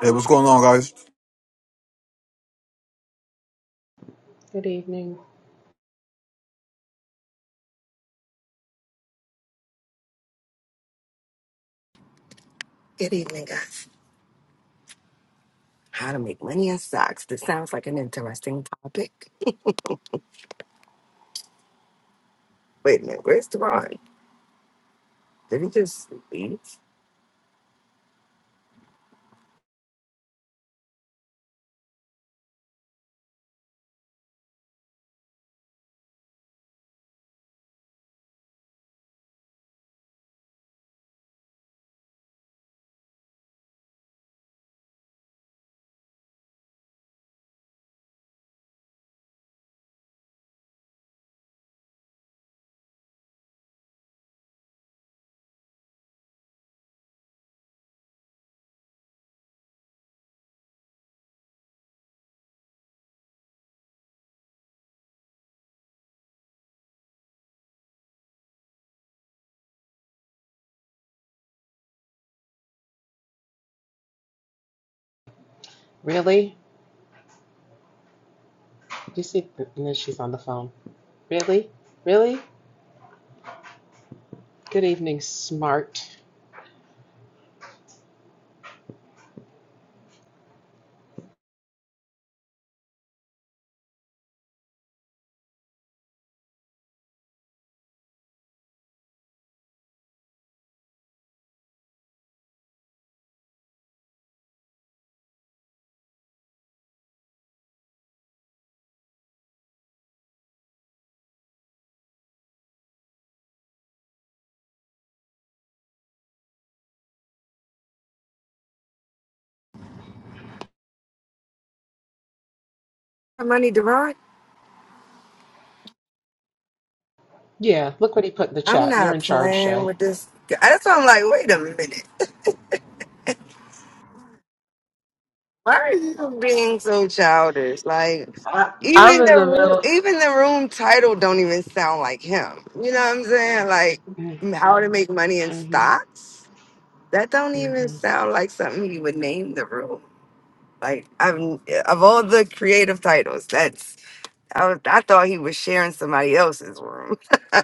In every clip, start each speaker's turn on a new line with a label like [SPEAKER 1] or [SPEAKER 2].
[SPEAKER 1] Hey, what's going on, guys?
[SPEAKER 2] Good evening.
[SPEAKER 3] Good evening, guys. How to make money in stocks. This sounds like an interesting topic. Wait a minute, where's Deron? Did he just leave?
[SPEAKER 2] Really? You see, and then she's on the phone. Really? Really? Good evening, smart.
[SPEAKER 3] My money, Deron?
[SPEAKER 2] Yeah, look what he put in the
[SPEAKER 3] I'm
[SPEAKER 2] chat. You're
[SPEAKER 3] not
[SPEAKER 2] in charge,
[SPEAKER 3] playing
[SPEAKER 2] Shay.
[SPEAKER 3] with this. That's why I'm like, wait a minute. Why are you being so childish? Like,
[SPEAKER 2] I, I'm
[SPEAKER 3] even
[SPEAKER 2] in
[SPEAKER 3] the
[SPEAKER 2] the
[SPEAKER 3] room,
[SPEAKER 2] middle.
[SPEAKER 3] even the room title don't even sound like him. You know what I'm saying? Like, how to make money in
[SPEAKER 2] Mm-hmm.
[SPEAKER 3] stocks? That don't even
[SPEAKER 2] Mm-hmm.
[SPEAKER 3] sound like something he would name the room. Like I'm of all the creative titles, that's I, was, I thought he was sharing somebody else's room.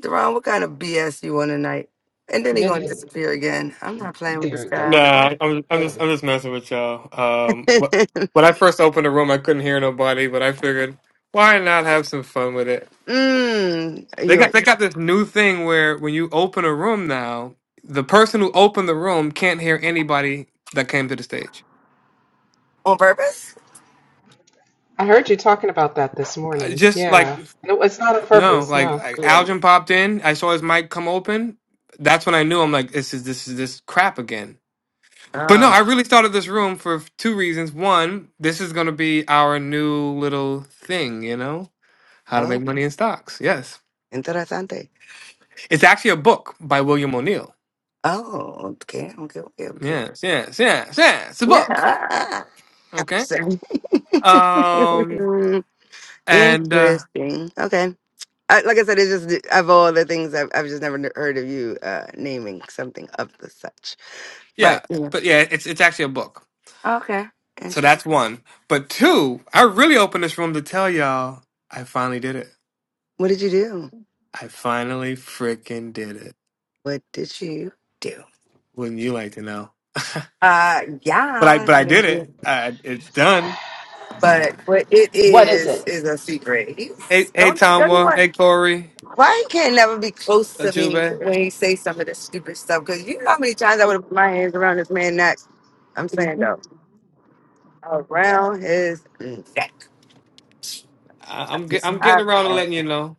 [SPEAKER 3] Deron, what kind of BS you on tonight? And then he
[SPEAKER 2] Good
[SPEAKER 3] gonna
[SPEAKER 2] evening.
[SPEAKER 3] disappear again. I'm not playing with
[SPEAKER 2] There
[SPEAKER 3] this
[SPEAKER 2] we go.
[SPEAKER 3] guy. What?
[SPEAKER 4] Nah, I'm I'm just I'm just messing with y'all. Um, wh- when I first opened the room, I couldn't hear nobody, but I figured why not have some fun with it.
[SPEAKER 3] mm, are
[SPEAKER 4] They
[SPEAKER 3] you
[SPEAKER 4] got they got this new thing where when you open a room now, the person who opened the room can't hear anybody that came to the stage.
[SPEAKER 3] on purpose?
[SPEAKER 2] I heard you talking about that this
[SPEAKER 4] I
[SPEAKER 2] morning.
[SPEAKER 4] Just like
[SPEAKER 2] Yeah. No, it's not on
[SPEAKER 4] no,
[SPEAKER 2] purpose,
[SPEAKER 4] like,
[SPEAKER 2] no.
[SPEAKER 4] like
[SPEAKER 3] Yeah.
[SPEAKER 4] Algin popped in, I saw his mic come open. That's when I knew I'm like this is this is this crap again. But no,
[SPEAKER 3] Oh,
[SPEAKER 4] I really started this room for two reasons. One, this is gonna be our new little thing, you know How to
[SPEAKER 3] oh,
[SPEAKER 4] Make Money in Stocks. Yes.
[SPEAKER 3] interesante.
[SPEAKER 4] It's actually a book by William O'Neill.
[SPEAKER 3] Oh, okay, okay, okay, okay.
[SPEAKER 4] Yes, yes, yes, yes. It's a book.
[SPEAKER 3] Yeah.
[SPEAKER 4] Okay.
[SPEAKER 3] Absent.
[SPEAKER 4] Um and uh
[SPEAKER 3] Interesting. Okay. I, like I said, it's just the- of all the things I've, I've just never n- heard of you uh, naming something of the such.
[SPEAKER 4] yeah,
[SPEAKER 3] But yeah,
[SPEAKER 4] but yeah, it's it's actually a book.
[SPEAKER 3] okay,
[SPEAKER 4] So that's
[SPEAKER 3] interesting.
[SPEAKER 4] one. But two, I really opened this room to tell y'all I finally did it.
[SPEAKER 3] What did you do?
[SPEAKER 4] I finally freaking did it.
[SPEAKER 3] What did you do?
[SPEAKER 4] Wouldn't you like to know? but
[SPEAKER 3] Uh,
[SPEAKER 4] I
[SPEAKER 3] yeah,
[SPEAKER 4] but
[SPEAKER 3] I
[SPEAKER 4] I
[SPEAKER 3] mean,
[SPEAKER 4] did it.
[SPEAKER 3] you-
[SPEAKER 4] I, it's done.
[SPEAKER 3] but what it
[SPEAKER 2] What is
[SPEAKER 3] is
[SPEAKER 2] it?
[SPEAKER 3] is a secret.
[SPEAKER 4] Hey
[SPEAKER 3] He's,
[SPEAKER 4] hey
[SPEAKER 3] don't don't
[SPEAKER 4] Tomwa,
[SPEAKER 3] want.
[SPEAKER 4] hey Corey,
[SPEAKER 3] Why you can't never be close to me
[SPEAKER 4] Ajube.
[SPEAKER 3] when he say some of this stupid stuff? Because you know how many times I would have put my hands around this man neck. I'm saying though, around his neck.
[SPEAKER 4] I-
[SPEAKER 3] I
[SPEAKER 4] I'm get,
[SPEAKER 3] just,
[SPEAKER 4] I'm getting around to
[SPEAKER 3] I,
[SPEAKER 4] letting you know.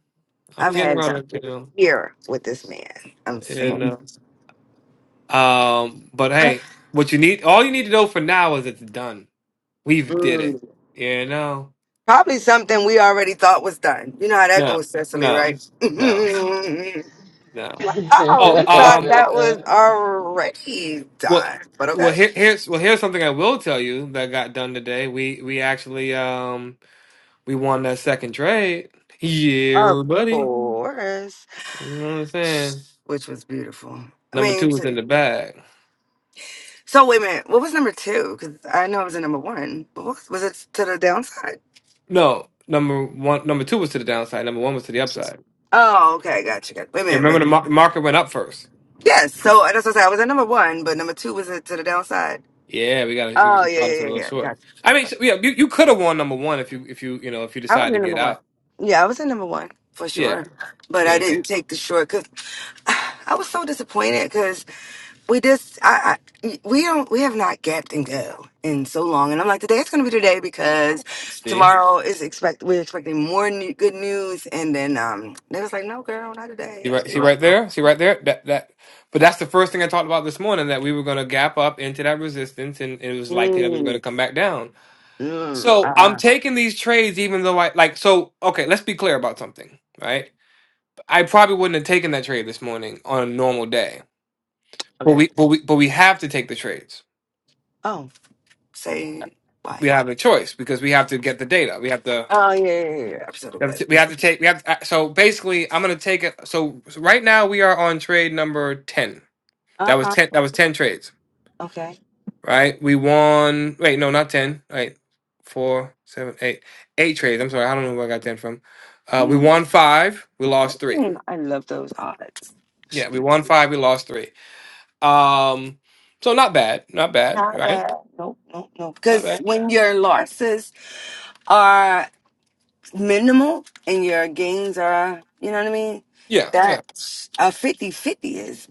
[SPEAKER 4] I'm
[SPEAKER 3] I've
[SPEAKER 4] getting
[SPEAKER 3] had
[SPEAKER 4] around to
[SPEAKER 3] a
[SPEAKER 4] letting you know.
[SPEAKER 3] year with this man. I'm
[SPEAKER 4] And uh,
[SPEAKER 3] saying.
[SPEAKER 4] um, but hey, what you need, all you need to know for now is it's done. We've did it.
[SPEAKER 3] Mm.
[SPEAKER 4] You know,
[SPEAKER 3] Probably something we already thought was done. You know how that
[SPEAKER 4] no,
[SPEAKER 3] goes, Cecily,
[SPEAKER 4] no,
[SPEAKER 3] right?
[SPEAKER 4] no, no.
[SPEAKER 2] okay,
[SPEAKER 3] oh,
[SPEAKER 4] Oh,
[SPEAKER 3] we thought
[SPEAKER 4] um,
[SPEAKER 3] that was already
[SPEAKER 4] well,
[SPEAKER 3] done. But
[SPEAKER 4] well,
[SPEAKER 3] okay.
[SPEAKER 4] here, here's well, here's something I will tell you that got done today. We we actually um we won that second trade.
[SPEAKER 3] Of
[SPEAKER 4] Yeah, buddy.
[SPEAKER 3] course.
[SPEAKER 4] You know what I'm saying?
[SPEAKER 3] Which was beautiful. I
[SPEAKER 4] Number
[SPEAKER 3] mean,
[SPEAKER 4] two
[SPEAKER 3] t-
[SPEAKER 4] was in the bag.
[SPEAKER 3] so wait a minute. What was number two? Because I know it was in number one, but what was, was it to the downside?
[SPEAKER 4] No, number one, number two was to the downside. Number one was to the upside.
[SPEAKER 3] Oh, okay. Gotcha. gotcha. Wait a
[SPEAKER 4] Yeah,
[SPEAKER 3] minute.
[SPEAKER 4] remember
[SPEAKER 3] Wait.
[SPEAKER 4] the mar- market went up first.
[SPEAKER 3] Yes. So that's what I said. I was at number one, but number two was it to the downside?
[SPEAKER 4] Yeah, we got to we,
[SPEAKER 3] Oh
[SPEAKER 4] we
[SPEAKER 3] yeah,
[SPEAKER 4] caught us
[SPEAKER 3] yeah,
[SPEAKER 4] a
[SPEAKER 3] yeah,
[SPEAKER 4] little
[SPEAKER 3] yeah.
[SPEAKER 4] short.
[SPEAKER 3] Gotcha.
[SPEAKER 4] I mean, so, yeah, you, you could have won number one if you if you you know if you
[SPEAKER 3] I was
[SPEAKER 4] decide to
[SPEAKER 3] in
[SPEAKER 4] get
[SPEAKER 3] number one.
[SPEAKER 4] out.
[SPEAKER 3] Yeah, I was in number one for sure,
[SPEAKER 4] Yeah,
[SPEAKER 3] but I
[SPEAKER 4] you know.
[SPEAKER 3] didn't take the short because I was so disappointed because we just I, I we don't we have not gapped and go in so long, and I'm like today it's going to be today because
[SPEAKER 4] See,
[SPEAKER 3] tomorrow is expect we're expecting more new, good news, and then um they was like no girl not
[SPEAKER 4] see
[SPEAKER 3] today.
[SPEAKER 4] right, see right there, see right there. That that, but that's the first thing I talked about this morning that we were going to gap up into that resistance, and it was likely that we were going to
[SPEAKER 3] Mm,
[SPEAKER 4] come back down.
[SPEAKER 3] mm,
[SPEAKER 4] So I'm
[SPEAKER 3] uh,
[SPEAKER 4] taking these trades, even though I like. So okay, let's be clear about something, right? I probably wouldn't have taken that trade this morning on a normal day, but
[SPEAKER 3] okay.
[SPEAKER 4] we but we but we have to take the trades.
[SPEAKER 3] Oh, say why?
[SPEAKER 4] we have a choice because we have to get the data. We have to
[SPEAKER 3] Oh yeah, yeah, yeah. yeah. Episode of
[SPEAKER 4] we have to we have
[SPEAKER 3] that.
[SPEAKER 4] to take we have to, so basically I'm gonna take it. So, so right now we are on trade number ten.
[SPEAKER 3] Uh
[SPEAKER 4] That was
[SPEAKER 3] huh.
[SPEAKER 4] ten. That was ten trades.
[SPEAKER 3] Okay.
[SPEAKER 4] Right? We won. Wait, no, not ten. Right, four, seven, eight, eight trades. I'm sorry, I don't know where I got ten from. Uh, we won five. We lost three.
[SPEAKER 3] Hmm, I love those odds.
[SPEAKER 4] Yeah, we won five. We lost three. Um, so not bad. Not bad.
[SPEAKER 3] Not bad.
[SPEAKER 4] Right?
[SPEAKER 3] Nope, nope, nope.
[SPEAKER 4] Not
[SPEAKER 3] Because
[SPEAKER 4] bad.
[SPEAKER 3] when your losses are minimal and your gains are, you know what I mean?
[SPEAKER 4] Yeah.
[SPEAKER 3] That
[SPEAKER 4] Yeah.
[SPEAKER 3] a fifty-fifty is,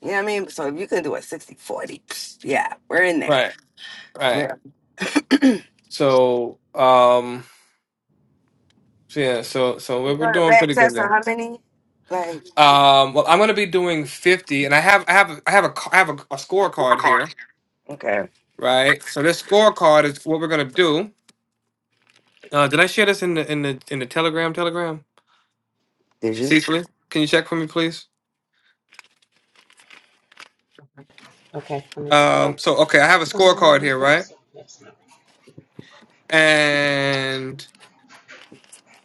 [SPEAKER 3] you know what I mean? So if you can do a sixty-forty, yeah, we're in there.
[SPEAKER 4] Right. Right.
[SPEAKER 3] We're, you
[SPEAKER 4] So um. So yeah, so so we're, we're
[SPEAKER 3] got a
[SPEAKER 4] doing
[SPEAKER 3] bad
[SPEAKER 4] pretty good
[SPEAKER 3] test on
[SPEAKER 4] there.
[SPEAKER 3] how many? Like,
[SPEAKER 4] Um, well, I'm gonna be doing 50, and I have I have a- I have a ca- I have a, a scorecard here,
[SPEAKER 3] okay.
[SPEAKER 4] right? So this scorecard is what we're gonna do. Uh, did I share this in the in the in the Telegram Telegram?
[SPEAKER 3] Did you?
[SPEAKER 4] Cecily, can you check for me, please?
[SPEAKER 2] let me take a
[SPEAKER 4] Um,
[SPEAKER 2] look.
[SPEAKER 4] so okay, I have a scorecard
[SPEAKER 2] Um,
[SPEAKER 4] here, right?
[SPEAKER 2] oops, that's not.
[SPEAKER 4] And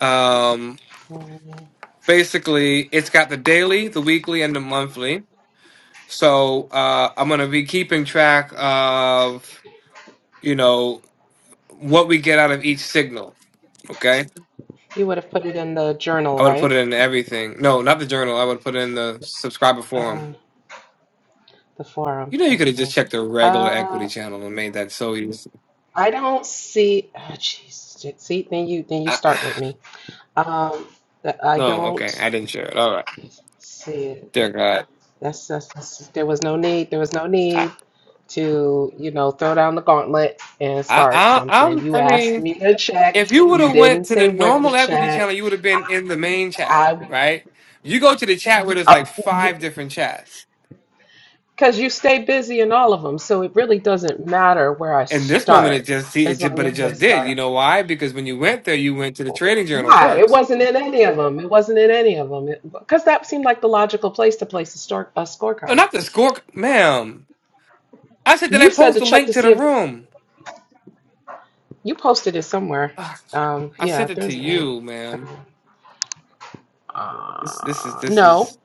[SPEAKER 4] um,
[SPEAKER 2] Um,
[SPEAKER 4] basically, it's got the daily, the weekly, and the monthly. So uh, I'm gonna be keeping track of you know what we get out of each signal. Okay,
[SPEAKER 2] You would have put it in the journal,
[SPEAKER 4] I would have put
[SPEAKER 2] right?
[SPEAKER 4] it in everything. No, not the journal. I would have put it in the subscriber
[SPEAKER 2] Um,
[SPEAKER 4] forum.
[SPEAKER 2] The forum.
[SPEAKER 4] You know, you could have just
[SPEAKER 2] Okay.
[SPEAKER 4] checked the regular equity
[SPEAKER 2] Uh,
[SPEAKER 4] channel and made that so easy.
[SPEAKER 2] I don't see. ah, Jeez. see, then you then you
[SPEAKER 4] I,
[SPEAKER 2] start with me. Um, th- I
[SPEAKER 4] no, okay,
[SPEAKER 2] don't
[SPEAKER 4] I didn't share it. All right,
[SPEAKER 2] see it.
[SPEAKER 4] dear God,
[SPEAKER 2] That's, that's that's- there was no need. There was no
[SPEAKER 4] I,
[SPEAKER 2] need to you know throw down the gauntlet and
[SPEAKER 4] I,
[SPEAKER 2] start
[SPEAKER 4] I, I'm,
[SPEAKER 2] something. You
[SPEAKER 4] I
[SPEAKER 2] asked
[SPEAKER 4] mean,
[SPEAKER 2] me to check.
[SPEAKER 4] if you would
[SPEAKER 2] You
[SPEAKER 4] have went
[SPEAKER 2] didn't
[SPEAKER 4] to
[SPEAKER 2] say
[SPEAKER 4] the
[SPEAKER 2] where to
[SPEAKER 4] normal equity channel,
[SPEAKER 2] check.
[SPEAKER 4] you would have been in the main chat,
[SPEAKER 2] I
[SPEAKER 4] right? You go to the chat where there's like five different chats.
[SPEAKER 2] because you stay busy in all of them, so it really doesn't matter where I
[SPEAKER 4] In this moment, it
[SPEAKER 2] start
[SPEAKER 4] just see it,
[SPEAKER 2] as
[SPEAKER 4] ju-
[SPEAKER 2] long
[SPEAKER 4] but it
[SPEAKER 2] as I
[SPEAKER 4] just did.
[SPEAKER 2] start.
[SPEAKER 4] You know why? Because when you went there, you went to the trading journal
[SPEAKER 2] Why? It
[SPEAKER 4] first.
[SPEAKER 2] wasn't in any of them. It wasn't in any of them. Because that seemed like the logical place to place a, star, a
[SPEAKER 4] No,
[SPEAKER 2] scorecard.
[SPEAKER 4] not the score, ma'am. I said, did
[SPEAKER 2] You
[SPEAKER 4] I
[SPEAKER 2] said
[SPEAKER 4] post
[SPEAKER 2] to
[SPEAKER 4] the
[SPEAKER 2] check
[SPEAKER 4] link
[SPEAKER 2] to
[SPEAKER 4] to
[SPEAKER 2] see
[SPEAKER 4] the
[SPEAKER 2] if
[SPEAKER 4] room?
[SPEAKER 2] you posted it somewhere.
[SPEAKER 4] Ugh,
[SPEAKER 2] Um,
[SPEAKER 4] I
[SPEAKER 2] yeah,
[SPEAKER 4] sent it to
[SPEAKER 2] there's a link.
[SPEAKER 4] you, ma'am. This, this is,
[SPEAKER 2] Uh,
[SPEAKER 4] this
[SPEAKER 2] no,
[SPEAKER 4] is.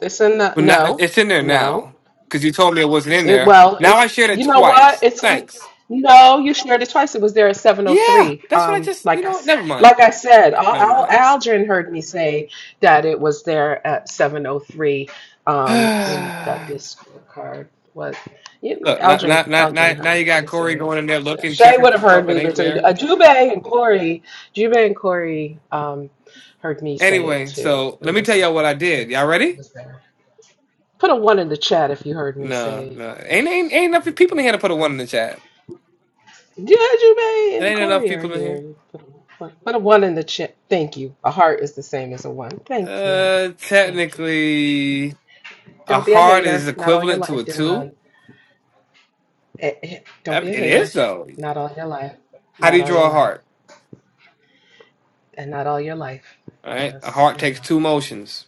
[SPEAKER 2] it's in the
[SPEAKER 4] But now
[SPEAKER 2] no,
[SPEAKER 4] it's in there
[SPEAKER 2] no.
[SPEAKER 4] now because you told me it wasn't in
[SPEAKER 2] It,
[SPEAKER 4] there.
[SPEAKER 2] well,
[SPEAKER 4] Now
[SPEAKER 2] it's
[SPEAKER 4] I shared it
[SPEAKER 2] you know what?
[SPEAKER 4] twice.
[SPEAKER 2] It's in,
[SPEAKER 4] Thanks.
[SPEAKER 2] no, you shared it twice. It was there at
[SPEAKER 4] Yeah,
[SPEAKER 2] 7:03.
[SPEAKER 4] that's what I
[SPEAKER 2] Um,
[SPEAKER 4] just. You
[SPEAKER 2] like I
[SPEAKER 4] know, what?
[SPEAKER 2] s-
[SPEAKER 4] never mind.
[SPEAKER 2] like I said,
[SPEAKER 4] No, never
[SPEAKER 2] Al,
[SPEAKER 4] mind.
[SPEAKER 2] Al, Aldrin heard me say that it was there at 7:03. Um, and that the scorecard was. Yeah,
[SPEAKER 4] Look, now, now,
[SPEAKER 2] Aldrin
[SPEAKER 4] now, now
[SPEAKER 2] Aldrin
[SPEAKER 4] now you
[SPEAKER 2] heard
[SPEAKER 4] got
[SPEAKER 2] me say
[SPEAKER 4] Corey
[SPEAKER 2] it.
[SPEAKER 4] going in there
[SPEAKER 2] Sh-
[SPEAKER 4] looking,
[SPEAKER 2] Shay
[SPEAKER 4] checking
[SPEAKER 2] would
[SPEAKER 4] for
[SPEAKER 2] have heard
[SPEAKER 4] stuff that
[SPEAKER 2] me,
[SPEAKER 4] ain't
[SPEAKER 2] but so,
[SPEAKER 4] there.
[SPEAKER 2] uh, Jube and Corey, Jube and Corey, um, heard me say it
[SPEAKER 4] Anyway,
[SPEAKER 2] too.
[SPEAKER 4] so
[SPEAKER 2] It
[SPEAKER 4] let me tell
[SPEAKER 2] was
[SPEAKER 4] y'all what I
[SPEAKER 2] it
[SPEAKER 4] did. Y'all
[SPEAKER 2] was it
[SPEAKER 4] ready?
[SPEAKER 2] was there. Put a one in the chat if you heard me
[SPEAKER 4] No,
[SPEAKER 2] say
[SPEAKER 4] no. Ain't ain't ain't enough people in here to put a one
[SPEAKER 2] it.
[SPEAKER 4] in the chat.
[SPEAKER 2] Yeah, Jubei
[SPEAKER 4] It
[SPEAKER 2] and
[SPEAKER 4] ain't enough
[SPEAKER 2] Corey are
[SPEAKER 4] people in here.
[SPEAKER 2] here. Put a, put put a one in the chat. Thank you. A heart is the same as a one. Thank you.
[SPEAKER 4] Uh,
[SPEAKER 2] Thank you.
[SPEAKER 4] technically, a
[SPEAKER 2] Don't be a
[SPEAKER 4] heart is
[SPEAKER 2] hater. Not all your
[SPEAKER 4] equivalent to a
[SPEAKER 2] life,
[SPEAKER 4] two.
[SPEAKER 2] Deron. Eh, eh, Don't
[SPEAKER 4] I
[SPEAKER 2] be
[SPEAKER 4] mean,
[SPEAKER 2] a
[SPEAKER 4] it is
[SPEAKER 2] hater.
[SPEAKER 4] though.
[SPEAKER 2] Not all your life.
[SPEAKER 4] How do
[SPEAKER 2] Not
[SPEAKER 4] you
[SPEAKER 2] all your
[SPEAKER 4] draw a
[SPEAKER 2] life.
[SPEAKER 4] heart?
[SPEAKER 2] And not all your life.
[SPEAKER 4] Right, a
[SPEAKER 2] Just,
[SPEAKER 4] heart
[SPEAKER 2] you
[SPEAKER 4] takes
[SPEAKER 2] know.
[SPEAKER 4] two motions.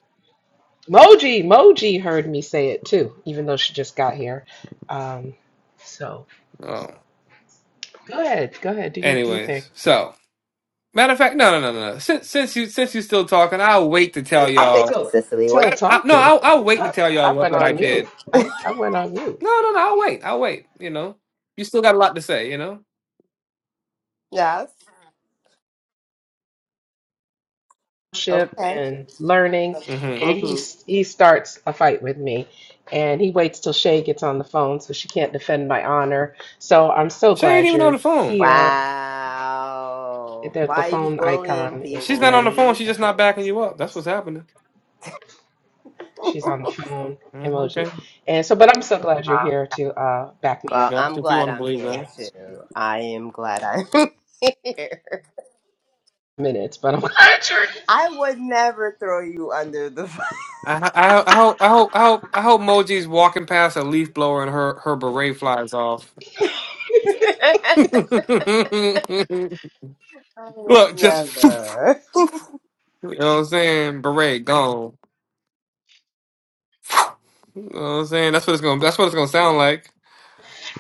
[SPEAKER 2] Moji, Moji heard me say it too, even though she just got here. Um, so
[SPEAKER 4] Oh,
[SPEAKER 2] go ahead. Go ahead. Do your, do your thing.
[SPEAKER 4] anyways, so matter of fact, no, no, no, no. no. Since since you since you're still talking, I'll wait to tell
[SPEAKER 5] heard you
[SPEAKER 2] I'm
[SPEAKER 5] say,
[SPEAKER 4] y'all.
[SPEAKER 2] still
[SPEAKER 5] Cicely.
[SPEAKER 2] still
[SPEAKER 5] What?
[SPEAKER 4] I, no,
[SPEAKER 2] talking.
[SPEAKER 4] I'll, I'll wait
[SPEAKER 2] I,
[SPEAKER 4] to
[SPEAKER 2] I,
[SPEAKER 4] tell y'all
[SPEAKER 2] I
[SPEAKER 4] what,
[SPEAKER 2] went
[SPEAKER 4] what I
[SPEAKER 2] on mute.
[SPEAKER 4] did.
[SPEAKER 2] I, I went on mute.
[SPEAKER 4] No, no, no. I'll wait. I'll wait. You know, you still got a lot to say. You know.
[SPEAKER 5] Yes.
[SPEAKER 2] Ship
[SPEAKER 5] Okay.
[SPEAKER 2] and learning,
[SPEAKER 4] Mm-hmm.
[SPEAKER 2] and he
[SPEAKER 5] hmm
[SPEAKER 2] s- he starts a fight with me, and he waits till Shay gets on the phone so she can't defend my honor. So I'm so
[SPEAKER 4] She ain't
[SPEAKER 2] glad
[SPEAKER 4] even on
[SPEAKER 2] you're
[SPEAKER 4] the phone.
[SPEAKER 2] here.
[SPEAKER 5] Wow.
[SPEAKER 2] The, the
[SPEAKER 5] Why are you
[SPEAKER 2] phone
[SPEAKER 5] bullying
[SPEAKER 2] icon is
[SPEAKER 4] She's
[SPEAKER 5] people,
[SPEAKER 4] not on the
[SPEAKER 2] there.
[SPEAKER 4] phone.
[SPEAKER 5] D?
[SPEAKER 4] She's
[SPEAKER 2] The
[SPEAKER 4] just not
[SPEAKER 2] phone
[SPEAKER 4] backing
[SPEAKER 2] is
[SPEAKER 4] you
[SPEAKER 2] there.
[SPEAKER 4] up. That's what's happening.
[SPEAKER 2] She's on the phone
[SPEAKER 4] Mm,
[SPEAKER 2] emoji,
[SPEAKER 4] okay.
[SPEAKER 2] and so. But I'm so glad you're
[SPEAKER 4] Uh,
[SPEAKER 2] here to uh, back me
[SPEAKER 5] Well,
[SPEAKER 2] up.
[SPEAKER 5] I'm
[SPEAKER 4] Gotcha. If you want
[SPEAKER 5] glad
[SPEAKER 4] to
[SPEAKER 5] I'm
[SPEAKER 4] believe
[SPEAKER 5] here
[SPEAKER 4] that.
[SPEAKER 2] Yeah,
[SPEAKER 5] too. I am glad I'm here.
[SPEAKER 2] minutes, but I'm glad you're here.
[SPEAKER 5] I would never throw you under the bus.
[SPEAKER 4] I, I, I hope I hope I hope I hope Moji's walking past a leaf blower and her her beret flies off. Look,
[SPEAKER 5] I would
[SPEAKER 4] just you
[SPEAKER 5] never.
[SPEAKER 4] know what I'm saying. Beret gone. You know what I'm saying. That's what it's gonna. That's what it's gonna sound like,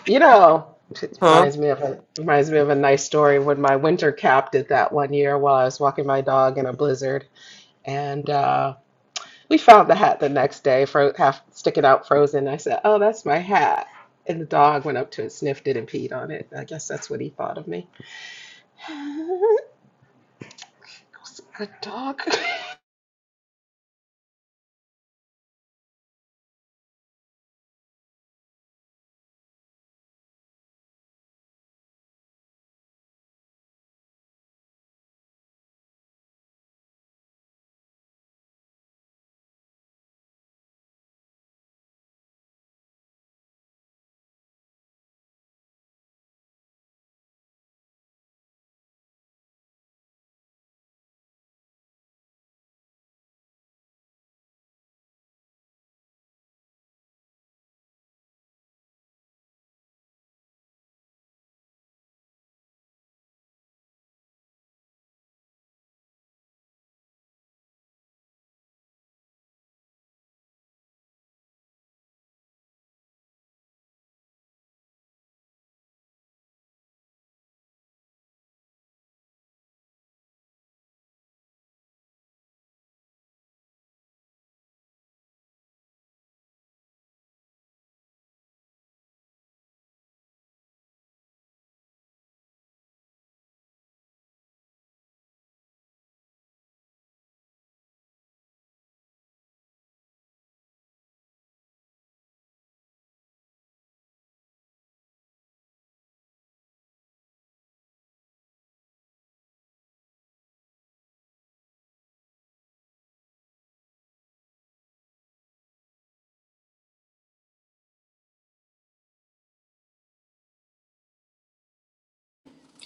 [SPEAKER 2] You know, it
[SPEAKER 4] huh?
[SPEAKER 2] reminds me of a reminds me of a nice story when my winter cap did that one year while I was walking my dog in a blizzard, and uh, we found the hat the next day, fro half sticking out frozen. I said, "Oh, that's my hat," and the dog went up to it, sniffed it, and peed on it. I guess that's what he thought of me. Was a Good dog.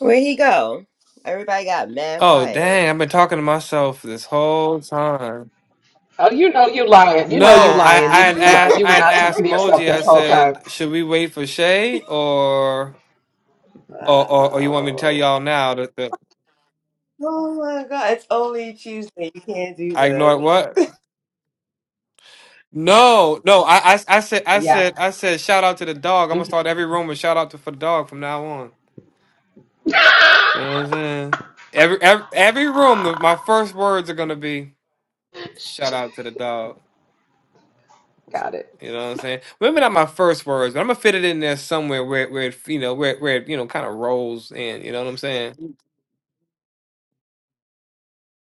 [SPEAKER 5] Where'd he go? Everybody got mad
[SPEAKER 4] Oh
[SPEAKER 5] quiet.
[SPEAKER 4] dang! I've been talking to myself this whole time.
[SPEAKER 2] Oh, you know you lying. You know you
[SPEAKER 4] No, I
[SPEAKER 2] lying.
[SPEAKER 4] I
[SPEAKER 5] Wow.
[SPEAKER 2] You know
[SPEAKER 4] had
[SPEAKER 2] you lying.
[SPEAKER 4] asked
[SPEAKER 2] You
[SPEAKER 4] I
[SPEAKER 2] were
[SPEAKER 4] had
[SPEAKER 2] not
[SPEAKER 4] asked
[SPEAKER 2] talking to yourself
[SPEAKER 4] Moji. I
[SPEAKER 2] this whole time.
[SPEAKER 4] said, should we wait for Shay or or or, or you want me to tell
[SPEAKER 5] wow.
[SPEAKER 4] y'all now that, that
[SPEAKER 5] Oh my god, it's only Tuesday. You can't do
[SPEAKER 4] I ignored
[SPEAKER 5] this.
[SPEAKER 4] what? No, no. I, I, I said, I
[SPEAKER 2] Yeah.
[SPEAKER 4] said, I said. Shout out to the dog. I'm gonna
[SPEAKER 2] Mhm.
[SPEAKER 4] start every room with shout out to for the dog from now on. You know what I'm saying? Every every, every room, the,
[SPEAKER 2] Ah.
[SPEAKER 4] my first words are gonna be shout out to the dog.
[SPEAKER 2] Got it.
[SPEAKER 4] You know what I'm saying? Maybe not my first words, but I'm gonna fit it in there somewhere where where it, you know where where it, you know kind of rolls in. You know what I'm saying?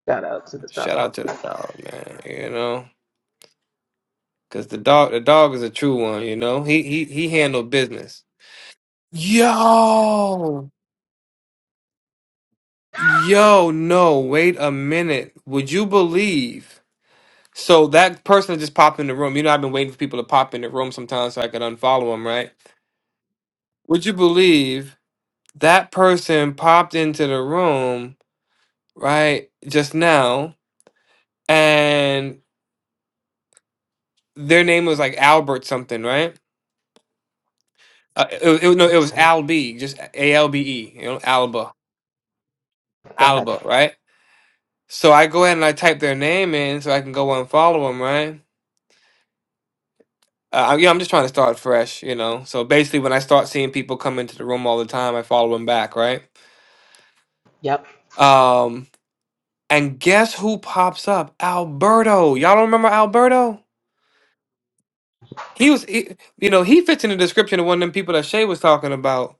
[SPEAKER 2] Shout out to the
[SPEAKER 4] Shout
[SPEAKER 2] dog.
[SPEAKER 4] out to
[SPEAKER 2] I
[SPEAKER 4] the dog, man. You know, because the dog the dog is a true one. You know, he he he handled business. Yo. Yo, no, wait a minute. Would you believe? So that person that just popped in the room. You know, I've been waiting for people to pop in the room sometimes so I could unfollow them, right? Would you believe that person popped into the room, right, just now, and their name was like Albert something, right? Uh, it, it, no, it
[SPEAKER 2] think
[SPEAKER 4] was
[SPEAKER 2] so.
[SPEAKER 4] Albe, just A L B E, you know, Alba,
[SPEAKER 2] Go ahead.
[SPEAKER 4] Alba, right? So I go ahead and I type their name in so I can go unfollow them, right? Uh, I, yeah, I'm just trying to start fresh, you know. So basically, when I start seeing people come into the room all the time, I follow them back, right?
[SPEAKER 2] Yep.
[SPEAKER 4] Um, and guess who pops up? Alberto. Y'all don't remember Alberto? He was, he, you know, he fits in the description of one of them people that Shay was talking about.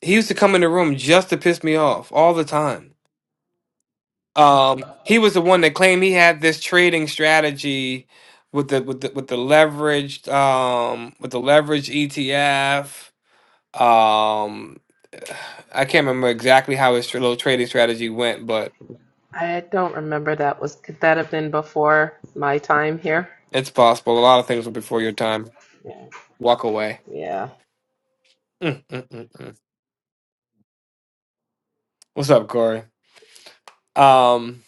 [SPEAKER 4] He used to come in the room just to piss me off all the time. Um, he was the one that claimed he had this trading strategy with the with the with the leveraged um with the leveraged ETF Um, I can't remember exactly how his little trading strategy went, but
[SPEAKER 2] I don't remember that was could that have been before my time here?
[SPEAKER 4] it's possible. A lot of things were before your time.
[SPEAKER 2] Yeah.
[SPEAKER 4] Walk away.
[SPEAKER 2] Yeah.
[SPEAKER 4] Mm, mm, mm, mm. What's up, Corey? Um,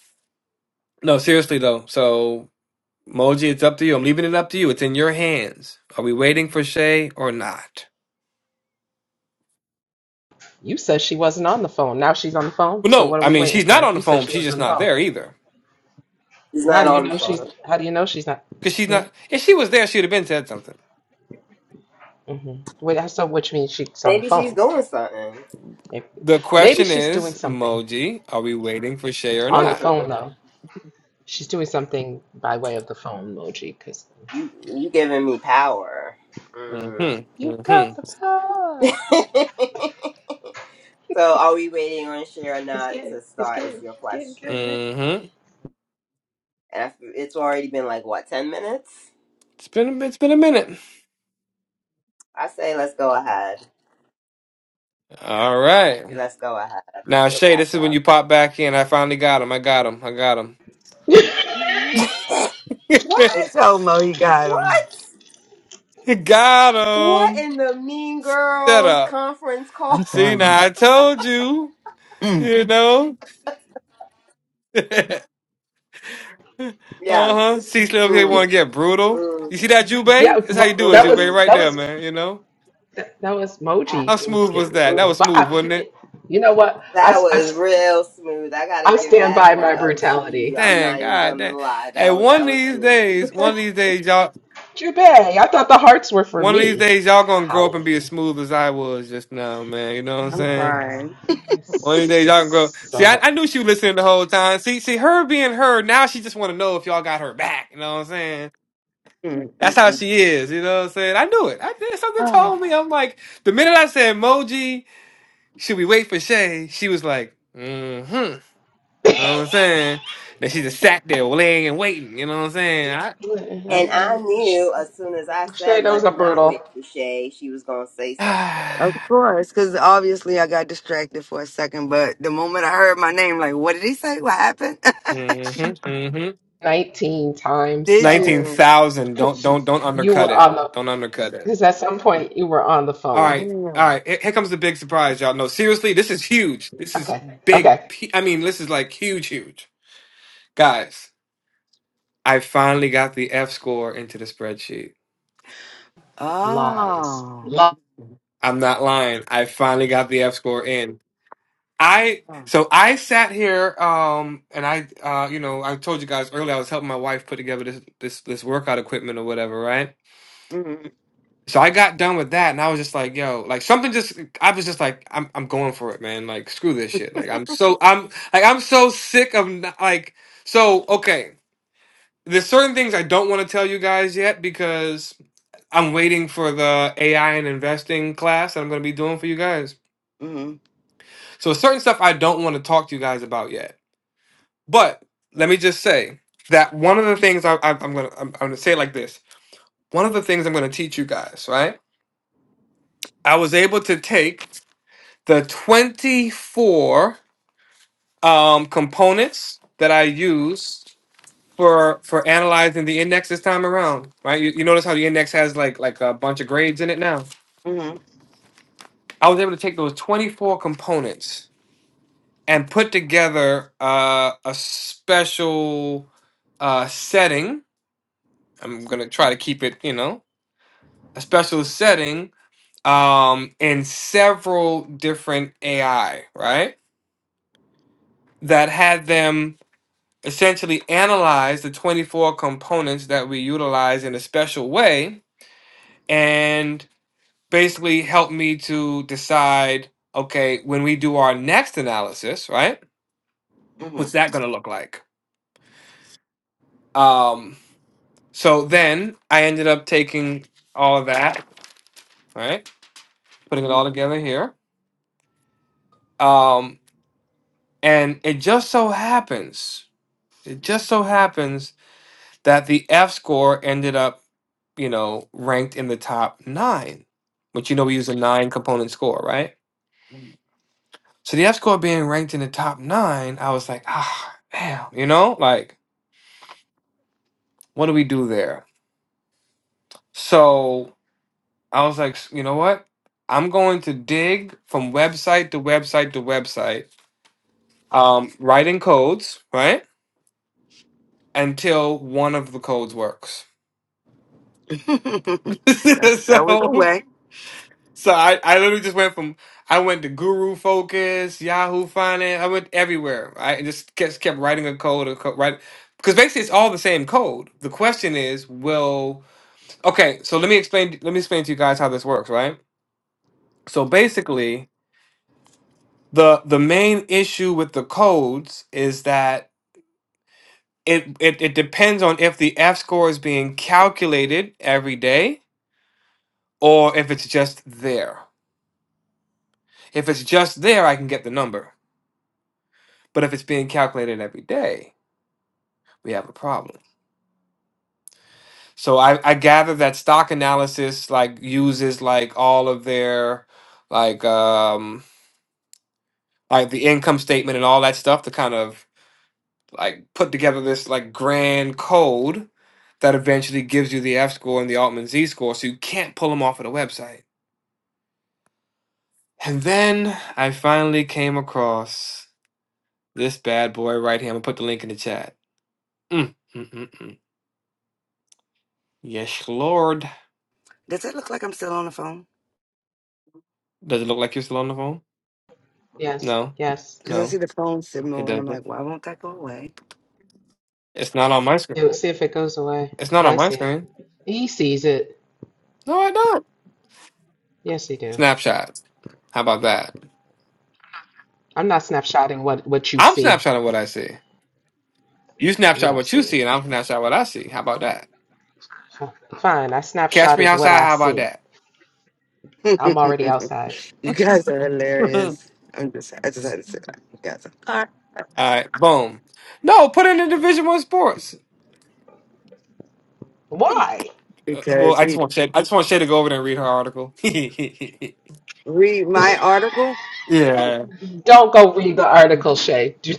[SPEAKER 4] no, seriously though. So, Moji, it's up to you. I'm leaving it up to you. It's in your hands. Are we waiting for Shay or not?
[SPEAKER 2] You said she wasn't on the phone. Now she's on the phone.
[SPEAKER 4] Well,
[SPEAKER 2] So
[SPEAKER 4] no.
[SPEAKER 2] what are
[SPEAKER 4] I
[SPEAKER 2] we
[SPEAKER 4] mean,
[SPEAKER 2] waiting
[SPEAKER 4] she's not
[SPEAKER 2] for?
[SPEAKER 4] on the
[SPEAKER 2] You said
[SPEAKER 4] phone.
[SPEAKER 2] she
[SPEAKER 4] She's
[SPEAKER 2] wasn't
[SPEAKER 4] just
[SPEAKER 2] on the
[SPEAKER 4] not
[SPEAKER 2] phone.
[SPEAKER 4] there either.
[SPEAKER 5] She's
[SPEAKER 2] How
[SPEAKER 5] not
[SPEAKER 2] do you
[SPEAKER 5] on the
[SPEAKER 2] know she's
[SPEAKER 5] phone.
[SPEAKER 2] how do you know she's not
[SPEAKER 4] Cause she's
[SPEAKER 2] hmm?
[SPEAKER 4] not. If she was there, she'd have been said something.
[SPEAKER 2] hmm Wait, so which means she's on the
[SPEAKER 5] Maybe she's
[SPEAKER 2] phone.
[SPEAKER 5] doing something.
[SPEAKER 2] Maybe,
[SPEAKER 4] The
[SPEAKER 2] maybe
[SPEAKER 4] question
[SPEAKER 2] she's
[SPEAKER 4] is,
[SPEAKER 2] doing something
[SPEAKER 4] Moji, are we waiting for Shay or
[SPEAKER 2] on the
[SPEAKER 5] hmm
[SPEAKER 4] not?
[SPEAKER 2] phone though. She's doing something by way of the phone emoji because
[SPEAKER 5] You you giving me power. Mm.
[SPEAKER 4] Mm-hmm.
[SPEAKER 2] you got
[SPEAKER 4] Mm-hmm.
[SPEAKER 2] the power.
[SPEAKER 5] so are we waiting on Cher or
[SPEAKER 2] It's
[SPEAKER 5] not
[SPEAKER 2] good.
[SPEAKER 5] to
[SPEAKER 2] It's
[SPEAKER 5] start? Is
[SPEAKER 2] good.
[SPEAKER 5] your
[SPEAKER 2] It's good.
[SPEAKER 5] question?
[SPEAKER 2] Good.
[SPEAKER 4] mm-hmm.
[SPEAKER 5] And I f it's already been like what ten minutes?
[SPEAKER 4] It's been it's been a minute.
[SPEAKER 5] I say let's go ahead.
[SPEAKER 4] All right.
[SPEAKER 5] Let's go ahead.
[SPEAKER 4] Now
[SPEAKER 5] She'll
[SPEAKER 4] Shay,
[SPEAKER 5] catch
[SPEAKER 4] this is when you
[SPEAKER 5] up.
[SPEAKER 4] pop back in. I finally got him. I got him. I got
[SPEAKER 2] good.
[SPEAKER 4] him.
[SPEAKER 3] They
[SPEAKER 5] What?
[SPEAKER 3] told Mo he got him.
[SPEAKER 5] What?
[SPEAKER 4] got
[SPEAKER 5] What
[SPEAKER 4] him.
[SPEAKER 5] in the Mean
[SPEAKER 4] Shut
[SPEAKER 5] Girls
[SPEAKER 4] up.
[SPEAKER 5] conference call?
[SPEAKER 3] I'm
[SPEAKER 4] See
[SPEAKER 3] crying.
[SPEAKER 4] now I told you.
[SPEAKER 3] Mm.
[SPEAKER 4] You know. uh
[SPEAKER 5] Yes.
[SPEAKER 4] huh.
[SPEAKER 2] it's,
[SPEAKER 4] See, Slim K
[SPEAKER 2] you,
[SPEAKER 4] want
[SPEAKER 5] Mm,
[SPEAKER 4] to get brutal.
[SPEAKER 5] mm,
[SPEAKER 4] You see that Jube?
[SPEAKER 2] Yeah,
[SPEAKER 4] That's how you
[SPEAKER 2] Mo-
[SPEAKER 4] do it,
[SPEAKER 2] that
[SPEAKER 4] Jube.
[SPEAKER 2] was
[SPEAKER 5] mm.
[SPEAKER 4] Right
[SPEAKER 2] that
[SPEAKER 4] there,
[SPEAKER 2] was
[SPEAKER 4] man. You know
[SPEAKER 2] that was
[SPEAKER 5] Ah.
[SPEAKER 4] how
[SPEAKER 2] Moji that was
[SPEAKER 4] smooth was
[SPEAKER 2] getting
[SPEAKER 4] that? That
[SPEAKER 2] brutal.
[SPEAKER 4] was
[SPEAKER 2] But
[SPEAKER 4] smooth,
[SPEAKER 2] I,
[SPEAKER 4] wasn't it?
[SPEAKER 2] you know what?
[SPEAKER 5] That
[SPEAKER 2] I, I,
[SPEAKER 5] was real smooth. I gotta
[SPEAKER 2] I
[SPEAKER 5] give
[SPEAKER 2] stand
[SPEAKER 5] that
[SPEAKER 2] by
[SPEAKER 5] one
[SPEAKER 2] my
[SPEAKER 5] up to
[SPEAKER 2] brutality.
[SPEAKER 5] you.
[SPEAKER 3] I'm
[SPEAKER 5] I'm
[SPEAKER 4] Dang,
[SPEAKER 5] not
[SPEAKER 3] crying.
[SPEAKER 5] even
[SPEAKER 4] God,
[SPEAKER 5] gonna
[SPEAKER 4] dang.
[SPEAKER 5] lie.
[SPEAKER 4] Hey,
[SPEAKER 5] That was
[SPEAKER 4] one of
[SPEAKER 5] that was
[SPEAKER 4] these
[SPEAKER 5] smooth.
[SPEAKER 4] days, one of these days, y'all.
[SPEAKER 2] Jube, I thought the hearts were for
[SPEAKER 4] One of these
[SPEAKER 2] me.
[SPEAKER 4] days, y'all gonna grow up and
[SPEAKER 2] Golly.
[SPEAKER 4] be as smooth as I was just now, man. You know what I'm
[SPEAKER 3] I'm
[SPEAKER 4] saying?
[SPEAKER 2] Ah,
[SPEAKER 3] crying.
[SPEAKER 4] One of these
[SPEAKER 2] it's
[SPEAKER 4] days, y'all gonna grow.
[SPEAKER 2] just
[SPEAKER 4] See,
[SPEAKER 2] so
[SPEAKER 4] I,
[SPEAKER 2] bad.
[SPEAKER 4] I knew she was listening the whole time. See, see, her being her now, she just want to know if y'all got her back. You know what I'm saying?
[SPEAKER 3] Mm,
[SPEAKER 4] That's how
[SPEAKER 3] mm,
[SPEAKER 4] she is. You know what I'm saying? I knew it. I did. Something
[SPEAKER 3] mm.
[SPEAKER 4] told me. I'm like, the minute I said emoji, should we wait for Shay? She was like, mm-hmm. You know what I'm saying? Then she just sat there, laying and waiting. You know what I'm saying? I,
[SPEAKER 3] Oh.
[SPEAKER 5] and I knew as soon as I
[SPEAKER 2] Shay,
[SPEAKER 5] said,
[SPEAKER 2] that was a
[SPEAKER 5] "Let's not
[SPEAKER 2] brutal
[SPEAKER 5] wait for Shay," she was gonna say something.
[SPEAKER 3] Of
[SPEAKER 4] ah,
[SPEAKER 3] course, because obviously I got distracted for a second, but the moment I heard my name, like, what did he say? What happened?
[SPEAKER 4] mm-hmm,
[SPEAKER 2] 19 times
[SPEAKER 3] did
[SPEAKER 2] though.
[SPEAKER 4] Nineteen
[SPEAKER 3] you?
[SPEAKER 4] thousand.
[SPEAKER 2] Because
[SPEAKER 4] Don't
[SPEAKER 2] she,
[SPEAKER 4] don't don't
[SPEAKER 2] you
[SPEAKER 4] undercut
[SPEAKER 2] were
[SPEAKER 4] it.
[SPEAKER 2] on the,
[SPEAKER 4] Don't undercut it.
[SPEAKER 2] because at some point you were on the
[SPEAKER 4] All
[SPEAKER 2] phone.
[SPEAKER 4] right, all
[SPEAKER 3] Mm.
[SPEAKER 4] right. Here here comes the big surprise, y'all. No, seriously, this is huge. This is
[SPEAKER 2] Okay,
[SPEAKER 4] big.
[SPEAKER 2] okay.
[SPEAKER 4] P- I mean, this is like huge, huge. Guys, I finally got the F score into the spreadsheet.
[SPEAKER 2] Lies.
[SPEAKER 3] Oh.
[SPEAKER 2] Lies.
[SPEAKER 4] I'm not lying. I finally got the F score in. I so I sat here, um, and I, uh, you know, I told you guys earlier I was helping my wife put together this this this workout equipment or whatever, right?
[SPEAKER 3] Mm-hmm.
[SPEAKER 4] So I got done with that, and I was just like, "Yo, like something just." I was just like, "I'm, I'm going for it, man. Like, screw this shit. Like, I'm so, I'm, like, I'm so sick of not, like." So okay, there's certain things I don't want to tell you guys yet because I'm waiting for the AI and investing class that I'm going to be doing for you guys.
[SPEAKER 3] Mm-hmm.
[SPEAKER 4] So certain stuff I don't want to talk to you guys about yet. But let me just say that one of the things I, I, I'm gonna, I'm, I'm gonna say it like this. One of the things I'm gonna teach you guys, right? I was able to take the 24 um, components that I used for for analyzing the index this time around, right? You, you notice how the index has like like a bunch of grades in it now.
[SPEAKER 3] Mm-hmm.
[SPEAKER 4] I was able to take those 24 components and put together uh, a special uh, setting. I'm gonna try to keep it, you know, a special setting um, in several different AI, right? That had them essentially analyze the 24 components that we utilize in a special way and basically help me to decide okay when we do our next analysis right what's that going to look like um so then i ended up taking all of that right putting it all
[SPEAKER 3] Mm-hmm.
[SPEAKER 4] together here um and it just so happens it just so happens that the f score ended up you know, ranked in the top nine, which you know we use a nine component score, right? So the F score being ranked in the top nine, I was like, ah, damn, you know, like, what do we do there? So I was like, "S- you know what? I'm going to dig from website to website to website, um, writing codes, right? Until one of the codes works.
[SPEAKER 3] that, that was a
[SPEAKER 4] so
[SPEAKER 3] way.
[SPEAKER 4] So I, I literally just went from I went to Guru Focus, Yahoo Finance. I went everywhere. I just kept kept writing a code, a code right because basically it's all the same code. The question is, will okay? So let me explain. Let me explain to you guys how this works, right? So basically, the the main issue with the codes is that it it, it depends on if the F score is being calculated every day or if it's just there. If it's just there, I can get the number But if it's being calculated every day, we have a problem. So I, I gather that stock analysis like uses like all of their like um like the income statement and all that stuff to kind of like put together this like grand code that eventually gives you the F score and the Altman Z score. So you can't pull them off of the website. And then I finally came across this bad boy right here. I'm gonna put the link in the chat. Mm, mm, mm, mm. Yes, Lord.
[SPEAKER 3] Does it look like I'm still on the phone?
[SPEAKER 4] Does it look like you're still on the phone?
[SPEAKER 2] Yes,
[SPEAKER 4] No,
[SPEAKER 2] yes.
[SPEAKER 3] Because I
[SPEAKER 4] no,
[SPEAKER 3] see the phone
[SPEAKER 4] it
[SPEAKER 3] symbol and I'm
[SPEAKER 4] doesn't.
[SPEAKER 3] like, why won't that go away?
[SPEAKER 4] It's not on my screen.
[SPEAKER 2] Do see if it goes away.
[SPEAKER 4] It's not on
[SPEAKER 2] Guy
[SPEAKER 4] my
[SPEAKER 2] see it.
[SPEAKER 4] screen.
[SPEAKER 2] He sees it.
[SPEAKER 4] No, I don't.
[SPEAKER 2] Yes, he do.
[SPEAKER 4] Snapshot. How about that?
[SPEAKER 2] I'm not snapshotting what, what you
[SPEAKER 4] I'm
[SPEAKER 2] see.
[SPEAKER 4] snapshotting what I see. You
[SPEAKER 2] You
[SPEAKER 4] snapshot
[SPEAKER 2] don't
[SPEAKER 4] what
[SPEAKER 2] see
[SPEAKER 4] you see,
[SPEAKER 2] it.
[SPEAKER 4] and I'm snapshot what I see. How about that?
[SPEAKER 2] F- Fine, I
[SPEAKER 4] Catch me
[SPEAKER 2] snapshotted what
[SPEAKER 4] outside.
[SPEAKER 2] I
[SPEAKER 4] How about
[SPEAKER 2] see.
[SPEAKER 4] that?
[SPEAKER 2] I'm already outside.
[SPEAKER 3] you guys are hilarious. I'm just, I just had to say that. You guys are.
[SPEAKER 4] All right, boom. No, put it in the Division One sports.
[SPEAKER 2] Why?
[SPEAKER 4] Uh, well,
[SPEAKER 3] Because
[SPEAKER 4] I just
[SPEAKER 3] he
[SPEAKER 4] want Shay. I just want Shay to go over there and read her article.
[SPEAKER 3] read my article.
[SPEAKER 4] yeah,
[SPEAKER 2] Don't go read the article, Shay. Do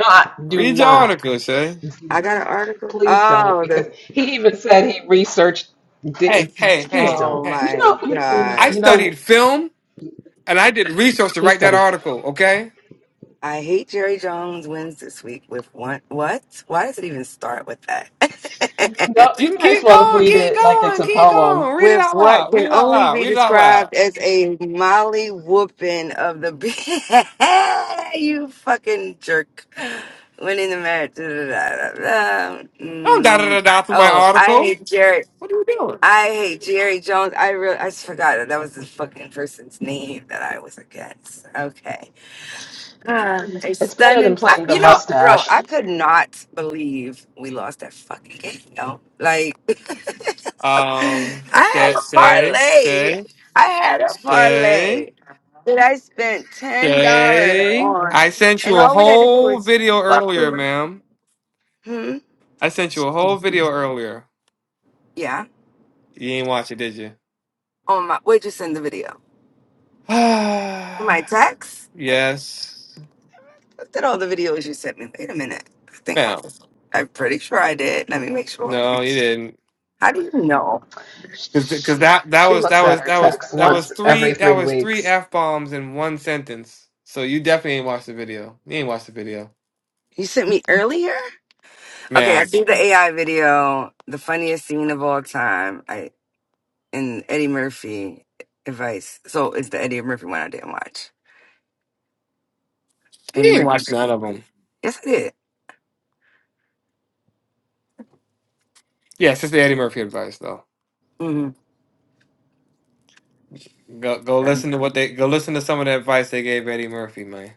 [SPEAKER 2] not, do
[SPEAKER 4] read your
[SPEAKER 2] not.
[SPEAKER 4] article, Shay.
[SPEAKER 3] I got an article.
[SPEAKER 2] Please don't,
[SPEAKER 3] Oh,
[SPEAKER 2] because
[SPEAKER 3] the
[SPEAKER 2] he even said he researched.
[SPEAKER 4] Hey,
[SPEAKER 2] di-
[SPEAKER 4] hey,
[SPEAKER 2] Please
[SPEAKER 4] hey,
[SPEAKER 3] oh
[SPEAKER 2] don't.
[SPEAKER 4] hey.
[SPEAKER 2] You
[SPEAKER 3] my
[SPEAKER 2] know, you, you know,
[SPEAKER 4] I
[SPEAKER 2] you
[SPEAKER 3] god!
[SPEAKER 2] know.
[SPEAKER 4] studied film, and I did research to
[SPEAKER 2] He
[SPEAKER 4] write that
[SPEAKER 2] studied.
[SPEAKER 4] article. Okay.
[SPEAKER 3] I hate Jerry Jones wins this week with one. What? Why does it even start with
[SPEAKER 2] No,
[SPEAKER 3] that?
[SPEAKER 2] you
[SPEAKER 4] Keep,
[SPEAKER 2] might as
[SPEAKER 4] keep
[SPEAKER 2] well
[SPEAKER 4] going,
[SPEAKER 2] read
[SPEAKER 4] keep
[SPEAKER 2] it like it's
[SPEAKER 4] going,
[SPEAKER 2] a
[SPEAKER 4] keep
[SPEAKER 2] poem.
[SPEAKER 4] going. Read it
[SPEAKER 3] with
[SPEAKER 4] out
[SPEAKER 3] what
[SPEAKER 4] loud. Read
[SPEAKER 3] can
[SPEAKER 4] it out
[SPEAKER 3] only
[SPEAKER 4] loud.
[SPEAKER 3] be
[SPEAKER 4] Read it out
[SPEAKER 3] described
[SPEAKER 4] loud.
[SPEAKER 3] as a molly whooping of the b- you fucking jerk winning the match. Da, da, da, da, da.
[SPEAKER 4] Don't da da da
[SPEAKER 3] Mm.
[SPEAKER 4] da through my
[SPEAKER 3] Oh, I
[SPEAKER 4] article.
[SPEAKER 3] hate Jerry.
[SPEAKER 4] What are you doing?
[SPEAKER 3] I hate Jerry Jones. I really, I just forgot that that was the fucking person's name that I was against. Okay, Ah, a
[SPEAKER 2] It's better than
[SPEAKER 3] stunning. I,
[SPEAKER 2] playing the
[SPEAKER 3] you know, bro,
[SPEAKER 2] mustache.
[SPEAKER 3] I could not believe we lost that fucking game. Yo, like, I
[SPEAKER 4] Um,
[SPEAKER 3] had
[SPEAKER 4] say,
[SPEAKER 3] a
[SPEAKER 4] say,
[SPEAKER 3] parlay.
[SPEAKER 4] say,
[SPEAKER 3] I had a parlay
[SPEAKER 4] say,
[SPEAKER 3] that I spent ten dollars
[SPEAKER 4] say.
[SPEAKER 3] on,
[SPEAKER 4] I sent
[SPEAKER 3] and
[SPEAKER 4] you a
[SPEAKER 3] all we had to do
[SPEAKER 4] whole
[SPEAKER 3] was
[SPEAKER 4] video
[SPEAKER 3] fuck.
[SPEAKER 4] earlier,
[SPEAKER 3] the-
[SPEAKER 4] ma'am.
[SPEAKER 3] Hmm.
[SPEAKER 4] I sent you a whole video earlier.
[SPEAKER 3] Yeah.
[SPEAKER 4] You ain't watch it, did you?
[SPEAKER 3] On my. Where'd you send the video? To my text.
[SPEAKER 4] yes,
[SPEAKER 3] looked at all the videos you sent me. Wait a minute. I think I'm,
[SPEAKER 4] ma'am.
[SPEAKER 3] I'm pretty sure I did. Let me make sure.
[SPEAKER 4] No, you didn't.
[SPEAKER 3] How do you know?
[SPEAKER 4] because
[SPEAKER 2] She,
[SPEAKER 4] that that
[SPEAKER 2] she
[SPEAKER 4] was that
[SPEAKER 2] looks at
[SPEAKER 4] was
[SPEAKER 2] her
[SPEAKER 4] that was
[SPEAKER 2] text
[SPEAKER 4] that was
[SPEAKER 2] once
[SPEAKER 4] three
[SPEAKER 2] every
[SPEAKER 4] that
[SPEAKER 2] three
[SPEAKER 4] was three
[SPEAKER 2] weeks.
[SPEAKER 4] f bombs in one sentence. So you definitely ain't watched the video. You ain't watched the video,
[SPEAKER 3] You sent me earlier? Okay, I
[SPEAKER 4] ma'am.
[SPEAKER 3] see the AI video, the funniest scene of all time, I in Eddie Murphy advice. So it's the Eddie Murphy one I didn't watch. Eddie
[SPEAKER 4] You ain't
[SPEAKER 3] Murphy.
[SPEAKER 4] watched none
[SPEAKER 3] show.
[SPEAKER 4] of them.
[SPEAKER 3] Yes, I did.
[SPEAKER 4] Yeah, it's just the Eddie Murphy advice though.
[SPEAKER 3] hmm
[SPEAKER 4] Go go
[SPEAKER 3] I
[SPEAKER 4] listen to what they go listen to some of the advice they gave Eddie Murphy, man.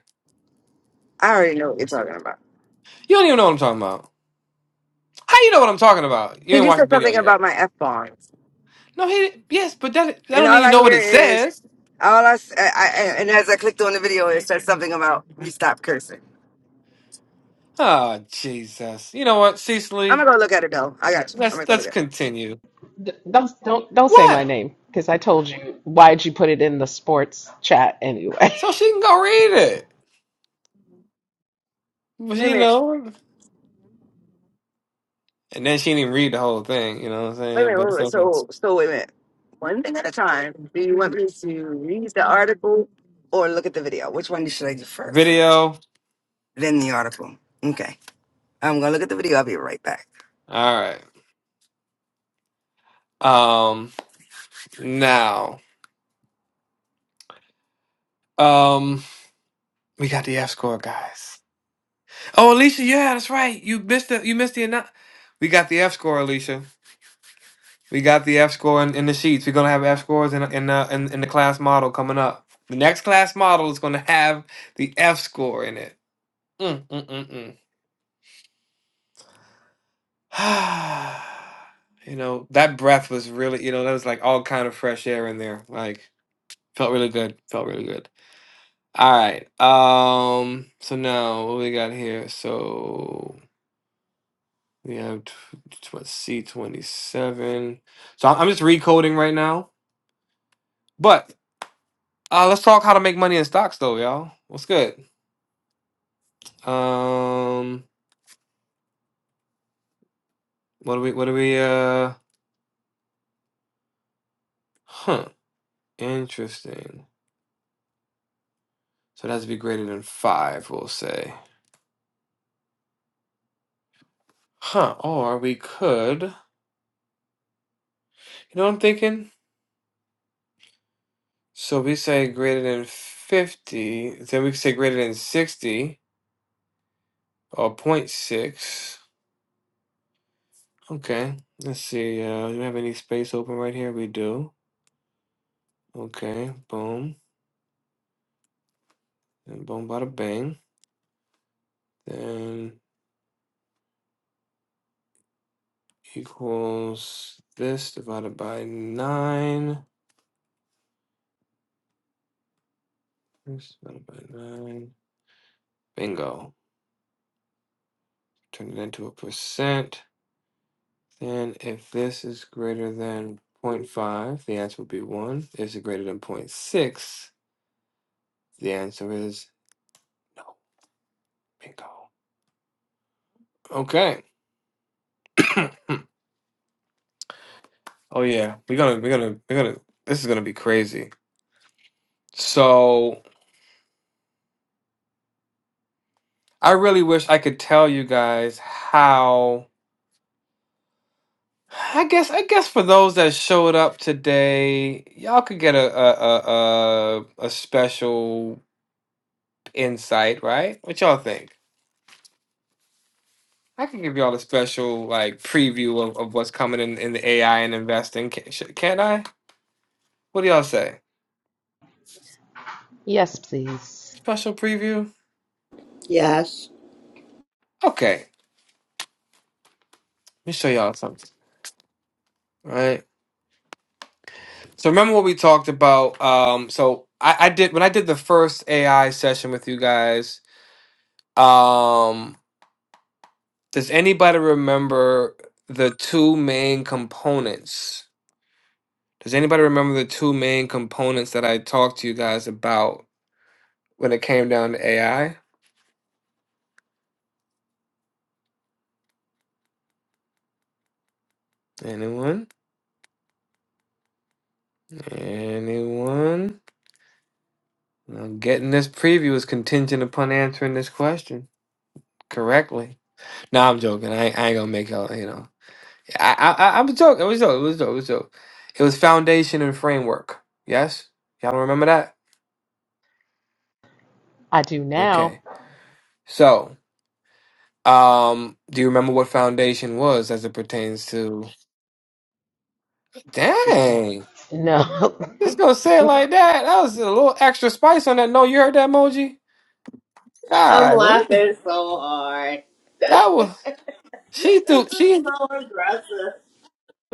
[SPEAKER 3] already know what you're talking about.
[SPEAKER 4] You don't even know what I'm talking about. How you know what I'm talking about? You
[SPEAKER 3] Because
[SPEAKER 4] ain't
[SPEAKER 3] you
[SPEAKER 4] watched the
[SPEAKER 3] said
[SPEAKER 4] video
[SPEAKER 3] something
[SPEAKER 4] yet.
[SPEAKER 3] about my F bombs.
[SPEAKER 4] No, he yes, but that that
[SPEAKER 3] And
[SPEAKER 4] don't mean
[SPEAKER 3] all
[SPEAKER 4] you
[SPEAKER 3] I
[SPEAKER 4] know what
[SPEAKER 3] hear
[SPEAKER 4] it
[SPEAKER 3] is,
[SPEAKER 4] says.
[SPEAKER 3] all I, s- I- I- and as I clicked on the video, it said something about you stop cursing.
[SPEAKER 4] Oh Jesus! You know what,
[SPEAKER 3] I'm
[SPEAKER 4] Cecily?
[SPEAKER 3] gonna go look at it though. I got you. I'm
[SPEAKER 4] Let's
[SPEAKER 3] gonna go look
[SPEAKER 4] let's
[SPEAKER 3] at it.
[SPEAKER 4] continue.
[SPEAKER 2] D- Don't don't don't say my
[SPEAKER 4] What?
[SPEAKER 2] name because I told you why'd you put it in the sports chat anyway.
[SPEAKER 4] So she can go read it. But
[SPEAKER 3] Wait a
[SPEAKER 4] you
[SPEAKER 3] minute.
[SPEAKER 4] know, and then she didn't even read the whole thing, you know what I'm
[SPEAKER 3] Wait a
[SPEAKER 4] saying?
[SPEAKER 3] minute. Wait,
[SPEAKER 4] But
[SPEAKER 3] a
[SPEAKER 4] it's
[SPEAKER 3] minute.
[SPEAKER 4] okay.
[SPEAKER 3] So, so wait a minute. One thing at a time. Do you want me to read the article or look at the video? Which one should I do first?
[SPEAKER 4] Video.
[SPEAKER 3] Then the article. Okay. I'm gonna look at the video. I'll be right back.
[SPEAKER 4] All right. Um now. Um we got the F score, guys. Oh Alicia, yeah, that's right. You missed the you missed the annou- We got the F score, Alicia. We got the F score in, in the sheets. We're gonna have F scores in in, uh, in in the class model coming up. The next class model is gonna have the F score in it. Mm, mm, mm, mm. You know, that breath was really, you know, that was like all kind of fresh air in there. Like felt really good. Felt really good. All right. Um, so now what we got here? So we have t- t- what C27. So I'm I'm just recoding right now. But uh let's talk how to make money in stocks though, y'all. What's good? Um, what do we what do we uh huh, interesting. So it has to be greater than five, we'll say. Huh, oh, or we could, you know what I'm thinking? So we say greater than 50, then we say greater than 60 or zero point 0.6. Okay, let's see. Uh, do we have any space open right here? We do. Okay, boom, and boom, bada bang. Then equals this divided by 9. This divided by 9. Bingo. Turn it into a percent. Then if this is greater than zero point 0.5, the answer would be 1. Is it greater than 0.6? The answer is no. Bingo. Okay. Oh yeah, we're gonna we're gonna we're gonna this is gonna be crazy. So I really wish I could tell you guys how I guess I guess for those that showed up today, y'all could get a a a, a, a special insight, right? What y'all think? I can give y'all a special like preview of, of what's coming in, in the AI and investing. Can, sh- can't I? What do y'all say?
[SPEAKER 2] yes, please.
[SPEAKER 4] Special preview?
[SPEAKER 5] Yes.
[SPEAKER 4] Okay, let me show y'all something. All right. So remember what we talked about. Um, so I, I did when I did the first AI session with you guys. Um, does anybody remember the two main components? Does anybody remember the two main components that I talked to you guys about when it came down to AI? Anyone? Anyone? Now, getting this preview is contingent upon answering this question correctly. No, I'm joking. I, ain't- I ain't gonna make y'all. You know, I I I, I was joking. It was joke. It was joke. It was joke. It was foundation and framework. Yes, y'all don't remember that?
[SPEAKER 2] I do now.
[SPEAKER 4] Okay. So, um, do you remember what foundation was as it pertains to?
[SPEAKER 2] No,
[SPEAKER 4] Dang,
[SPEAKER 2] no.
[SPEAKER 4] just gonna say it like that. That was a little extra spice on that. No, you heard that emoji?
[SPEAKER 5] I'm
[SPEAKER 4] God,
[SPEAKER 5] laughing so hard.
[SPEAKER 4] that was she
[SPEAKER 5] This
[SPEAKER 4] threw
[SPEAKER 5] is
[SPEAKER 4] she.
[SPEAKER 5] so aggressive.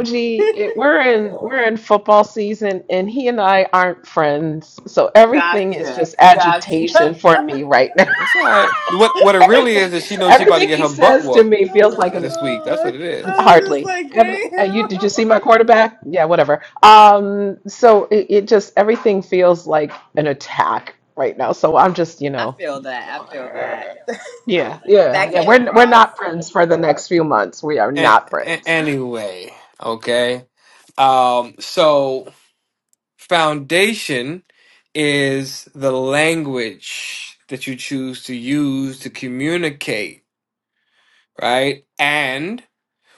[SPEAKER 2] Gee, it, we're in we're in football season, and he and I aren't friends, so everything is
[SPEAKER 5] Gotcha.
[SPEAKER 2] just
[SPEAKER 5] Gotcha.
[SPEAKER 2] agitation for me right now.
[SPEAKER 4] That's all right. What what it really
[SPEAKER 2] everything
[SPEAKER 4] is is she knows she about to
[SPEAKER 2] everything
[SPEAKER 4] get
[SPEAKER 2] he
[SPEAKER 4] her butt
[SPEAKER 2] says to
[SPEAKER 4] whooped
[SPEAKER 2] me
[SPEAKER 5] Oh
[SPEAKER 2] feels like
[SPEAKER 5] my
[SPEAKER 2] an
[SPEAKER 4] this week. That's what
[SPEAKER 5] god.
[SPEAKER 4] it
[SPEAKER 5] I
[SPEAKER 4] is.
[SPEAKER 5] was just
[SPEAKER 2] Hardly.
[SPEAKER 5] like,
[SPEAKER 2] Every uh, you
[SPEAKER 5] damn.
[SPEAKER 2] did you see my quarterback? Yeah, whatever. Um, so it, it just everything feels like an attack right now. So I'm just, you
[SPEAKER 5] I
[SPEAKER 2] know,
[SPEAKER 5] feel that. I feel that.
[SPEAKER 2] yeah, yeah,
[SPEAKER 5] that
[SPEAKER 2] yeah.
[SPEAKER 5] came
[SPEAKER 2] We're we're
[SPEAKER 5] across.
[SPEAKER 2] not friends for the next few months. We are
[SPEAKER 4] And,
[SPEAKER 2] not friends.
[SPEAKER 4] anyway, okay. Um, so foundation is the language that you choose to use to communicate, right? And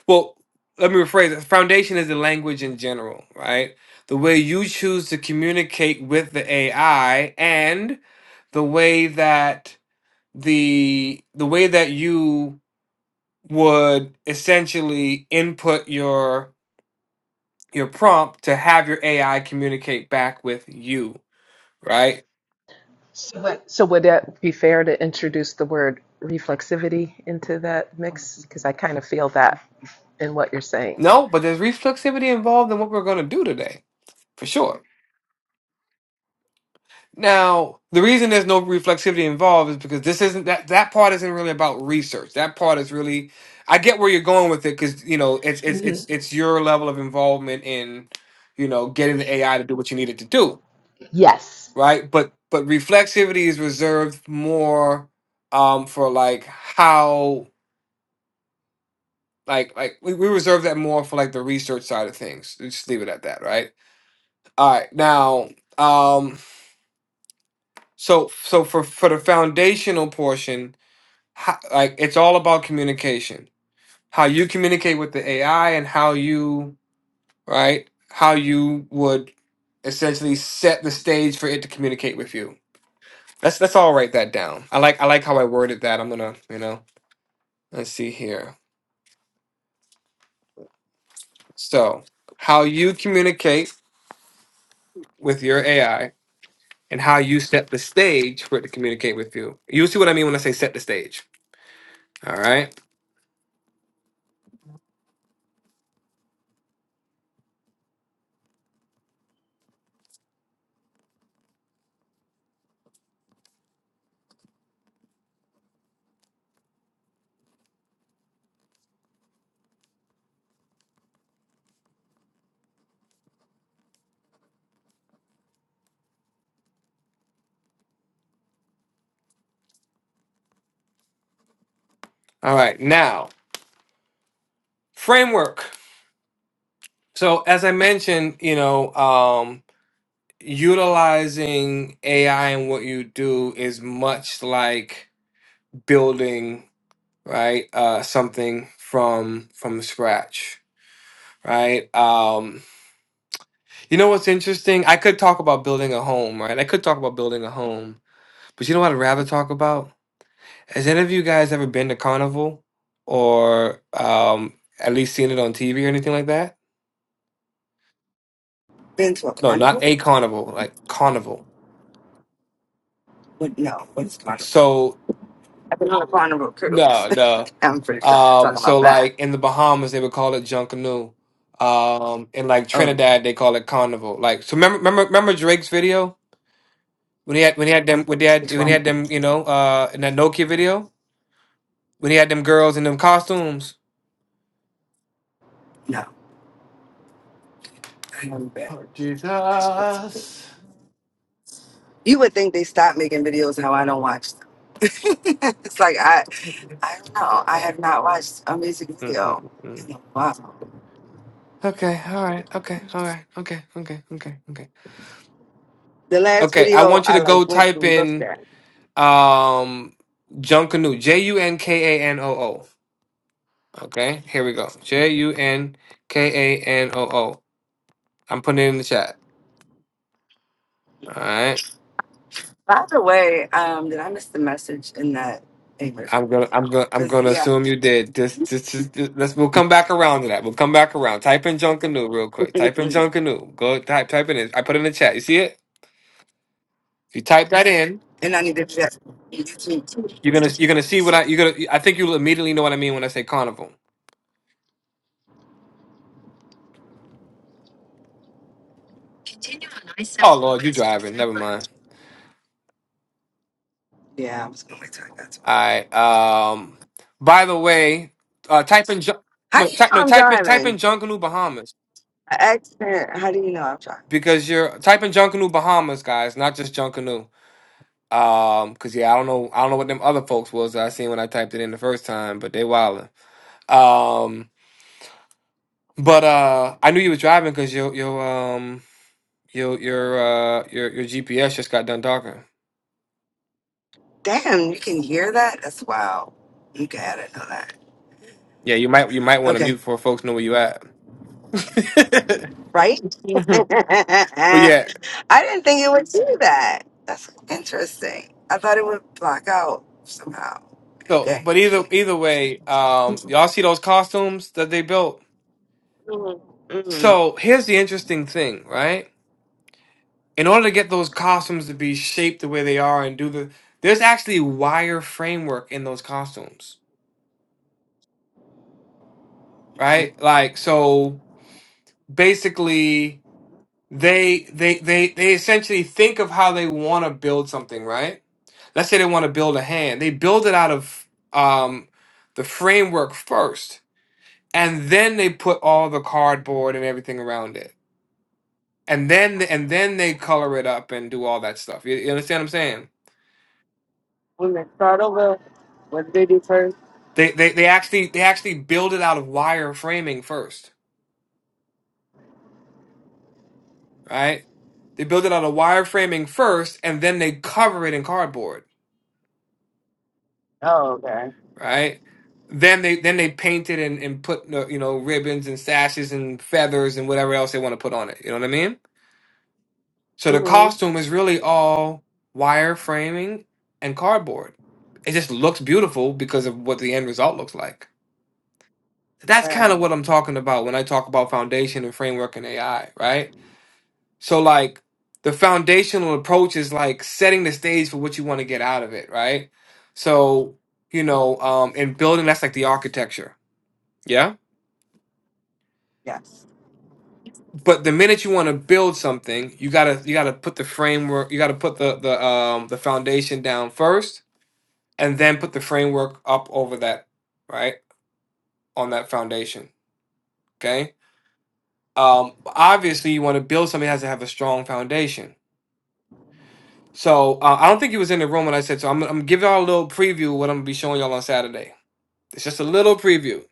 [SPEAKER 4] well, let me rephrase it. Foundation is the language in general, right? The way you choose to communicate with the AI and the way that the the way that you would essentially input your your prompt to have your AI communicate back with you, right?
[SPEAKER 2] So would- so would it be fair to introduce the word reflexivity into that mix? Because I kind of feel that in what you're saying.
[SPEAKER 4] No, but there's reflexivity involved in what we're going to do today, for sure. Now, the reason there's no reflexivity involved is because this isn't that that part isn't really about research. That part is really I get where you're going with it cuz you know, it's it's
[SPEAKER 2] Mhm.
[SPEAKER 4] it's it's your level of involvement in you know, getting the AI to do what you need it to do
[SPEAKER 2] Yes.
[SPEAKER 4] right? But but reflexivity is reserved more um for like how like like we, we reserve that more for like the research side of things. Let's Just leave it at that, right? All right. Now, um so so for for the foundational portion, ho- like it's all about communication. How you communicate with the AI and how you, right? How you would essentially set the stage for it to communicate with you. Let's let's all write that down. I like I like how I worded that. I'm gonna, you know. Let's see here. So, how you communicate with your AI and how you set the stage for it to communicate with you. You'll see what I mean when I say set the stage. All right. All right. Now, framework. So, as I mentioned, you know, um, utilizing AI and what you do is much like building, right, uh, something from from scratch, right? Um, You know what's interesting? I could talk about building a home, right? I could talk about building a home, but you know what I'd rather talk about? Has any of you guys ever been to Carnival or um, at least seen it on TV or anything like that?
[SPEAKER 3] Been to a
[SPEAKER 4] No, not
[SPEAKER 3] carnival?
[SPEAKER 4] a carnival, like Carnival.
[SPEAKER 3] What? No. What is carnival?
[SPEAKER 4] So,
[SPEAKER 3] I've been on a carnival cruise.
[SPEAKER 4] no, no.
[SPEAKER 3] I'm pretty sure I'm not talking
[SPEAKER 4] Um,
[SPEAKER 3] about
[SPEAKER 4] so,
[SPEAKER 3] that.
[SPEAKER 4] like in the Bahamas, they would call it Junkanoo. Um, in like
[SPEAKER 3] Oh,
[SPEAKER 4] Trinidad, they call it Carnival. Like, so remember, remember, remember Drake's video when he had when he had them when they had
[SPEAKER 3] which
[SPEAKER 4] when he
[SPEAKER 3] one?
[SPEAKER 4] had them, you know, uh, in that Nokia video. When he had them girls in them costumes.
[SPEAKER 3] No. I haven't been.
[SPEAKER 4] Oh,
[SPEAKER 3] Watch this video.
[SPEAKER 4] Jesus.
[SPEAKER 3] You would think they stopped making videos how I don't watch them. it's like I. I don't know. I have not watched a music video
[SPEAKER 4] Mm-mm-mm.
[SPEAKER 3] in a while.
[SPEAKER 4] Okay, all right, okay, all right, okay, okay, okay, okay.
[SPEAKER 3] The last
[SPEAKER 4] Okay, I
[SPEAKER 3] video
[SPEAKER 4] want you
[SPEAKER 3] I
[SPEAKER 4] to go
[SPEAKER 3] like went
[SPEAKER 4] type
[SPEAKER 3] and looked
[SPEAKER 4] in
[SPEAKER 3] at.
[SPEAKER 4] um Junkanoo, J U N K A N O O. Okay, here we go. J U N K A N O O. I'm putting it in the chat. All right.
[SPEAKER 3] By the way, um, did I miss the message in that English
[SPEAKER 4] I'm gonna, I'm
[SPEAKER 3] video?
[SPEAKER 4] gonna, I'm
[SPEAKER 3] Cause
[SPEAKER 4] gonna
[SPEAKER 3] yeah,
[SPEAKER 4] assume you did. Just, just, just, just- let's. We'll come back around to that. We'll come back around. Type in Junkanoo real quick. Type in
[SPEAKER 3] and
[SPEAKER 4] Junkanoo. Go type, type it in. I put it in the chat. You see it? If you type that in,
[SPEAKER 3] I need to check. YouTube.
[SPEAKER 4] you're gonna, you're gonna see what I. You're gonna. I think you'll immediately know what I mean when I say carnival.
[SPEAKER 3] Continue on I
[SPEAKER 4] Oh
[SPEAKER 3] seventy
[SPEAKER 4] Lord, you
[SPEAKER 3] west for
[SPEAKER 4] driving?
[SPEAKER 3] four
[SPEAKER 4] Never mind.
[SPEAKER 3] miles. Yeah, I'm just gonna wait till I got to
[SPEAKER 4] All
[SPEAKER 3] my way.
[SPEAKER 4] right. Um. By the way, uh, type in Jun-
[SPEAKER 3] How
[SPEAKER 4] no,
[SPEAKER 3] do you know
[SPEAKER 4] type no,
[SPEAKER 3] I'm
[SPEAKER 4] type in, type in
[SPEAKER 3] driving?
[SPEAKER 4] Junkanoo Bahamas
[SPEAKER 3] An accident. How do you know I'm driving? So,
[SPEAKER 4] because you're type in Junkanoo Bahamas, guys, not just Junkanoo. Um, cause yeah, I don't know, I don't know what them other folks was that I seen when I typed it in the first time, but they wildin'. Um, but uh, I knew you was driving because your your um your your uh your your GPS just got done talking.
[SPEAKER 3] Damn, you can hear that. That's wow. Okay, I didn't know that.
[SPEAKER 4] Yeah, you might you might want to mute
[SPEAKER 3] Okay,
[SPEAKER 4] before folks know where you at. Mhm.
[SPEAKER 3] right?
[SPEAKER 4] but yeah,
[SPEAKER 3] I didn't think it would do that. That's interesting. I thought it would block out somehow.
[SPEAKER 4] so
[SPEAKER 3] Okay.
[SPEAKER 4] but either
[SPEAKER 3] Okay.
[SPEAKER 4] either way, um, y'all see those costumes that they built.
[SPEAKER 3] Mm-hmm. Mm-hmm.
[SPEAKER 4] So here's the interesting thing, right? in order to get those costumes to be shaped the way they are and do the there's actually wire framework in those costumes
[SPEAKER 3] Okay.
[SPEAKER 4] right like so basically they they they they essentially think of how they want to build something right let's say they want to build a hand they build it out of um the framework first and then they put all the cardboard and everything around it and then and then they color it up and do all that stuff you, you understand what i'm saying They, they they actually they actually build it out of wire framing first, right? They build it out of wire framing first, and then they cover it in cardboard,
[SPEAKER 3] Oh, okay.
[SPEAKER 4] right? Then they then they paint it and, and put uh, you know ribbons and sashes and feathers and whatever else they want to put on it. You know what I mean? So the
[SPEAKER 3] Mm-hmm.
[SPEAKER 4] costume is really all wire framing and cardboard. It just looks beautiful because of what the end result looks like. That's kind
[SPEAKER 3] Right.
[SPEAKER 4] of what I'm talking about when I talk about foundation and framework and AI, right? So like the foundational approach is like setting the stage for what you want to get out of it, right? So, you
[SPEAKER 3] Mhm.
[SPEAKER 4] know, um and building that's like the architecture. Yeah.
[SPEAKER 3] Yes.
[SPEAKER 4] But the minute you want to build something, you gotta you gotta put the framework, you gotta put the the um the foundation down first and then put the framework up over that, right? On that foundation. Okay. Um obviously you want to build something that has to have a strong foundation So uh, I don't think he was in the room when I said so. I'm, I'm gonna give y'all a little preview of what I'm gonna be showing y'all on Saturday. It's just a little preview.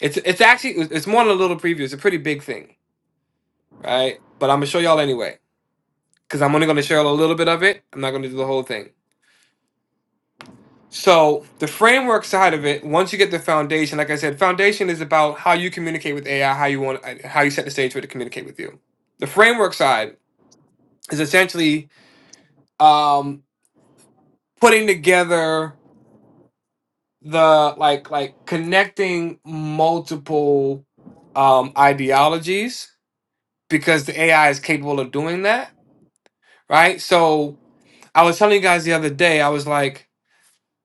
[SPEAKER 4] It's it's actually it's more than a little preview. It's a pretty big thing, right? But I'm gonna show y'all anyway because I'm only gonna share a little bit of it. I'm not gonna do the whole thing. So the framework side of it, once you get the foundation, like I said, foundation is about how you communicate with AI, how you want, uh, how you set the stage for it to communicate with you. The framework side is essentially um, putting together the like like connecting multiple um ideologies because the AI is capable of doing that, right? So I was telling you guys the other day, I was like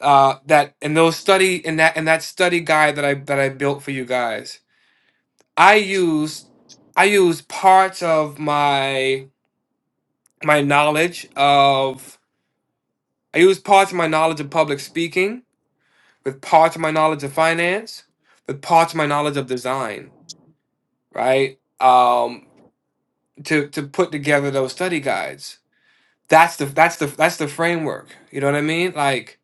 [SPEAKER 4] uh that in those study in that in that study guide that I that I built for you guys, I used I used parts of my my knowledge of I used parts of my knowledge of public speaking with parts of my knowledge of finance with parts of my knowledge of design right? Um, to to put together those study guides. That's the that's the that's the framework. You know what I mean? Like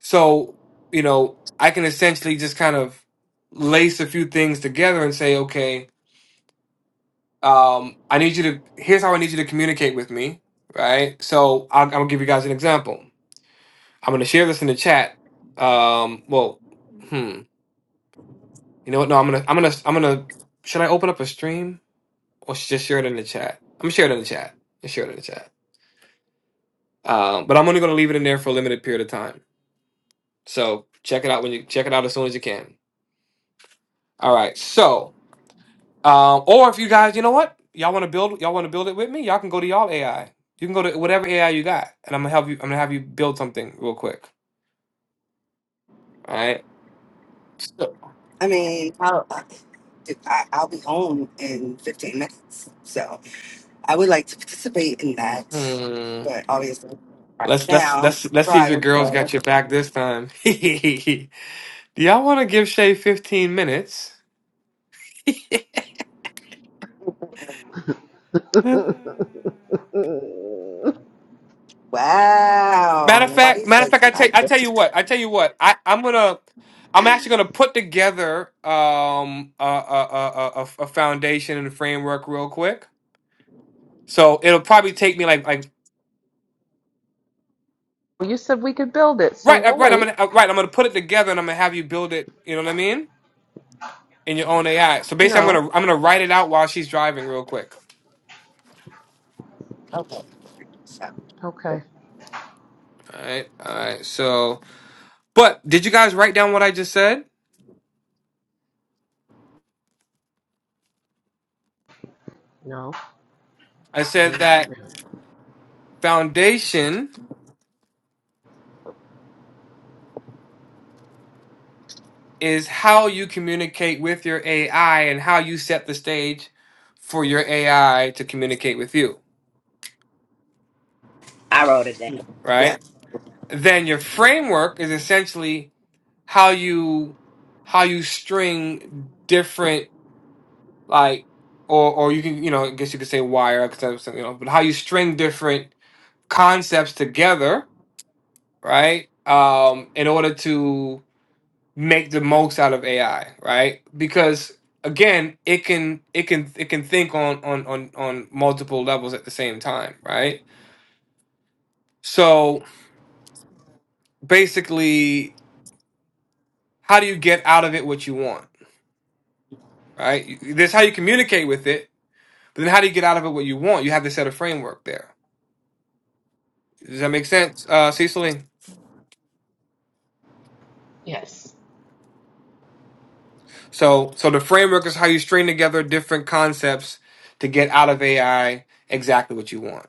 [SPEAKER 4] so, you know, I can essentially just kind of lace a few things together and say, okay, um, I need you to. Here's how I need you to communicate with me, right? So I'll, I'll give you guys an example. I'm gonna share this in the chat. Um, well, hmm. You know what? No, I'm gonna I'm gonna I'm gonna. Should I open up a stream or just share it in the chat? I'm gonna share it in the chat. Let's share it in the chat. Um, but I'm only going to leave it in there for a limited period of time. So check it out when you check it out as soon as you can. All right. So, um, or if you guys, you know what, y'all want to build, y'all want to build it with me, y'all can go to y'all AI. You can go to whatever AI you got, and I'm gonna help you. I'm gonna have you build something real quick. All right. So,
[SPEAKER 3] I mean, I'll, I- I'll be home in 15 minutes. So I would like to participate in that.
[SPEAKER 4] hmm,
[SPEAKER 3] But obviously,
[SPEAKER 4] let's let's
[SPEAKER 3] now I'm
[SPEAKER 4] let's let's see if your
[SPEAKER 3] driving.
[SPEAKER 4] girls got
[SPEAKER 3] So,
[SPEAKER 4] your back this time. Do y'all want to give Shay 15 minutes?
[SPEAKER 2] Mm.
[SPEAKER 4] Matter
[SPEAKER 3] wow.
[SPEAKER 4] of fact,
[SPEAKER 3] Nobody
[SPEAKER 4] matter of
[SPEAKER 3] says
[SPEAKER 4] fact, I tell I
[SPEAKER 3] nothing.
[SPEAKER 4] tell you what, I tell you what, I I'm gonna I'm actually gonna put together um a a a, a, a a foundation and a framework real quick. So it'll probably take me like like
[SPEAKER 2] Well, You said we could build it, so
[SPEAKER 4] right uh,
[SPEAKER 2] we'll
[SPEAKER 4] right I'm
[SPEAKER 2] wait.
[SPEAKER 4] gonna uh, right I'm gonna put it together and I'm gonna have you build it. You know what I mean? In your own AI. So basically, I'm
[SPEAKER 2] No.
[SPEAKER 4] gonna I'm gonna write it out while she's driving real quick.
[SPEAKER 3] Okay. So,
[SPEAKER 2] Okay.
[SPEAKER 4] All right, all right. So, but did you guys write down what I just said?
[SPEAKER 2] No.
[SPEAKER 4] I said
[SPEAKER 2] n-
[SPEAKER 4] that foundation. is how you communicate with your AI and how you set the stage for your AI to communicate with you,
[SPEAKER 5] I wrote it down.
[SPEAKER 3] yeah.
[SPEAKER 4] right? Then your framework is essentially how you how you string different like or or you can you know I guess you could say wire because you know but how you string different concepts together, right? Um, in order to make the most out of AI, right? Because again, it can it can it can think on on on on multiple levels at the same time, right? So basically, how do you get out of it what you want, right? You- That's how you communicate with it. But then, how do you get out of it what you want? You have to set a framework there. Does that make sense, uh, Cecily?
[SPEAKER 2] Yes.
[SPEAKER 4] So, so the framework is how you string together different concepts to get out of AI exactly what you want.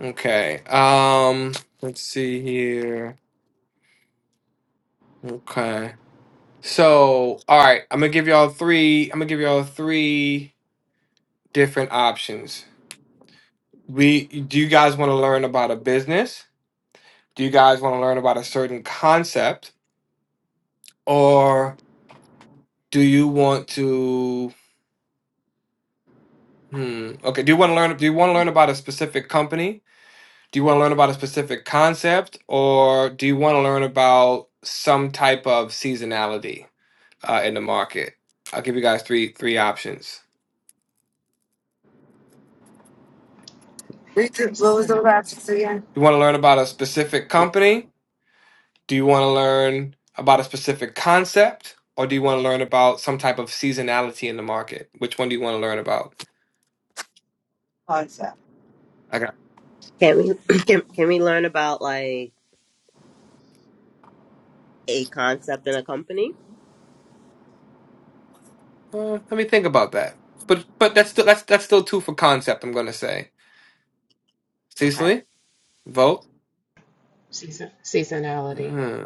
[SPEAKER 4] Okay. Um, let's see here. Okay. So, all right, I'm gonna give y'all three. I'm gonna give y'all three different options. We do you guys want to learn about a business? Do you guys want to learn about a certain concept, or do you want to? Hmm. Okay. Do you want to learn? Do you want to learn about a specific company? Do you want to learn about a specific concept, or do you want to learn about some type of seasonality uh, in the market? I'll give you guys three three options.
[SPEAKER 3] Richard, what was the
[SPEAKER 2] Season.
[SPEAKER 3] last again?
[SPEAKER 4] You want to learn about a specific company? Do you want to learn about a specific concept? Or do you want to learn about some type of seasonality in the market? Which one do you want to learn about?
[SPEAKER 3] Concept.
[SPEAKER 4] I got.
[SPEAKER 5] Can we can, can we learn about like a concept in a company?
[SPEAKER 4] Uh, let me think about that. But but that's still that's that's still two for concept. I'm gonna say.
[SPEAKER 5] Okay.
[SPEAKER 4] Cecily, vote.
[SPEAKER 2] Season. Seasonality.
[SPEAKER 4] Hmm,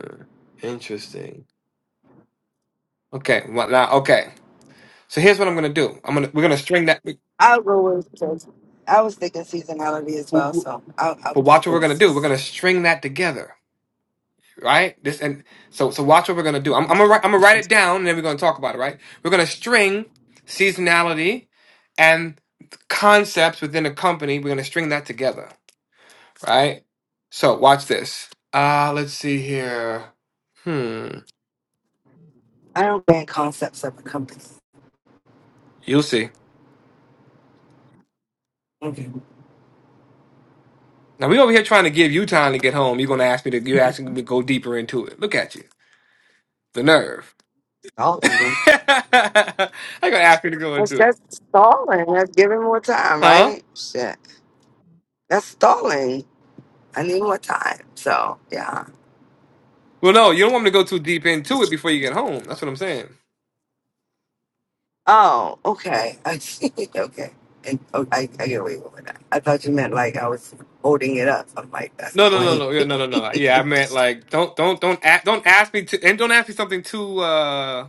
[SPEAKER 4] interesting. Okay. Well, now okay. So here's what I'm gonna do. I'm gonna we're gonna string that.
[SPEAKER 3] I'll go with those. I was thinking seasonality as well,
[SPEAKER 4] But
[SPEAKER 3] so I'll, I'll, I'll
[SPEAKER 4] watch what
[SPEAKER 3] go
[SPEAKER 4] we're
[SPEAKER 3] with
[SPEAKER 4] gonna do. We're gonna
[SPEAKER 3] six.
[SPEAKER 4] string that together. right? This and so so watch what we're gonna do. I'm, I'm gonna write, I'm gonna write it down, and then we're gonna talk about it. Right? We're gonna string seasonality and concepts within a company. We're gonna string that together, right? So watch this. Uh let's see here. Hmm.
[SPEAKER 3] I don't ban concepts of a company.
[SPEAKER 4] You'll see.
[SPEAKER 3] Okay.
[SPEAKER 4] Now we over here trying to give you time to get home. You're gonna ask me to you're asking me to go deeper into it. Look at you. The nerve.
[SPEAKER 3] Stalling, man.
[SPEAKER 4] I gonna ask me to go
[SPEAKER 3] That's,
[SPEAKER 4] into it.
[SPEAKER 3] that's stalling. That's giving more time,
[SPEAKER 4] Huh?
[SPEAKER 3] right? Shit. That's stalling. I need more time. So, yeah.
[SPEAKER 4] Well no, you don't want me to go too deep into it before you get home. That's what I'm saying.
[SPEAKER 3] Oh, okay. I see. okay. And oh, I, I get away with that. I thought you meant like I was holding it up. I'm like, that's the
[SPEAKER 4] No, no, no,
[SPEAKER 3] point.
[SPEAKER 4] no, yeah, no, no, no. Yeah, I meant like don't, don't, don't, a- don't ask me to, and don't ask me something too, uh,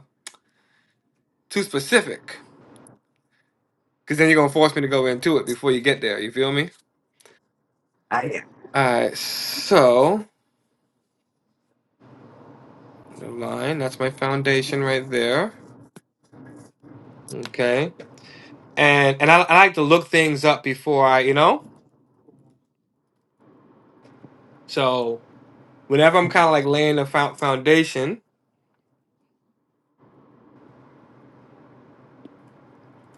[SPEAKER 4] too specific, because then you're gonna force me to go into it before you get there. You feel me?
[SPEAKER 3] I am.
[SPEAKER 4] All right. So the line, that's my foundation right there. Okay. And and I, I like to look things up before I, you know. So whenever I'm kind of like laying a fou- foundation,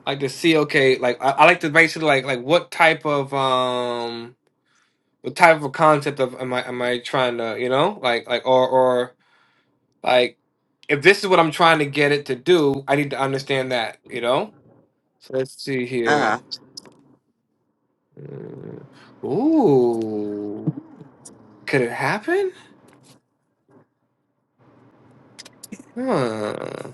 [SPEAKER 4] I like to see, okay, like I, I like to basically like like what type of um the type of concept of am I am I trying to you know like like or or like if this is what I'm trying to get it to do, I need to understand that you know. So let's see
[SPEAKER 3] Uh huh.
[SPEAKER 4] here. Mm. Ooh, could it happen? Huh.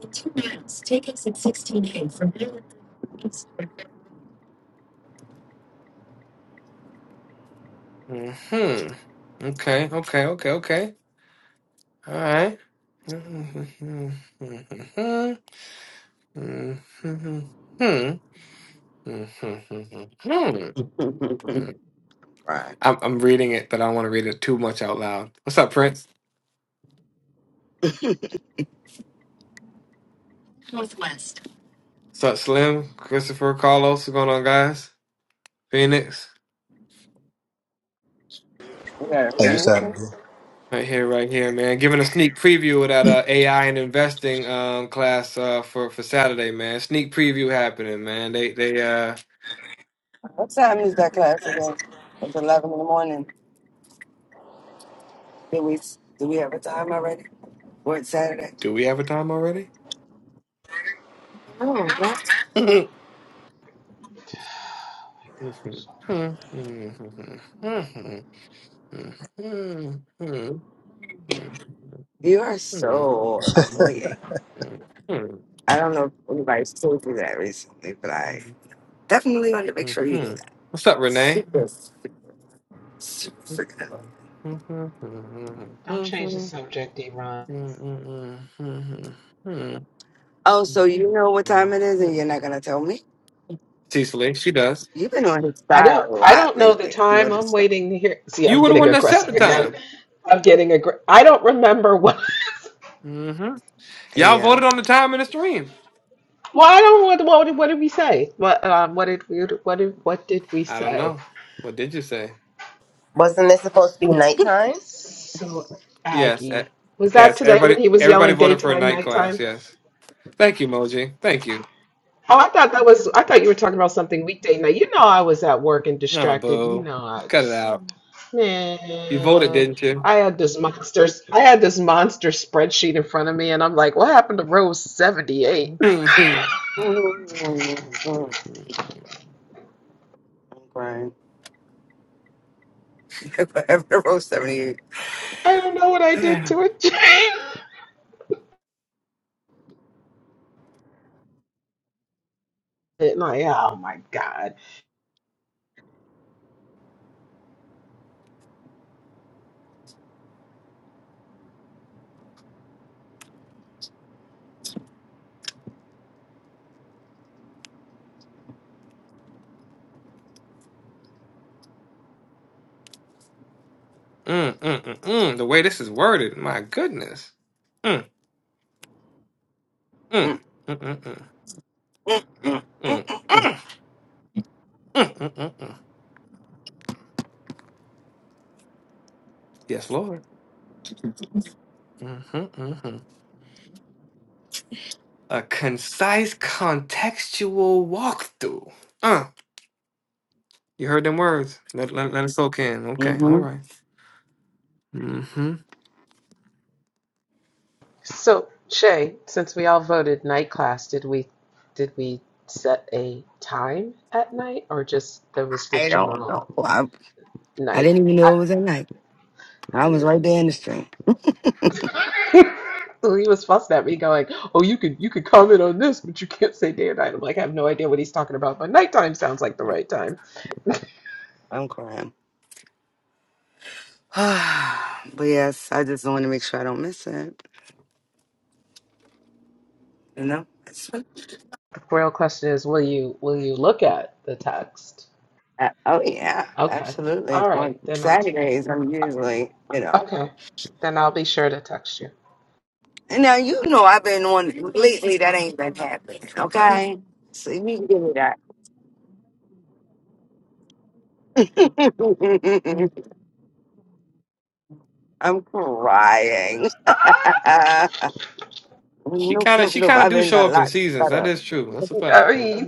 [SPEAKER 3] The Two routes Take exit sixteen A. from
[SPEAKER 4] Hmm. Okay. Okay. Okay. Okay. All right. Hmm. Hmm.
[SPEAKER 3] right.
[SPEAKER 4] I'm I'm reading it, but I don't want to read it too much out loud. What's up, Prince?
[SPEAKER 3] Northwest.
[SPEAKER 4] What's up, Slim? Christopher, Carlos, what's going on, guys? Phoenix,
[SPEAKER 3] We got a
[SPEAKER 6] Hey, what's happening?
[SPEAKER 3] vehicle.
[SPEAKER 6] bro?
[SPEAKER 4] right here, right here, man. Giving a sneak preview of that uh, AI and investing um, class uh, for for Saturday, man. Sneak preview happening, man. They they uh,
[SPEAKER 3] What time is that class again? It's eleven in the morning. Did we do we have a time already? For it's Saturday.
[SPEAKER 4] do we have a time already?
[SPEAKER 3] Oh, that's
[SPEAKER 2] Oh my gosh.
[SPEAKER 3] You are so annoying. I don't know if anybody's told you that recently, but I definitely wanted to make sure you knew that.
[SPEAKER 4] What's up, Renee?
[SPEAKER 3] Super, super freaking annoying.
[SPEAKER 2] Don't change the subject, Iran.
[SPEAKER 3] Oh, so you know what time it is and you're not gonna tell me?
[SPEAKER 4] Cecily, she does.
[SPEAKER 3] You've been on his
[SPEAKER 2] I
[SPEAKER 3] side
[SPEAKER 2] don't.
[SPEAKER 3] a
[SPEAKER 2] I
[SPEAKER 3] lot
[SPEAKER 2] don't know the
[SPEAKER 3] lately. I
[SPEAKER 2] time. I'm
[SPEAKER 3] noticed
[SPEAKER 2] waiting to hear. See,
[SPEAKER 4] You
[SPEAKER 2] I'm
[SPEAKER 4] were the
[SPEAKER 2] getting
[SPEAKER 4] one that set the
[SPEAKER 2] aggressive again.
[SPEAKER 4] time.
[SPEAKER 2] I'm getting aggr. I don't remember what.
[SPEAKER 4] hmm Y'all
[SPEAKER 3] Yeah.
[SPEAKER 4] voted on the time in the stream.
[SPEAKER 2] Well, I don't. What, what, did- what did we say? What? Um. What did we? What did? What did we
[SPEAKER 4] I don't
[SPEAKER 2] say?
[SPEAKER 4] know. What did you say?
[SPEAKER 5] Wasn't this supposed to be nighttime?
[SPEAKER 2] So
[SPEAKER 4] Yes, e-
[SPEAKER 2] Aggie. Was that
[SPEAKER 4] yes.
[SPEAKER 2] today when
[SPEAKER 4] Everybody,
[SPEAKER 2] he was
[SPEAKER 4] everybody
[SPEAKER 2] yelling
[SPEAKER 4] voted for a
[SPEAKER 2] daytime,
[SPEAKER 4] night class.
[SPEAKER 2] nighttime?
[SPEAKER 4] Yes. Thank you, Moji. Thank you.
[SPEAKER 2] Oh, I thought that was. I thought you were talking about something weekday night. You know, I was at work and
[SPEAKER 4] Oh,
[SPEAKER 2] distracted.
[SPEAKER 4] boo.
[SPEAKER 2] No,
[SPEAKER 4] Cut it out. You voted,
[SPEAKER 2] Man,
[SPEAKER 4] didn't
[SPEAKER 2] I had this monsters. I had this monster spreadsheet in front of me, and I'm like, "What happened to row 78?
[SPEAKER 4] you?
[SPEAKER 3] I'm crying. Whatever row 78.
[SPEAKER 2] I don't know what I did to
[SPEAKER 3] Mm-hmm.
[SPEAKER 2] it, Jane." And I, oh my God.
[SPEAKER 4] Mm, mm, mm, mm. The way this is worded, my goodness. Mm, mm, mm, mm, mm, mm, mm, mm, mm, mm, mm. Yes, Lord. Mm-hmm, mm-hmm. A concise, contextual walkthrough. Uh, you heard them words. Let, let, let it soak in. Okay, all right. Mm-hmm.
[SPEAKER 2] So, Shay, since we all voted night class, did we did we set a time at night, or just there was the
[SPEAKER 3] I don't know.
[SPEAKER 2] general
[SPEAKER 3] I, I
[SPEAKER 2] night?
[SPEAKER 3] didn't even know
[SPEAKER 2] I,
[SPEAKER 3] it was at night. I
[SPEAKER 2] I
[SPEAKER 3] was
[SPEAKER 2] mean.
[SPEAKER 3] right there in the stream.
[SPEAKER 2] So he was fussing at me, going, "Oh, you could you could comment on this, but you can't say day or night." I'm like, I have no idea what he's talking about, but nighttime sounds like the right time.
[SPEAKER 3] I'm crying. but yes, I just want to make sure I don't miss it. You know? It's- fun.
[SPEAKER 2] The real question is, will you will you look at the text?
[SPEAKER 3] Uh, oh, yeah.
[SPEAKER 2] Okay,
[SPEAKER 3] Absolutely.
[SPEAKER 2] all right,
[SPEAKER 3] On
[SPEAKER 2] then I'll
[SPEAKER 3] Saturdays, I'm usually, you know.
[SPEAKER 2] okay, then I'll be sure to text you.
[SPEAKER 3] And now, you know, I've been on lately, that ain't been happening. Okay? So you can give me that. I'm crying. Uh,
[SPEAKER 4] She
[SPEAKER 3] nope,
[SPEAKER 4] kind of
[SPEAKER 3] nope,
[SPEAKER 4] she
[SPEAKER 3] nope.
[SPEAKER 4] kind of
[SPEAKER 3] I've
[SPEAKER 4] do
[SPEAKER 3] been a
[SPEAKER 4] show up in
[SPEAKER 3] lot
[SPEAKER 4] seasons. That
[SPEAKER 3] better.
[SPEAKER 4] is true. That's a fact.
[SPEAKER 2] I mean,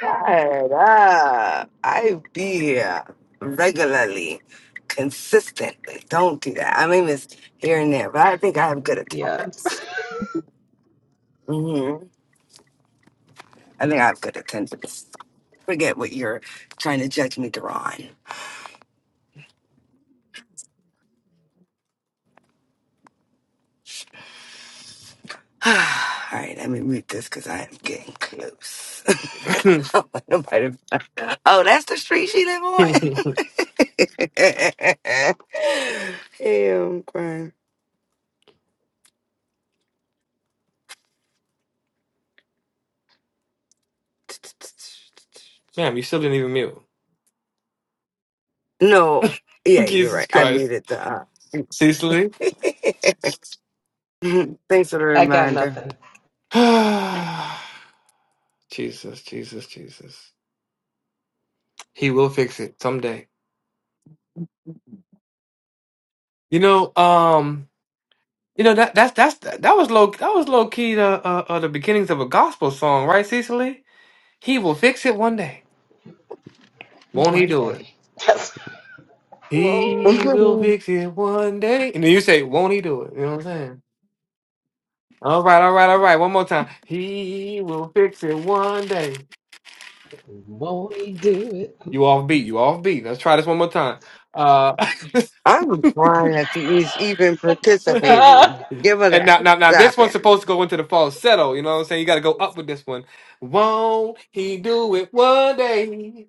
[SPEAKER 3] But, uh, I be here regularly, consistently. Don't do that. I mean, it's here and there, but I think I have good
[SPEAKER 2] yeah,
[SPEAKER 3] attendance. hmm I think I have good attendance. Forget what you're trying to judge me, Daron. All right, let me mute this because I am getting close. Oh, Nobody- oh, that's the street she live on. yeah, I'm crying.
[SPEAKER 4] Ma'am, you still didn't even mute.
[SPEAKER 3] No, yeah, you're
[SPEAKER 4] Jesus
[SPEAKER 3] right. I
[SPEAKER 4] Christ,
[SPEAKER 3] muted the. Uh,
[SPEAKER 4] Cecily.
[SPEAKER 3] thanks for the
[SPEAKER 2] I got
[SPEAKER 3] reminder.
[SPEAKER 2] nothing.
[SPEAKER 4] Jesus, Jesus, Jesus. He will fix it someday. You know, um, you know that that's that's that was low that was low key the uh, uh the beginnings of a gospel song, right, Cecily? He will fix it one day. Won't he
[SPEAKER 2] One
[SPEAKER 4] do it?
[SPEAKER 2] day, That's-
[SPEAKER 4] He
[SPEAKER 2] oh,
[SPEAKER 4] will
[SPEAKER 3] Mhm.
[SPEAKER 4] fix it one day. And then you say, won't he do it? You know what I'm saying? All right, all right, all right. One more time. He will fix it one day.
[SPEAKER 2] won't he do
[SPEAKER 4] You off beat. You off beat. Let's try this one more time. Uh
[SPEAKER 3] I'm crying that she is even
[SPEAKER 2] it?
[SPEAKER 3] participating. Give her
[SPEAKER 4] And
[SPEAKER 3] that.
[SPEAKER 4] now, now, now, this
[SPEAKER 3] Stop
[SPEAKER 4] one's
[SPEAKER 3] it.
[SPEAKER 4] supposed to go into the falsetto. You know what I'm saying? You got to go up with this one. Won't he do it one day?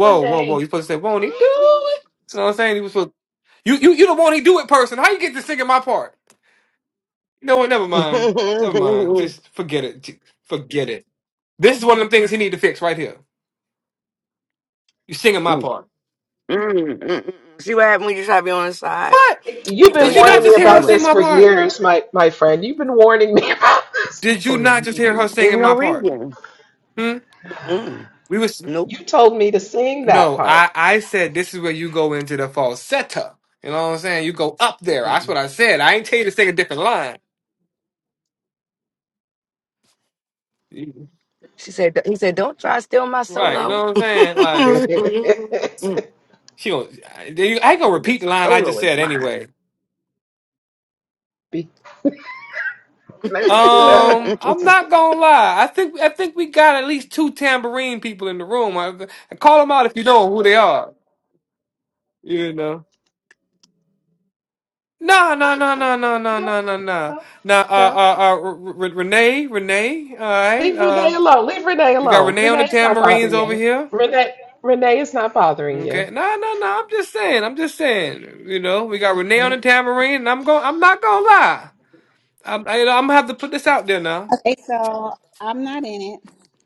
[SPEAKER 3] One
[SPEAKER 4] whoa, whoa!
[SPEAKER 3] day.
[SPEAKER 4] You're supposed to say, "Won't he do it?" You know what I'm saying? He was supposed. You, you, you the "won't he do it" person. How you get to singing my part? You know what? Never mind. Never mind. Just forget it. Just forget it. This is one of the things he need to fix right here. You singing my part.
[SPEAKER 3] Mm, mm, mm. See what happened when you try to be on his side?
[SPEAKER 4] What?
[SPEAKER 2] You've
[SPEAKER 3] He throw
[SPEAKER 2] been
[SPEAKER 4] Did you
[SPEAKER 3] you under
[SPEAKER 4] not
[SPEAKER 2] warning
[SPEAKER 3] the
[SPEAKER 4] just
[SPEAKER 2] me
[SPEAKER 3] bus
[SPEAKER 4] hear her
[SPEAKER 2] about
[SPEAKER 3] anyway.
[SPEAKER 4] sing
[SPEAKER 2] this
[SPEAKER 4] my
[SPEAKER 2] for
[SPEAKER 4] part?
[SPEAKER 2] years, my my friend. You've been warning me about this
[SPEAKER 4] Did you
[SPEAKER 2] for
[SPEAKER 4] not just hear her
[SPEAKER 2] years.
[SPEAKER 3] There's
[SPEAKER 4] singing
[SPEAKER 3] no
[SPEAKER 4] my part?
[SPEAKER 3] reason.
[SPEAKER 4] Hmm?
[SPEAKER 3] mm
[SPEAKER 4] We was.
[SPEAKER 3] Nope.
[SPEAKER 2] You told me to sing that
[SPEAKER 4] No, I
[SPEAKER 2] part.
[SPEAKER 4] I said this is where you go into the falsetta. You know what I'm saying? You go up there. That's what I said. I ain't tell you to sing a different line. You-
[SPEAKER 3] She said. He said, "Don't try to steal my
[SPEAKER 4] Right, you know
[SPEAKER 3] solo."
[SPEAKER 4] what I'm saying? Like
[SPEAKER 2] Be-
[SPEAKER 4] she gonna, I ain't gonna repeat the
[SPEAKER 3] This
[SPEAKER 4] line I just
[SPEAKER 3] solo is
[SPEAKER 4] said
[SPEAKER 3] mine.
[SPEAKER 4] anyway.
[SPEAKER 2] Can I just do that?
[SPEAKER 4] Um, I'm not gonna lie. I think I think we got at least two tambourine people in the room. I, I call them out if you know who they are. You know. No, no, no, no, no, no,
[SPEAKER 2] No,
[SPEAKER 4] no, no, no.
[SPEAKER 2] no,
[SPEAKER 4] Now, uh,
[SPEAKER 2] no.
[SPEAKER 4] uh, uh, R- R- Renee, Renee, all right.
[SPEAKER 2] Leave
[SPEAKER 4] Uh,
[SPEAKER 2] Renee alone. Leave Renee
[SPEAKER 4] we got
[SPEAKER 2] alone.
[SPEAKER 4] Renee on the
[SPEAKER 2] Renee is not
[SPEAKER 4] tambourines
[SPEAKER 2] bothering
[SPEAKER 4] over
[SPEAKER 2] you.
[SPEAKER 4] here.
[SPEAKER 2] Renee, Renee is not bothering
[SPEAKER 4] Okay.
[SPEAKER 2] you.
[SPEAKER 4] No, no, no. I'm just saying. I'm just saying. You know, we got Renee on the tambourine, and I'm going. I'm not gonna lie. I'm. I, you know, I'm gonna have to put this out there now.
[SPEAKER 7] Hey, so I'm not in it.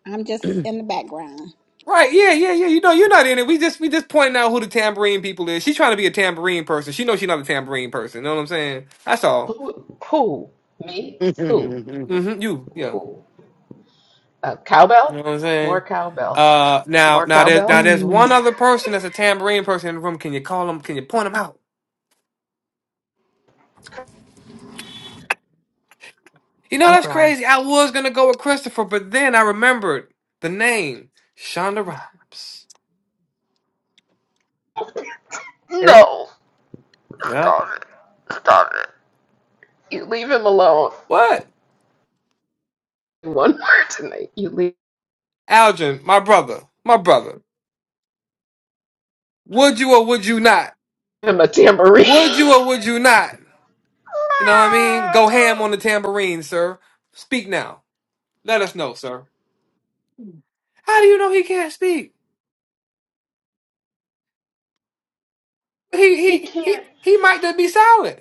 [SPEAKER 7] I'm just in the background.
[SPEAKER 4] Right? Yeah, yeah, yeah. You know, you're not in it. We just, we just pointing out who the tambourine people is. She's trying to be a tambourine person. She knows she's not a tambourine person. You know what I'm saying? That's all.
[SPEAKER 2] Who? Who? Me? Who?
[SPEAKER 4] Mm-hmm. You. Yeah.
[SPEAKER 2] Who? Uh,
[SPEAKER 4] You know
[SPEAKER 2] cowbell?
[SPEAKER 4] what I'm
[SPEAKER 2] More
[SPEAKER 4] saying?
[SPEAKER 2] cowbell.
[SPEAKER 4] Uh. Now,
[SPEAKER 2] More
[SPEAKER 4] now there's, now
[SPEAKER 2] cowbell?
[SPEAKER 4] there's one other person that's a tambourine person in the room. Can you call them? Can you point them out? You know,
[SPEAKER 3] I'm
[SPEAKER 4] that's
[SPEAKER 3] crying.
[SPEAKER 4] crazy. I was gonna go with Christopher, but then I remembered the name Shonda Rhimes.
[SPEAKER 3] Yep.
[SPEAKER 2] No.
[SPEAKER 4] Yeah.
[SPEAKER 2] Stop it. Stop it. You leave him alone
[SPEAKER 4] What?
[SPEAKER 2] one more tonight. You leave
[SPEAKER 4] Algin, my brother, my brother. Would you or would you not?
[SPEAKER 2] him a tambourine.
[SPEAKER 4] Would you or would you not? You know what I mean? Go ham on the tambourine, sir. Speak now. Let us know, sir. How do you know he can't speak? He
[SPEAKER 2] he
[SPEAKER 4] he he
[SPEAKER 2] can't.
[SPEAKER 4] he might just be silent.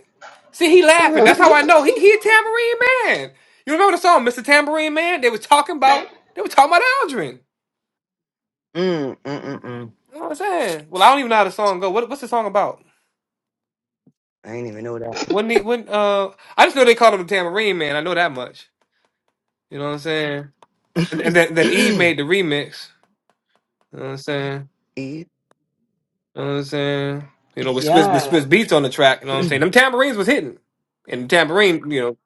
[SPEAKER 4] See, he laughing. That's how I know he he a tambourine man. You remember the song, Mr. Tambourine Man? They was talking about they were talking about Aldrin.
[SPEAKER 3] Mm, mm, mm, mm.
[SPEAKER 4] You know what I'm saying? Well, I don't even know how the song go. What, what's the song about?
[SPEAKER 3] I ain't even know
[SPEAKER 4] When the when uh, I just know they called him the Tambourine Man. I know that much. You know what I'm saying? And, and then, then Eve
[SPEAKER 3] that.
[SPEAKER 4] made the remix. You know what I'm saying?
[SPEAKER 3] E.
[SPEAKER 4] You know what I'm saying? You know with Swiss, with Swiss
[SPEAKER 2] yeah.
[SPEAKER 4] beats on the track. You know what I'm saying? Them tambourines was hitting, and the tambourine. You know,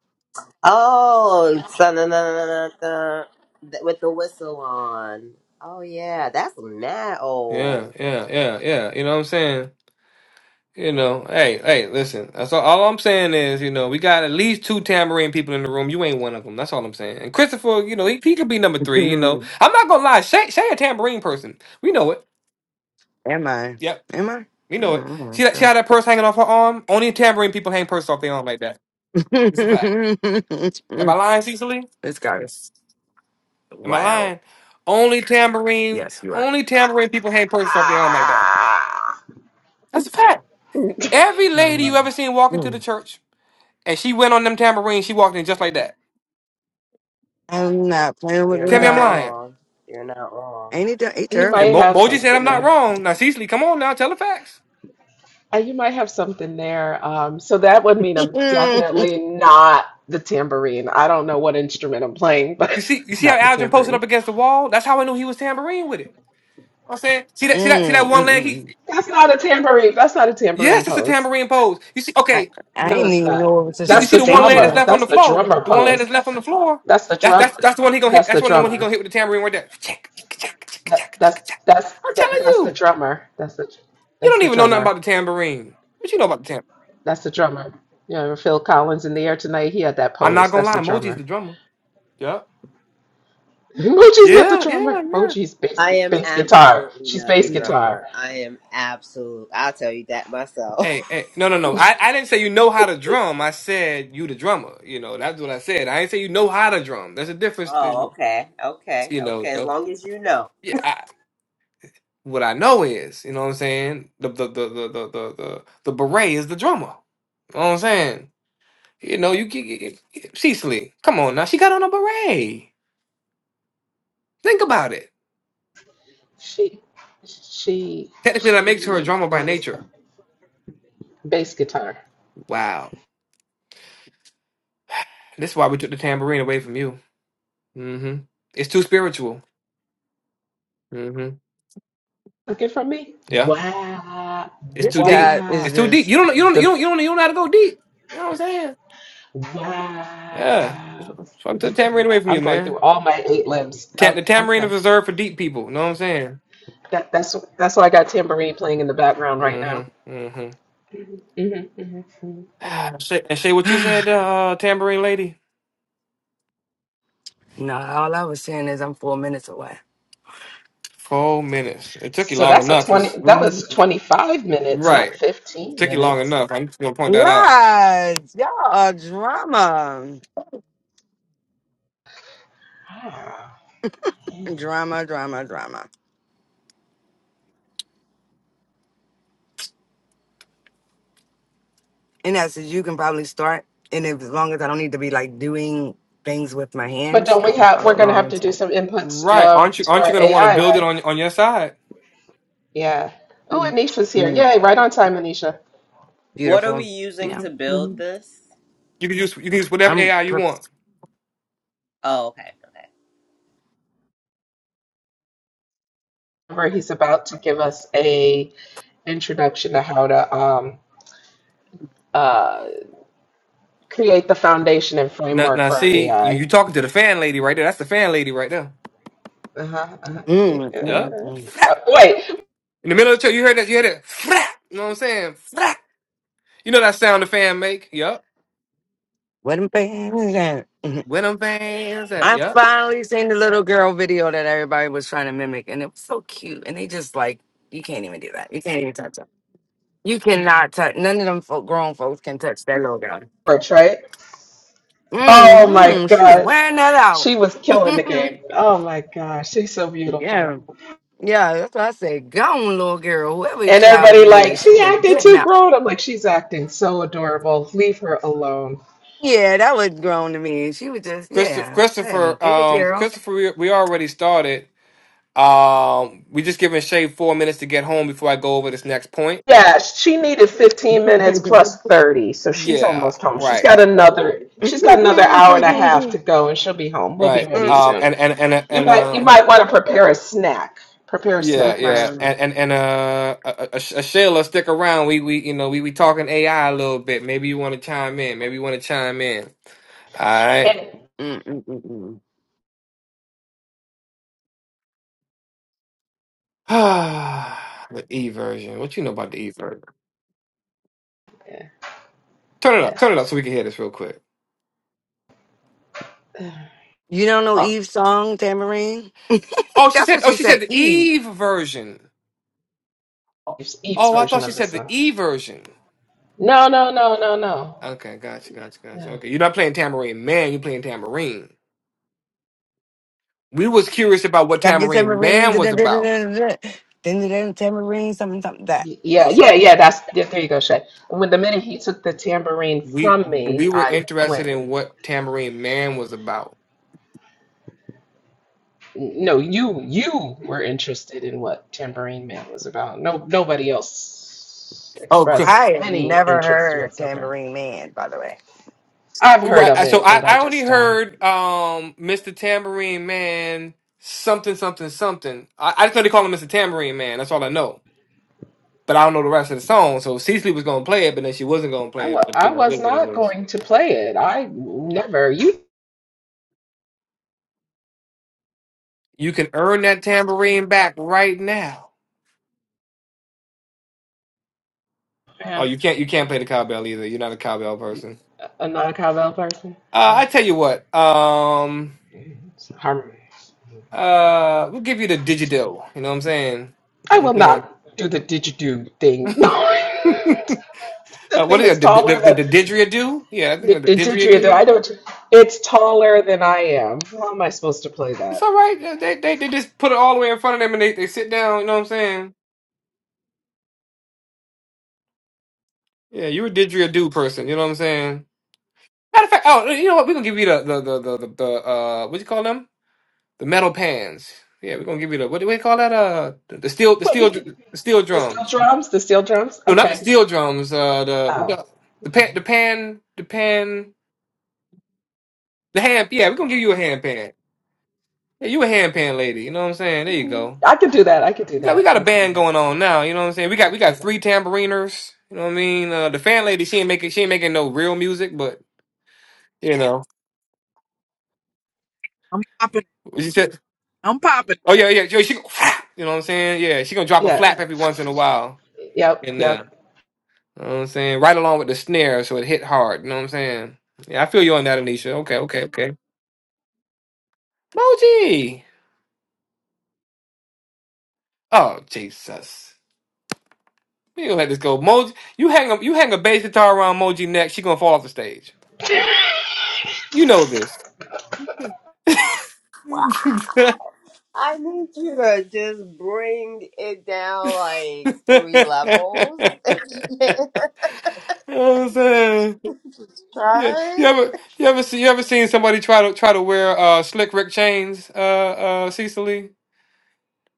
[SPEAKER 5] Oh, dun, dun, dun, dun, dun, dun, th- with the whistle on. Oh yeah, that's mad
[SPEAKER 4] yeah,
[SPEAKER 5] old.
[SPEAKER 4] yeah, yeah, yeah. You know what I'm saying? You know, hey, hey, listen. That's all, all I'm saying is, you know, we got at least two tambourine people in the room. You ain't one of them. That's all I'm saying. And Christopher, you know, he, he could be number three. You know,
[SPEAKER 3] Am
[SPEAKER 4] I'm not gonna lie. Shay, Shay a tambourine person. We know it.
[SPEAKER 3] I?
[SPEAKER 4] Yep,
[SPEAKER 3] Am I?
[SPEAKER 4] we know it. See
[SPEAKER 3] Mm,
[SPEAKER 4] that? See
[SPEAKER 3] mm,
[SPEAKER 4] how that purse hanging off her arm? Only tambourine people hang purses off their arm like that. It's a fact. Am I
[SPEAKER 3] mm.
[SPEAKER 4] lying, Cecily?
[SPEAKER 3] this guy is
[SPEAKER 4] Am I
[SPEAKER 3] wild.
[SPEAKER 4] lying? Only tambourine,
[SPEAKER 3] Yes, you're right.
[SPEAKER 4] only tambourine people hang purses off their arm like that. That's a fact. Every lady you
[SPEAKER 3] Mm.
[SPEAKER 4] ever seen walking to the
[SPEAKER 3] Mm.
[SPEAKER 4] church, and she went on them tambourines, she walked in just like that.
[SPEAKER 3] I'm not playing with
[SPEAKER 5] You're
[SPEAKER 3] her,
[SPEAKER 4] Tell me I'm
[SPEAKER 5] not
[SPEAKER 3] guy.
[SPEAKER 4] lying.
[SPEAKER 5] wrong. You're not wrong.
[SPEAKER 3] Ain't it? ter- He
[SPEAKER 4] No,
[SPEAKER 2] He might
[SPEAKER 4] and
[SPEAKER 3] terrible.
[SPEAKER 4] Mo-
[SPEAKER 2] have
[SPEAKER 4] Moji said I'm
[SPEAKER 2] something
[SPEAKER 4] not
[SPEAKER 2] there.
[SPEAKER 4] wrong. Now Cecily, come on now, tell the facts.
[SPEAKER 2] Uh, You might have something there. Um, so that would mean I'm definitely not the tambourine. I don't know what instrument I'm playing, but
[SPEAKER 4] You
[SPEAKER 2] it's
[SPEAKER 4] see, you see how
[SPEAKER 2] not the
[SPEAKER 4] Algin posted
[SPEAKER 2] tambourine.
[SPEAKER 4] up against the wall. That's how I knew he was tambourine with it. I'm saying, see that, see that, see that
[SPEAKER 3] Mm,
[SPEAKER 4] one
[SPEAKER 3] mm,
[SPEAKER 4] leg. He,
[SPEAKER 3] mm.
[SPEAKER 2] That's not a tambourine. That's not a tambourine
[SPEAKER 4] yes, that's a
[SPEAKER 2] pose.
[SPEAKER 4] tambourine pose. You see,
[SPEAKER 3] I
[SPEAKER 4] okay,
[SPEAKER 3] I
[SPEAKER 2] No,
[SPEAKER 3] didn't
[SPEAKER 2] it's
[SPEAKER 3] even
[SPEAKER 2] not.
[SPEAKER 3] know it was a
[SPEAKER 4] see, you
[SPEAKER 2] That's
[SPEAKER 3] such
[SPEAKER 4] see
[SPEAKER 2] the
[SPEAKER 4] the one
[SPEAKER 3] thing. as
[SPEAKER 4] leg that's
[SPEAKER 2] drummer.
[SPEAKER 3] a-
[SPEAKER 4] left on the
[SPEAKER 2] That's the
[SPEAKER 4] floor.
[SPEAKER 2] drummer
[SPEAKER 4] The one leg
[SPEAKER 2] pose.
[SPEAKER 4] that's left on the floor.
[SPEAKER 2] That's the
[SPEAKER 4] That's
[SPEAKER 2] drum.
[SPEAKER 4] that's that's the one he gonna hit.
[SPEAKER 2] That's
[SPEAKER 4] That's
[SPEAKER 2] the
[SPEAKER 4] one the one he gonna
[SPEAKER 2] drummer.
[SPEAKER 4] hit with the tambourine right there. Check, check, check,
[SPEAKER 2] That,
[SPEAKER 4] check,
[SPEAKER 2] that's
[SPEAKER 4] check, check.
[SPEAKER 2] that's
[SPEAKER 4] I'm
[SPEAKER 2] that,
[SPEAKER 4] telling
[SPEAKER 2] that's the
[SPEAKER 4] you,
[SPEAKER 2] drummer. That's the
[SPEAKER 4] you
[SPEAKER 2] that's
[SPEAKER 4] don't
[SPEAKER 2] the
[SPEAKER 4] even know nothing about
[SPEAKER 2] drummer.
[SPEAKER 4] the tambourine. What you know about the tambourine?
[SPEAKER 2] That's the drummer. You know, Phil Collins in the air tonight. He had that
[SPEAKER 4] I'm not
[SPEAKER 2] pose.
[SPEAKER 4] gonna
[SPEAKER 2] That's
[SPEAKER 4] lie,
[SPEAKER 2] the
[SPEAKER 4] Moji's the
[SPEAKER 2] drummer.
[SPEAKER 4] drummer. Yeah,
[SPEAKER 2] Moji's not the
[SPEAKER 4] yeah,
[SPEAKER 2] drummer.
[SPEAKER 4] yeah,
[SPEAKER 2] Moji's bass
[SPEAKER 5] I
[SPEAKER 2] gu-
[SPEAKER 5] am
[SPEAKER 2] bass guitar.
[SPEAKER 5] absolutely
[SPEAKER 2] She's
[SPEAKER 5] not the
[SPEAKER 2] bass
[SPEAKER 4] yeah.
[SPEAKER 2] guitar.
[SPEAKER 5] drummer. I am absolute. I'll tell you that myself.
[SPEAKER 4] Hey, hey, no, no, no. I, I didn't say you know how to drum. I said you the drummer. You know, that's what I said. I didn't say you know how to drum. There's a difference.
[SPEAKER 5] oh,
[SPEAKER 4] Than,
[SPEAKER 5] okay, okay,
[SPEAKER 4] you know,
[SPEAKER 5] okay. As
[SPEAKER 4] the,
[SPEAKER 5] long as you know,
[SPEAKER 4] yeah. I, what I know is, you know what I'm saying. The the the the the the the, the beret is the drummer. You know what I'm saying. You know, you get, Cecily. Come on now, she got on a beret. Think about it.
[SPEAKER 2] She she
[SPEAKER 4] Technically, that makes her a
[SPEAKER 2] she
[SPEAKER 4] drummer by
[SPEAKER 2] is
[SPEAKER 4] nature.
[SPEAKER 2] the bass guitar.
[SPEAKER 4] Wow. This is why we took the tambourine away from you. Mm-hmm. It's too spiritual. Mm-hmm.
[SPEAKER 2] Looking from me?
[SPEAKER 4] Yeah.
[SPEAKER 2] Wow
[SPEAKER 4] It's
[SPEAKER 3] This
[SPEAKER 4] too deep.
[SPEAKER 3] guy is
[SPEAKER 2] wow.
[SPEAKER 4] It's too deep.
[SPEAKER 3] just.
[SPEAKER 4] You don't. You don't. You don't.
[SPEAKER 2] The
[SPEAKER 4] You don't. You don't know how to go deep. You know what I'm saying? Yeah.
[SPEAKER 2] Wow.
[SPEAKER 4] Fuck the tamarind
[SPEAKER 2] Okay.
[SPEAKER 4] away from you,
[SPEAKER 2] I'm going
[SPEAKER 4] man.
[SPEAKER 2] through all my eight limbs.
[SPEAKER 4] Ta- the
[SPEAKER 2] Okay.
[SPEAKER 4] tamarind is
[SPEAKER 2] Okay.
[SPEAKER 4] reserved for deep people. You know what I'm saying?
[SPEAKER 2] That, that's that's why I got tambourine playing in the background right now.
[SPEAKER 4] Mm-hmm.
[SPEAKER 2] hmm hmm hmm
[SPEAKER 4] Mm-hmm. Shay, and say what you said, uh, uh, tambourine lady?
[SPEAKER 3] no, all I was saying is I'm four minutes away.
[SPEAKER 4] Four minutes. It took you
[SPEAKER 2] So
[SPEAKER 4] long
[SPEAKER 2] that's a
[SPEAKER 4] enough. You
[SPEAKER 2] 20.
[SPEAKER 4] s-
[SPEAKER 2] That
[SPEAKER 3] Mm.
[SPEAKER 2] was 25 minutes,
[SPEAKER 4] right.
[SPEAKER 2] not
[SPEAKER 4] It
[SPEAKER 2] 15
[SPEAKER 4] took you long
[SPEAKER 2] minutes.
[SPEAKER 4] enough. I'm just gonna point that out.
[SPEAKER 3] Lies, y'all are drama,
[SPEAKER 2] Ah.
[SPEAKER 3] drama, drama, drama. In essence, you can probably start. And if, as long as I don't need to be like doing things with my
[SPEAKER 2] But
[SPEAKER 3] hands,
[SPEAKER 2] don't
[SPEAKER 3] I
[SPEAKER 2] we
[SPEAKER 3] can
[SPEAKER 2] have? We're
[SPEAKER 3] follow
[SPEAKER 2] gonna
[SPEAKER 3] along
[SPEAKER 2] have
[SPEAKER 3] and
[SPEAKER 2] to do
[SPEAKER 3] stuff.
[SPEAKER 2] some inputs
[SPEAKER 4] Right.
[SPEAKER 2] um,
[SPEAKER 4] Aren't you?
[SPEAKER 2] to
[SPEAKER 4] Aren't you
[SPEAKER 2] our
[SPEAKER 4] gonna want to
[SPEAKER 2] AI,
[SPEAKER 4] build it
[SPEAKER 2] right?
[SPEAKER 4] on on your side?
[SPEAKER 2] Yeah. Oh, Anisha's here. Yay! Right on time, Anisha.
[SPEAKER 5] what are we
[SPEAKER 3] Beautiful.
[SPEAKER 5] using
[SPEAKER 3] Yeah.
[SPEAKER 5] to build
[SPEAKER 3] Mhm.
[SPEAKER 5] this?
[SPEAKER 4] You can use. You can use whatever
[SPEAKER 3] I'm.
[SPEAKER 4] AI you
[SPEAKER 3] per-
[SPEAKER 4] want.
[SPEAKER 5] Oh, okay.
[SPEAKER 2] Where he's about to give us a introduction to how to um, uh, create the foundation and
[SPEAKER 4] Now,
[SPEAKER 2] framework
[SPEAKER 4] now
[SPEAKER 2] for our
[SPEAKER 4] see, you you
[SPEAKER 2] AI.
[SPEAKER 4] talking to the fan lady right there. That's the fan lady right there.
[SPEAKER 2] Uh-huh, uh-huh, yeah,
[SPEAKER 3] Mm, mm,
[SPEAKER 4] Yep.
[SPEAKER 2] uh-huh.
[SPEAKER 3] mm, mm.
[SPEAKER 2] Uh, Wait,
[SPEAKER 4] In the middle of the church, you heard that? You heard it? Frap! You know what I'm saying? Frap! You know that sound the fan make? Yup.
[SPEAKER 3] What am I?
[SPEAKER 4] When them fans at?
[SPEAKER 3] I
[SPEAKER 4] Yup.
[SPEAKER 3] finally seen the little girl video that everybody was trying to mimic, and it was so cute. And they just like, you can't even do that. You can't even touch her. You cannot touch. None of them folk, grown folks can touch that little girl.
[SPEAKER 2] merch, right? Oh my
[SPEAKER 3] Mm-hmm. She was
[SPEAKER 2] gosh.
[SPEAKER 3] wearing that out.
[SPEAKER 2] She was killing the game. Oh my gosh, she's so
[SPEAKER 3] yeah,
[SPEAKER 2] beautiful.
[SPEAKER 3] yeah. That's what I say. Go on, little girl. Whoever
[SPEAKER 2] And
[SPEAKER 3] child
[SPEAKER 2] everybody
[SPEAKER 3] you
[SPEAKER 2] like,
[SPEAKER 3] is, she
[SPEAKER 2] she
[SPEAKER 3] was
[SPEAKER 2] acted
[SPEAKER 3] getting
[SPEAKER 2] too
[SPEAKER 3] out.
[SPEAKER 2] grown. I'm like, she's acting so adorable. Leave her alone.
[SPEAKER 3] Yeah, that was grown to me. She was just,
[SPEAKER 4] Christopher,
[SPEAKER 3] yeah. Hey,
[SPEAKER 4] Christopher,
[SPEAKER 3] get it,
[SPEAKER 4] um,
[SPEAKER 3] girl.
[SPEAKER 4] Christopher, we, we already started. Um, we just giving Shay four minutes to get home before I go over this next point.
[SPEAKER 2] Yeah, she needed 15 minutes plus 30, so she's
[SPEAKER 4] Yeah.
[SPEAKER 2] almost home. She's
[SPEAKER 4] Right.
[SPEAKER 2] got another she's got another hour and a half to go and she'll be home. We'll be
[SPEAKER 4] Right.
[SPEAKER 2] ready
[SPEAKER 4] Um,
[SPEAKER 2] soon.
[SPEAKER 4] and, and, and,
[SPEAKER 2] You
[SPEAKER 4] and,
[SPEAKER 2] might you
[SPEAKER 4] uh,
[SPEAKER 2] might want to prepare a snack. Prepare a
[SPEAKER 4] yeah,
[SPEAKER 2] snack,
[SPEAKER 4] yeah,
[SPEAKER 3] Wow.
[SPEAKER 4] and
[SPEAKER 2] Christopher.
[SPEAKER 4] and and uh, uh, uh, Sh- Shayla, stick around. We we you know we we talking AI a little bit. Maybe you want to chime in. Maybe you want to chime in. All right.
[SPEAKER 2] And
[SPEAKER 3] Mm-mm-mm-mm.
[SPEAKER 4] the E version. What you know about the E version? Turn it
[SPEAKER 2] yeah,
[SPEAKER 4] up. Turn it up so we can hear this real quick.
[SPEAKER 2] yeah.
[SPEAKER 3] You don't know
[SPEAKER 4] Oh,
[SPEAKER 3] Eve's song, Tamarine?
[SPEAKER 4] oh, she
[SPEAKER 3] That's
[SPEAKER 4] said.
[SPEAKER 3] what
[SPEAKER 4] Oh,
[SPEAKER 3] she
[SPEAKER 4] she said
[SPEAKER 3] said,
[SPEAKER 4] the
[SPEAKER 3] Eve.
[SPEAKER 4] Eve version. Oh,
[SPEAKER 2] Eve's, Eve's
[SPEAKER 4] oh, I thought
[SPEAKER 2] version
[SPEAKER 4] she
[SPEAKER 2] of the
[SPEAKER 4] said the
[SPEAKER 2] song.
[SPEAKER 4] E version.
[SPEAKER 2] No, no, no, no, no.
[SPEAKER 4] Okay, gotcha, gotcha, gotcha.
[SPEAKER 2] No.
[SPEAKER 4] Okay, you're not playing Tambourine Man. You're playing Tambourine. We was curious about what
[SPEAKER 3] Grab your
[SPEAKER 4] Tambourine
[SPEAKER 3] tamarine,
[SPEAKER 4] Man was about.
[SPEAKER 3] da-da-da-da-da-da. da da da da da, tamarine, something, something, that.
[SPEAKER 2] Y- Yeah,
[SPEAKER 3] That
[SPEAKER 2] yeah,
[SPEAKER 3] song.
[SPEAKER 2] yeah. That's there. there you go, Shay. When the minute he took the tambourine
[SPEAKER 4] We,
[SPEAKER 2] from
[SPEAKER 4] but we
[SPEAKER 2] me,
[SPEAKER 4] were
[SPEAKER 2] I
[SPEAKER 4] interested
[SPEAKER 2] went.
[SPEAKER 4] in
[SPEAKER 2] and-
[SPEAKER 4] what Tambourine Man was about.
[SPEAKER 2] No, you you were interested in what Tambourine Man was about. No, nobody else
[SPEAKER 4] Oh,
[SPEAKER 2] expressed
[SPEAKER 3] I have
[SPEAKER 2] any
[SPEAKER 3] never
[SPEAKER 2] interest
[SPEAKER 3] heard
[SPEAKER 2] whatsoever.
[SPEAKER 3] Tambourine Man, by the way.
[SPEAKER 2] I've heard
[SPEAKER 4] Right.
[SPEAKER 2] of
[SPEAKER 4] I- So
[SPEAKER 2] it,
[SPEAKER 4] I,
[SPEAKER 2] but I
[SPEAKER 4] I only
[SPEAKER 2] just don't.
[SPEAKER 4] heard um Mr. Tambourine Man something something something. I, I just know they call him Mr. Tambourine Man. That's all I know. But I don't know the rest of the song. So Cecily was gonna play it, but then she wasn't gonna
[SPEAKER 2] I
[SPEAKER 4] play it.
[SPEAKER 2] wa-
[SPEAKER 4] But you
[SPEAKER 2] I
[SPEAKER 4] know, it
[SPEAKER 2] was
[SPEAKER 4] is what it
[SPEAKER 2] not
[SPEAKER 4] is.
[SPEAKER 2] going to play it. I never. You
[SPEAKER 4] You can earn that tambourine back right now. Oh,
[SPEAKER 2] yeah,
[SPEAKER 4] you can't. You can't play the cowbell either. You're not a cowbell person.
[SPEAKER 2] a non cowbell person.
[SPEAKER 4] Uh,
[SPEAKER 2] Yeah.
[SPEAKER 4] I tell you what. Um.
[SPEAKER 2] It's harm-
[SPEAKER 4] Uh, we'll give you the didgeridoo. You know what I'm saying? You
[SPEAKER 2] I
[SPEAKER 4] know what I'm
[SPEAKER 2] will
[SPEAKER 4] saying.
[SPEAKER 2] not do the didgeridoo thing. the
[SPEAKER 4] Uh, what
[SPEAKER 2] thing
[SPEAKER 4] is
[SPEAKER 2] is
[SPEAKER 4] that? The
[SPEAKER 2] taller
[SPEAKER 4] the, the,
[SPEAKER 2] than
[SPEAKER 4] the didgeridoo? Yeah, I think
[SPEAKER 2] the, the
[SPEAKER 4] like the
[SPEAKER 2] didgeridoo.
[SPEAKER 4] didgeridoo.
[SPEAKER 2] I don't. It's taller than I am. How am I supposed to play
[SPEAKER 4] It's
[SPEAKER 2] that?
[SPEAKER 4] all right. They, they they just put it all the way in front of them and they, they sit down. You know what I'm saying? Yeah, you a did your do person. You know what I'm saying? Matter of fact, oh, you know what? We're gonna give you the the the the, the, the uh what you call them? The metal pans. Yeah, we're gonna give you the what do we call that? Uh, the, the steel the
[SPEAKER 2] Well,
[SPEAKER 4] steel
[SPEAKER 2] you can-
[SPEAKER 4] dr- the steel
[SPEAKER 2] the steel
[SPEAKER 4] drums.
[SPEAKER 2] drums? The steel drums?
[SPEAKER 4] No, not the
[SPEAKER 2] Okay.
[SPEAKER 4] steel drums. Uh, the what
[SPEAKER 2] Oh,
[SPEAKER 4] the the pan
[SPEAKER 2] yeah.
[SPEAKER 4] the pan the pan the hand. Yeah, we're gonna give you a hand pan. Yeah, you a hand pan lady. You know what I'm saying? There you go.
[SPEAKER 2] I can do that. I can do
[SPEAKER 4] We got we
[SPEAKER 2] that.
[SPEAKER 4] got a
[SPEAKER 2] I can do
[SPEAKER 4] band
[SPEAKER 2] that.
[SPEAKER 4] going on now. You know what I'm saying? We
[SPEAKER 2] I
[SPEAKER 4] got we
[SPEAKER 2] can do
[SPEAKER 4] got
[SPEAKER 2] that.
[SPEAKER 4] three tambouriners. You know what I mean? Uh, the fan lady, she ain't making she ain't making no real music, but you know,
[SPEAKER 8] I'm popping.
[SPEAKER 4] she said,
[SPEAKER 8] I'm popping.
[SPEAKER 4] "Oh yeah, yeah, yeah." She, go, you know what I'm saying? Yeah, she gonna drop a
[SPEAKER 2] Yeah.
[SPEAKER 4] flap every once in a while
[SPEAKER 2] Yep.
[SPEAKER 4] in there.
[SPEAKER 2] Yep.
[SPEAKER 4] You know what I'm saying? Right along with the snare, so it hit hard. You know what I'm saying? Yeah, I feel you on that, Anisha. Okay, okay, okay. Moji, oh Jesus, we ain't gonna let this go. Moji, you hang a you hang a bass guitar around Moji neck, she gonna fall off the stage. You know this.
[SPEAKER 5] Wow. I need you to just bring it down like
[SPEAKER 4] You
[SPEAKER 5] three levels if you can.
[SPEAKER 4] know what I'm saying? Yeah, you
[SPEAKER 5] Try.
[SPEAKER 4] ever you ever see you ever seen somebody try to try to wear uh slick Rick chains uh uh Cecily?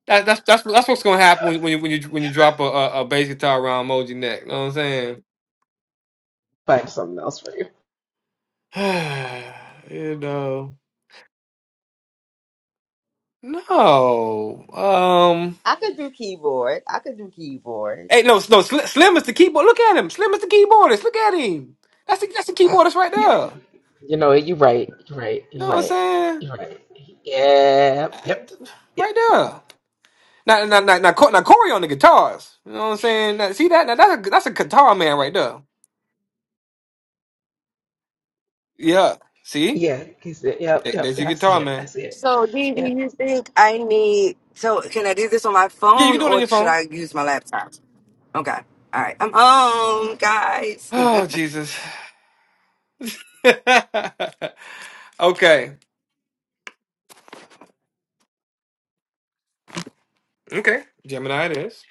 [SPEAKER 4] That, that's that's that's what's gonna happen when, when you when you when you drop a, a, a bass guitar around Moji neck. You know what I'm saying?
[SPEAKER 2] Find something else for you.
[SPEAKER 4] you know, no. Um,
[SPEAKER 5] I could do keyboard. I could do keyboard.
[SPEAKER 4] hey, no, no. Slim, Slim is the keyboard. Look at him. Slim is the keyboardist. Look at him. That's the that's the keyboardist right there.
[SPEAKER 2] You know, you're right. You're right.
[SPEAKER 4] You know
[SPEAKER 2] You're
[SPEAKER 4] what I'm
[SPEAKER 2] right.
[SPEAKER 4] saying?
[SPEAKER 2] You're right. Yep. Yep.
[SPEAKER 4] Right
[SPEAKER 2] Yep.
[SPEAKER 4] there. Now, now, now, now, Co- now Corey on the guitars. You know what I'm saying? Now, see that? Now, that's a that's a guitar man right there. Yeah. See?
[SPEAKER 2] Yeah. He said, Yep.
[SPEAKER 4] There-
[SPEAKER 2] Yep.
[SPEAKER 4] There's your
[SPEAKER 2] Yeah, I
[SPEAKER 4] guitar
[SPEAKER 2] see it. I
[SPEAKER 4] man.
[SPEAKER 2] see it.
[SPEAKER 3] So, Dee, do
[SPEAKER 2] Yep.
[SPEAKER 3] you think I need, so can I do this on my
[SPEAKER 4] Yeah, you
[SPEAKER 3] phone
[SPEAKER 4] can do it on
[SPEAKER 3] or
[SPEAKER 4] your
[SPEAKER 3] should
[SPEAKER 4] phone.
[SPEAKER 3] I use my laptop? Okay. All right. I'm home, guys.
[SPEAKER 4] Oh Jesus. okay. Okay. Gemini it is.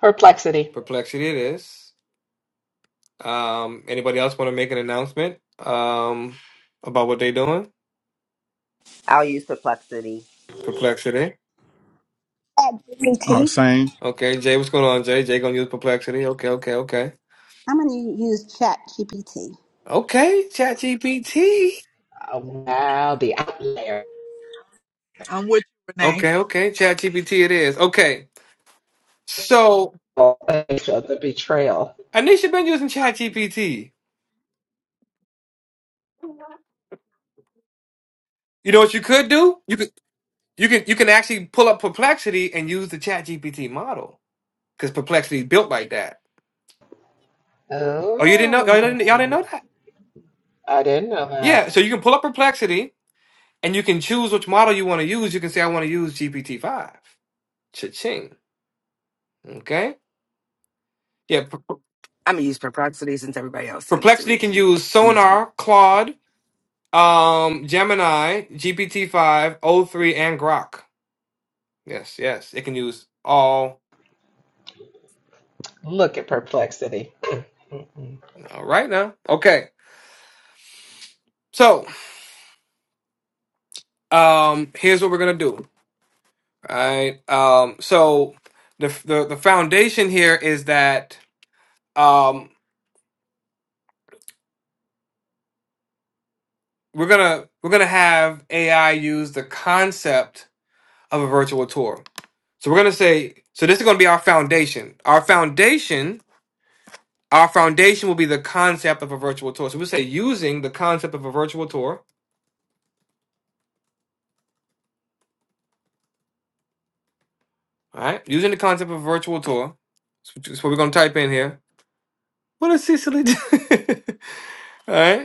[SPEAKER 2] Perplexity.
[SPEAKER 4] Perplexity it is. Um. Anybody else want to make an announcement? Um. About what they doing?
[SPEAKER 5] I'll use perplexity.
[SPEAKER 4] Perplexity.
[SPEAKER 7] Chat
[SPEAKER 9] Oh,
[SPEAKER 7] GPT.
[SPEAKER 9] same.
[SPEAKER 4] Okay. Jay, what's going on? Jay. Jay gonna use perplexity. Okay. Okay. Okay.
[SPEAKER 7] I'm gonna use Chat GPT.
[SPEAKER 4] Okay. Chat GPT.
[SPEAKER 2] Oh, wow. The outlier.
[SPEAKER 8] I'm with you, Renee.
[SPEAKER 4] Okay. Okay. Chat GPT it is. Okay. So
[SPEAKER 2] Oh, the betrayal.
[SPEAKER 4] Anisha been using ChatGPT. You know what you could do? You could you can you can actually pull up Perplexity and use the ChatGPT model because Perplexity is built like that. Oh, you didn't know? oh, Y'all didn't, y'all didn't
[SPEAKER 2] Oh,
[SPEAKER 4] know that?
[SPEAKER 2] I didn't know that.
[SPEAKER 4] Yeah. So you can pull up Perplexity and you can choose which model you want to use. You can say I want to use GPT five. Cha-ching. Okay. Yeah. Per- Per-
[SPEAKER 3] I'm gonna use perplexity since everybody else seems to
[SPEAKER 4] Perplexity
[SPEAKER 3] be
[SPEAKER 4] can use
[SPEAKER 3] using.
[SPEAKER 4] Sonar, Claude, um, Gemini, GPT five, O three, and Grok. Yes. Yes. It can use all
[SPEAKER 2] Look at perplexity. Mm-mm.
[SPEAKER 4] All right now. Okay. So, um here's what we're going to do. All right. Um so the the the foundation here is that um we're going to we're going to have AI use the concept of a virtual tour. So we're going to say so this is going to be our foundation. Our foundation our foundation will be the concept of a virtual tour. So we'll say using the concept of a virtual tour, all right? Using the concept of a virtual tour. That's what we're going to type in here. What does Cecily do? All right.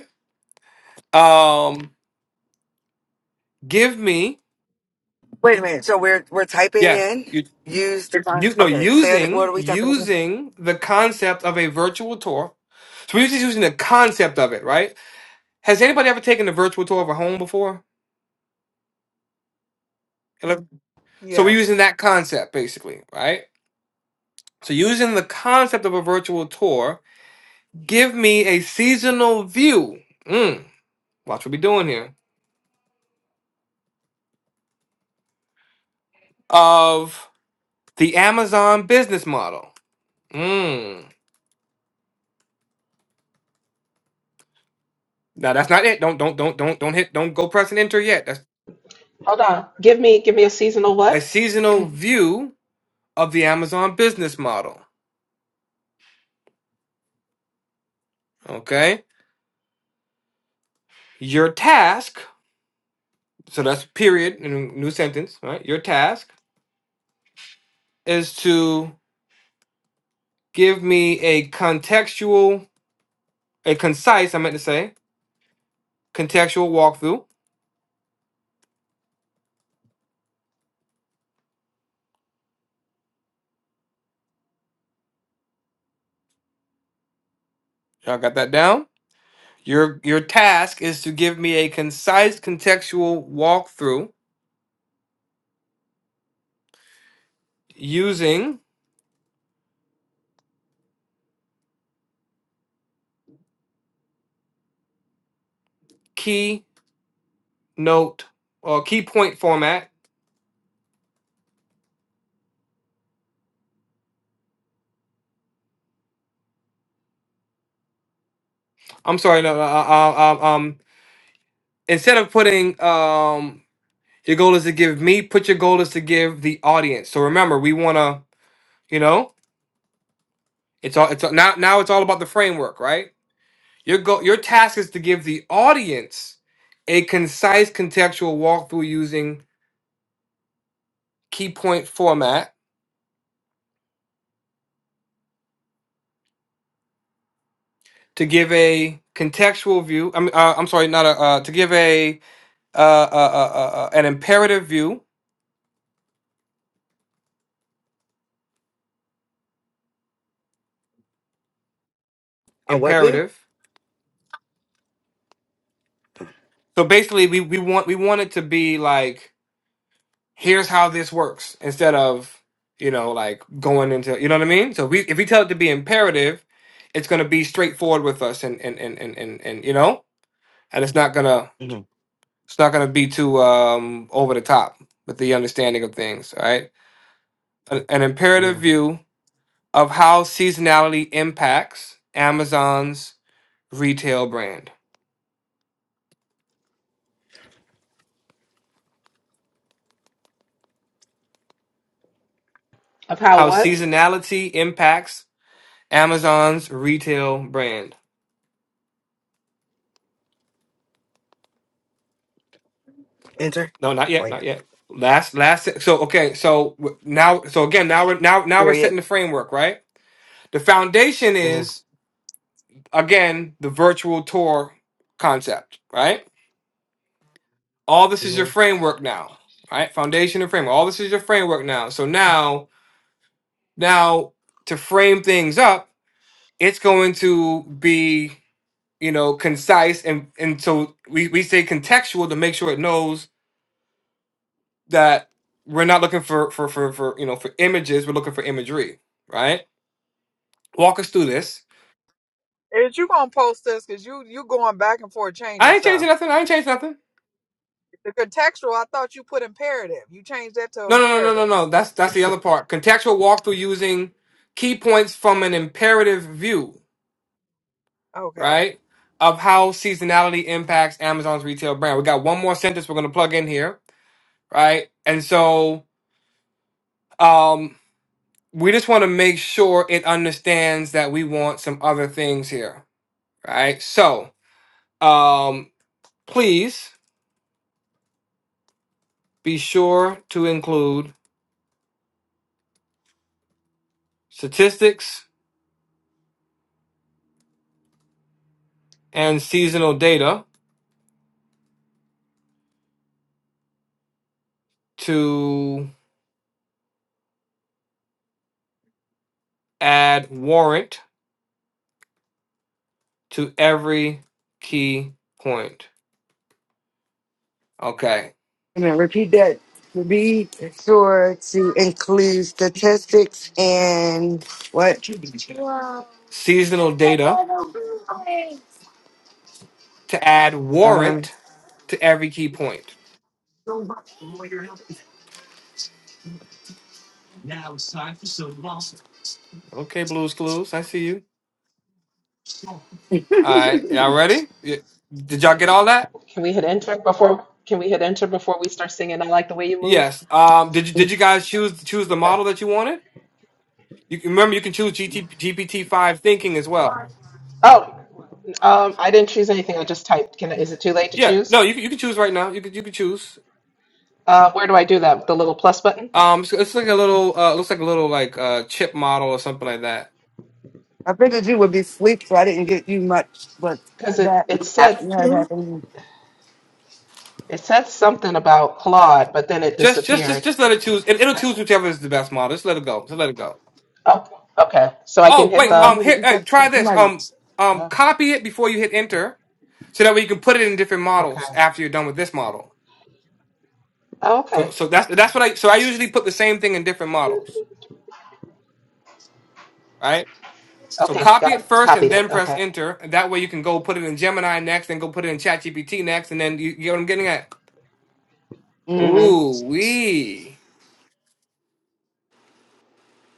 [SPEAKER 4] Um, give me
[SPEAKER 3] Wait a minute. So we're we're typing
[SPEAKER 4] yes.
[SPEAKER 3] in
[SPEAKER 4] You,
[SPEAKER 3] use the con-
[SPEAKER 4] you no
[SPEAKER 3] Okay. Say it. What are
[SPEAKER 4] using
[SPEAKER 3] we typing in?
[SPEAKER 4] using the concept of a virtual tour. So we're just using the concept of it, right? Has anybody ever taken a virtual tour of a home before? Ele- So we're
[SPEAKER 8] Yes.
[SPEAKER 4] using that concept basically, right? So using the concept of a virtual tour, give me a seasonal view. Mm, watch what we're doing here of the Amazon business model. Mm. Now that's not it. Don't don't don't don't don't hit. Don't go press and enter yet.
[SPEAKER 2] Hold on. Give me give me a seasonal
[SPEAKER 4] a
[SPEAKER 2] what?
[SPEAKER 4] seasonal view of the Amazon business model. Okay. Your task, so that's period in a new sentence, right? Your task is to give me a contextual, a concise, I meant to say, contextual walkthrough. Y'all got that down? Your your task is to give me a concise contextual walkthrough using key note or key point format. I'm sorry, no, uh, uh, uh, um, instead of putting um Your goal is to give me. Put your goal is to give the audience. So remember, we want to, you know, it's all. It's all, now. Now it's all about the framework, right? Your goal. Your task is to give the audience a concise contextual walkthrough using key point format to give a contextual view. I'm. Uh, I'm sorry, not a. Uh, to give a uh, uh, uh, uh, uh, an imperative view.
[SPEAKER 3] A what view?
[SPEAKER 4] Imperative. So basically, we we want we want it to be like here's how this works instead of you know like going into you know what i mean so we if we tell it to be imperative it's going to be straightforward with us and and and and and, and you know and it's not going to
[SPEAKER 3] hmm
[SPEAKER 4] it's not going to be too um over the top with the understanding of things all right an, an imperative
[SPEAKER 3] hmm
[SPEAKER 4] view of how seasonality impacts amazon's retail brand
[SPEAKER 2] Of how
[SPEAKER 4] how
[SPEAKER 2] what?
[SPEAKER 4] seasonality impacts amazon's retail brand
[SPEAKER 3] Enter.
[SPEAKER 4] No, not
[SPEAKER 3] Oh
[SPEAKER 4] yet,
[SPEAKER 3] yeah.
[SPEAKER 4] not yet. Last, last. So okay, so w- now, so again, now we're now now we're
[SPEAKER 3] Period.
[SPEAKER 4] setting the framework, right? The foundation
[SPEAKER 3] hmm
[SPEAKER 4] is again the virtual tour concept, right? All this
[SPEAKER 3] hmm
[SPEAKER 4] is your framework now, right? Foundation and framework. All this is your framework now. So now, now to frame things up, it's going to be you know concise and and so we we say contextual to make sure it knows that we're not looking for for for for you know for images. We're looking for imagery, right? Walk us through this.
[SPEAKER 8] Is you gonna post this? Cause you you going back and forth changing
[SPEAKER 4] I ain't
[SPEAKER 8] stuff.
[SPEAKER 4] changing nothing. I ain't changed nothing.
[SPEAKER 8] The contextual, I thought you put imperative. You changed that to
[SPEAKER 4] No, no, no,
[SPEAKER 8] imperative.
[SPEAKER 4] no, no, no. That's that's the other part. Contextual walkthrough using key points from an imperative view,
[SPEAKER 8] Okay.
[SPEAKER 4] right? Of how seasonality impacts Amazon's retail brand. We got one more sentence we're gonna plug in here, right? And so um we just want to make sure it understands that we want some other things here, right? So um please be sure to include statistics and seasonal data to add warrant to every key point. Okay.
[SPEAKER 3] And then repeat that. Be sure to include statistics and what?
[SPEAKER 4] Seasonal data to add
[SPEAKER 3] Uh,
[SPEAKER 4] warrant to every key point. Okay, Blues Clues, I see you. All right, y'all ready? Y- Did y'all get all that?
[SPEAKER 2] Can we hit enter before can we hit enter before we start singing I like the way you move?
[SPEAKER 4] Yes. Um. Did you Did you guys choose choose the
[SPEAKER 2] Okay.
[SPEAKER 4] model that you wanted? You can- remember you can choose G T G P T five thinking as well.
[SPEAKER 2] Oh, um, I didn't choose anything. I just typed. Can I, is it too late to
[SPEAKER 4] Yeah.
[SPEAKER 2] choose?
[SPEAKER 4] No, you can- you can choose right now. You can you can choose.
[SPEAKER 2] Uh, where do I do that? The little plus button?
[SPEAKER 4] Um, so it's like a little, uh, looks like a little like uh chip model or something like that.
[SPEAKER 3] I figured you would be asleep, so I didn't get you much, but
[SPEAKER 2] Because it
[SPEAKER 3] that
[SPEAKER 2] it said
[SPEAKER 3] has
[SPEAKER 5] Aptitude.
[SPEAKER 3] happened.
[SPEAKER 2] it said something about Claude, but then it
[SPEAKER 4] Just, just, just,
[SPEAKER 2] disappeared.
[SPEAKER 4] just let it choose. It, it'll choose whichever is the best model. Just let it go. Just let it go.
[SPEAKER 2] Oh, okay. So I can
[SPEAKER 4] Oh
[SPEAKER 2] hit
[SPEAKER 4] wait,
[SPEAKER 2] the.
[SPEAKER 4] um,
[SPEAKER 3] Somebody
[SPEAKER 4] here,
[SPEAKER 3] eat
[SPEAKER 4] hey,
[SPEAKER 3] that
[SPEAKER 4] try
[SPEAKER 3] fucking
[SPEAKER 4] this. Um,
[SPEAKER 3] language.
[SPEAKER 4] um,
[SPEAKER 2] Oh,
[SPEAKER 4] copy it before you hit enter, so that way you can put it in different
[SPEAKER 2] okay.
[SPEAKER 4] models after you're done with this model.
[SPEAKER 2] Oh,
[SPEAKER 4] So,
[SPEAKER 2] okay.
[SPEAKER 4] so that's that's what I. So I usually put the same thing in different models, right? So
[SPEAKER 2] Okay.
[SPEAKER 4] copy
[SPEAKER 2] Got
[SPEAKER 4] it
[SPEAKER 2] it.
[SPEAKER 4] first and
[SPEAKER 2] copied it.
[SPEAKER 4] then press
[SPEAKER 2] Okay.
[SPEAKER 4] enter. And that way you can go put it in Gemini next, and go put it in ChatGPT next, and then you, you get what I'm getting at.
[SPEAKER 3] hmm
[SPEAKER 2] Mm-hmm.
[SPEAKER 4] Ooh wee.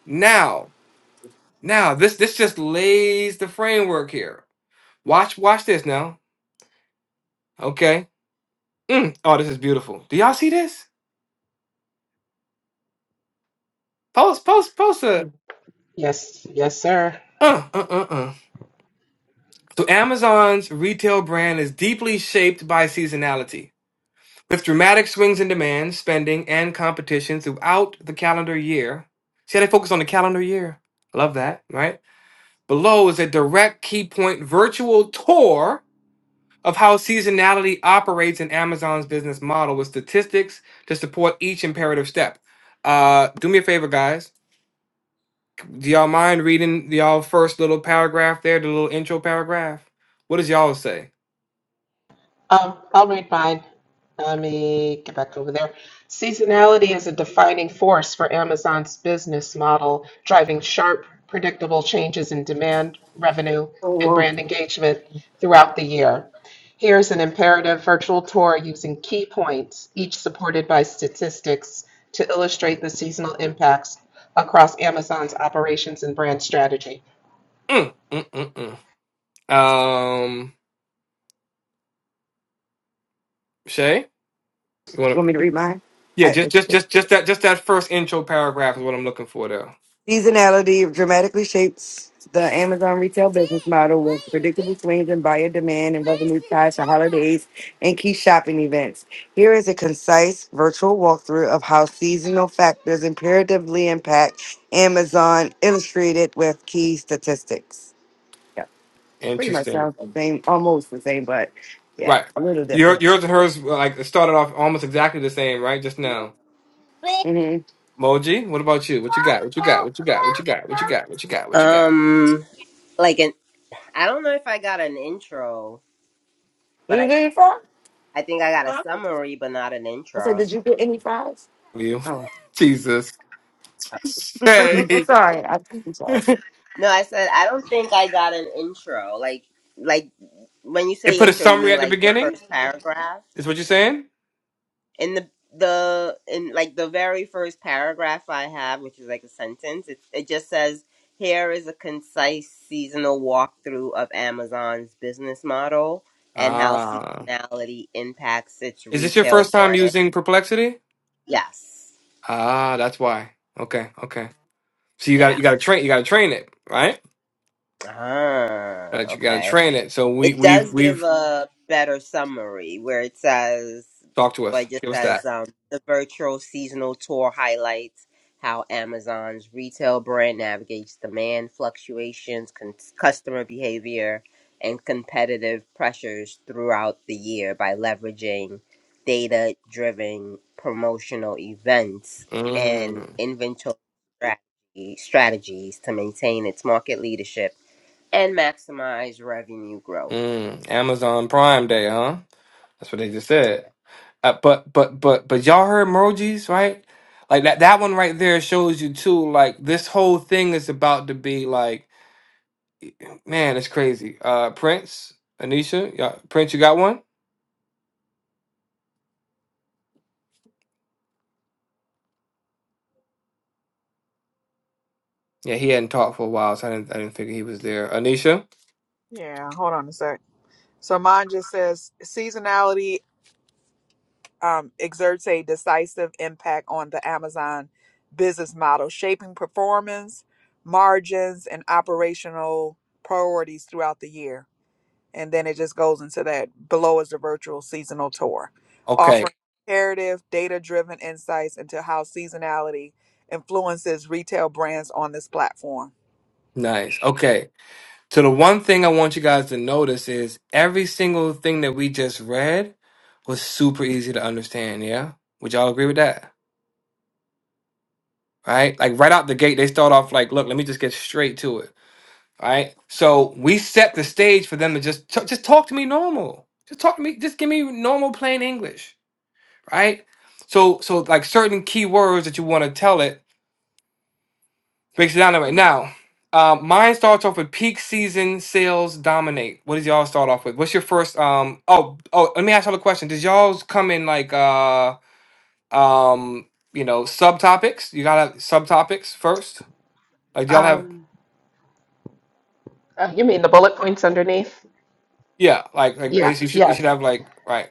[SPEAKER 4] Now. Now, this this just lays the framework here. Watch watch this now. Okay. Mm. Oh, this is beautiful. Do y'all see this? Post post post a
[SPEAKER 2] Yes. Yes, sir.
[SPEAKER 4] uh uh uh uh. So Amazon's retail brand is deeply shaped by seasonality. With dramatic swings in demand, spending, and competition throughout the calendar year. See how they focus on the calendar year? Love that, right? Below is a direct key point virtual tour of how seasonality operates in Amazon's business model with statistics to support each imperative step. Uh, do me a favor, guys. Do y'all mind reading the y'all first little paragraph there, the little intro paragraph? What does y'all say?
[SPEAKER 2] Um, I'll read mine. Let me get back over there. Seasonality is a defining force for Amazon's business model, driving sharp, predictable changes in demand, revenue,
[SPEAKER 3] Oh,
[SPEAKER 2] and
[SPEAKER 3] well,
[SPEAKER 2] brand engagement throughout the year. Here's an imperative virtual tour using key points, each supported by statistics, to illustrate the seasonal impacts across Amazon's operations and brand strategy.
[SPEAKER 4] Mm, mm, mm, mm. Um, Shay, you
[SPEAKER 3] you
[SPEAKER 4] want
[SPEAKER 3] want
[SPEAKER 4] to?
[SPEAKER 3] me to read mine?
[SPEAKER 4] Yeah,
[SPEAKER 3] I,
[SPEAKER 4] just just
[SPEAKER 3] it's-
[SPEAKER 4] just just that just that first intro paragraph is what I'm looking for, though.
[SPEAKER 3] Seasonality dramatically shapes the Amazon retail business model with predictable swings in buyer demand and revenue tied to holidays and key shopping events. Here is a concise virtual walkthrough of how seasonal factors imperatively impact Amazon, illustrated with key statistics. Yeah, pretty much
[SPEAKER 4] Interesting,
[SPEAKER 3] sounds the same, almost the same, but yeah,
[SPEAKER 4] right?
[SPEAKER 3] a little
[SPEAKER 4] Your
[SPEAKER 3] different.
[SPEAKER 4] yours and hers like it started off almost exactly the same, right? Just now.
[SPEAKER 3] Mm-hmm.
[SPEAKER 4] Moji, what about you? What you got? What you got? What you got? What you got? What you got? What you got? What you got?
[SPEAKER 5] Um, like an. I don't know if I got an intro, but
[SPEAKER 3] You
[SPEAKER 5] I
[SPEAKER 3] did fries?
[SPEAKER 5] I think I got a summary, but not an
[SPEAKER 3] I said,
[SPEAKER 5] intro.
[SPEAKER 3] did you get any fries?
[SPEAKER 4] You, Jesus. Hey.
[SPEAKER 3] Sorry, I- I'm sorry.
[SPEAKER 5] No, I said I don't think I got an intro. Like like when you
[SPEAKER 4] It
[SPEAKER 5] say
[SPEAKER 4] put a
[SPEAKER 5] intro, you
[SPEAKER 4] summary
[SPEAKER 5] mean
[SPEAKER 4] at the
[SPEAKER 5] like the
[SPEAKER 4] beginning.
[SPEAKER 5] first paragraph?
[SPEAKER 4] Is what you're saying?
[SPEAKER 5] in the the in like the very first paragraph I have, which is like a sentence, it it just says, "Here is a concise seasonal walkthrough of Amazon's business model and how
[SPEAKER 4] Ah,
[SPEAKER 5] seasonality impacts its
[SPEAKER 4] is this your
[SPEAKER 5] retail
[SPEAKER 4] first time
[SPEAKER 5] brand."
[SPEAKER 4] using Perplexity?
[SPEAKER 5] Yes.
[SPEAKER 4] Ah, that's why. Okay, okay. So you got
[SPEAKER 5] Yeah.
[SPEAKER 4] you got to train you got to train it, right?
[SPEAKER 5] Ah.
[SPEAKER 4] That you got to
[SPEAKER 5] Okay.
[SPEAKER 4] train it. So we
[SPEAKER 5] It
[SPEAKER 4] we've
[SPEAKER 5] does give
[SPEAKER 4] we've
[SPEAKER 5] a better summary where it says,
[SPEAKER 4] talked to us.
[SPEAKER 5] but just
[SPEAKER 4] Give us
[SPEAKER 5] as
[SPEAKER 4] that.
[SPEAKER 5] um, the virtual seasonal tour highlights how Amazon's retail brand navigates demand fluctuations, con- customer behavior, and competitive pressures throughout the year by leveraging data driven promotional events and
[SPEAKER 4] Mm,
[SPEAKER 5] inventory strategy- strategies to maintain its market leadership and maximize revenue growth.
[SPEAKER 4] mm. Amazon Prime Day, huh? That's what they just said. Uh, but but but but y'all heard emojis, right? Like that that one right there shows you too. Like this whole thing is about to be like, man, it's crazy. Uh, Prince, Anisha, y'all, Prince, you got one? Yeah, he hadn't talked for a while, so I didn't I didn't figure he was there. Anisha,
[SPEAKER 8] Yeah. Hold on a sec. So mine just says seasonality um, exerts a decisive impact on the Amazon business model, shaping performance, margins, and operational priorities throughout the year. and then it just goes into that. Below is the virtual seasonal tour,
[SPEAKER 4] okay,
[SPEAKER 8] offering comparative, data driven insights into how seasonality influences retail brands on this platform.
[SPEAKER 4] nice, okay. So the one thing I want you guys to notice is every single thing that we just read was super easy to understand. Yeah, would y'all agree with that? Right? Like right out the gate, they start off like, look, let me just get straight to it All right. So we set the stage for them to just t- just talk to me normal. Just talk to me. Just give me normal plain English. Right. So so like certain key words that you want to tell it breaks it down that way. Now, uh, mine starts off with peak season sales dominate. What does y'all start off with? What's your first? Um. Oh oh. Let me ask y'all a question. Does you all come in like uh um you know subtopics? You gotta have subtopics first. Like do y'all have
[SPEAKER 2] Um, uh, you mean the bullet points underneath?
[SPEAKER 4] yeah like like
[SPEAKER 2] Yeah,
[SPEAKER 4] basically you should, you should
[SPEAKER 2] yes.
[SPEAKER 4] have like right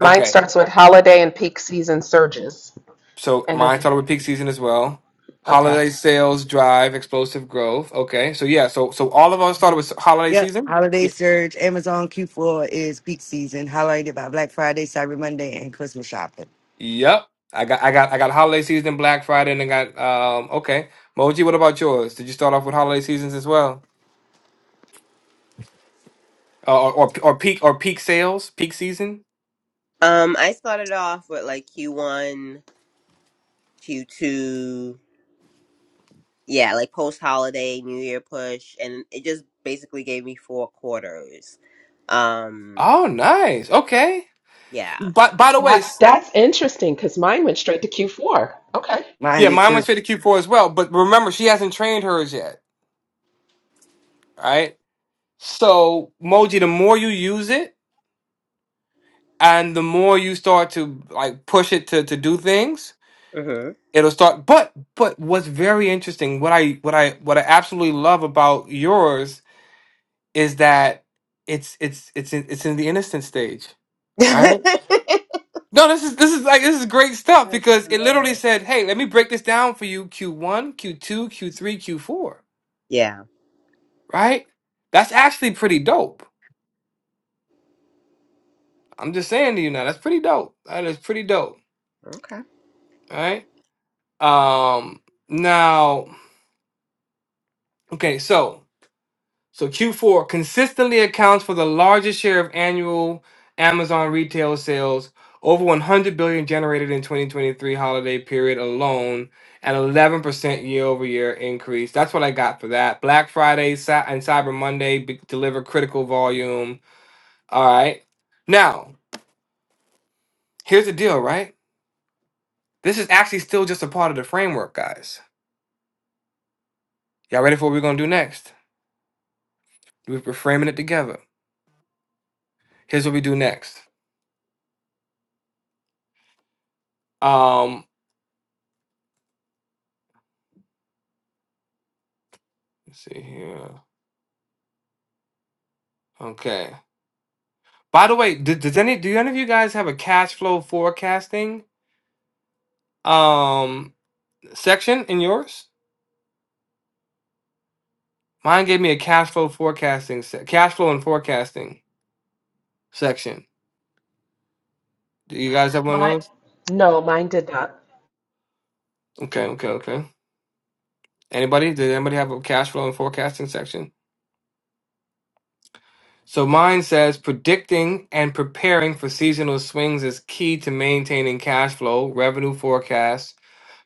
[SPEAKER 2] Mine
[SPEAKER 4] okay
[SPEAKER 2] starts with holiday and peak season surges.
[SPEAKER 4] So
[SPEAKER 2] And
[SPEAKER 4] mine
[SPEAKER 2] then,
[SPEAKER 4] started with peak season as well.
[SPEAKER 2] okay.
[SPEAKER 4] Holiday sales drive explosive growth. Okay, so yeah, so so all of us started with holiday
[SPEAKER 3] Yep,
[SPEAKER 4] season.
[SPEAKER 3] holiday
[SPEAKER 4] Yep,
[SPEAKER 3] surge, Amazon Q4 is peak season, highlighted by Black Friday, Cyber Monday, and Christmas shopping.
[SPEAKER 4] Yep. I got I got I got holiday season, Black Friday, and I got um okay. Moji, what about yours? Did you start off with holiday seasons as well, uh, or, or or peak or peak sales, peak season?
[SPEAKER 5] Um, I started off with like Q1, Q2, yeah, like post holiday, New Year push, and it just basically gave me four quarters. Um,
[SPEAKER 4] Oh, nice. Okay.
[SPEAKER 5] yeah.
[SPEAKER 4] But by the way,
[SPEAKER 2] That,
[SPEAKER 4] s-
[SPEAKER 2] that's interesting because mine went straight to Q4. Okay.
[SPEAKER 4] yeah,
[SPEAKER 3] Minded
[SPEAKER 4] mine went
[SPEAKER 3] to
[SPEAKER 4] straight to Q4 as well. But remember, she hasn't trained hers yet, right? So Moji, the more you use it, and the more you start to like push it to to do things
[SPEAKER 5] hmm
[SPEAKER 4] it'll start but but what's very interesting what i what i what i absolutely love about yours is that it's it's it's in, it's in the innocent stage right no this is this is like this is great stuff because it literally said hey let me break this down for you q1 q2 q3 q4
[SPEAKER 5] yeah.
[SPEAKER 4] right that's actually pretty dope i'm just saying to you now that's pretty dope that is pretty dope
[SPEAKER 5] Okay.
[SPEAKER 4] all right um now okay so So Q4 consistently accounts for the largest share of annual Amazon retail sales, over 100 billion generated in 2023 holiday period alone, an 11% year-over-year increase. That's what I got for that. Black Friday Cy- and Cyber Monday be- deliver critical volume. All right. Now, here's the deal, right? This is actually still just a part of the framework, guys. Y'all ready for what we're going to do next? We're framing it together. Here's what we do next. Um, let's see here. Okay. By the way, did, does any do any of you guys have a cash flow forecasting um section in yours? Mine gave me a cash flow forecasting se- cash flow and forecasting section. Do you guys have one of
[SPEAKER 2] Mine,
[SPEAKER 4] those?
[SPEAKER 2] no, mine did not.
[SPEAKER 4] Okay, okay, okay. Anybody? Did anybody have a cash flow and forecasting section? So mine says predicting and preparing for seasonal swings is key to maintaining cash flow, revenue forecasts,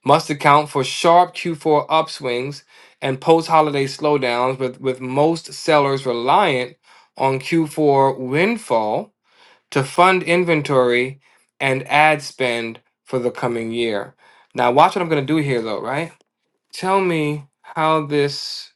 [SPEAKER 4] must account for sharp Q4 upswings and post-holiday slowdowns, with, with most sellers reliant on Q4 windfall to fund inventory and ad spend for the coming year. Now, watch what I'm going to do here, though. Right? Tell me how this,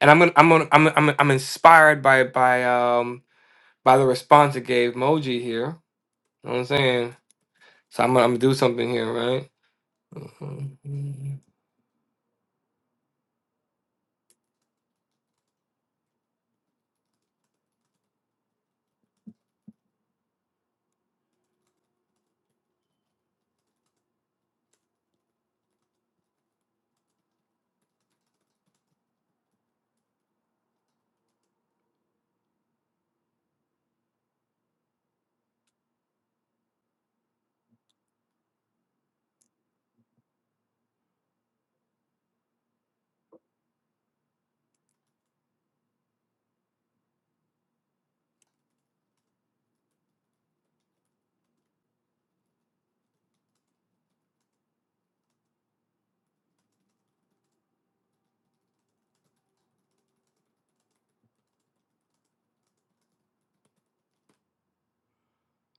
[SPEAKER 4] and I'm gonna, I'm gonna, I'm, I'm, I'm inspired by by um by the response it gave Moji here. You know what I'm saying? So I'm gonna, I'm gonna do something here, right? Mhm.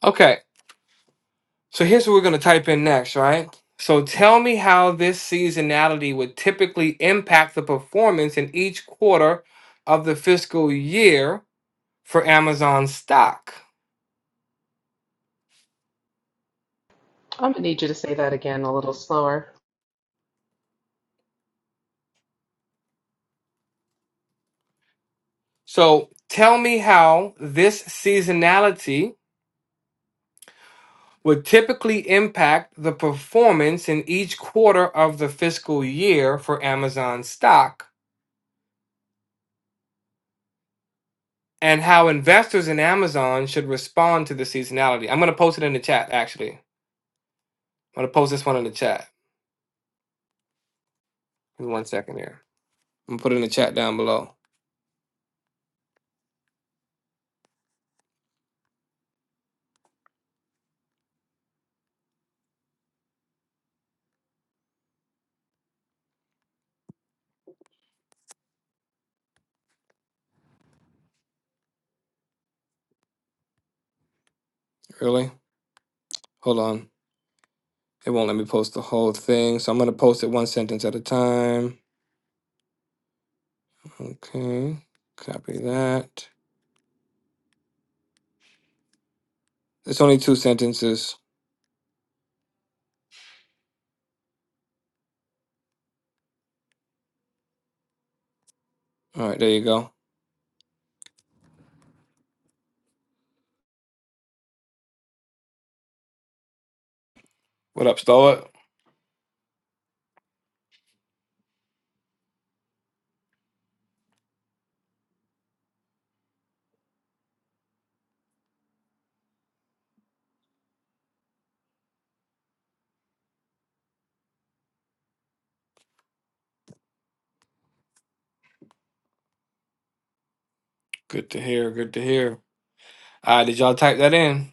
[SPEAKER 4] Okay. So here's what we're going to type in next, right? So tell me how this seasonality would typically impact the performance in each quarter of the fiscal year for Amazon stock.
[SPEAKER 2] I'm going to need you to say that again a little slower.
[SPEAKER 4] So tell me how this seasonality would typically impact the performance in each quarter of the fiscal year for Amazon stock and how investors in Amazon should respond to the seasonality. I'm going to post it in the chat actually. I'm going to post this one in the chat. Give me One second here. I'm gonna put it in the chat down below. Really? Hold on. It won't let me post the whole thing, so I'm gonna post it one sentence at a time. Okay. Copy that. It's only two sentences. All right, there you go. What up, Stoic? Good to hear. Good to hear. All right, did y'all type that in?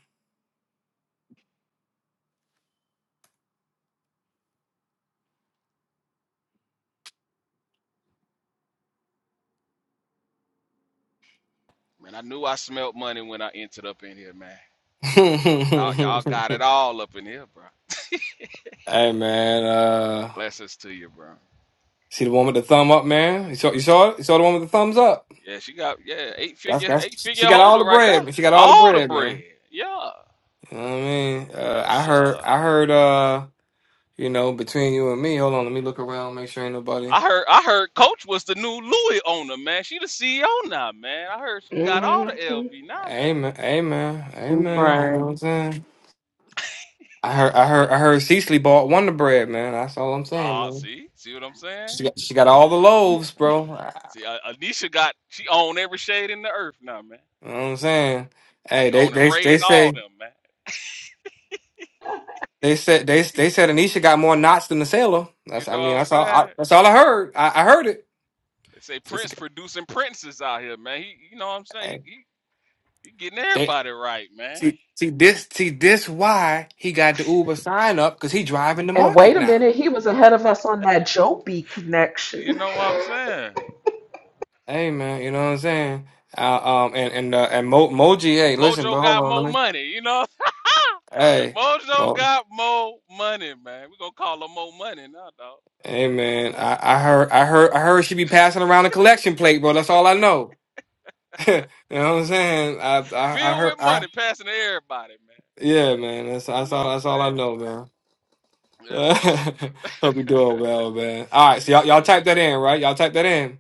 [SPEAKER 10] Man, I knew I smelled money when I entered up in here, man. Y'all, y'all got it all up in here, bro.
[SPEAKER 4] hey man, uh,
[SPEAKER 10] Blessings to you, bro.
[SPEAKER 4] see the one with the thumb up, man. You saw, you saw it. You
[SPEAKER 10] Yeah,
[SPEAKER 4] saw the one with the thumbs up.
[SPEAKER 10] yeah. She got yeah eight
[SPEAKER 4] That's
[SPEAKER 10] figure
[SPEAKER 4] that's.
[SPEAKER 10] eight figure
[SPEAKER 4] She got all
[SPEAKER 10] holder
[SPEAKER 4] the
[SPEAKER 10] right
[SPEAKER 4] bread.
[SPEAKER 10] there.
[SPEAKER 4] man. She got all the
[SPEAKER 10] All the
[SPEAKER 4] bread, man.
[SPEAKER 10] bread. Yeah,
[SPEAKER 4] You know what I mean, uh,
[SPEAKER 10] yes
[SPEAKER 4] I heard,
[SPEAKER 10] sir.
[SPEAKER 4] I heard, uh, you know, between you and me, hold on, let me look around, make sure ain't nobody.
[SPEAKER 10] I heard I heard Coach was the new Louis owner, man. She the CEO now, man. I heard she got all
[SPEAKER 2] hmm
[SPEAKER 10] the LV now, man.
[SPEAKER 4] Amen, amen,
[SPEAKER 10] You
[SPEAKER 4] amen. You
[SPEAKER 10] know.
[SPEAKER 3] right.
[SPEAKER 4] know what I'm saying? I heard, I heard, I heard. Cecily bought Wonder Bread, man. That's all I'm saying,
[SPEAKER 10] Ah,
[SPEAKER 4] man.
[SPEAKER 10] see, see what I'm saying?
[SPEAKER 4] She got, she got all the loaves, bro. You know
[SPEAKER 10] See, uh, Anisha got she own every shade in the earth now, man.
[SPEAKER 4] what I'm saying? Hey,
[SPEAKER 10] She
[SPEAKER 4] they,
[SPEAKER 10] owning
[SPEAKER 4] they,
[SPEAKER 10] Ray
[SPEAKER 4] they
[SPEAKER 10] and all
[SPEAKER 4] say,
[SPEAKER 10] them, man.
[SPEAKER 4] they said, they, they said Anisha got more knots than the sailor.
[SPEAKER 10] You
[SPEAKER 4] That's, I
[SPEAKER 10] know what
[SPEAKER 4] mean,
[SPEAKER 10] I'm
[SPEAKER 4] that's all, I,
[SPEAKER 10] saying?
[SPEAKER 4] that's all I heard. I, I heard it.
[SPEAKER 10] They say Prince producing princes out here, man. He, you know what I'm saying? He, he, he getting
[SPEAKER 4] They,
[SPEAKER 10] everybody right, man.
[SPEAKER 4] See, see this, see this. Why he got the Uber sign up? Because he driving the
[SPEAKER 2] And
[SPEAKER 4] market
[SPEAKER 2] wait a
[SPEAKER 4] now.
[SPEAKER 2] minute, he was ahead of us on that Joby
[SPEAKER 10] You
[SPEAKER 2] connection.
[SPEAKER 10] know what I'm saying?
[SPEAKER 4] Hey man, you know what I'm saying? Uh, um, and and uh, and Mo, Moji, hey, listen,
[SPEAKER 10] Mojo
[SPEAKER 4] but hold
[SPEAKER 10] got
[SPEAKER 4] on, let
[SPEAKER 10] more
[SPEAKER 4] me.
[SPEAKER 10] money, you know.
[SPEAKER 4] Hey,
[SPEAKER 10] Mojo
[SPEAKER 4] Mo,
[SPEAKER 10] got more money, man. We gonna call him more money now, dog.
[SPEAKER 4] hey
[SPEAKER 10] More
[SPEAKER 4] man,
[SPEAKER 10] money,
[SPEAKER 4] I, I heard, I heard, I heard she be passing around a collection plate, bro. That's all I know. you know what I'm saying? I, I, I
[SPEAKER 10] filled
[SPEAKER 4] heard,
[SPEAKER 10] with money,
[SPEAKER 4] I,
[SPEAKER 10] passing to everybody, man.
[SPEAKER 4] yeah, man. That's
[SPEAKER 10] You
[SPEAKER 4] that's
[SPEAKER 10] know
[SPEAKER 4] all.
[SPEAKER 10] what I'm
[SPEAKER 4] That's all I
[SPEAKER 10] saying?
[SPEAKER 4] know, man.
[SPEAKER 10] Yes, sir.
[SPEAKER 4] Hope you doing well, man. All right, so y'all,
[SPEAKER 10] yeah,
[SPEAKER 4] y'all type that
[SPEAKER 10] man.
[SPEAKER 4] in, right? Y'all type that in.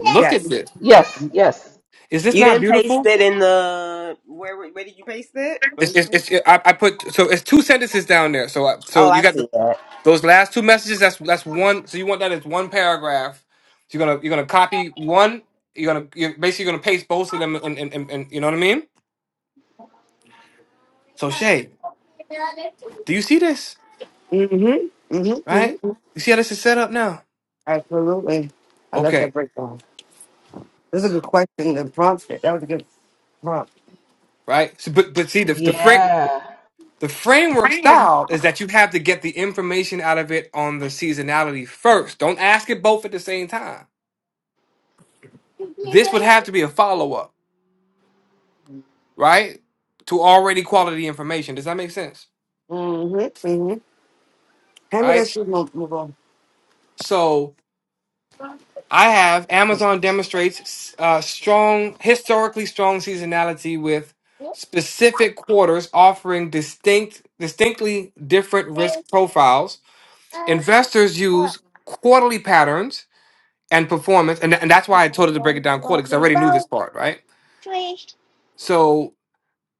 [SPEAKER 4] Look at
[SPEAKER 3] Yes.
[SPEAKER 4] this.
[SPEAKER 2] yes, yes.
[SPEAKER 4] Is this
[SPEAKER 5] You
[SPEAKER 4] not
[SPEAKER 5] didn't paste
[SPEAKER 4] beautiful?
[SPEAKER 5] it in the where? Where where did you paste it? Where
[SPEAKER 4] It's,
[SPEAKER 5] you
[SPEAKER 4] it's,
[SPEAKER 5] can-
[SPEAKER 4] it's it, I, I put so it's two sentences down there. So I, so
[SPEAKER 5] Oh,
[SPEAKER 4] you
[SPEAKER 5] I
[SPEAKER 4] got the,
[SPEAKER 5] see that.
[SPEAKER 4] those last two messages. That's that's one. So you want that as one paragraph. So you're gonna you're gonna copy one. You're gonna you're basically gonna paste both of them. And, and, and, and you know what I mean. So Shay, do you see this?
[SPEAKER 3] Mm-hmm. Mm-hmm.
[SPEAKER 4] Right?
[SPEAKER 3] hmm
[SPEAKER 4] You see how this is set up now?
[SPEAKER 3] Absolutely. I love that
[SPEAKER 4] Okay.
[SPEAKER 3] breakdown. That's a good question. The prompt. That was a good prompt.
[SPEAKER 4] Right. So, but but see the the fra-
[SPEAKER 2] Yeah.
[SPEAKER 4] the framework style is that you have to get the information out of it on the seasonality first. Don't ask it both at the same time. This would have to be a follow up right? To already quality information. Does that make sense?
[SPEAKER 3] Mm-hmm. Mm-hmm. Hand me that
[SPEAKER 4] Right?
[SPEAKER 3] shoe, Mo- move on.
[SPEAKER 4] So I have Amazon demonstrates uh, strong, historically strong seasonality with specific quarters offering distinct, distinctly different risk profiles. Investors use quarterly patterns and performance, and, and that's why I told her to break it down quarterly because I already knew this part, right? So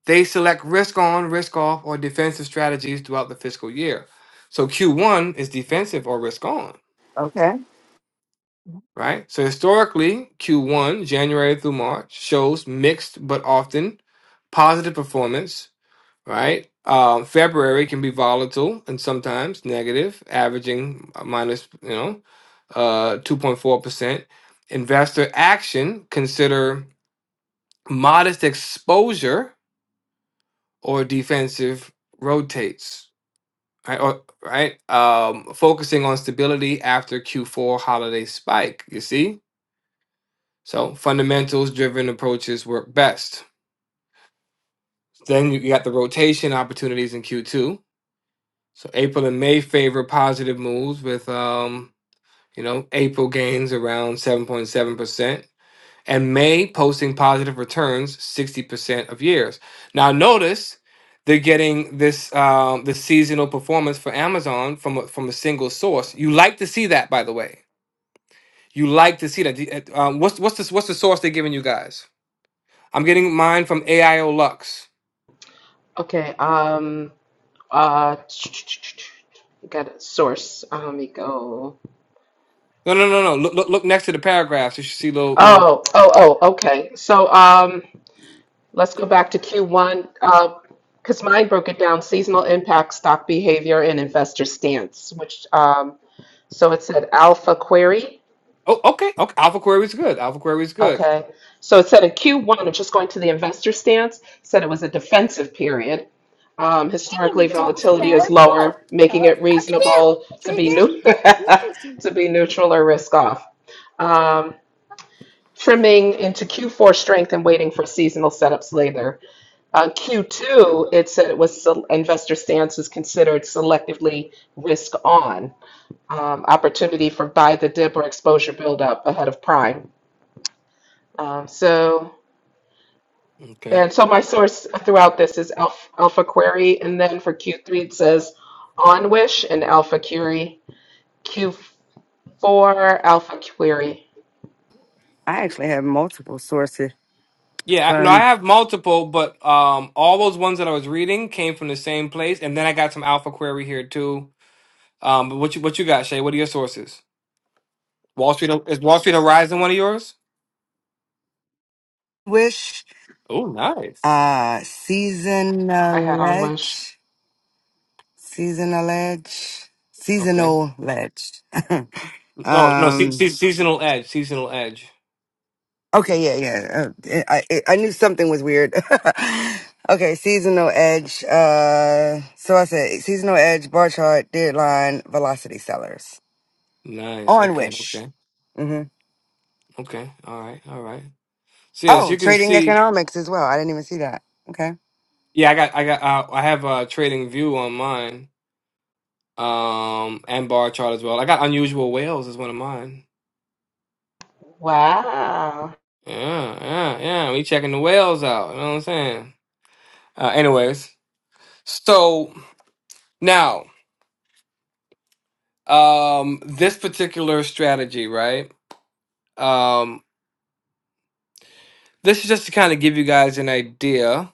[SPEAKER 4] They select risk on, risk off, or defensive strategies throughout the fiscal year. So Q1 is defensive or risk on,
[SPEAKER 3] Okay.
[SPEAKER 4] right? So historically, Q1, January through March, shows mixed but often positive performance, right? Um, February can be volatile and sometimes negative, averaging minus, you know, uh, 2.4%. Investor action consider modest exposure or defensive rotates Right, or, right. Um, focusing on stability after Q4 holiday spike. You see, so fundamentals driven approaches work best. Then you got the rotation opportunities in Q2. So April and May favor positive moves with um, you know, April gains around 7.7%. and May posting positive returns 60% of years. Now notice they're getting this um, the seasonal performance for Amazon from a, from a single source. You like to see that, by the way. You like to see that. The- uh, Um, what's what's this, what's the source they're giving you guys? I'm getting mine from AIO Lux.
[SPEAKER 2] Okay. Um, uh, got a source. Um, let me go.
[SPEAKER 4] No, no, no, no. Look, look, look next to the paragraphs. You should see little little.
[SPEAKER 2] Oh, oh, oh, okay. So, um, Let's go back to Q1, because mine broke it down, seasonal impact, stock behavior, and investor stance, which, um, so it said alpha query.
[SPEAKER 4] Oh, okay, okay. Alpha query is good. Alpha query is good.
[SPEAKER 2] Okay. So it said in Q1, it's just going to the investor stance, said it was a defensive period. Um, historically, volatility is lower, making it reasonable to be new, to be neutral or risk off. Um, trimming into Q4 strength and waiting for seasonal setups later. On Q2, it said it was sel- investor stance is considered selectively risk on, um, opportunity for buy the dip or exposure buildup ahead of prime. Um, so,
[SPEAKER 4] Okay.
[SPEAKER 2] and so my source throughout this is Alpha, Alpha Query, and then for Q3 it says OnWish and Alpha Query. Q4 Alpha Query.
[SPEAKER 3] I actually have multiple sources
[SPEAKER 4] Yeah, no, I
[SPEAKER 3] from
[SPEAKER 4] have multiple, but um, all those ones that I was reading came from the same place, and then I got some Alpha Query here too. Um, but what you what you got, Shay? What are your sources? Wall Street is Wall Street Horizon one of yours?
[SPEAKER 3] Wish,
[SPEAKER 4] Oh, nice.
[SPEAKER 3] uh,
[SPEAKER 2] I had
[SPEAKER 3] Seasonal
[SPEAKER 2] OnWish.
[SPEAKER 3] Edge, Seasonal Edge,
[SPEAKER 4] Okay.
[SPEAKER 3] Seasonal Edge.
[SPEAKER 4] No, no, se-
[SPEAKER 3] um,
[SPEAKER 4] se- seasonal edge, seasonal edge.
[SPEAKER 3] okay, yeah, yeah. Uh, I, I I knew something was weird. okay, Seasonal Edge. Uh, so I said Seasonal Edge, bar chart, deadline, velocity sellers
[SPEAKER 4] Nice.
[SPEAKER 3] on
[SPEAKER 4] Okay.
[SPEAKER 3] Wish.
[SPEAKER 4] Okay.
[SPEAKER 3] Mm-hmm.
[SPEAKER 4] Okay. All right. All right. So yes,
[SPEAKER 3] Oh,
[SPEAKER 4] you can
[SPEAKER 3] trading
[SPEAKER 4] see.
[SPEAKER 3] economics as well. I didn't even see that. Okay.
[SPEAKER 4] Yeah, I got I got uh, I have a trading view on mine. Um, and bar chart as well. I got unusual whales as one of mine.
[SPEAKER 2] Wow.
[SPEAKER 4] Yeah, yeah, yeah. We checking the whales out. You know what I'm saying? Uh, anyways, so now, um, this particular strategy, right? Um, this is just to kind of give you guys an idea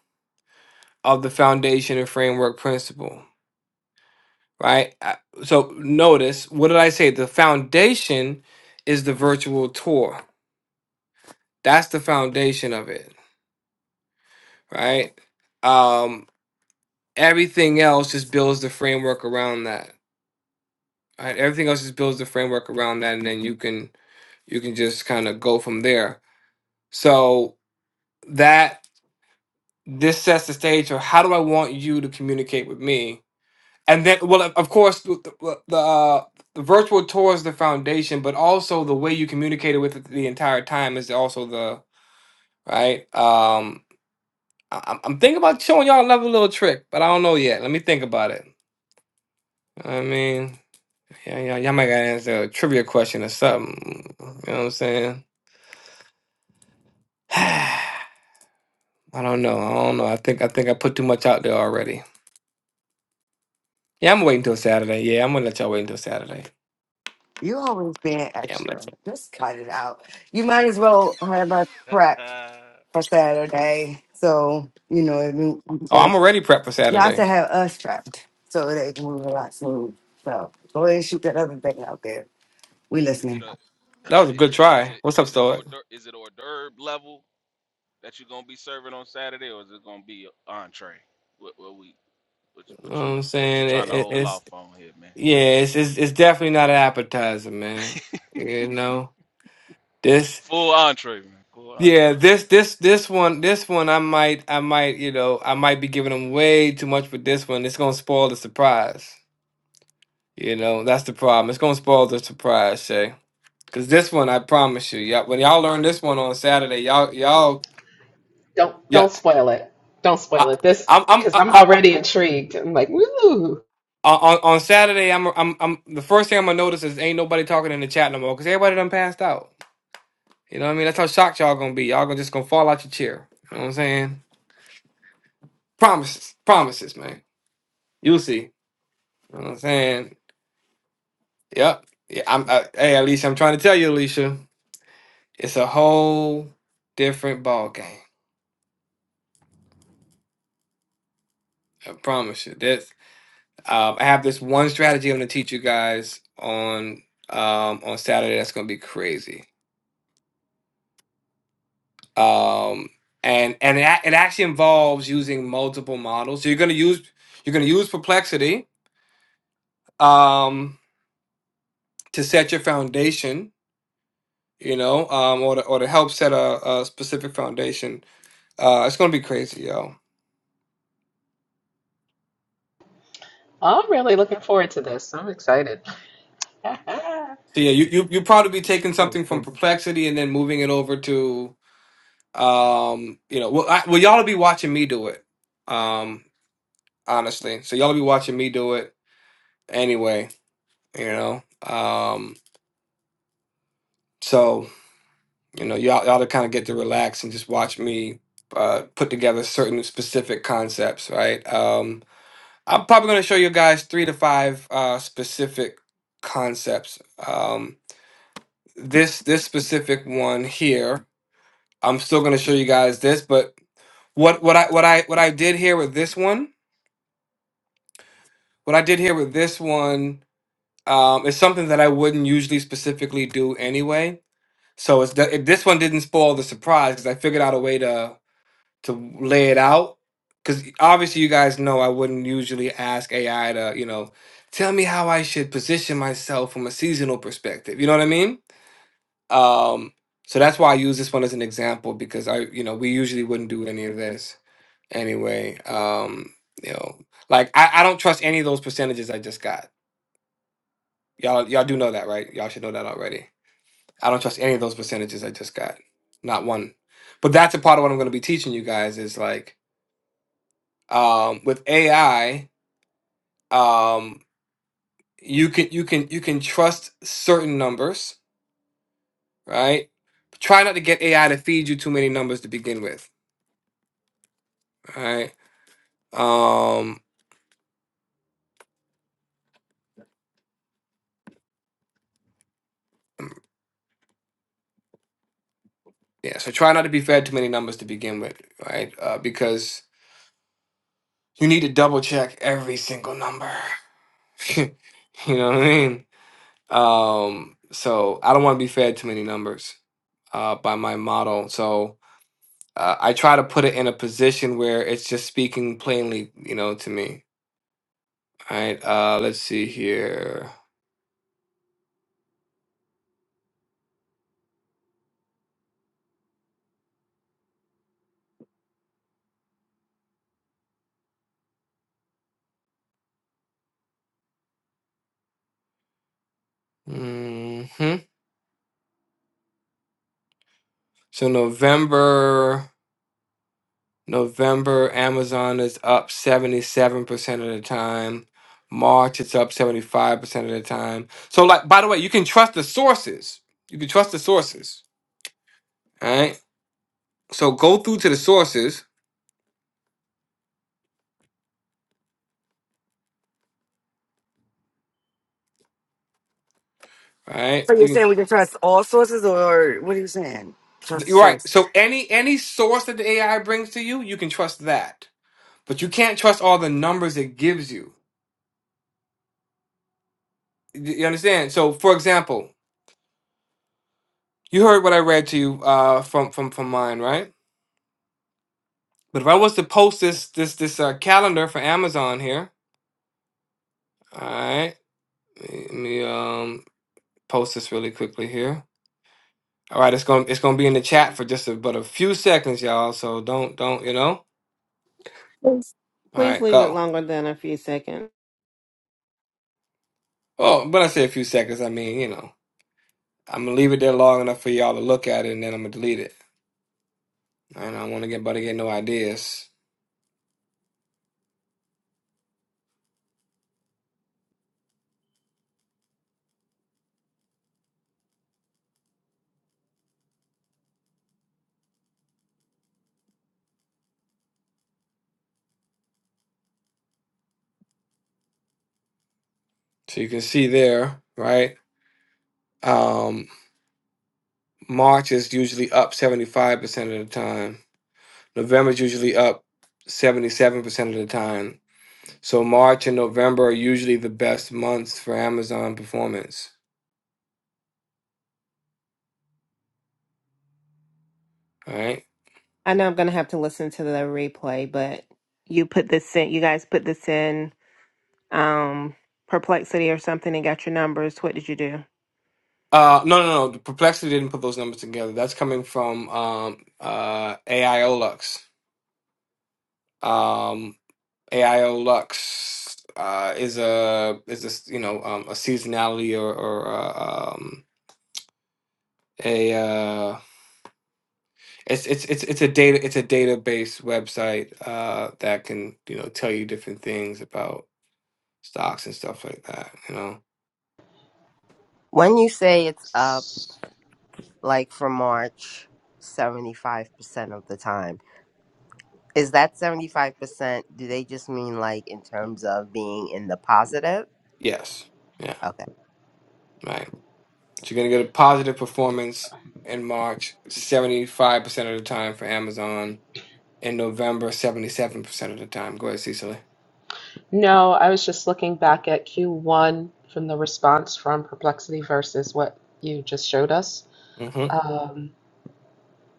[SPEAKER 4] of the foundation and framework principle, right? I- So notice, what did I say? The foundation is the virtual tour. That's the foundation of it, right? Um, everything else just builds the framework around that. Right, everything else just builds the framework around that, and then you can you can just kind of go from there. So that this sets the stage for how do I want you to communicate with me, and then well, of of course, the the, well, the, uh, the virtual tour is the foundation, but also the way you communicated with it the entire time is also the right. Um, I, I'm I'm thinking about showing y'all another little trick, but I don't know yet. Let me think about it. I mean, yeah, yeah, y'all might gotta answer a trivia question or something. You know what I'm saying? I don't know. I don't know. I think I think I put too much out there already. Yeah, I'm waiting till Saturday. Yeah, I'm gonna let y'all wait until Saturday.
[SPEAKER 3] You always being
[SPEAKER 4] Yeah, I'm gonna
[SPEAKER 3] extra.
[SPEAKER 4] let you
[SPEAKER 3] Just cut it out. You might as well have a prep
[SPEAKER 10] Uh,
[SPEAKER 3] for Saturday. So, you know, it
[SPEAKER 4] Oh,
[SPEAKER 3] means-
[SPEAKER 4] I'm already prepped for
[SPEAKER 3] not to
[SPEAKER 4] Saturday.
[SPEAKER 3] have us trapped so they can move a lot smooth. So go ahead and shoot that other thing out there. We
[SPEAKER 10] is it
[SPEAKER 3] listening.
[SPEAKER 4] That
[SPEAKER 10] a
[SPEAKER 4] was a
[SPEAKER 10] is
[SPEAKER 4] good
[SPEAKER 10] it is
[SPEAKER 4] try.
[SPEAKER 10] it
[SPEAKER 4] What's up,
[SPEAKER 10] is it hors
[SPEAKER 4] Stoic?
[SPEAKER 10] d'oeuvre, is it hors d'oeuvre level that you are gonna be serving on Saturday, or is it gonna be an entree? What, what we what,
[SPEAKER 4] You know
[SPEAKER 10] what
[SPEAKER 4] what
[SPEAKER 10] you
[SPEAKER 4] I'm
[SPEAKER 10] what you
[SPEAKER 4] saying
[SPEAKER 10] trying
[SPEAKER 4] it,
[SPEAKER 10] to
[SPEAKER 4] it,
[SPEAKER 10] hold
[SPEAKER 4] it's
[SPEAKER 10] off on here, man?
[SPEAKER 4] yeah, it's, it's it's definitely not an appetizer, man. You know this.
[SPEAKER 10] Full entree, man. Full
[SPEAKER 4] Yeah,
[SPEAKER 10] entree.
[SPEAKER 4] this this this one this one I might I might you know I might be giving them way too much for this one. It's gonna spoil the surprise. You know that's the problem. It's gonna spoil the surprise, Shay. Cause this one, I promise you, you when y'all learn this one on Saturday, y'all, y'all,
[SPEAKER 2] Don't
[SPEAKER 4] yeah,
[SPEAKER 2] don't spoil it. Don't
[SPEAKER 4] I,
[SPEAKER 2] spoil it. This
[SPEAKER 4] I'm, I'm,
[SPEAKER 2] because
[SPEAKER 4] I,
[SPEAKER 2] I'm
[SPEAKER 4] I,
[SPEAKER 2] already intrigued. I'm like, woo.
[SPEAKER 4] on on Saturday, I'm, I'm, I'm. The first thing I'm gonna notice is ain't nobody talking in the chat no more, cause everybody done passed out. You know what I mean? That's how shocked y'all gonna be. Y'all gonna just gonna fall out your chair. You know what I'm saying? Promises, promises, man. You'll see. You know what I'm saying? Yep. Yeah. I'm. I, hey, Alicia, I'm trying to tell you, Alicia, it's a whole different ball game. I promise you. This. Um, I have this one strategy I'm going to teach you guys on um, on Saturday. That's going to be crazy. Um, and and it, ac- it actually involves using multiple models. So you're going to use you're going to use perplexity um, to set your foundation. You know, um, or to, or to help set a, a specific foundation. Uh, it's going to be crazy, yo.
[SPEAKER 2] I'm really looking forward to this. I'm excited.
[SPEAKER 4] So yeah, you you you probably be taking something from perplexity and then moving it over to um, you know, well, I, well, y'all will be watching me do it. Um, honestly. So y'all be watching me do it anyway, you know. Um, so you know, y'all y'all to kind of get to relax and just watch me uh, put together certain specific concepts, right? Um, I'm probably going to show you guys three to five uh, specific concepts. Um, this this specific one here, I'm still going to show you guys this, but what what I what I what I did here with this one, what I did here with this one Um, it's something that I wouldn't usually specifically do anyway. So it's the, it, this one didn't spoil the surprise because I figured out a way to to lay it out. Because obviously you guys know I wouldn't usually ask AI to you know tell me how I should position myself from a seasonal perspective. You know what I mean? Um, so that's why I use this one as an example because I you know we usually wouldn't do any of this anyway. Um, you know, like I, I don't trust any of those percentages I just got. Y'all y'all do know that, right? Y'all should know that already. I don't trust any of those percentages I just got. Not one. But that's a part of what I'm going to be teaching you guys is like um, with AI, um, you can you can you can trust certain numbers, right? Try not to get AI to feed you too many numbers to begin with, right? Um, yeah, so try not to be fed too many numbers to begin with, right? Uh, because you need to double check every single number. you know what I mean? Um, so I don't want to be fed too many numbers. uh, by my model. So uh, I try to put it in a position where it's just speaking plainly, you know, to me. All right. Uh, let's see here. hmm So November, November, Amazon is up seventy-seven percent of the time. March, it's up seventy-five percent of the time. So, like, by the way, you can trust the sources. You can trust the sources. All right. So go through to the sources. All right.
[SPEAKER 3] So
[SPEAKER 4] You
[SPEAKER 3] you're
[SPEAKER 4] can
[SPEAKER 3] saying we can trust all sources or what are you saying? Trust
[SPEAKER 4] You're right.
[SPEAKER 3] sources.
[SPEAKER 4] So any any source that the AI brings to you, you can trust that. But you can't trust all the numbers it gives you. You you understand? So for example, you heard what I read to you uh from from from mine, right? But if I was to post this this this uh, calendar for Amazon here, all right? Let me um post this really quickly here. All right, it's going to it's going to be in the chat for just a, but a few seconds, y'all. So don't don't, you know.
[SPEAKER 11] Please
[SPEAKER 4] All
[SPEAKER 11] please
[SPEAKER 4] right,
[SPEAKER 11] leave it
[SPEAKER 4] go.
[SPEAKER 11] longer than a few seconds.
[SPEAKER 4] Oh, when I say a few seconds, I mean, you know. I'm gonna leave it there long enough for y'all to look at it, and then I'm gonna delete it. And I don't want to get but to get no ideas. So you can see there, right? Um, March is usually up 75% of the time. November is usually up 77% of the time. So March and November are usually the best months for Amazon performance. All right.
[SPEAKER 11] I know I'm gonna have to listen to the replay, but you put this in. You guys put this in um perplexity or something and got your numbers. What did you do?
[SPEAKER 4] Uh, no, no, no. Perplexity didn't put those numbers together. That's coming from um, uh, AI Olux. Um, AIO Lux uh, is a is this you know um, a seasonality or, or uh, um, a uh, it's it's it's it's a data it's a database website uh, that can you know tell you different things about stocks and stuff like that. You know,
[SPEAKER 5] When you say it's up, like for March, seventy five percent of the time. Is that 75%? Do they just mean like in terms of being in the positive?
[SPEAKER 4] yes, yeah,
[SPEAKER 5] Okay.
[SPEAKER 4] right. So you're gonna get a positive performance in March, seventy five percent of the time for Amazon. In November, seventy seven percent of the time. Go ahead, Cecily.
[SPEAKER 2] No, I was just looking back at Q1 from the response from Perplexity versus what you just showed us.
[SPEAKER 4] hmm
[SPEAKER 2] Um,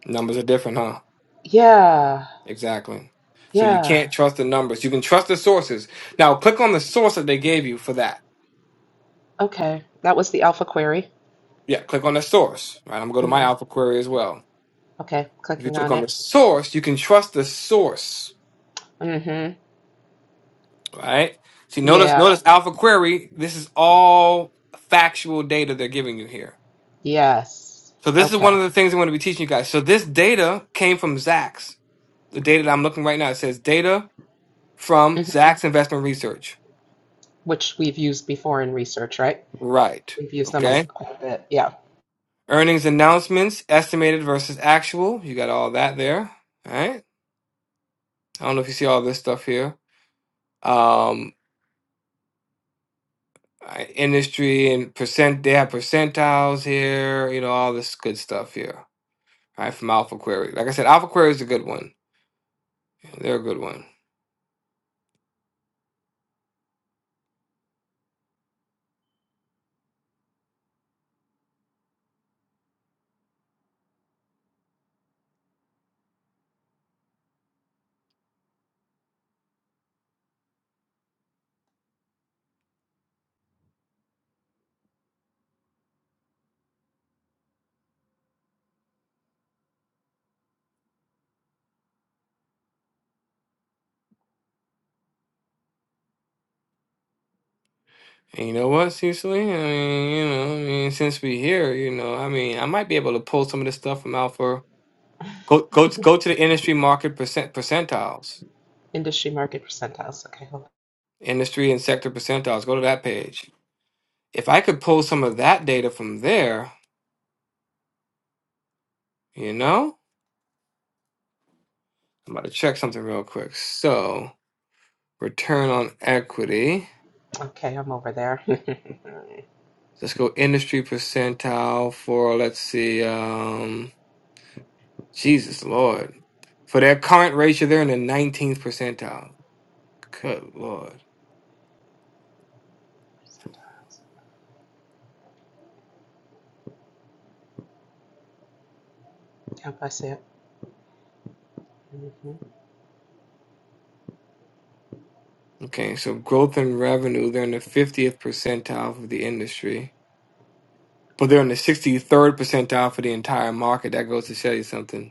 [SPEAKER 4] Numbers are different, huh?
[SPEAKER 2] yeah,
[SPEAKER 4] Exactly. So you
[SPEAKER 2] yeah.
[SPEAKER 4] can't trust the numbers. You can trust the sources. Now click on the source that they gave you for that.
[SPEAKER 2] Okay. That was the alpha query.
[SPEAKER 4] Yeah, click on the source. Right. I'm gonna go to my
[SPEAKER 2] hmm
[SPEAKER 4] alpha query as well.
[SPEAKER 2] Okay,
[SPEAKER 4] If you
[SPEAKER 2] clicking
[SPEAKER 4] click
[SPEAKER 2] on
[SPEAKER 4] on
[SPEAKER 2] it.
[SPEAKER 4] the source, you can trust the source.
[SPEAKER 2] Mm-hmm.
[SPEAKER 4] Right? See, notice
[SPEAKER 2] Yeah,
[SPEAKER 4] notice alpha query, this is all factual data they're giving you here.
[SPEAKER 2] yes.
[SPEAKER 4] So this is one
[SPEAKER 2] Okay.
[SPEAKER 4] of the things I'm gonna be teaching you guys. So this data came from Zacks. The data that I'm looking right now, it says data from Zacks investment research.
[SPEAKER 2] Which we've used before in research, right?
[SPEAKER 4] Right.
[SPEAKER 2] We've used them a l-
[SPEAKER 4] Okay.
[SPEAKER 2] quite a bit. Yeah.
[SPEAKER 4] Earnings announcements, estimated versus actual. You got all that there. All right. I don't know if you see all this stuff here. Um, I- industry and percent, they have percentiles here, you know, all this good stuff here. All right. From Alpha Query. Like I said, Alpha Query is a good one. They're a good one. And you know what, Cecily? I mean, you know, I mean, since we here, you know, I mean, I might be able to pull some of this stuff from Alpha. Go, go, to, go to the industry market percent percentiles,
[SPEAKER 2] Industry market percentiles. Okay, hold on.
[SPEAKER 4] industry and sector percentiles. Go to that page If I could pull some of that data from there, you know, I'm about to check something real quick. So, return on equity.
[SPEAKER 2] Okay, I'm over there. percentiles.
[SPEAKER 4] Let's go industry percentile for, let's see, um, Jesus Lord. For their current ratio, they're in the 19th percentile. Good Lord.
[SPEAKER 2] Yep, I see it. Mm-hmm.
[SPEAKER 4] Okay, so growth and revenue, they're in the 50th percentile for the industry, but they're in the 63rd percentile for the entire market. That goes to show you something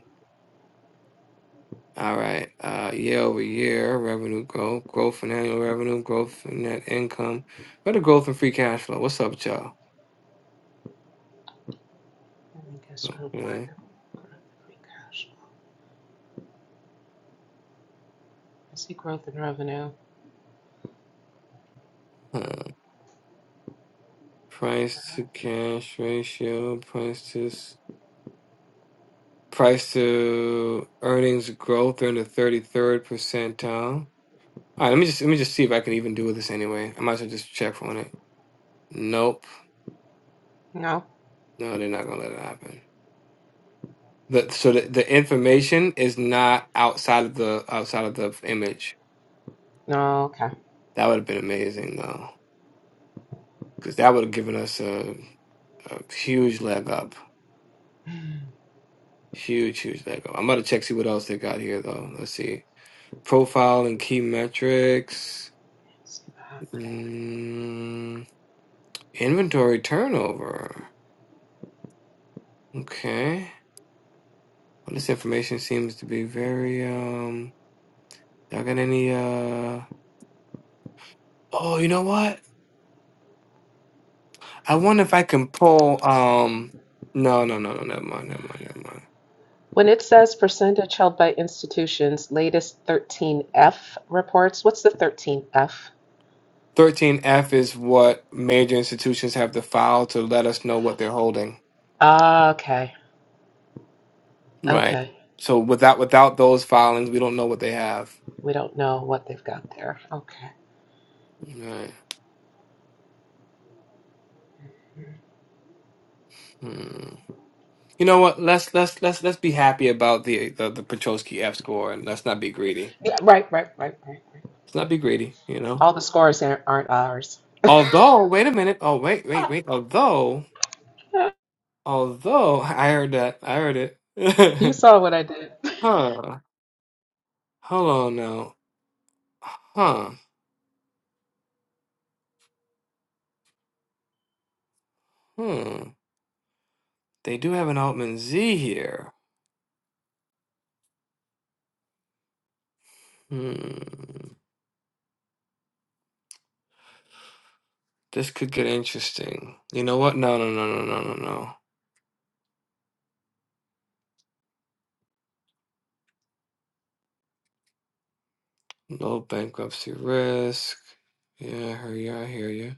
[SPEAKER 4] All right. Uh, year over year, revenue growth, growth in annual revenue, growth in net income, better growth in free cash flow. What's up, with y'all?
[SPEAKER 2] I think it's grown by
[SPEAKER 4] Yeah.
[SPEAKER 2] the growth of free cash flow. I see growth in revenue.
[SPEAKER 4] Uh,
[SPEAKER 2] Go
[SPEAKER 4] price
[SPEAKER 2] back.
[SPEAKER 4] to cash ratio, price to s- price to earnings growth. They're in the thirty third percentile. All right. Let me just let me just see if I can even do this anyway. I might as well just check on it. Nope.
[SPEAKER 2] No.
[SPEAKER 4] No, they're not gonna let it happen. The, so the, the information is not outside of the outside of the image.
[SPEAKER 2] No, okay.
[SPEAKER 4] That would have been amazing though, because that would have given us a, a huge leg up, huge, huge leg up. I'm gonna check see what else they got here though. Let's see, profile and key metrics,
[SPEAKER 2] See that.
[SPEAKER 4] mm, inventory turnover. Okay, well, this information seems to be very um. Y'all got any uh? Oh, you know what? I wonder if I can pull um. No, no, no, no. Never mind. Never mind. Never mind.
[SPEAKER 2] When it says percentage held by institutions, latest 13F reports, what's the 13F?
[SPEAKER 4] 13F is what major institutions have to file to let us know what they're holding.
[SPEAKER 2] Ah, okay.
[SPEAKER 4] Right.
[SPEAKER 2] Okay.
[SPEAKER 4] So without without those filings, we don't know what they have.
[SPEAKER 2] We don't know what they've got there. Okay.
[SPEAKER 4] Right. Hmm. You know what? Let's let's let's let's be happy about the the, the Petrosky F score, and let's not be greedy.
[SPEAKER 2] Yeah, right, right, right, right.
[SPEAKER 4] Let's not be greedy. You know.
[SPEAKER 2] All the scores aren't, aren't ours.
[SPEAKER 4] Although, wait a minute. Oh, wait, wait, wait. Although, although I heard that. I heard it.
[SPEAKER 2] You saw what I did.
[SPEAKER 4] huh. Hold on now. Huh. Hmm. They do have an Altman Z here. Hmm. This could get interesting. You know what? No, no, no, no, no, no, no. Low bankruptcy risk. Yeah, I hear you. I hear you.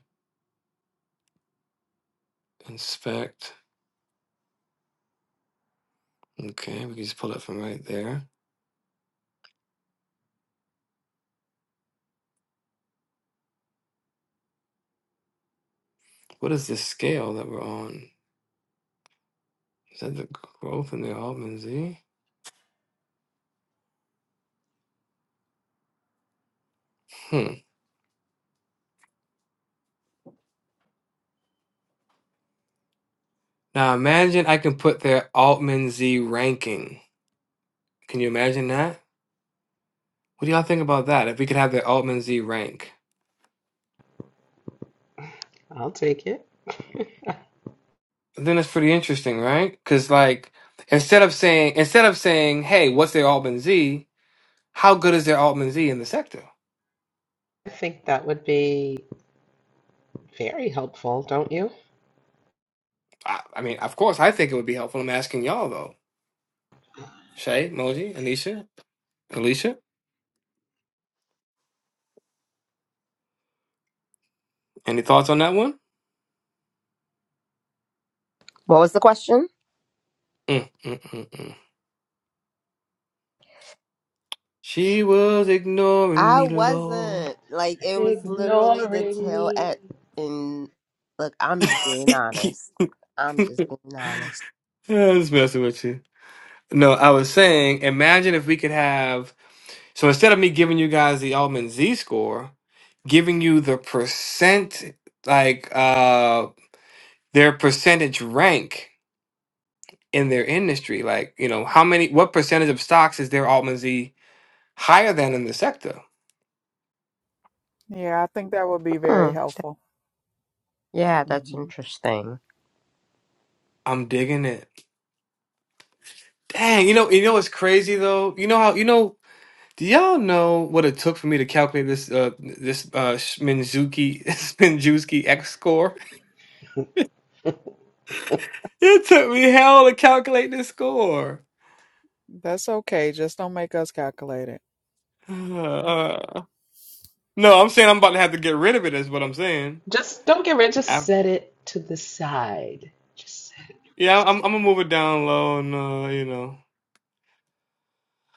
[SPEAKER 4] Inspect. Okay, we can just pull it from right there. What is this scale that we're on? Is that the growth in the Altman Z? Hmm. Now imagine I can put their Altman Z ranking. Can you imagine that? What do y'all think about that? If we could have their Altman Z rank.
[SPEAKER 2] I'll take it.
[SPEAKER 4] then it's pretty interesting, right? Because like instead of saying instead of saying, "Hey, what's their Altman Z?" How good is their Altman Z in the sector?
[SPEAKER 2] I think that would be. Very helpful, don't you?
[SPEAKER 4] I, I mean, of course, I think it would be helpful. I'm asking y'all though. Shay, Moji, Anisha, Alicia, any thoughts on that one?
[SPEAKER 5] What was the question?
[SPEAKER 4] Mm, mm, mm, mm. She was ignoring
[SPEAKER 5] I
[SPEAKER 4] me, Lord.
[SPEAKER 5] wasn't. Like it was literally the
[SPEAKER 2] Ignoring
[SPEAKER 5] tail
[SPEAKER 2] me.
[SPEAKER 5] at and look, I'm just being
[SPEAKER 4] I
[SPEAKER 5] honest. I'm just being honest.
[SPEAKER 4] was messing with you. No, I was saying, imagine if we could have So instead of me giving you guys the Altman Z score, giving you the percent, like uh, their percentage rank in their industry, like you know how many, what percentage of stocks is their Altman Z higher than in the sector?
[SPEAKER 8] Yeah, I think that would be very
[SPEAKER 5] Hmm.
[SPEAKER 8] helpful.
[SPEAKER 5] Yeah, that's
[SPEAKER 8] hmm
[SPEAKER 5] interesting.
[SPEAKER 4] I'm digging it. Dang, you know, you know what's crazy though? You know how you know. Do y'all know what it took for me to calculate this uh this uh Minzuki Minzuki X score? It took me hell to calculate this score.
[SPEAKER 8] That's okay. Just don't make us calculate it.
[SPEAKER 4] No, I'm saying I'm about to have to get rid of it. Is what I'm saying.
[SPEAKER 2] Just don't get rid. Just
[SPEAKER 4] Af
[SPEAKER 2] set it to the side. Just set
[SPEAKER 4] yeah, I'm, I'm gonna move it down low and uh, you know,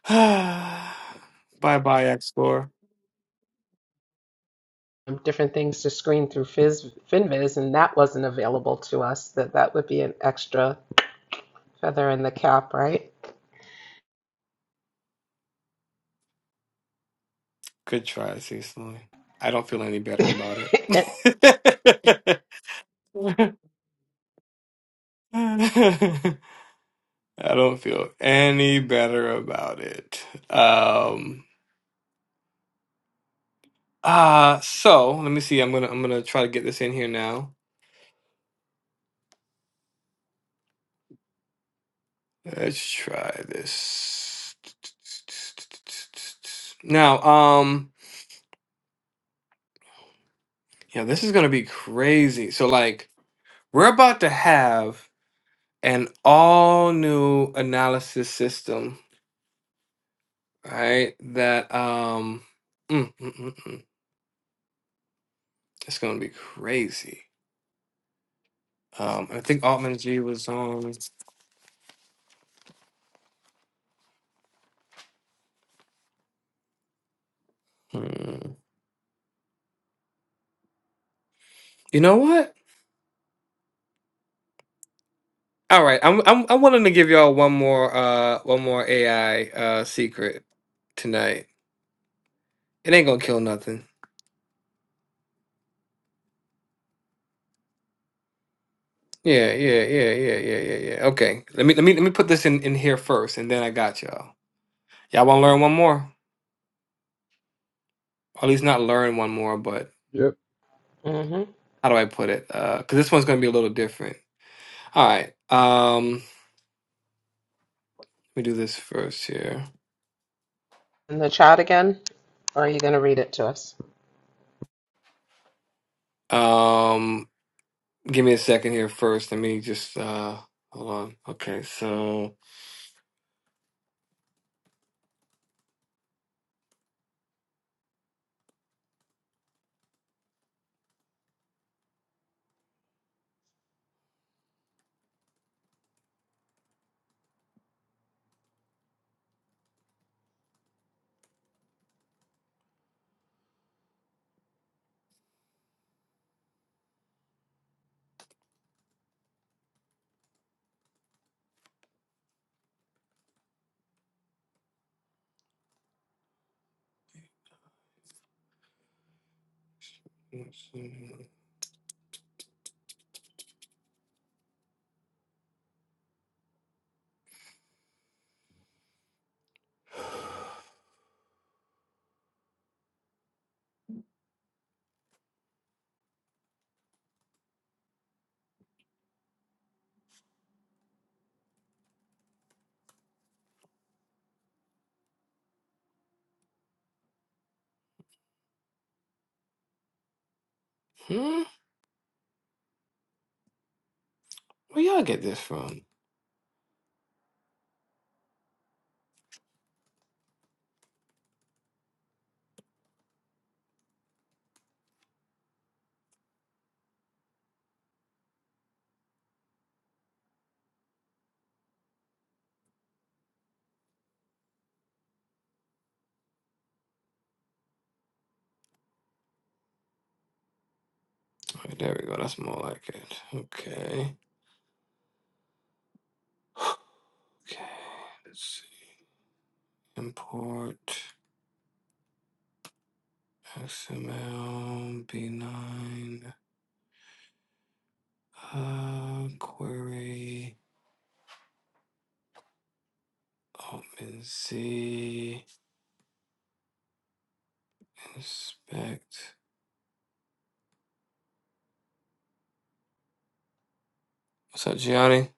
[SPEAKER 4] bye bye X score.
[SPEAKER 2] um, different things to screen through Fizz, FinViz, and that wasn't available to us. That that would be an extra feather in the cap, right?
[SPEAKER 4] Good try, Cecily. I don't feel any better about it.
[SPEAKER 2] mm
[SPEAKER 4] I don't feel any better about it. Um. Uh so let me see. I'm gonna I'm gonna try to get this in here now. Let's try this. Now, um. Yeah, this is gonna be crazy. So like we're about to have an all new analysis system, right? That um mm, mm, mm, mm. it's gonna be crazy. Um I think Altman G was on hmm. You know what? All right, I'm I'm I'm wanting to give y'all one more uh one more AI uh secret tonight. It ain't gonna kill nothing. Yeah, yeah, yeah, yeah, yeah, yeah, yeah. Okay. Let me let me let me put this in in here first and then I got y'all. Y'all want to learn one more? Or at least not learn one more, but
[SPEAKER 12] Yep.
[SPEAKER 2] hmm
[SPEAKER 4] how do I put it? Because this one's going to be a little different. All right. Um, let me do this first here.
[SPEAKER 2] In the chat again, or are you going to read it to us?
[SPEAKER 4] Um, give me a second here first. Let me just uh, hold on. Okay, so hmm, where y'all get this from? All right, there we go. That's more like it. Okay. Okay. Let's see. Import XML B9 uh, query. Open OpenSea inspect. What's up, Gianni?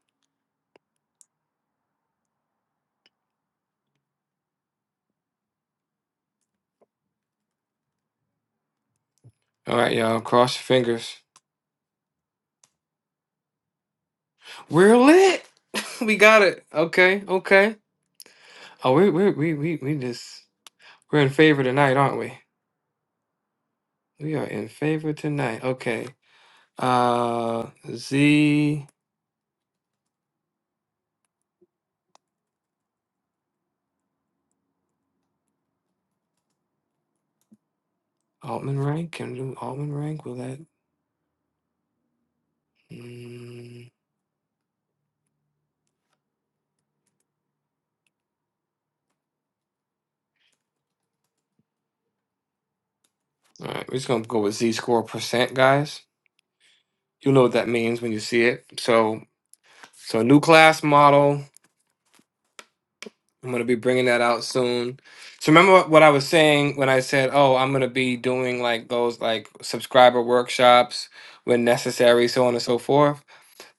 [SPEAKER 4] All right, y'all. Cross your fingers. We're lit. We got it. Okay. Okay. Oh, we we we we we just we're in favor tonight, aren't we? We are in favor tonight. Okay. Uh, Z Altman rank. Can we do Altman rank? Will that? Mm. All right. We're just gonna go with Z score percent, guys. You know what that means when you see it. So so new class model. I'm gonna be bringing that out soon. So remember what what I was saying when I said, "Oh, I'm gonna be doing like those like subscriber workshops when necessary, so on and so forth."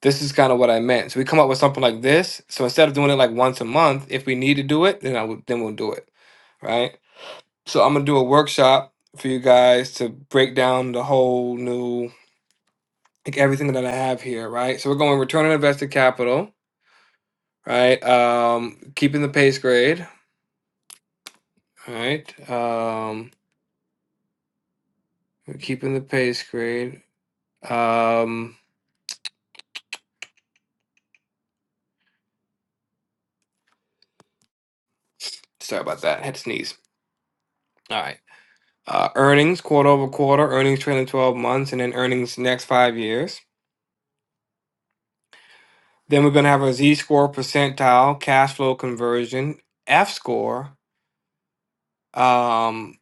[SPEAKER 4] This is kind of what I meant. So we come up with something like this. So instead of doing it like once a month, if we need to do it, then I would then we'll do it, right? So I'm gonna do a workshop for you guys to break down the whole new like everything that I have here, right? So we're going return on invested capital, right? Um, keeping the pace grade, right? Um. We're keeping the pace, grade. Um, sorry about that. I had to sneeze. All right. Uh, earnings quarter over quarter, earnings trailing 12 months, and then earnings next five years. Then we're going to have a Z score percentile, cash flow conversion, F score. Um,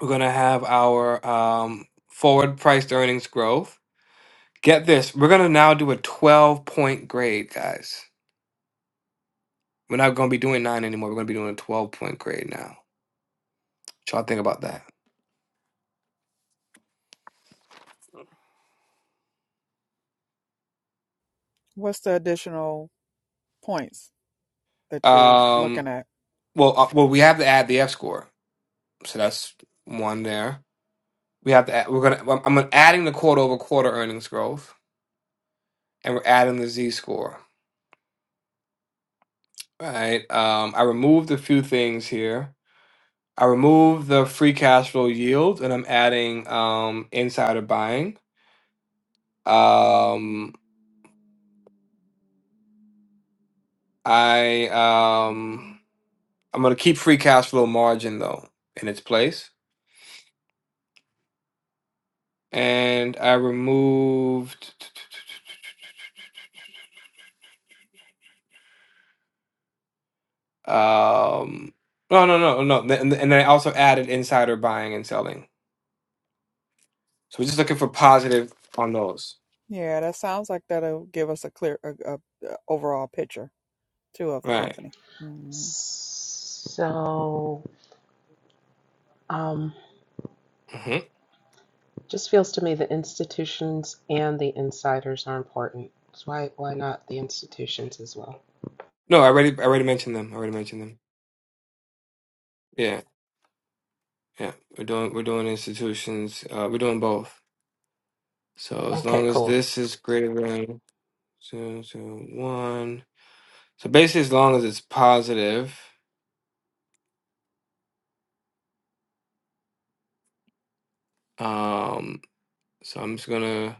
[SPEAKER 4] we're going to have our um, forward priced earnings growth. Get this, we're going to now do a 12 point grade, guys. We're not going to be doing nine anymore. We're going to be doing a 12 point grade now. What y'all think about that?
[SPEAKER 8] What's the additional points that you're
[SPEAKER 4] Um,
[SPEAKER 8] looking at?
[SPEAKER 4] Well, uh, well, we have to add the F score, so that's one there. We have to. Add, we're gonna. I'm I'm gonna- adding the quarter over quarter earnings growth, and we're adding the Z score. Right. Um, I removed a few things here. I removed the free cash flow yield, and I'm adding um, insider buying. Um, I um, I'm gonna keep free cash flow margin though in its place, and I removed. Um, no, no, no, no. th- And, then I also added insider buying and selling. So we're just looking for positive on those,
[SPEAKER 8] Yeah, that sounds like that'll give us a clear, a, a, a overall picture too of the
[SPEAKER 4] right?
[SPEAKER 8] company. Mhm.
[SPEAKER 2] So, um,
[SPEAKER 4] hmm
[SPEAKER 2] just feels to me the institutions and the insiders are important. So why why not the institutions as well?
[SPEAKER 4] No, I already, I already mentioned them. I already mentioned them. Yeah, yeah. We're doing, we're doing institutions. Uh, we're doing both. So as
[SPEAKER 2] Okay,
[SPEAKER 4] long as
[SPEAKER 2] cool.
[SPEAKER 4] this is greater than two, two, one. So basically, as long as it's positive. Um, so I'm just gonna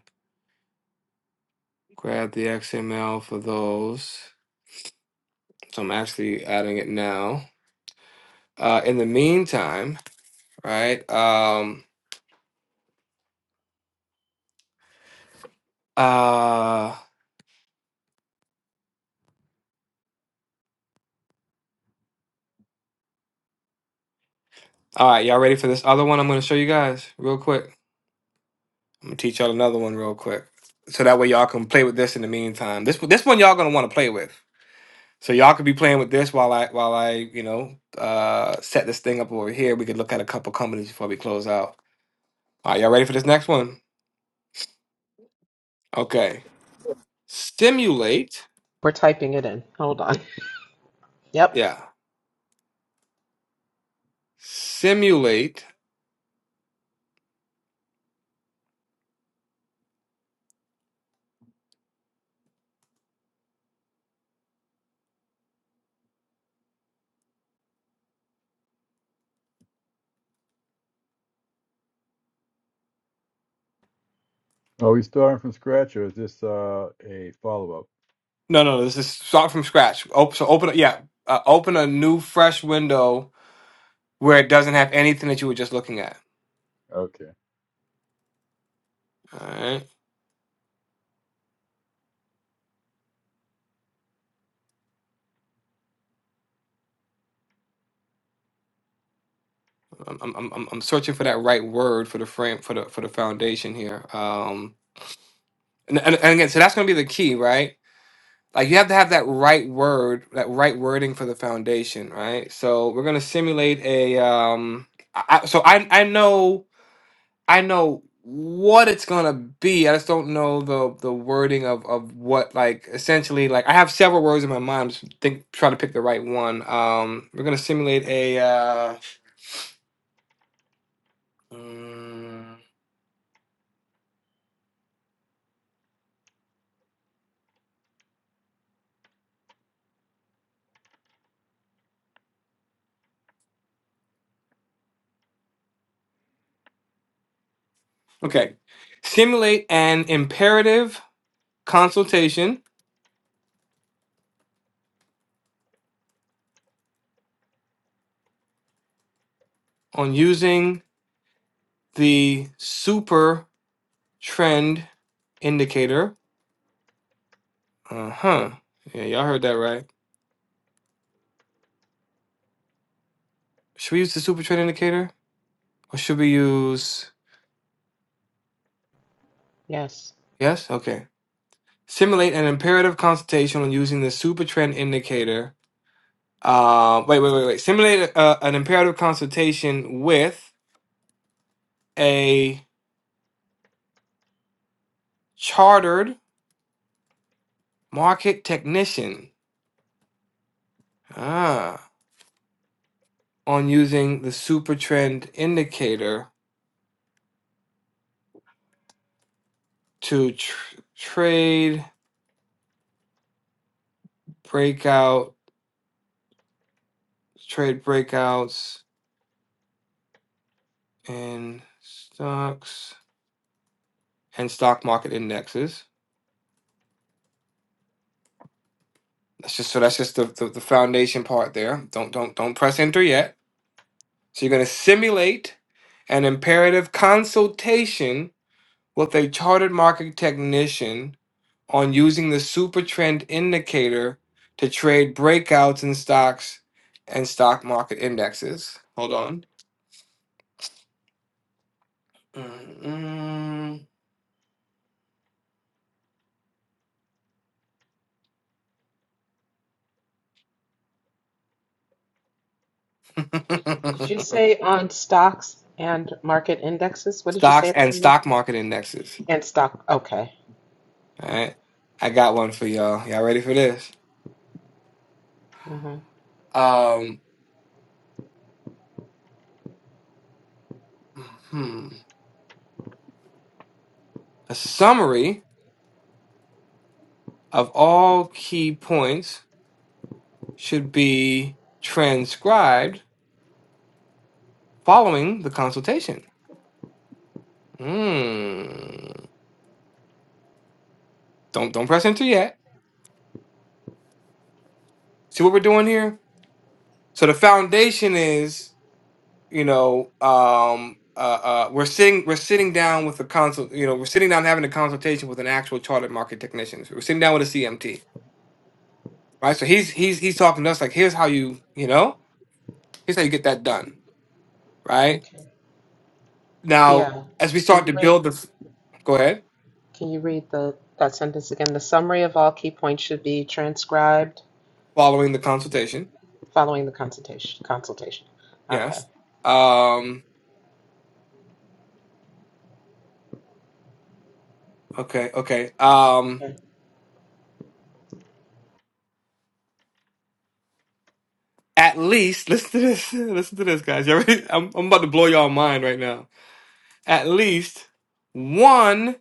[SPEAKER 4] grab the XML for those. So I'm actually adding it now. Uh, in the meantime. right? Um, uh, all right, y'all ready for this other one? I'm gonna show you guys real quick. I'm gonna teach y'all another one real quick, so that way y'all can play with this in the meantime. This this one y'all gonna want to play with, so y'all could be playing with this while I while I you know uh set this thing up over here. We could look at a couple companies before we close out. All right, y'all ready for this next one? Okay, simulate.
[SPEAKER 2] We're typing it in. Hold on. Yep.
[SPEAKER 4] Yeah, simulate.
[SPEAKER 12] Are we starting from scratch or is this uh, a follow up?
[SPEAKER 4] No, no, no, this is start from scratch. Op- so open, yeah, uh, open a new fresh window where it doesn't have anything that you were just looking at.
[SPEAKER 12] Okay.
[SPEAKER 4] All right, I'm I'm I'm I'm searching for that right word for the frame for the for the foundation here. Um, and and, and again, so that's going to be the key, right? Like you have to have that right word, that right wording for the foundation, right? So we're going to simulate a um. I, I- so I I know I know what it's gonna be. I just don't know the the wording of of what like essentially like I have several words in my mind. I'm just think trying to pick the right one. Um, we're gonna simulate a uh, mm, okay, simulate an imperative consultation on using the super trend indicator. Uh huh. Yeah, y'all heard that right. Should we use the super trend indicator or should we use?
[SPEAKER 2] Yes.
[SPEAKER 4] Yes. Okay. Simulate an imperative consultation using the supertrend indicator. Uh, wait, wait, wait, wait. Simulate uh, an imperative consultation with a chartered market technician. Ah, on using the supertrend indicator to tr- trade breakout, trade breakouts in stocks and stock market indexes. That's just so. That's just the, the the foundation part there. Don't don't don't press enter yet So you're going to simulate an imperative consultation with a chartered market technician on using the super trend indicator to trade breakouts in stocks and stock market indexes. Hold on. Mm-mm.
[SPEAKER 2] Did you say on stocks and market indexes? What did you say
[SPEAKER 4] stocks
[SPEAKER 2] at the
[SPEAKER 4] and
[SPEAKER 2] end there?
[SPEAKER 4] stock market indexes.
[SPEAKER 2] And stock. Okay.
[SPEAKER 4] All right. I got one for y'all. Y'all ready for this?
[SPEAKER 2] hmm
[SPEAKER 4] Um, hmm. A summary of all key points should be transcribed following the consultation. Mm. Don't don't press enter yet. See what we're doing here. So the foundation is, you know, um, uh, uh, we're sitting we're sitting down with the consult, you know, we're sitting down having a consultation with an actual chartered market technician. So We're sitting down with a CMT, right? So he's he's he's talking to us like, here's how you, you know, here's how you get that done, right?
[SPEAKER 2] Okay.
[SPEAKER 4] Now,
[SPEAKER 2] Yeah.
[SPEAKER 4] as we
[SPEAKER 2] Can
[SPEAKER 4] start
[SPEAKER 2] you
[SPEAKER 4] to
[SPEAKER 2] read?
[SPEAKER 4] build the, f- go ahead,
[SPEAKER 2] Can you read the that sentence again? The summary of all key points should be transcribed
[SPEAKER 4] following the consultation,
[SPEAKER 2] following the consultation. Consultation. Okay.
[SPEAKER 4] yes. Um, Okay, okay. Um,
[SPEAKER 2] Okay.
[SPEAKER 4] at least listen to this. Listen to this, guys. You ready? I'm, I'm about to blow y'all mind right now. At least one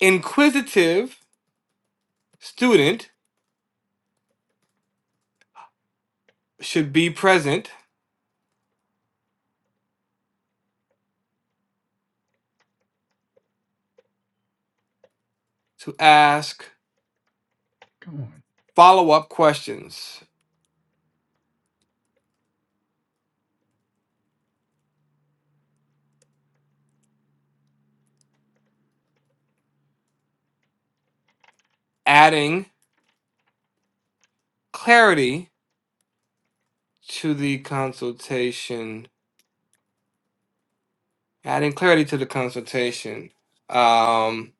[SPEAKER 4] inquisitive student should be present to ask
[SPEAKER 12] Come on.
[SPEAKER 4] follow-up questions, adding clarity to the consultation. Adding clarity to the consultation. Um,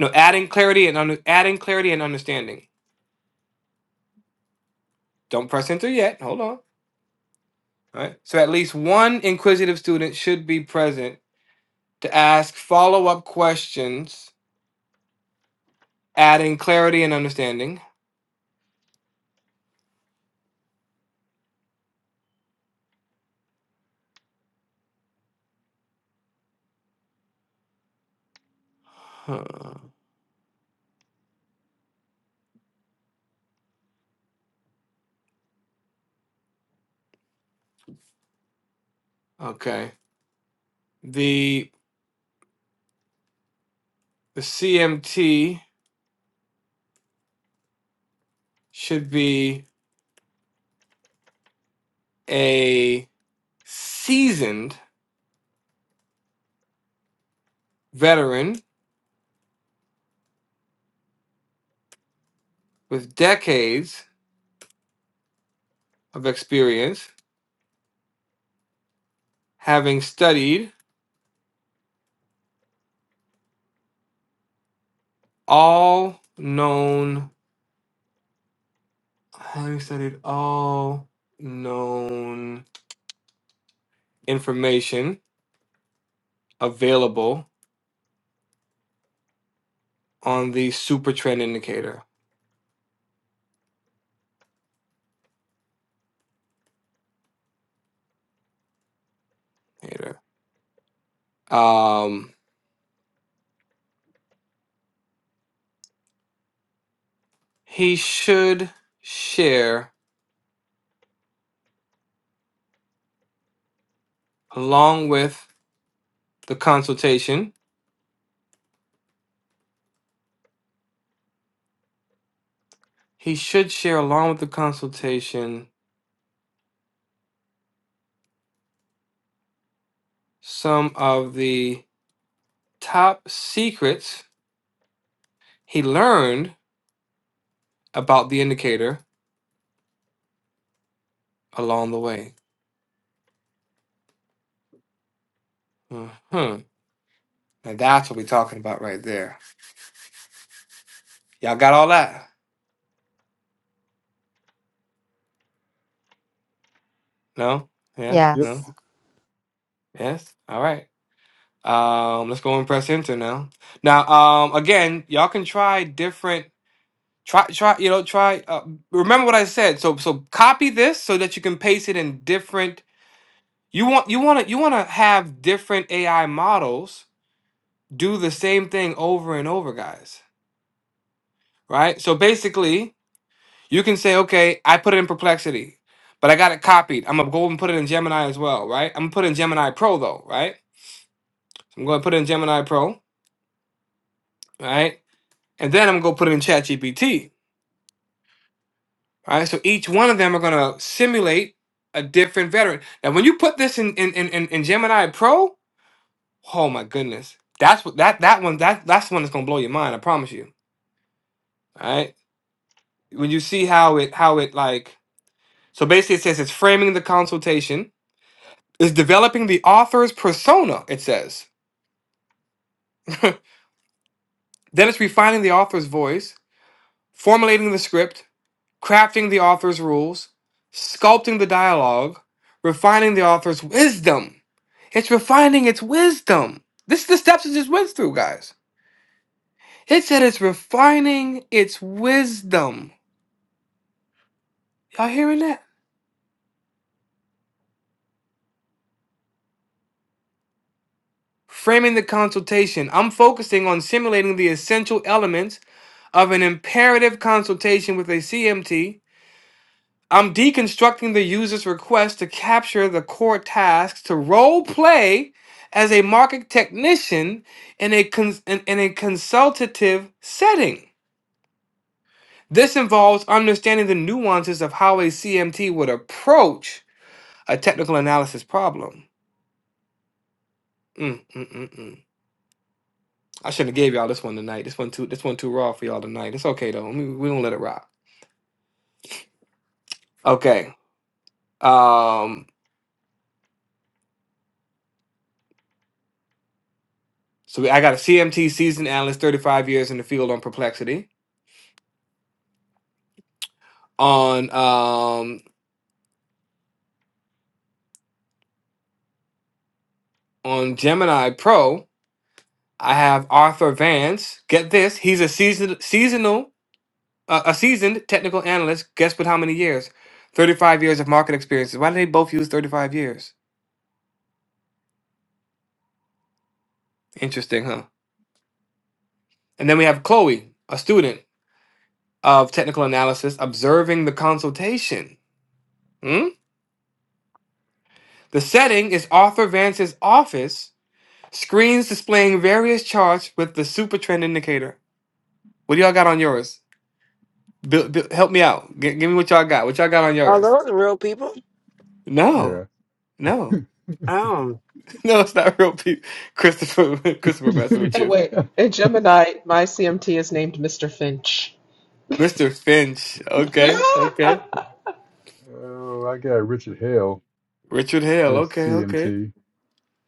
[SPEAKER 4] no, adding clarity and under, adding clarity and understanding. Don't press enter yet. Hold on. right? So at least one inquisitive student should be present to ask follow up questions, adding clarity and understanding. Huh. Okay. The, the CMT should be a seasoned veteran with decades of experience, having studied all known, having studied all known information available on the super trend indicator. Hater. Um, he should share along with the consultation. He should share along with the consultation some of the top secrets he learned about the indicator along the way. Hmm. Now that's what we're talking about right there. Y'all got all that? No? Yes?
[SPEAKER 12] Yep.
[SPEAKER 4] No?
[SPEAKER 5] Yes.
[SPEAKER 4] Yes? All right. Um, let's go and press enter now. Now, um, again, y'all can try different. Try, try, you know, try. Uh, remember what I said. So, so copy this so that you can paste it in different. You want, you want to, you want to have different AI models do the same thing over and over, guys. Right. So basically, you can say, okay, I put it in Perplexity, but I got it copied. I'm gonna go and put it in Gemini as well, right? I'm gonna put it in Gemini Pro though, right? So I'm gonna put it in Gemini Pro, right? And then I'm gonna put it in ChatGPT All right, so each one of them are going to simulate a different veteran. Now, when you put this in in, in, in in Gemini Pro, oh my goodness, that's what that that one that that's the one that's going to blow your mind. I promise you. All right, when you see how it how it like so basically it says it's framing the consultation, it's developing the author's persona. It says then it's refining the author's voice, formulating the script, crafting the author's rules, sculpting the dialogue, refining the author's wisdom. It's refining its wisdom. This is the steps it just went through, guys. It said it's refining its wisdom. Y'all hearing that? Framing the consultation. I'm focusing on simulating the essential elements of an imperative consultation with a CMT I'm deconstructing the user's request to capture the core tasks to role play as a market technician in a, cons- in, in a consultative setting. This involves understanding the nuances of how a CMT would approach a technical analysis problem. Mm, mm, mm, mm. I shouldn't have gave y'all this one tonight. This one too. This one too raw for y'all tonight. It's okay though. We we gonna let it rock. Okay. Um. So we, I got a CMT seasoned analyst, 35 years in the field on perplexity. on um on Gemini Pro, I have Arthur Vance. Get this, he's a seasoned seasonal uh, a seasoned technical analyst. Guess with how many years? 35 years of market experiences. Why did they both use 35 years? Interesting, huh? And then we have Chloe, a student of technical analysis, observing the consultation. Hmm? The setting is Arthur Vance's office, screens displaying various charts with the super trend indicator. What do y'all got on yours? Build, build, help me out. G- give me what y'all got. What y'all got on
[SPEAKER 3] Are
[SPEAKER 4] yours?
[SPEAKER 3] those real people?
[SPEAKER 4] No,
[SPEAKER 12] Yeah.
[SPEAKER 4] no,
[SPEAKER 3] Oh.
[SPEAKER 4] no. It's not real people. Christopher, Christopher messing with
[SPEAKER 2] And
[SPEAKER 4] you,
[SPEAKER 2] wait, in Gemini, my CMT is named Mr. Finch.
[SPEAKER 4] Mister Finch. Okay, okay.
[SPEAKER 12] oh, I got Richard Hale
[SPEAKER 4] Richard Hale.
[SPEAKER 12] for the
[SPEAKER 4] Okay, okay,
[SPEAKER 12] CMT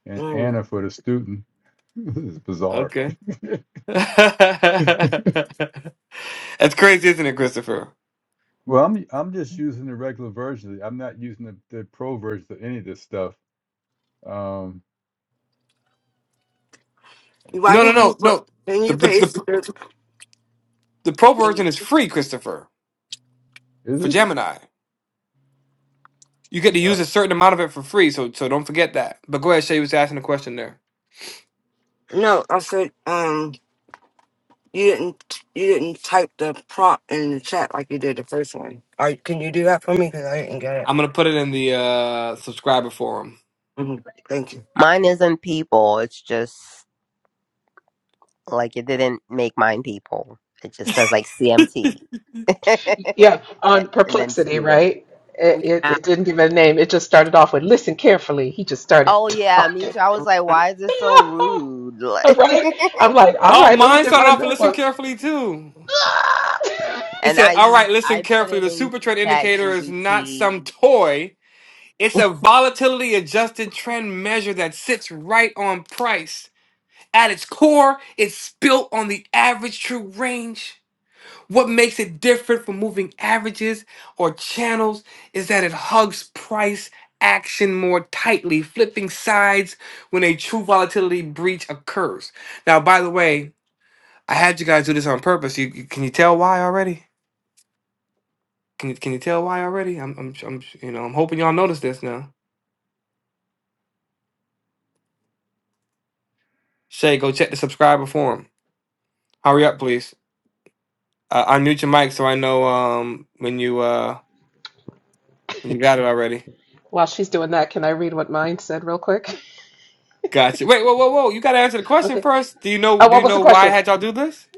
[SPEAKER 12] and
[SPEAKER 3] Mm.
[SPEAKER 12] Anna for the student. This is bizarre.
[SPEAKER 4] okay. That's crazy, isn't it, Christopher?
[SPEAKER 12] Well, I'm I'm just using the regular version. I'm not using the, the pro version of any of this stuff. Um,
[SPEAKER 3] Why
[SPEAKER 4] No, no,
[SPEAKER 3] didn't
[SPEAKER 12] interesting.
[SPEAKER 3] you
[SPEAKER 4] no,
[SPEAKER 3] put-
[SPEAKER 4] no.
[SPEAKER 3] didn't
[SPEAKER 4] The
[SPEAKER 3] you
[SPEAKER 4] the
[SPEAKER 3] paste?
[SPEAKER 4] the the pro version is
[SPEAKER 3] this?
[SPEAKER 4] free, Christopher,
[SPEAKER 12] Is
[SPEAKER 4] for
[SPEAKER 12] it?
[SPEAKER 4] Gemini. You get to use
[SPEAKER 12] Oh,
[SPEAKER 4] a certain amount of it for free, so so don't forget that. But go ahead, Shay was asking a question there.
[SPEAKER 3] No, I said um you didn't you didn't type the prompt in the chat like you did the first one. Are can you do that for me? Because I didn't get it.
[SPEAKER 4] I'm gonna put it in the uh, subscriber forum.
[SPEAKER 3] hmm Thank you.
[SPEAKER 5] Mine isn't people. It's just like it didn't make mine people. It just says like CMT.
[SPEAKER 2] Yeah,
[SPEAKER 5] and
[SPEAKER 2] on
[SPEAKER 5] then
[SPEAKER 2] perplexity,
[SPEAKER 5] student.
[SPEAKER 2] right? It, it,
[SPEAKER 11] Yeah.
[SPEAKER 2] it didn't give it a name. It just started off with listen carefully. He just started
[SPEAKER 5] Oh yeah, me
[SPEAKER 2] talking.
[SPEAKER 5] too. I was like, why is this so rude?
[SPEAKER 2] All
[SPEAKER 5] Like,
[SPEAKER 2] right. I'm like, all
[SPEAKER 4] Oh,
[SPEAKER 2] right, let me
[SPEAKER 4] mine
[SPEAKER 2] get
[SPEAKER 4] started
[SPEAKER 2] my
[SPEAKER 4] off with listen
[SPEAKER 2] notebook.
[SPEAKER 4] carefully too. It
[SPEAKER 5] and
[SPEAKER 4] said,
[SPEAKER 5] I
[SPEAKER 4] "All right,
[SPEAKER 5] used
[SPEAKER 4] listen
[SPEAKER 5] I put
[SPEAKER 4] carefully.
[SPEAKER 5] it
[SPEAKER 4] The
[SPEAKER 5] in
[SPEAKER 4] super trend
[SPEAKER 5] Chat
[SPEAKER 4] indicator is not
[SPEAKER 5] GBT.
[SPEAKER 4] some toy. It's a volatility adjusted trend measure that sits right on price. At its core, it's built on the average true range. What makes it different from moving averages or channels is that it hugs price action more tightly, flipping sides when a true volatility breach occurs." Now, by the way, I had you guys do this on purpose. You, you can you tell why already? Can you can you tell why already? I'm I'm I'm you know I'm hoping y'all notice this now. Shay, go check the subscriber form. Hurry up, please. Uh, unmute your mic so I know um when you uh when you got it already.
[SPEAKER 2] While she's doing that, can I read what mine said real quick?
[SPEAKER 4] Gotcha. Wait, whoa, whoa, whoa! You gotta answer the question
[SPEAKER 2] Okay.
[SPEAKER 4] first. Do you know
[SPEAKER 2] Oh,
[SPEAKER 4] do
[SPEAKER 2] what
[SPEAKER 4] you
[SPEAKER 2] was the
[SPEAKER 4] know why I
[SPEAKER 2] question?
[SPEAKER 4] had y'all do this?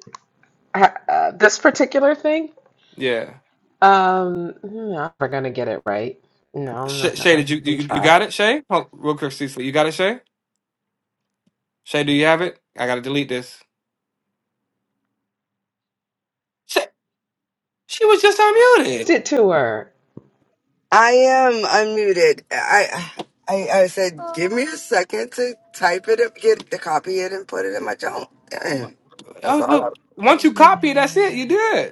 [SPEAKER 2] Uh, uh, this particular thing?
[SPEAKER 4] Yeah.
[SPEAKER 2] Um, no, I'm never gonna get it right. No, I'm
[SPEAKER 4] Sh-
[SPEAKER 2] not
[SPEAKER 4] Shay, did
[SPEAKER 2] gonna
[SPEAKER 4] you, you
[SPEAKER 2] even
[SPEAKER 4] you you
[SPEAKER 2] try.
[SPEAKER 4] got it? Shay, oh, real quick, Cecily, you got it, Shay? Shay, do you have it? I gotta delete this. Shay, she was just unmuted.
[SPEAKER 2] Sit to her.
[SPEAKER 3] I am unmuted. I. I, I said, give me a second to type it up, get the copy it, and put it in my junk. Damn. That's
[SPEAKER 4] Oh,
[SPEAKER 3] all.
[SPEAKER 4] but
[SPEAKER 3] I,
[SPEAKER 4] once you copy, that's it. You did.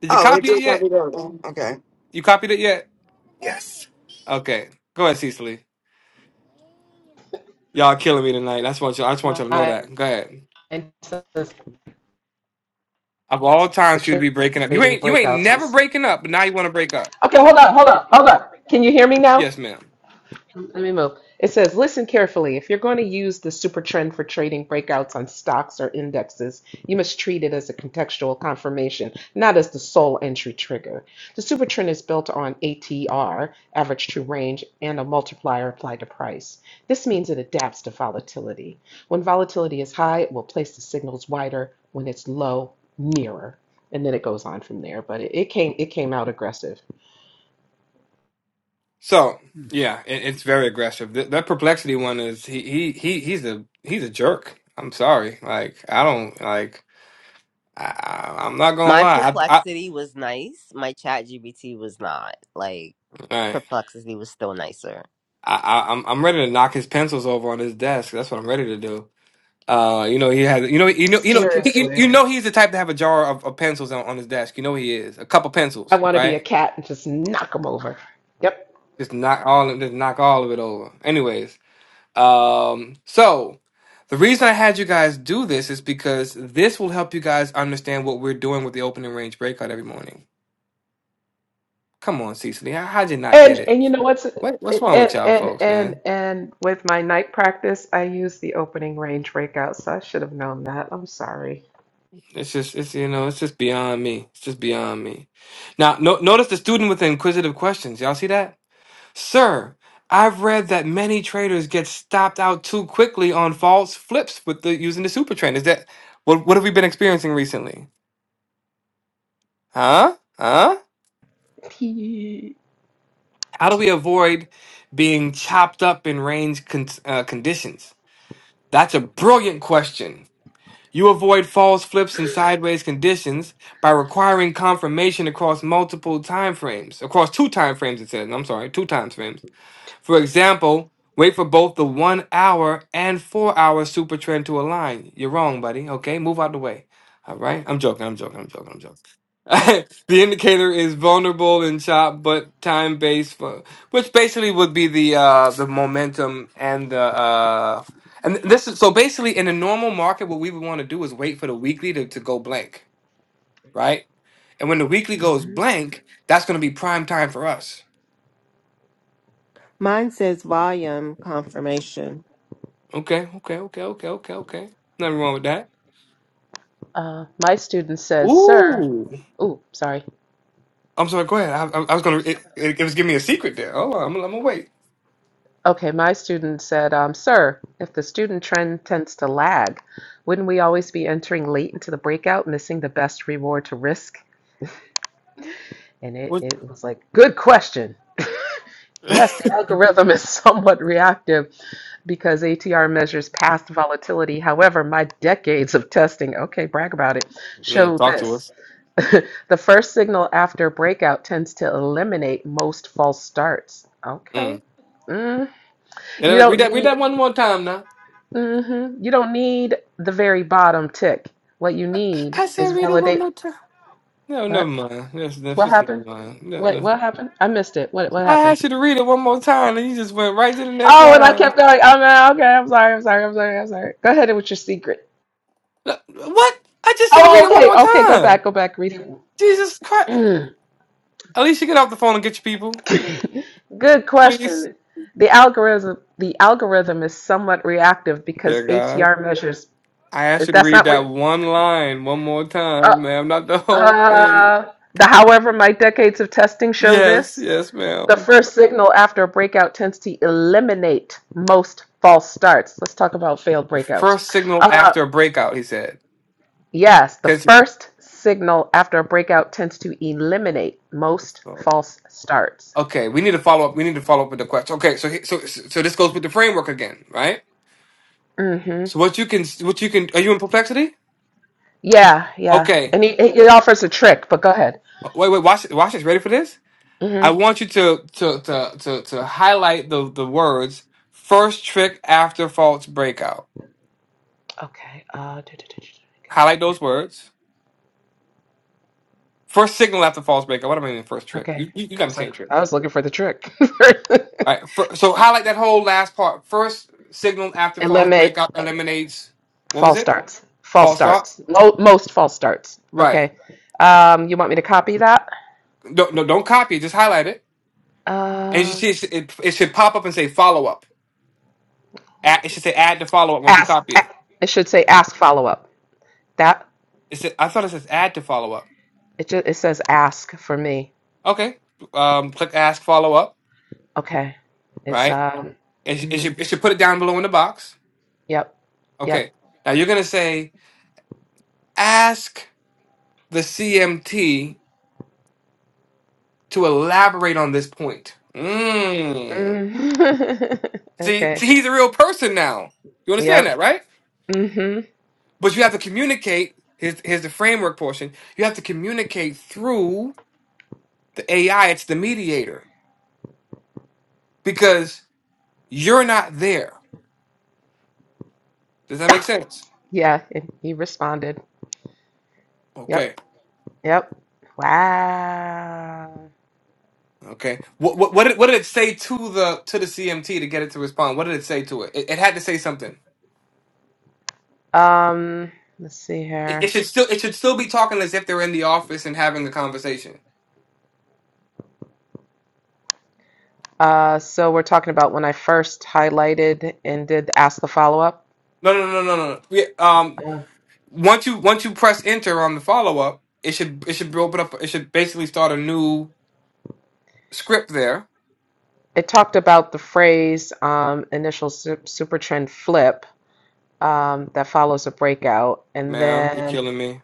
[SPEAKER 4] Did you
[SPEAKER 3] oh, it
[SPEAKER 4] copy it
[SPEAKER 3] did
[SPEAKER 4] yet?
[SPEAKER 3] copy that. one. Okay.
[SPEAKER 4] You copied it yet?
[SPEAKER 3] Yes.
[SPEAKER 4] Okay. Go ahead, Cecily. Y'all killing me tonight. That's what you I just want y'all to know
[SPEAKER 2] My
[SPEAKER 4] that. Go ahead.
[SPEAKER 2] says
[SPEAKER 4] Of all
[SPEAKER 2] for
[SPEAKER 4] times for you to be breaking up. You
[SPEAKER 2] trading
[SPEAKER 4] ain't you ain't
[SPEAKER 2] breakouts
[SPEAKER 4] never
[SPEAKER 2] on.
[SPEAKER 4] breaking up, but now you want to break up.
[SPEAKER 2] Okay, hold on, hold on, hold on. Can you hear me now?
[SPEAKER 4] Yes, ma'am.
[SPEAKER 2] Let me move. It says, listen carefully. If you're going to use the super trend for trading breakouts on stocks or indexes, you must treat it as a contextual confirmation, not as the sole entry trigger. The super trend is built on ATR, average true range, and a multiplier applied to price. This means it adapts to volatility. When volatility is high, it will place the signals wider. When it's low, nearer and then it goes on from there. But it, it came it came out aggressive.
[SPEAKER 4] So
[SPEAKER 12] hmm.
[SPEAKER 4] yeah, it, it's very aggressive. Th- that perplexity one is he he he he's a he's a jerk. I'm sorry. Like I don't like I, I I'm not gonna
[SPEAKER 5] My
[SPEAKER 4] lie. I I,
[SPEAKER 5] perplexity was nice. My Chat GBT was not. Like
[SPEAKER 4] all right.
[SPEAKER 5] perplexity was still nicer.
[SPEAKER 4] I I I'm I'm ready to knock his pencils over on his desk. That's what I'm ready to do. Uh, you know he has. You know, you know, you know, he, you you
[SPEAKER 2] Seriously,
[SPEAKER 4] know he's the type to have a jar of, of pencils on, on his desk. You know he is a couple
[SPEAKER 2] I
[SPEAKER 4] pencils,
[SPEAKER 2] want to be a
[SPEAKER 4] right?
[SPEAKER 2] cat and just knock them over. Yep.
[SPEAKER 4] Just knock all, just knock all of it over. Anyways, um, so the reason I had you guys do this is because this will help you guys understand what we're doing with the opening range breakout every morning. Come on, Cecily, how, how'd you not
[SPEAKER 2] And
[SPEAKER 4] get it?
[SPEAKER 2] and you know what's
[SPEAKER 4] What what's
[SPEAKER 2] and
[SPEAKER 4] wrong with y'all
[SPEAKER 2] and
[SPEAKER 4] folks,
[SPEAKER 2] and
[SPEAKER 4] man?
[SPEAKER 2] and with my night practice, I use the opening range breakout, so I should have known that. I'm sorry.
[SPEAKER 4] It's just it's you know it's just beyond me. It's just beyond me. Now no, notice the student with inquisitive questions. Y'all see that? Sir, I've read that many traders get stopped out too quickly on false flips with the using the super trend. Is that what what have we been experiencing recently? Huh? Huh?
[SPEAKER 2] P.
[SPEAKER 4] How do we avoid being chopped up in range con- uh, conditions? That's a brilliant question. You avoid false flips and sideways conditions by requiring confirmation across multiple time frames, across two time frames. It says, I'm sorry, two timeframes. For example, wait for both the one hour and four hour super trend to align. You're wrong, buddy. Okay, move out the way. All right, I'm joking. I'm joking. I'm joking. I'm joking. the indicator is vulnerable and sharp, but time based, for, which basically would be the uh, the momentum and the uh, and this is so basically in a normal market, what we would want to do is wait for the weekly to, to go blank, right? And when the weekly goes
[SPEAKER 2] Mhm.
[SPEAKER 4] blank, that's going to be prime time for us
[SPEAKER 11] Mine says volume confirmation.
[SPEAKER 4] Okay, okay, okay, okay, okay, okay. Nothing wrong with that.
[SPEAKER 2] Uh, my student said, Sir,
[SPEAKER 4] Ooh,
[SPEAKER 2] ooh, sorry.
[SPEAKER 4] I'm sorry. Go ahead. I, I, I was gonna. It, it, it was giving me a secret there. Oh, I'm, I'm gonna wait.
[SPEAKER 2] Okay, my student said, um, Sir, if the student trend tends to lag, wouldn't we always be entering late into the breakout, missing the best reward to risk? And it,
[SPEAKER 4] What?
[SPEAKER 2] it was like, Good question. Yes, the algorithm is somewhat reactive because ATR measures past volatility. However, my decades of testing, okay, brag about it,
[SPEAKER 4] mm,
[SPEAKER 2] show
[SPEAKER 4] talk to
[SPEAKER 2] this.
[SPEAKER 4] us.
[SPEAKER 2] The first signal after breakout tends to eliminate most false starts. Okay.
[SPEAKER 4] Mm. And
[SPEAKER 2] Mm. You
[SPEAKER 4] then read
[SPEAKER 2] don't
[SPEAKER 4] that. Read that
[SPEAKER 2] need
[SPEAKER 4] one more time now.
[SPEAKER 2] hmm You don't need the very bottom tick. What you need
[SPEAKER 4] I said
[SPEAKER 2] is
[SPEAKER 4] read it one more
[SPEAKER 2] validate.
[SPEAKER 4] time. No, never
[SPEAKER 2] What?
[SPEAKER 4] mind. That's that's
[SPEAKER 2] What
[SPEAKER 4] just never
[SPEAKER 2] happened?
[SPEAKER 4] mind. No,
[SPEAKER 2] Wait,
[SPEAKER 4] no.
[SPEAKER 2] what happened? I missed it. What what
[SPEAKER 4] I
[SPEAKER 2] happened?
[SPEAKER 4] asked you to read it one more time, and you just went right to the next
[SPEAKER 2] Oh, and I
[SPEAKER 4] line.
[SPEAKER 2] kept going. Oh no, okay, I'm sorry, I'm sorry, I'm sorry, I'm sorry. Go ahead with your secret.
[SPEAKER 4] No, What? I just said read
[SPEAKER 2] Oh,
[SPEAKER 4] it one
[SPEAKER 2] okay,
[SPEAKER 4] more
[SPEAKER 2] okay, go
[SPEAKER 4] time.
[SPEAKER 2] back, go back, read
[SPEAKER 4] Jesus
[SPEAKER 2] it.
[SPEAKER 4] Christ! At least you get off the phone and get your people,
[SPEAKER 2] Good
[SPEAKER 4] please.
[SPEAKER 2] question. The algorithm the algorithm is somewhat reactive
[SPEAKER 4] Yeah,
[SPEAKER 2] because
[SPEAKER 4] God.
[SPEAKER 2] ATR measures
[SPEAKER 4] I asked
[SPEAKER 2] is
[SPEAKER 4] you to
[SPEAKER 2] that's
[SPEAKER 4] read
[SPEAKER 2] not
[SPEAKER 4] that
[SPEAKER 2] what
[SPEAKER 4] one line one more
[SPEAKER 2] uh,
[SPEAKER 4] time, ma'am, not the whole thing.
[SPEAKER 2] uh the however my decades of testing show
[SPEAKER 4] Yes,
[SPEAKER 2] this.
[SPEAKER 4] yes,
[SPEAKER 2] The
[SPEAKER 4] ma'am.
[SPEAKER 2] first signal after a breakout tends to eliminate most false starts. Let's talk about failed breakouts.
[SPEAKER 4] First signal
[SPEAKER 2] Uh
[SPEAKER 4] after a breakout, he said.
[SPEAKER 2] yes, the
[SPEAKER 4] 'Cause-
[SPEAKER 2] first signal after a breakout tends to eliminate most false starts.
[SPEAKER 4] okay, we need to follow up. We need to follow up with the question. Okay, so he- so so this goes with the framework again, right?
[SPEAKER 2] Mm-hmm.
[SPEAKER 4] So what you can what you can are you in perplexity?
[SPEAKER 2] Yeah, yeah.
[SPEAKER 4] Okay,
[SPEAKER 2] And he, he offers a trick, but go ahead.
[SPEAKER 4] wait, wait, watch watch this. Ready for this?
[SPEAKER 2] hmm
[SPEAKER 4] I want you to to to to, to highlight the the words first trick after false breakout.
[SPEAKER 2] Okay. Uh, do, do, do, do, do, go
[SPEAKER 4] Highlight
[SPEAKER 2] back
[SPEAKER 4] those
[SPEAKER 2] there.
[SPEAKER 4] words. First signal after false breakup. What am I mean first trick?
[SPEAKER 2] Okay.
[SPEAKER 4] You, you, you
[SPEAKER 2] I
[SPEAKER 4] got me
[SPEAKER 2] was like,
[SPEAKER 4] saying trick.
[SPEAKER 2] I was looking for the trick.
[SPEAKER 4] All right. fir- so highlight that whole last part. First signal after false
[SPEAKER 2] Eliminate
[SPEAKER 4] breakup eliminates what was
[SPEAKER 2] false
[SPEAKER 4] it?
[SPEAKER 2] starts. False
[SPEAKER 4] False thoughts.
[SPEAKER 2] starts. Mo- most false starts.
[SPEAKER 4] Right.
[SPEAKER 2] Okay. Um, you want me to copy that?
[SPEAKER 4] No, no, don't copy it. Just highlight it, and you
[SPEAKER 2] Um,
[SPEAKER 4] see it, should- it, it should pop up and say follow up. Add, it should say add to follow up once you
[SPEAKER 2] ask.
[SPEAKER 4] copy
[SPEAKER 2] a-
[SPEAKER 4] it.
[SPEAKER 2] It should say ask follow up. That
[SPEAKER 4] It said I thought it says add to follow up.
[SPEAKER 2] it just, it says ask for me.
[SPEAKER 4] Okay. Um, click ask follow up.
[SPEAKER 2] Okay. It's
[SPEAKER 4] Right.
[SPEAKER 2] um.
[SPEAKER 4] It, sh- it
[SPEAKER 2] mhm.
[SPEAKER 4] should it should put it down below in the box.
[SPEAKER 2] Yep. Yep.
[SPEAKER 4] Okay. Now you're gonna say ask the CMT to elaborate on this point. Mm.
[SPEAKER 2] Mm.
[SPEAKER 4] See,
[SPEAKER 2] okay.
[SPEAKER 4] see, he's a real person now. You understand that,
[SPEAKER 2] Yep.
[SPEAKER 4] right?
[SPEAKER 2] Mm-hmm.
[SPEAKER 4] But you have to communicate. Here's, here's the framework portion. You have to communicate through the AI. It's the mediator because you're not there. Does that make sense?
[SPEAKER 2] Yeah, and he responded.
[SPEAKER 4] Okay.
[SPEAKER 2] Yep. Yep. Wow.
[SPEAKER 4] Okay. What, what, what, did, what did it say to the to the CMT to get it to respond? What did it say to it? It, it had to say something.
[SPEAKER 2] Um, let's see
[SPEAKER 4] It, it
[SPEAKER 2] here.
[SPEAKER 4] should still it should still be talking as if they're in the office and having a conversation.
[SPEAKER 2] Uh, so we're talking about when I first highlighted and did ask the follow-up.
[SPEAKER 4] No, no, no, no, no. no. Yeah, um,
[SPEAKER 2] Uh,
[SPEAKER 4] once you once you press enter on the follow up, it should it should open up. It should basically start a new script there.
[SPEAKER 2] it talked about the phrase um, initial su super trend flip um, that follows a breakout, and
[SPEAKER 4] Ma'am, you're
[SPEAKER 2] then
[SPEAKER 4] killing me.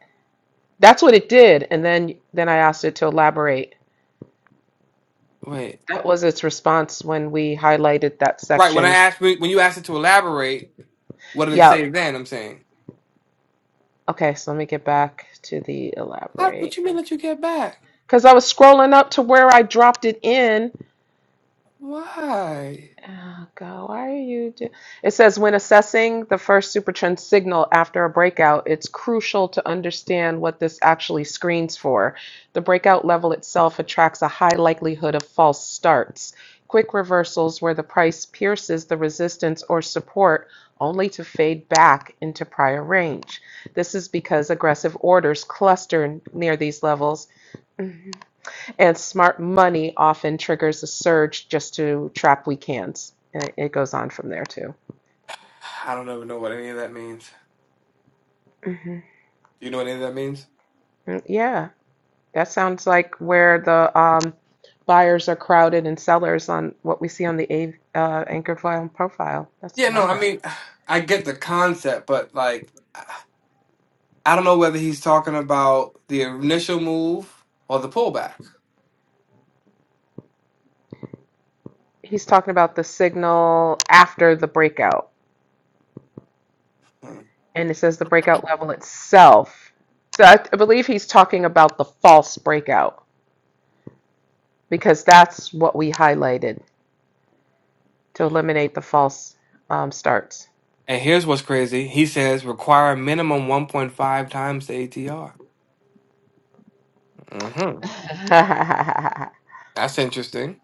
[SPEAKER 2] that's what it did. And then then I asked it to elaborate.
[SPEAKER 4] Wait,
[SPEAKER 2] That was its response when we highlighted that
[SPEAKER 4] right when I
[SPEAKER 2] section.
[SPEAKER 4] asked when you asked it to elaborate, what did it
[SPEAKER 2] Yeah,
[SPEAKER 4] say then? I'm saying,
[SPEAKER 2] Okay, so let me get back to the
[SPEAKER 4] How, what
[SPEAKER 2] elaborate.
[SPEAKER 4] you mean?
[SPEAKER 2] Okay.
[SPEAKER 4] Let you get back?
[SPEAKER 2] Because I was scrolling up to where I dropped it in
[SPEAKER 4] Why?
[SPEAKER 2] Oh, God, why are you do- It says when assessing the first supertrend signal after a breakout, it's crucial to understand what this actually screens for. The breakout level itself attracts a high likelihood of false starts. Quick reversals where the price pierces the resistance or support only to fade back into prior range. This is because aggressive orders cluster near these levels and smart money often triggers a surge just to trap weak hands. And it goes on from there too.
[SPEAKER 4] I don't even know what any of that means.
[SPEAKER 2] hmm
[SPEAKER 4] Do you know what any of that means?
[SPEAKER 2] Yeah, that sounds like where the um, buyers are crowded and sellers on what we see on the A, uh, anchor file profile. That's
[SPEAKER 4] Yeah,
[SPEAKER 2] what
[SPEAKER 4] no,
[SPEAKER 2] I
[SPEAKER 4] I
[SPEAKER 2] heard.
[SPEAKER 4] mean, I get the concept, but like, I don't know whether he's talking about the initial move or the pullback.
[SPEAKER 2] He's talking about the signal after the breakout,
[SPEAKER 4] Hmm.
[SPEAKER 2] and it says the breakout level itself. So I I believe he's talking about the false breakout because that's what we highlighted to eliminate the false um, starts.
[SPEAKER 4] And here's what's crazy. He says require a minimum 1.5 times the ATR. hmm That's interesting.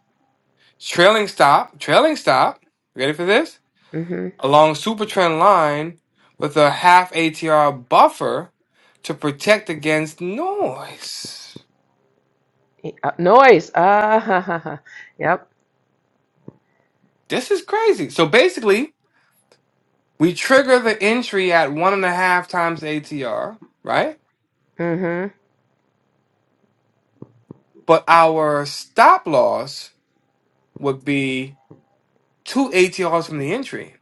[SPEAKER 4] Trailing stop, trailing stop. Ready for this?
[SPEAKER 2] Mm-hmm.
[SPEAKER 4] Along super trend line with a half ATR buffer to protect against noise.
[SPEAKER 2] E, Uh, noise. Uh, yep.
[SPEAKER 4] This is crazy. So basically, we trigger the entry at one and a half times the ATR, right?
[SPEAKER 2] Mm-hmm.
[SPEAKER 4] But our stop loss would be two ATRs from the entry.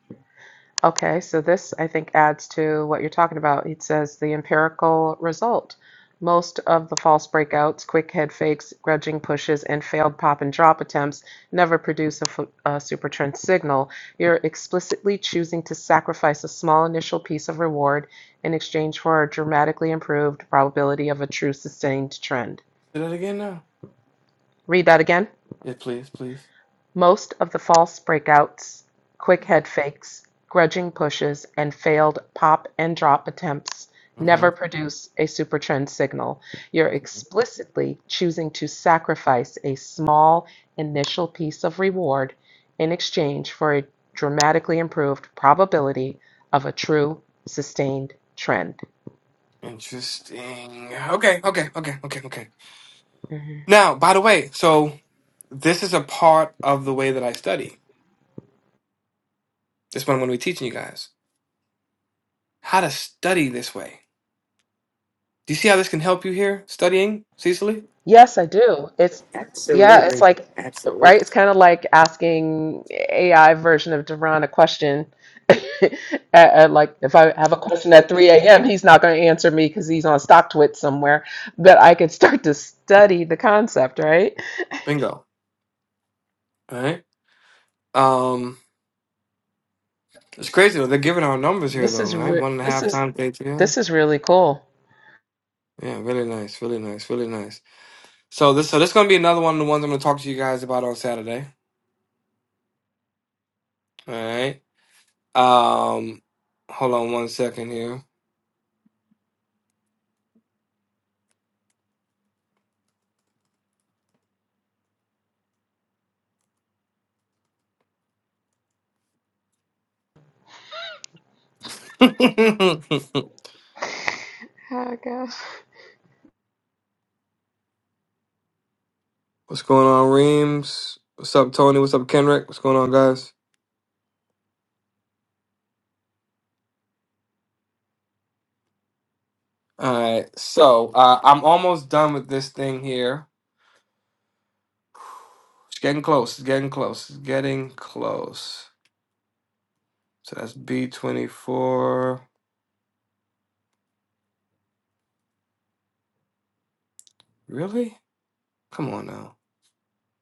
[SPEAKER 2] Okay, so this I think adds to what you're talking about. It says the empirical result. Most of the false breakouts, quick head fakes, grudging pushes, and failed pop and drop attempts never produce a, fu- a super trend signal. You're explicitly choosing to sacrifice a small initial piece of reward in exchange for a dramatically improved probability of a true sustained trend.
[SPEAKER 4] Say that again now.
[SPEAKER 2] Read that again.
[SPEAKER 4] Yeah, please, please.
[SPEAKER 2] Most of the false breakouts, quick head fakes, grudging pushes, and failed pop and drop attempts
[SPEAKER 4] hmm
[SPEAKER 2] never produce a supertrend signal. You're explicitly choosing to sacrifice a small initial piece of reward in exchange for a dramatically improved probability of a true sustained trend.
[SPEAKER 4] Interesting. Okay, okay, okay, okay, okay.
[SPEAKER 2] Mm-hmm.
[SPEAKER 4] Now, by the way, so this is a part of the way that I study. This one, when we're teaching you guys how to study this way. Do you see how this can help you here studying, Cecily?
[SPEAKER 2] Yes, I do. It's yeah, it's like right, it's kind of like asking AI version of Duran a question. at, at like if I have a question at 3 a.m., he's not going to answer me because he's on StockTwit somewhere, but I could start to study the concept, right?
[SPEAKER 4] Bingo. All right. Um, it's crazy though. They're giving our numbers here
[SPEAKER 2] This
[SPEAKER 4] though.
[SPEAKER 2] is
[SPEAKER 4] Right,
[SPEAKER 2] re
[SPEAKER 4] one and a
[SPEAKER 2] this
[SPEAKER 4] half
[SPEAKER 2] is
[SPEAKER 4] times ATM.
[SPEAKER 2] this is really cool.
[SPEAKER 4] Yeah, really nice, really nice, really nice. So this, so this is gonna be another one of the ones I'm gonna talk to you guys about on Saturday. All right. Um, hold on one second here.
[SPEAKER 2] Oh gosh.
[SPEAKER 4] What's going on, Reams? What's up, Tony? What's up, Kendrick? What's going on, guys? All right, so uh, I'm almost done with this thing here. It's getting close. It's getting close. It's getting close. So that's B24. Really? Come on now.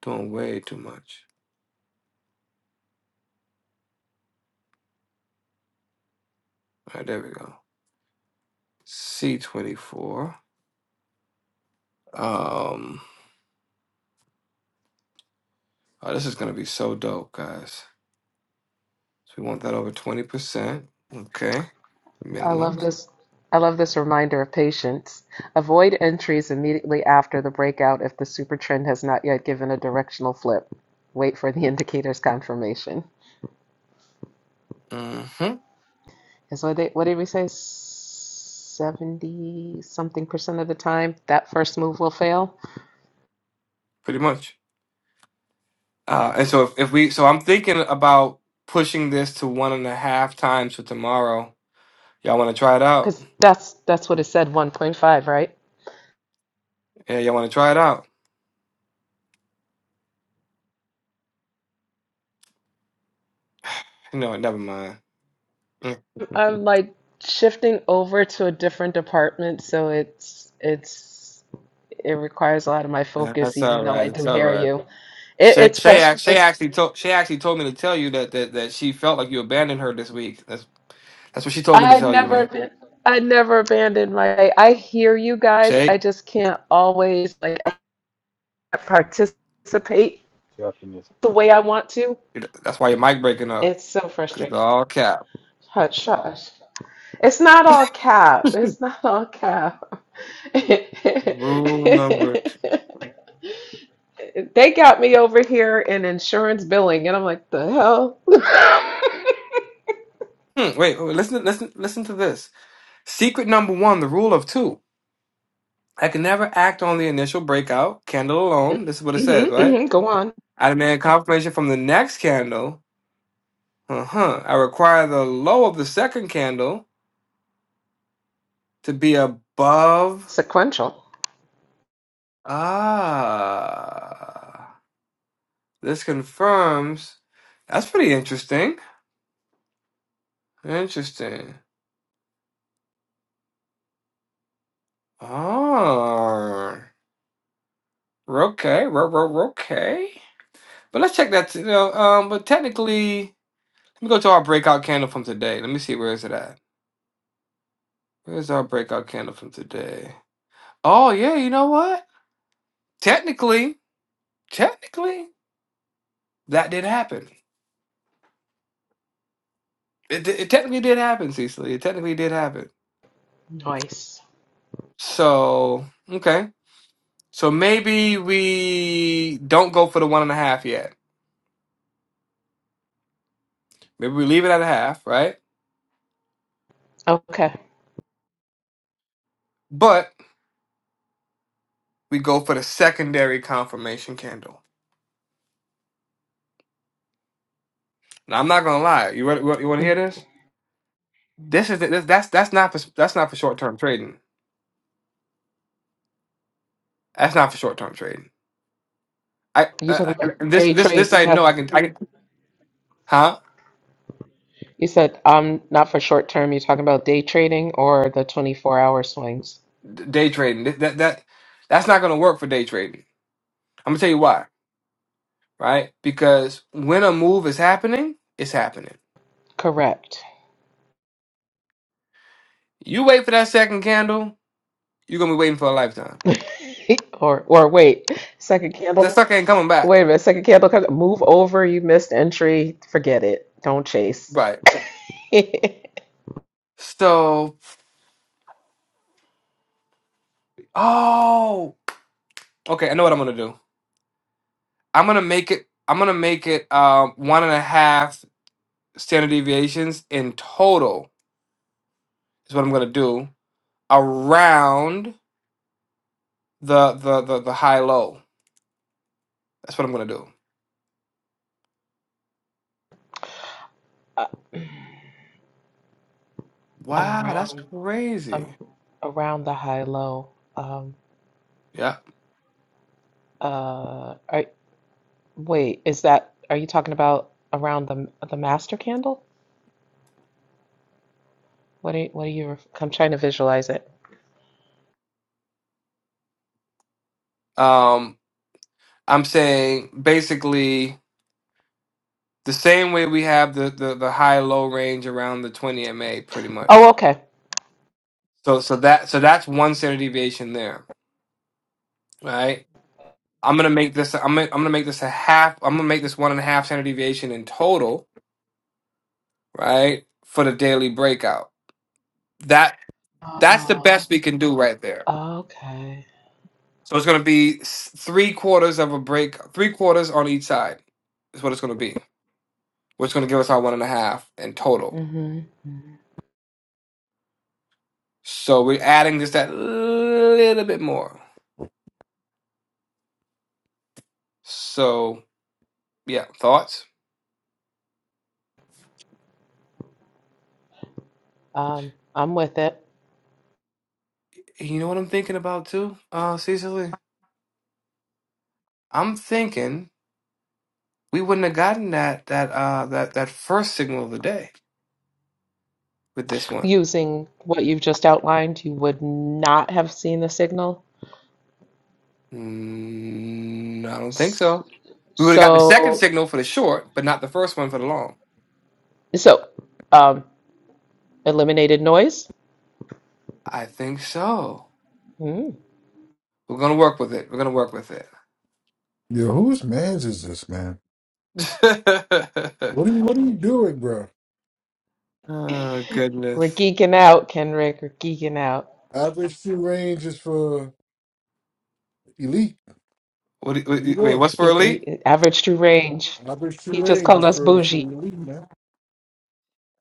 [SPEAKER 4] Doing way too much. All right, there we go. C24. Um, oh, this is gonna be so dope, guys. So we want that over 20%. Okay.
[SPEAKER 2] I love
[SPEAKER 4] Minimums.
[SPEAKER 2] this. I love this reminder of patience. Avoid entries immediately after the breakout if the super trend has not yet given a directional flip. Wait for the indicator's confirmation.
[SPEAKER 4] hmm
[SPEAKER 2] And so they, what did we say? 70 something percent of the time that first move will fail
[SPEAKER 4] Pretty much. Uh, and so if, if we, so I'm thinking about pushing this to one and a half times for tomorrow. Y'all want to try it out?
[SPEAKER 2] because that's that's what it said 1.5 right
[SPEAKER 4] Yeah, y'all want to try it out? No, never mind. Mm,
[SPEAKER 2] I'm like shifting over to a different department, so it's it's it requires a lot of my
[SPEAKER 4] nah,
[SPEAKER 2] focus,
[SPEAKER 4] That's
[SPEAKER 2] even
[SPEAKER 4] all
[SPEAKER 2] though
[SPEAKER 4] right.
[SPEAKER 2] I
[SPEAKER 4] It's
[SPEAKER 2] do
[SPEAKER 4] all
[SPEAKER 2] hear
[SPEAKER 4] right.
[SPEAKER 2] you. It,
[SPEAKER 4] Shay,
[SPEAKER 2] it's
[SPEAKER 4] Shay, ac- Shay
[SPEAKER 2] frustrating.
[SPEAKER 4] actually told Shay actually told me to tell you that, that that she felt like you abandoned her this week. That's that's what she told me to
[SPEAKER 2] I
[SPEAKER 4] tell you,
[SPEAKER 2] never
[SPEAKER 4] man.
[SPEAKER 2] aban- I never abandoned my. I hear you guys.
[SPEAKER 4] Shay,
[SPEAKER 2] I just can't always like I can't participate the way I want to.
[SPEAKER 4] that's why your mic breaking up
[SPEAKER 2] It's so
[SPEAKER 4] because
[SPEAKER 2] frustrating.
[SPEAKER 4] all cap.
[SPEAKER 2] Hush, hush. It's not all cap. It's not all cap.
[SPEAKER 4] Rule number two.
[SPEAKER 2] They got me over here in insurance billing, and I'm like, the hell?
[SPEAKER 4] Hmm, wait, wait, listen, listen, listen to this. Secret number one, the rule of two. I can never act on the initial breakout candle alone. This is what it
[SPEAKER 2] hmm
[SPEAKER 4] says, right?
[SPEAKER 2] hmm go on.
[SPEAKER 4] I demand confirmation from the next candle. Uh huh. I require the low of the second candle to be above.
[SPEAKER 2] Sequential.
[SPEAKER 4] Ah. This confirms. That's pretty interesting. Interesting. Oh. Okay. ro- ro- Okay. But let's check that. You know, um, but technically. Let me go to our breakout candle from today. Let me see where is it at. Where's our breakout candle from today? Oh yeah, you know what? Technically, technically, that did happen. It, it technically did happen, Cecily. It technically did happen.
[SPEAKER 2] Nice.
[SPEAKER 4] So okay, so maybe we don't go for the one and a half yet. Maybe we leave it at a half, right?
[SPEAKER 2] Okay.
[SPEAKER 4] But we go for the secondary confirmation candle. Now I'm not gonna lie. You want you want to hear this? This is this, that's that's not for that's not for short term trading. That's not for short term trading. I,
[SPEAKER 2] You talking
[SPEAKER 4] I, I
[SPEAKER 2] about
[SPEAKER 4] this
[SPEAKER 2] day
[SPEAKER 4] this this
[SPEAKER 2] trades?
[SPEAKER 4] I know I
[SPEAKER 2] That's,
[SPEAKER 4] can I can huh
[SPEAKER 2] you said um not for short term. You're talking about day trading or the 24 hour swings.
[SPEAKER 4] D- day trading Th- that that that's not gonna work for day trading. I'm gonna tell you why, right? Because when a move is happening, it's happening.
[SPEAKER 2] Correct.
[SPEAKER 4] You wait for that second candle, you're gonna be waiting for a lifetime.
[SPEAKER 2] or or wait, second
[SPEAKER 4] That
[SPEAKER 2] candle.
[SPEAKER 4] sucker ain't coming back,
[SPEAKER 2] Wait a minute, second candle comes. Move over. You missed entry. Forget it. Don't chase.
[SPEAKER 4] right? So oh okay, I know what I'm gonna do. I'm gonna make it. I'm gonna make it um, one and a half standard deviations in total. Is what I'm gonna do around. the the the, the high low. That's what I'm gonna do. Wow, that's
[SPEAKER 2] Around. I'm
[SPEAKER 4] crazy.
[SPEAKER 2] around the high low. Um,
[SPEAKER 4] Yeah.
[SPEAKER 2] uh, are, wait, is that, are you talking about around the the master candle? What are, you, what are you, ref- I'm trying to visualize it.
[SPEAKER 4] Um, I'm saying basically the same way we have the the, the high low range around the 20 MA, pretty much.
[SPEAKER 2] Oh, okay.
[SPEAKER 4] So so that so that's one standard deviation there, right? I'm gonna make this. I'm gonna, I'm gonna make this a half. I'm gonna make this one and a half standard deviation in total, right? For the daily breakout. That that's the
[SPEAKER 2] Oh,
[SPEAKER 4] best we can do right there.
[SPEAKER 2] okay.
[SPEAKER 4] So it's going to be s- three quarters of a break, three quarters on each side is what it's going to be, which is going to give us our one and a half in total.
[SPEAKER 2] Mm-hmm.
[SPEAKER 4] So we're adding just that little bit more. So, yeah, thoughts?
[SPEAKER 2] Um, I'm with it.
[SPEAKER 4] You know what I'm thinking about too, uh, Cecily? I'm thinking we wouldn't have gotten that that uh that that first signal of the day with this one.
[SPEAKER 2] Using what you've just outlined, you would not have seen the signal.
[SPEAKER 4] Mm, I don't think
[SPEAKER 2] S-
[SPEAKER 4] so. We would have got the second
[SPEAKER 2] So,
[SPEAKER 4] signal for the short, but not the first one for the long.
[SPEAKER 2] so, um, eliminated noise.
[SPEAKER 4] I think so.
[SPEAKER 2] Mm.
[SPEAKER 4] We're gonna work with it. We're gonna work with it.
[SPEAKER 13] Yo, whose man's is this, man? What are you, what are you doing, bro?
[SPEAKER 4] oh
[SPEAKER 2] We're
[SPEAKER 4] goodness.
[SPEAKER 2] geeking out, Kendrick. We're geeking out.
[SPEAKER 13] Average shoe range is for elite.
[SPEAKER 4] What? Do you,
[SPEAKER 13] What
[SPEAKER 4] what-
[SPEAKER 13] are
[SPEAKER 4] do
[SPEAKER 13] you
[SPEAKER 4] you- wait,
[SPEAKER 13] doing?
[SPEAKER 4] what's for
[SPEAKER 2] It,
[SPEAKER 4] elite?
[SPEAKER 2] it, average true range.
[SPEAKER 13] Average shoe
[SPEAKER 2] He just
[SPEAKER 13] range
[SPEAKER 2] called
[SPEAKER 13] is
[SPEAKER 2] us
[SPEAKER 13] for, for
[SPEAKER 2] bougie.
[SPEAKER 13] elite, man.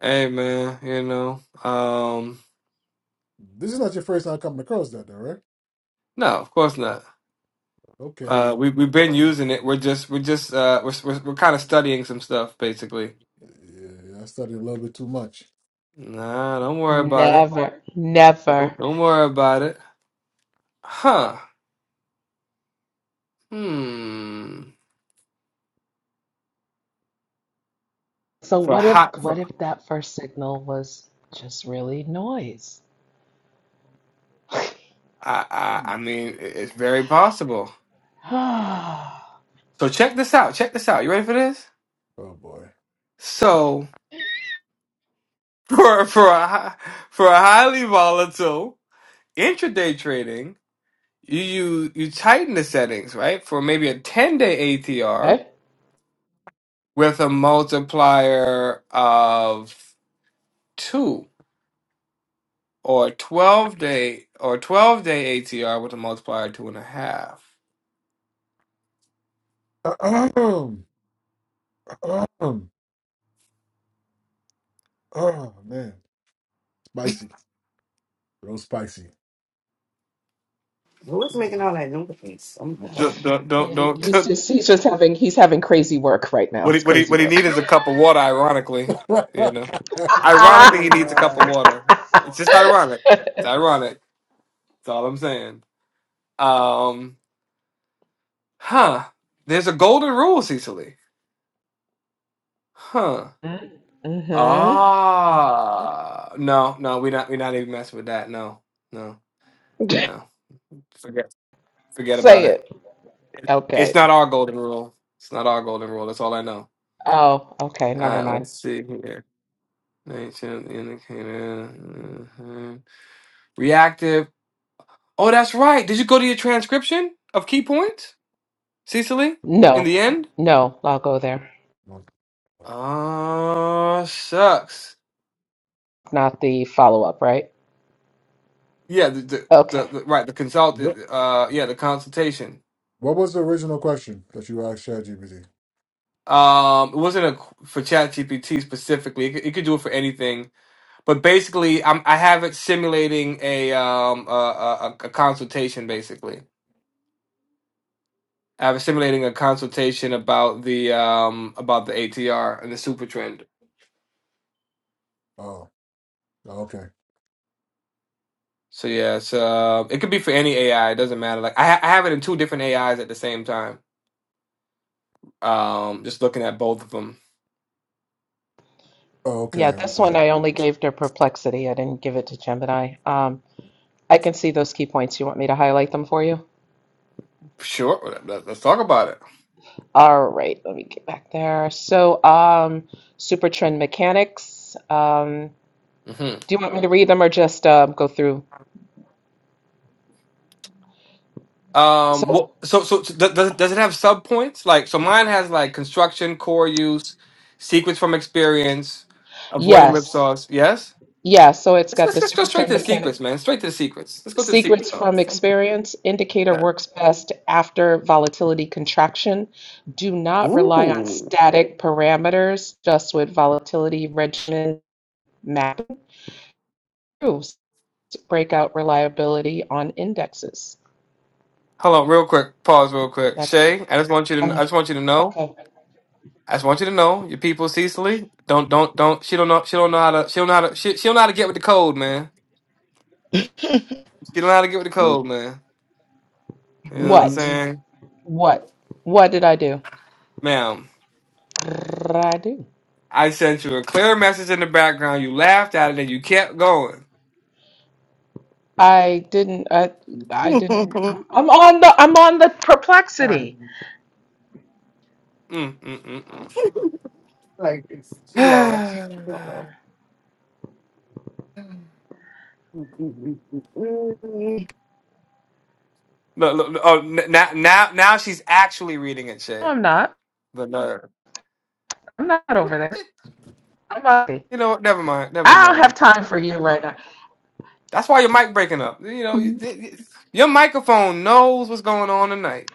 [SPEAKER 4] Hey man, you know. Um,
[SPEAKER 13] This is not your first time coming across that, though, right?
[SPEAKER 4] no, of course not.
[SPEAKER 13] Okay,
[SPEAKER 4] Uh,
[SPEAKER 13] like,
[SPEAKER 4] we we've been using it. We're just we're just uh we're we're, we're kind of studying some stuff basically.
[SPEAKER 13] yeah, I studied a little bit too much.
[SPEAKER 4] Nah, don't worry about it.
[SPEAKER 2] Never, never.
[SPEAKER 4] Don't don't worry about it. Huh? Hmm.
[SPEAKER 2] So
[SPEAKER 4] For
[SPEAKER 2] what if
[SPEAKER 4] hot.
[SPEAKER 2] what
[SPEAKER 4] For,
[SPEAKER 2] if that first signal was just really noise?
[SPEAKER 4] I I
[SPEAKER 13] Hmm.
[SPEAKER 4] I mean, it- it's very possible. So check this out. Check this out. You ready for this?
[SPEAKER 13] Oh, boy.
[SPEAKER 4] So. For for a hi- for a highly volatile intraday trading, you you you tighten the settings, right? For maybe a 10-day ATR
[SPEAKER 2] Okay.
[SPEAKER 4] with a multiplier of two, or 12-day or 12-day ATR with a multiplier of two and a half.
[SPEAKER 13] Ahem. Ahem. Oh, man. Spicy. Real spicy.
[SPEAKER 3] Who is making all that noise? Oh my god.
[SPEAKER 4] Don't don't don't,
[SPEAKER 2] And
[SPEAKER 4] don't
[SPEAKER 2] He's just he's just having he's having crazy work right now.
[SPEAKER 4] what he,
[SPEAKER 2] It's
[SPEAKER 4] what he
[SPEAKER 2] crazy
[SPEAKER 4] what he
[SPEAKER 2] work.
[SPEAKER 4] needs is a cup of water. Ironically,
[SPEAKER 13] what
[SPEAKER 4] you know, ironically he needs a cup of water. It's just ironic. It's ironic. That's all I'm saying. Um. Huh. There's a golden rule, Cecily. Huh.
[SPEAKER 2] Mm-hmm.
[SPEAKER 4] Ah. No, no, we're not we're not even messing with that. No. No. No. Forget forget about
[SPEAKER 2] Say
[SPEAKER 4] it.
[SPEAKER 2] it.
[SPEAKER 4] It's
[SPEAKER 2] Okay.
[SPEAKER 4] not our golden rule. It's not our golden rule. That's all I know.
[SPEAKER 2] Oh, okay,
[SPEAKER 4] All
[SPEAKER 2] never
[SPEAKER 4] right,
[SPEAKER 2] mind.
[SPEAKER 4] let's see here. Ancient indicator. mhm. Reactive. Oh, that's right. Did you go to your transcription of key points, Cecily? In the
[SPEAKER 2] No,
[SPEAKER 4] end?
[SPEAKER 2] no, I'll go there.
[SPEAKER 4] Oh, sucks.
[SPEAKER 2] Not the follow-up, right?
[SPEAKER 4] Yeah, the, the, the,
[SPEAKER 2] Okay.
[SPEAKER 4] the right the consult uh yeah the consultation.
[SPEAKER 13] was the original question that you asked ChatGPT?
[SPEAKER 4] Um, it wasn't a for ChatGPT specifically. It could, it could do it for anything, but basically, I'm I have it simulating a um a, a, a consultation basically. I have it simulating a consultation about the um about the ATR and the super trend.
[SPEAKER 13] Oh, okay.
[SPEAKER 4] So yeah, it's uh it could be for any AI. It doesn't matter. Like I ha I have it in two different AIs at the same time. Um, just looking at both of them.
[SPEAKER 13] Oh, okay,
[SPEAKER 2] Yeah, this
[SPEAKER 13] okay.
[SPEAKER 2] one I only gave to Perplexity. I didn't give it to Gemini. Um, I can see those key points. You want me to highlight them for you?
[SPEAKER 4] Sure, let- let's talk about it.
[SPEAKER 2] All right, let me get back there. So, um, super trend mechanics. Um,
[SPEAKER 4] Mm-hmm.
[SPEAKER 2] do you want me to read them or just um, go through?
[SPEAKER 4] Um.
[SPEAKER 2] So,
[SPEAKER 4] Well, so so, so th- does, does it have sub points? Like, so mine has like construction, core use, secrets from experience, avoiding
[SPEAKER 2] yes,
[SPEAKER 4] whipsaws. Yes.
[SPEAKER 2] yeah. So it's
[SPEAKER 4] Let's,
[SPEAKER 2] got the
[SPEAKER 4] let's let's go
[SPEAKER 2] super
[SPEAKER 4] straight
[SPEAKER 2] trend
[SPEAKER 4] to the secrets,
[SPEAKER 2] mechanics.
[SPEAKER 4] man. Straight to the secrets. Let's go to the secrets.
[SPEAKER 2] Secrets
[SPEAKER 4] Star.
[SPEAKER 2] from experience. Indicator
[SPEAKER 4] Yeah.
[SPEAKER 2] works best after volatility contraction. Do not rely on
[SPEAKER 4] Ooh.
[SPEAKER 2] static parameters, just with volatility regimen proves breakout reliability on indexes.
[SPEAKER 4] Hold on, real quick. Pause, real quick.
[SPEAKER 2] That's what
[SPEAKER 4] Shay,
[SPEAKER 2] it,
[SPEAKER 4] I just want you to.
[SPEAKER 2] uh,
[SPEAKER 4] I just want you to know.
[SPEAKER 2] okay.
[SPEAKER 4] I just want you to know your people, Cecily. Don't don't don't. She don't know. She don't know how to. She don't know how to. She, she don't know how to get with the code, man. She don't know how to get with the code, man.
[SPEAKER 3] I
[SPEAKER 4] You know what I'm
[SPEAKER 2] What?
[SPEAKER 3] mean,
[SPEAKER 4] saying,
[SPEAKER 2] What? What did I do?
[SPEAKER 4] ma'am?
[SPEAKER 2] What did I do?
[SPEAKER 4] I sent you a clear message in the background. You laughed at it and you kept going.
[SPEAKER 2] I didn't. I, I
[SPEAKER 3] like
[SPEAKER 2] didn't. I'm, I'm on the. I'm on the perplexity.
[SPEAKER 4] Mm, mm, mm,
[SPEAKER 3] it's, she lost. I don't
[SPEAKER 4] mm.
[SPEAKER 3] know.
[SPEAKER 4] look, look, look, oh, n- now, now, now she's actually reading it,
[SPEAKER 2] No,
[SPEAKER 4] Shay.
[SPEAKER 2] I'm not.
[SPEAKER 4] The no,
[SPEAKER 2] I'm not over
[SPEAKER 4] eh,
[SPEAKER 2] there. I'm not.
[SPEAKER 4] you know, what? never mind, never
[SPEAKER 2] I don't
[SPEAKER 4] mind.
[SPEAKER 2] have time for you right now.
[SPEAKER 4] That's why your mic breaking up. You know, you- you- your microphone knows what's going on tonight.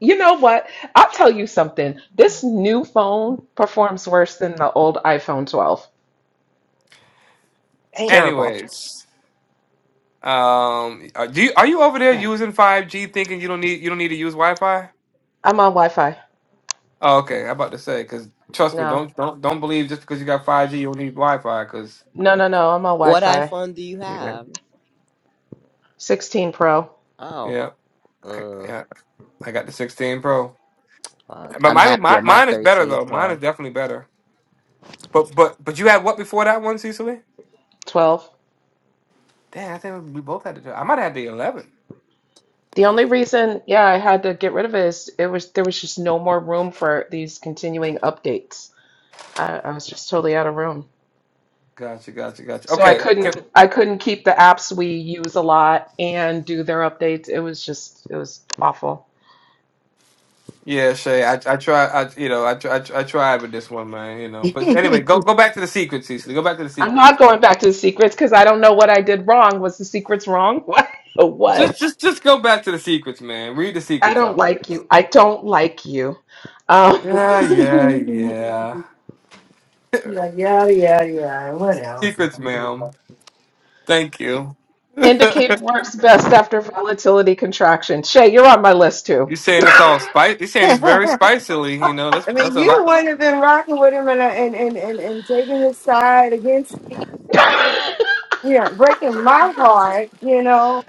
[SPEAKER 2] You know what? I'll tell you something. This new phone performs worse than the old iPhone 12. It's
[SPEAKER 3] Damn.
[SPEAKER 2] terrible.
[SPEAKER 4] Anyways, um, are- do you, are you over there using five G, thinking you don't need you don't need to use Wi Fi?
[SPEAKER 2] I'm on Wi-Fi.
[SPEAKER 4] Oh, okay. I'm about to say because trust me,
[SPEAKER 2] No,
[SPEAKER 4] don't don't don't believe just because you got 5G you don't need Wi-Fi. Because
[SPEAKER 2] no, no, no. I'm on
[SPEAKER 5] What
[SPEAKER 2] Wi-Fi.
[SPEAKER 5] iPhone do you
[SPEAKER 4] yeah,
[SPEAKER 5] have?
[SPEAKER 2] 16 Pro,
[SPEAKER 4] yeah, I,
[SPEAKER 5] Oh.
[SPEAKER 4] yeah, I got the 16 Pro,
[SPEAKER 5] Fuck.
[SPEAKER 4] but
[SPEAKER 5] I'm
[SPEAKER 4] mine,
[SPEAKER 5] happy
[SPEAKER 4] mine
[SPEAKER 5] with my
[SPEAKER 4] mine is better
[SPEAKER 5] 13
[SPEAKER 4] though. Mine is
[SPEAKER 5] Pro.
[SPEAKER 4] definitely better. But
[SPEAKER 5] Oh.
[SPEAKER 4] but but you had what before that one, Cecily?
[SPEAKER 2] 12.
[SPEAKER 4] Damn, I think we both had to. I might have had the 11.
[SPEAKER 2] The only reason, yeah, I had to get rid of it is it was there was just no more room for these continuing updates. I, I was just totally out of room.
[SPEAKER 4] Gotcha, gotcha, gotcha.
[SPEAKER 2] So I
[SPEAKER 4] Okay,
[SPEAKER 2] couldn't
[SPEAKER 4] Can-
[SPEAKER 2] I couldn't keep the apps we use a lot and do their updates. It was just it was awful.
[SPEAKER 4] yeah, Shay, I I try, I you know, I try, I, try- I tried with this one, man, you know. But anyway, go go back to the secrets, Cecily. Go back to the
[SPEAKER 2] I'm not
[SPEAKER 4] secrets.
[SPEAKER 2] going back to the secrets because I don't know what I did wrong. Was the secrets wrong? What?
[SPEAKER 4] Just
[SPEAKER 2] What?
[SPEAKER 4] just just go back to the secrets, man. Read the
[SPEAKER 2] I
[SPEAKER 4] secrets
[SPEAKER 2] don't
[SPEAKER 4] out,
[SPEAKER 2] like
[SPEAKER 4] please.
[SPEAKER 2] you. I don't like you. Um,
[SPEAKER 4] Yeah, yeah, yeah.
[SPEAKER 3] Like, yeah, yeah, yeah. What else?
[SPEAKER 4] Secrets, ma'am. Thank you.
[SPEAKER 2] Indicator works best after volatility contraction. Shay, you're on my list too.
[SPEAKER 4] you saying it's all spice? You saying it's very
[SPEAKER 3] I
[SPEAKER 4] spicily. You know that's
[SPEAKER 3] mean,
[SPEAKER 4] that's a
[SPEAKER 3] you the
[SPEAKER 4] lot.
[SPEAKER 3] one that's been rocking with him and, uh, and, and, and, and taking his side against, you know, breaking my heart, you know.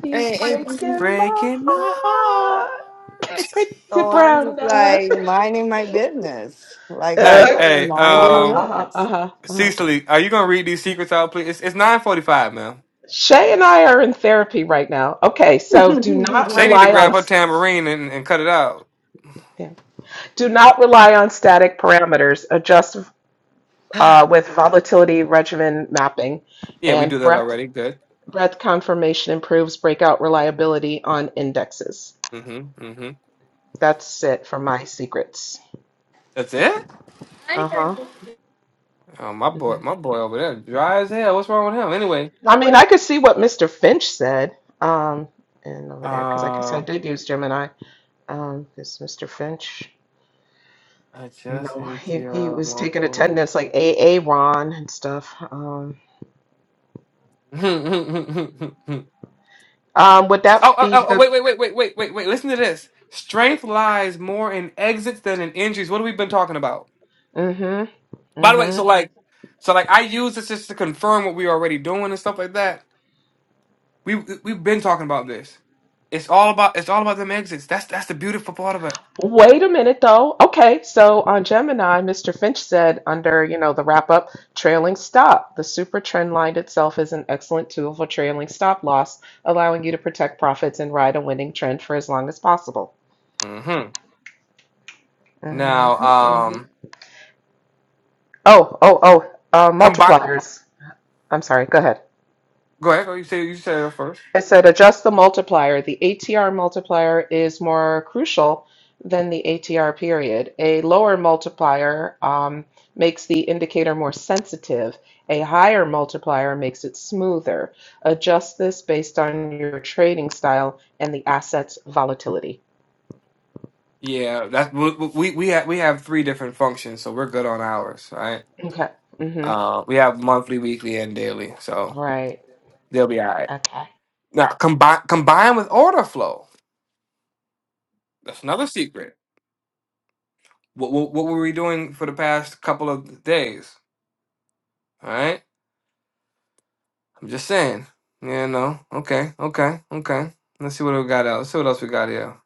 [SPEAKER 2] he
[SPEAKER 3] And, and
[SPEAKER 2] breaking my
[SPEAKER 4] Breaking my heart.
[SPEAKER 2] heart. Pretty
[SPEAKER 3] so I'm
[SPEAKER 2] brown
[SPEAKER 3] just
[SPEAKER 2] eyes.
[SPEAKER 3] like minding my business, like
[SPEAKER 2] Uh,
[SPEAKER 3] how
[SPEAKER 4] hey,
[SPEAKER 3] you've been
[SPEAKER 4] hey,
[SPEAKER 3] minding
[SPEAKER 2] uh-huh,
[SPEAKER 4] um,
[SPEAKER 2] uh-huh,
[SPEAKER 3] yours.
[SPEAKER 2] uh-huh, uh-huh.
[SPEAKER 4] Cecily, are you gonna read these secrets out, please? It's, it's nine forty-five, ma'am.
[SPEAKER 2] Shay and I are in therapy right now. Okay, so do not
[SPEAKER 4] She need to
[SPEAKER 2] rely
[SPEAKER 4] grab
[SPEAKER 2] on
[SPEAKER 4] her tambourine and, and cut it out.
[SPEAKER 2] yeah. do not rely on static parameters. Adjust uh, with volatility regimen mapping
[SPEAKER 4] Yeah, we
[SPEAKER 2] and
[SPEAKER 4] do that
[SPEAKER 2] breath
[SPEAKER 4] already. Good.
[SPEAKER 2] Breadth conformation improves breakout reliability on indexes.
[SPEAKER 4] Mm-hmm. Mm-hmm.
[SPEAKER 2] That's it for my secrets.
[SPEAKER 4] That's it.
[SPEAKER 2] Uh huh.
[SPEAKER 4] Oh, my boy,
[SPEAKER 2] hmm
[SPEAKER 4] my boy over there, dry as hell. What's wrong with him? Anyway.
[SPEAKER 2] I mean, I could see what Mr. Finch said. Um, and over there, because I guess
[SPEAKER 4] uh.
[SPEAKER 2] I did use Gemini. Um, because Mr. Finch,
[SPEAKER 4] I
[SPEAKER 2] you
[SPEAKER 4] just
[SPEAKER 2] know,
[SPEAKER 4] ate
[SPEAKER 2] he, he
[SPEAKER 4] your
[SPEAKER 2] was taking
[SPEAKER 4] multiple.
[SPEAKER 2] attendance like A. A. Ron and stuff. Um,
[SPEAKER 4] oh, oh,
[SPEAKER 2] um, would that be
[SPEAKER 4] oh, oh,
[SPEAKER 2] the?
[SPEAKER 4] wait, wait, wait, wait, wait, wait, wait. Listen to this. Strength lies more in exits than in injuries. What have we been talking about?
[SPEAKER 2] Mm-hmm.
[SPEAKER 4] By the way,
[SPEAKER 2] Mm-hmm.
[SPEAKER 4] so like, so like, I use this just to confirm what we already doing and stuff like that. We we've been talking about this. It's all about it's all about them exits. That's that's the beautiful part of it.
[SPEAKER 2] Wait a minute, though. Okay, so on Gemini, Mr. Finch said under, you know, the wrap up, trailing stop. The super trend line itself is an excellent tool for trailing stop loss, allowing you to protect profits and ride a winning trend for as long as possible.
[SPEAKER 4] hmm Now,
[SPEAKER 2] Mhm, mhm.
[SPEAKER 4] um,
[SPEAKER 2] Oh, oh, oh, uh,
[SPEAKER 4] combine.
[SPEAKER 2] multipliers. I'm sorry, go ahead.
[SPEAKER 4] Go ahead. Oh, You say you say it first.
[SPEAKER 2] I said adjust the multiplier. The ATR multiplier is more crucial than the ATR period. A lower multiplier um, makes the indicator more sensitive. A higher multiplier makes it smoother. Adjust this based on your trading style and the asset's volatility.
[SPEAKER 4] Yeah, that's we we we have, we have three different functions, so we're good on ours, right?
[SPEAKER 2] Okay. hmm
[SPEAKER 4] Uh, we have monthly, weekly, and daily, so
[SPEAKER 2] Right.
[SPEAKER 4] they'll be all right.
[SPEAKER 2] Okay.
[SPEAKER 4] Now combine combine with order flow. That's another secret. What, what what were we doing for the past couple of days? All right, I'm just saying. Yeah, no, okay, okay, okay. Let's see what we got. Out. Let's see what else we got here.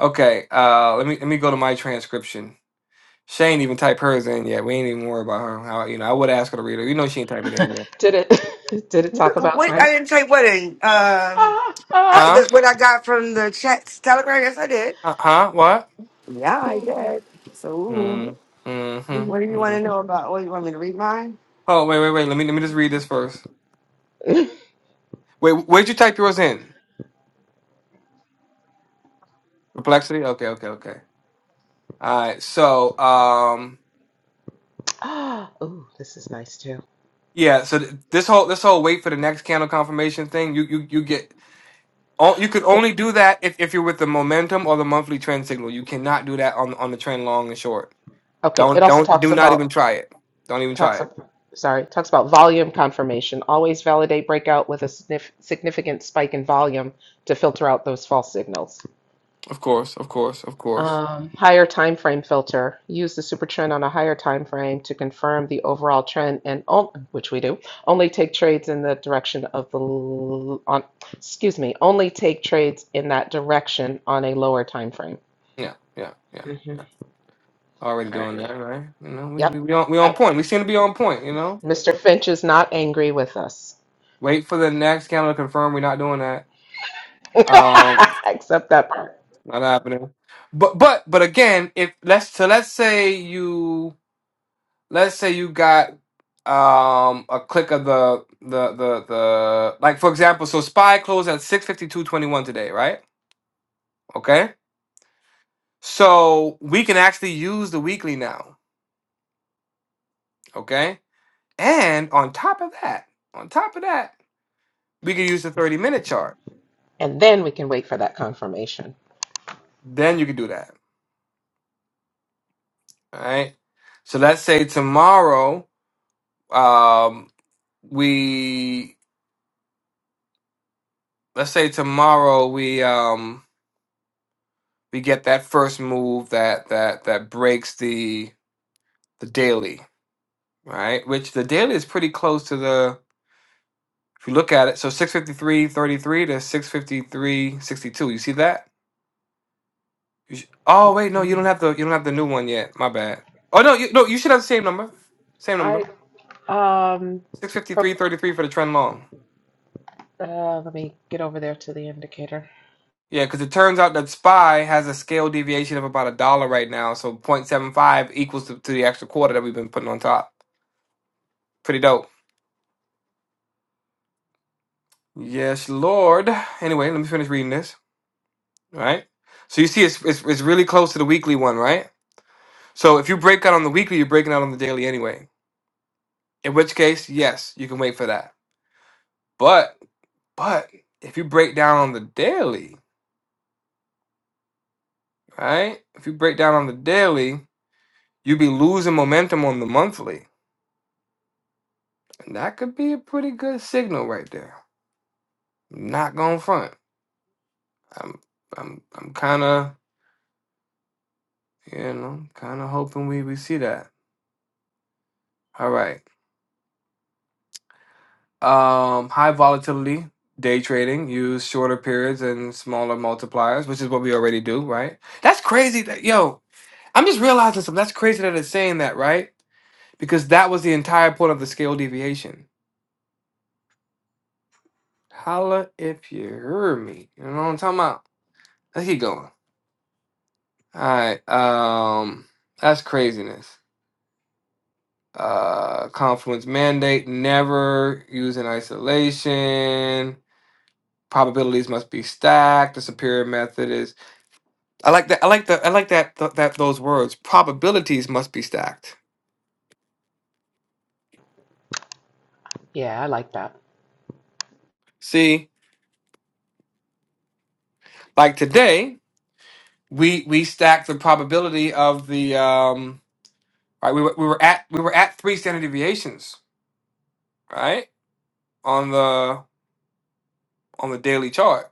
[SPEAKER 4] Okay, uh, let me let me go to my transcription. She ain't even typed hers in yet. We ain't even worried about her. How you know? I would ask her to read it. You know she ain't type it in yet,
[SPEAKER 2] Did it did it talk about
[SPEAKER 3] What I
[SPEAKER 2] time?
[SPEAKER 3] didn't take what in um
[SPEAKER 2] Ah,
[SPEAKER 3] I,
[SPEAKER 2] ah.
[SPEAKER 4] huh?
[SPEAKER 3] the, what I got from the chat telegram. Yes, I did.
[SPEAKER 4] Uh, huh? What?
[SPEAKER 3] Yeah, I
[SPEAKER 2] Mhm,
[SPEAKER 3] did. So.
[SPEAKER 2] mhm,
[SPEAKER 4] Mm,
[SPEAKER 3] What
[SPEAKER 2] mhm,
[SPEAKER 3] do
[SPEAKER 4] mm-hmm,
[SPEAKER 3] you want
[SPEAKER 4] mm-hmm.
[SPEAKER 3] to know
[SPEAKER 2] mhm.
[SPEAKER 3] about? What you want me to read mine?
[SPEAKER 4] Oh, wait, wait, wait. Let me let me just read this first. Wait, where'd you type yours in? Perplexity? Okay, okay, okay. All right. So, um,
[SPEAKER 2] Ah, ooh, this is nice too.
[SPEAKER 4] yeah. So th- this whole this whole wait for the next candle confirmation thing, you you you get. Oh, You could
[SPEAKER 2] Okay.
[SPEAKER 4] only do that if, if you're with the momentum or the monthly trend signal. You cannot do that on on the trend long and short.
[SPEAKER 2] Okay. It
[SPEAKER 4] Don't
[SPEAKER 2] also
[SPEAKER 4] don't
[SPEAKER 2] talks
[SPEAKER 4] do not even
[SPEAKER 2] about
[SPEAKER 4] try it. Don't even try
[SPEAKER 2] talks
[SPEAKER 4] it.
[SPEAKER 2] ab- sorry, talks about volume confirmation. Always validate breakout with a signif significant spike in volume to filter out those false signals.
[SPEAKER 4] Of course, of course, of course.
[SPEAKER 2] Um, higher time frame filter. Use the super trend on a higher time frame to confirm the overall trend and on- which we do. Only take trades in the direction of the l- on excuse me, only take trades in that direction on a lower time frame.
[SPEAKER 4] Yeah, yeah, yeah.
[SPEAKER 2] Mm-hmm.
[SPEAKER 4] Already
[SPEAKER 2] All
[SPEAKER 4] doing that,
[SPEAKER 2] righty.
[SPEAKER 4] right? You know, we we
[SPEAKER 2] Yep.
[SPEAKER 4] we on, we on
[SPEAKER 2] Yep.
[SPEAKER 4] point. We seem to be on point. You know,
[SPEAKER 2] Mr. Finch is not angry with us.
[SPEAKER 4] wait for the next camera to confirm we're not doing that. Um,
[SPEAKER 2] Except that part.
[SPEAKER 4] not happening. But but but again, if let's so let's say you let's say you got um a click of the the the the like for example, so spy closed at six fifty two twenty one today, right? Okay, so we can actually use the weekly now. Okay, and on top of that, on top of that, we can use the thirty minute chart.
[SPEAKER 2] And then we can wait for that confirmation.
[SPEAKER 4] Then you can do that. All right. So let's say tomorrow, um, we let's say tomorrow we um we get that first move that that that breaks the the daily, right? Which the daily is pretty close to the if you look at it. So six fifty three thirty three to six fifty three sixty two. You see that? You sh- oh wait, no, you don't
[SPEAKER 2] Mhm.
[SPEAKER 4] have the you don't have the new one yet. My bad. Oh no, you, no, you should have the same number. Same
[SPEAKER 2] I
[SPEAKER 4] number.
[SPEAKER 2] um
[SPEAKER 4] Six fifty
[SPEAKER 2] pro,
[SPEAKER 4] three thirty three for the trend long.
[SPEAKER 2] uh, let me get over there to the indicator.
[SPEAKER 4] Yeah, because it turns out that SPY has a scale deviation of about a dollar right now, so point seven five equals to, to the extra quarter that we've been putting on top. Pretty dope. Yes, Lord. Anyway, let me finish reading this. All right. So you see, it's, it's it's really close to the weekly one, right? So if you break out on the weekly, you're breaking out on the daily anyway. In which case, yes, you can wait for that. But but if you break down on the daily, right? If you break down on the daily, you'd be losing momentum on the monthly. That could be a pretty good signal right there. Not going front. I'm I'm I'm kind of you know kind of hoping we we see that. All right. Um, high volatility day trading use shorter periods and smaller multipliers, which is what we already do, right? That's crazy. That, yo, I'm just realizing something. That's crazy that it's saying that, right? Because that was the entire point of the scale deviation. Holla if you hear me. You know what I'm talking about. Let's keep going. All right. Um, that's craziness. uh, confluence mandate, never use in isolation. Probabilities must be stacked. The superior method is. I like that. I like that. I like that. Th- that those words. Probabilities must be stacked.
[SPEAKER 2] Yeah, I like that.
[SPEAKER 4] See, like today, we we stacked the probability of the um. Right, we were we were at we were at three standard deviations. Right on the on the daily chart,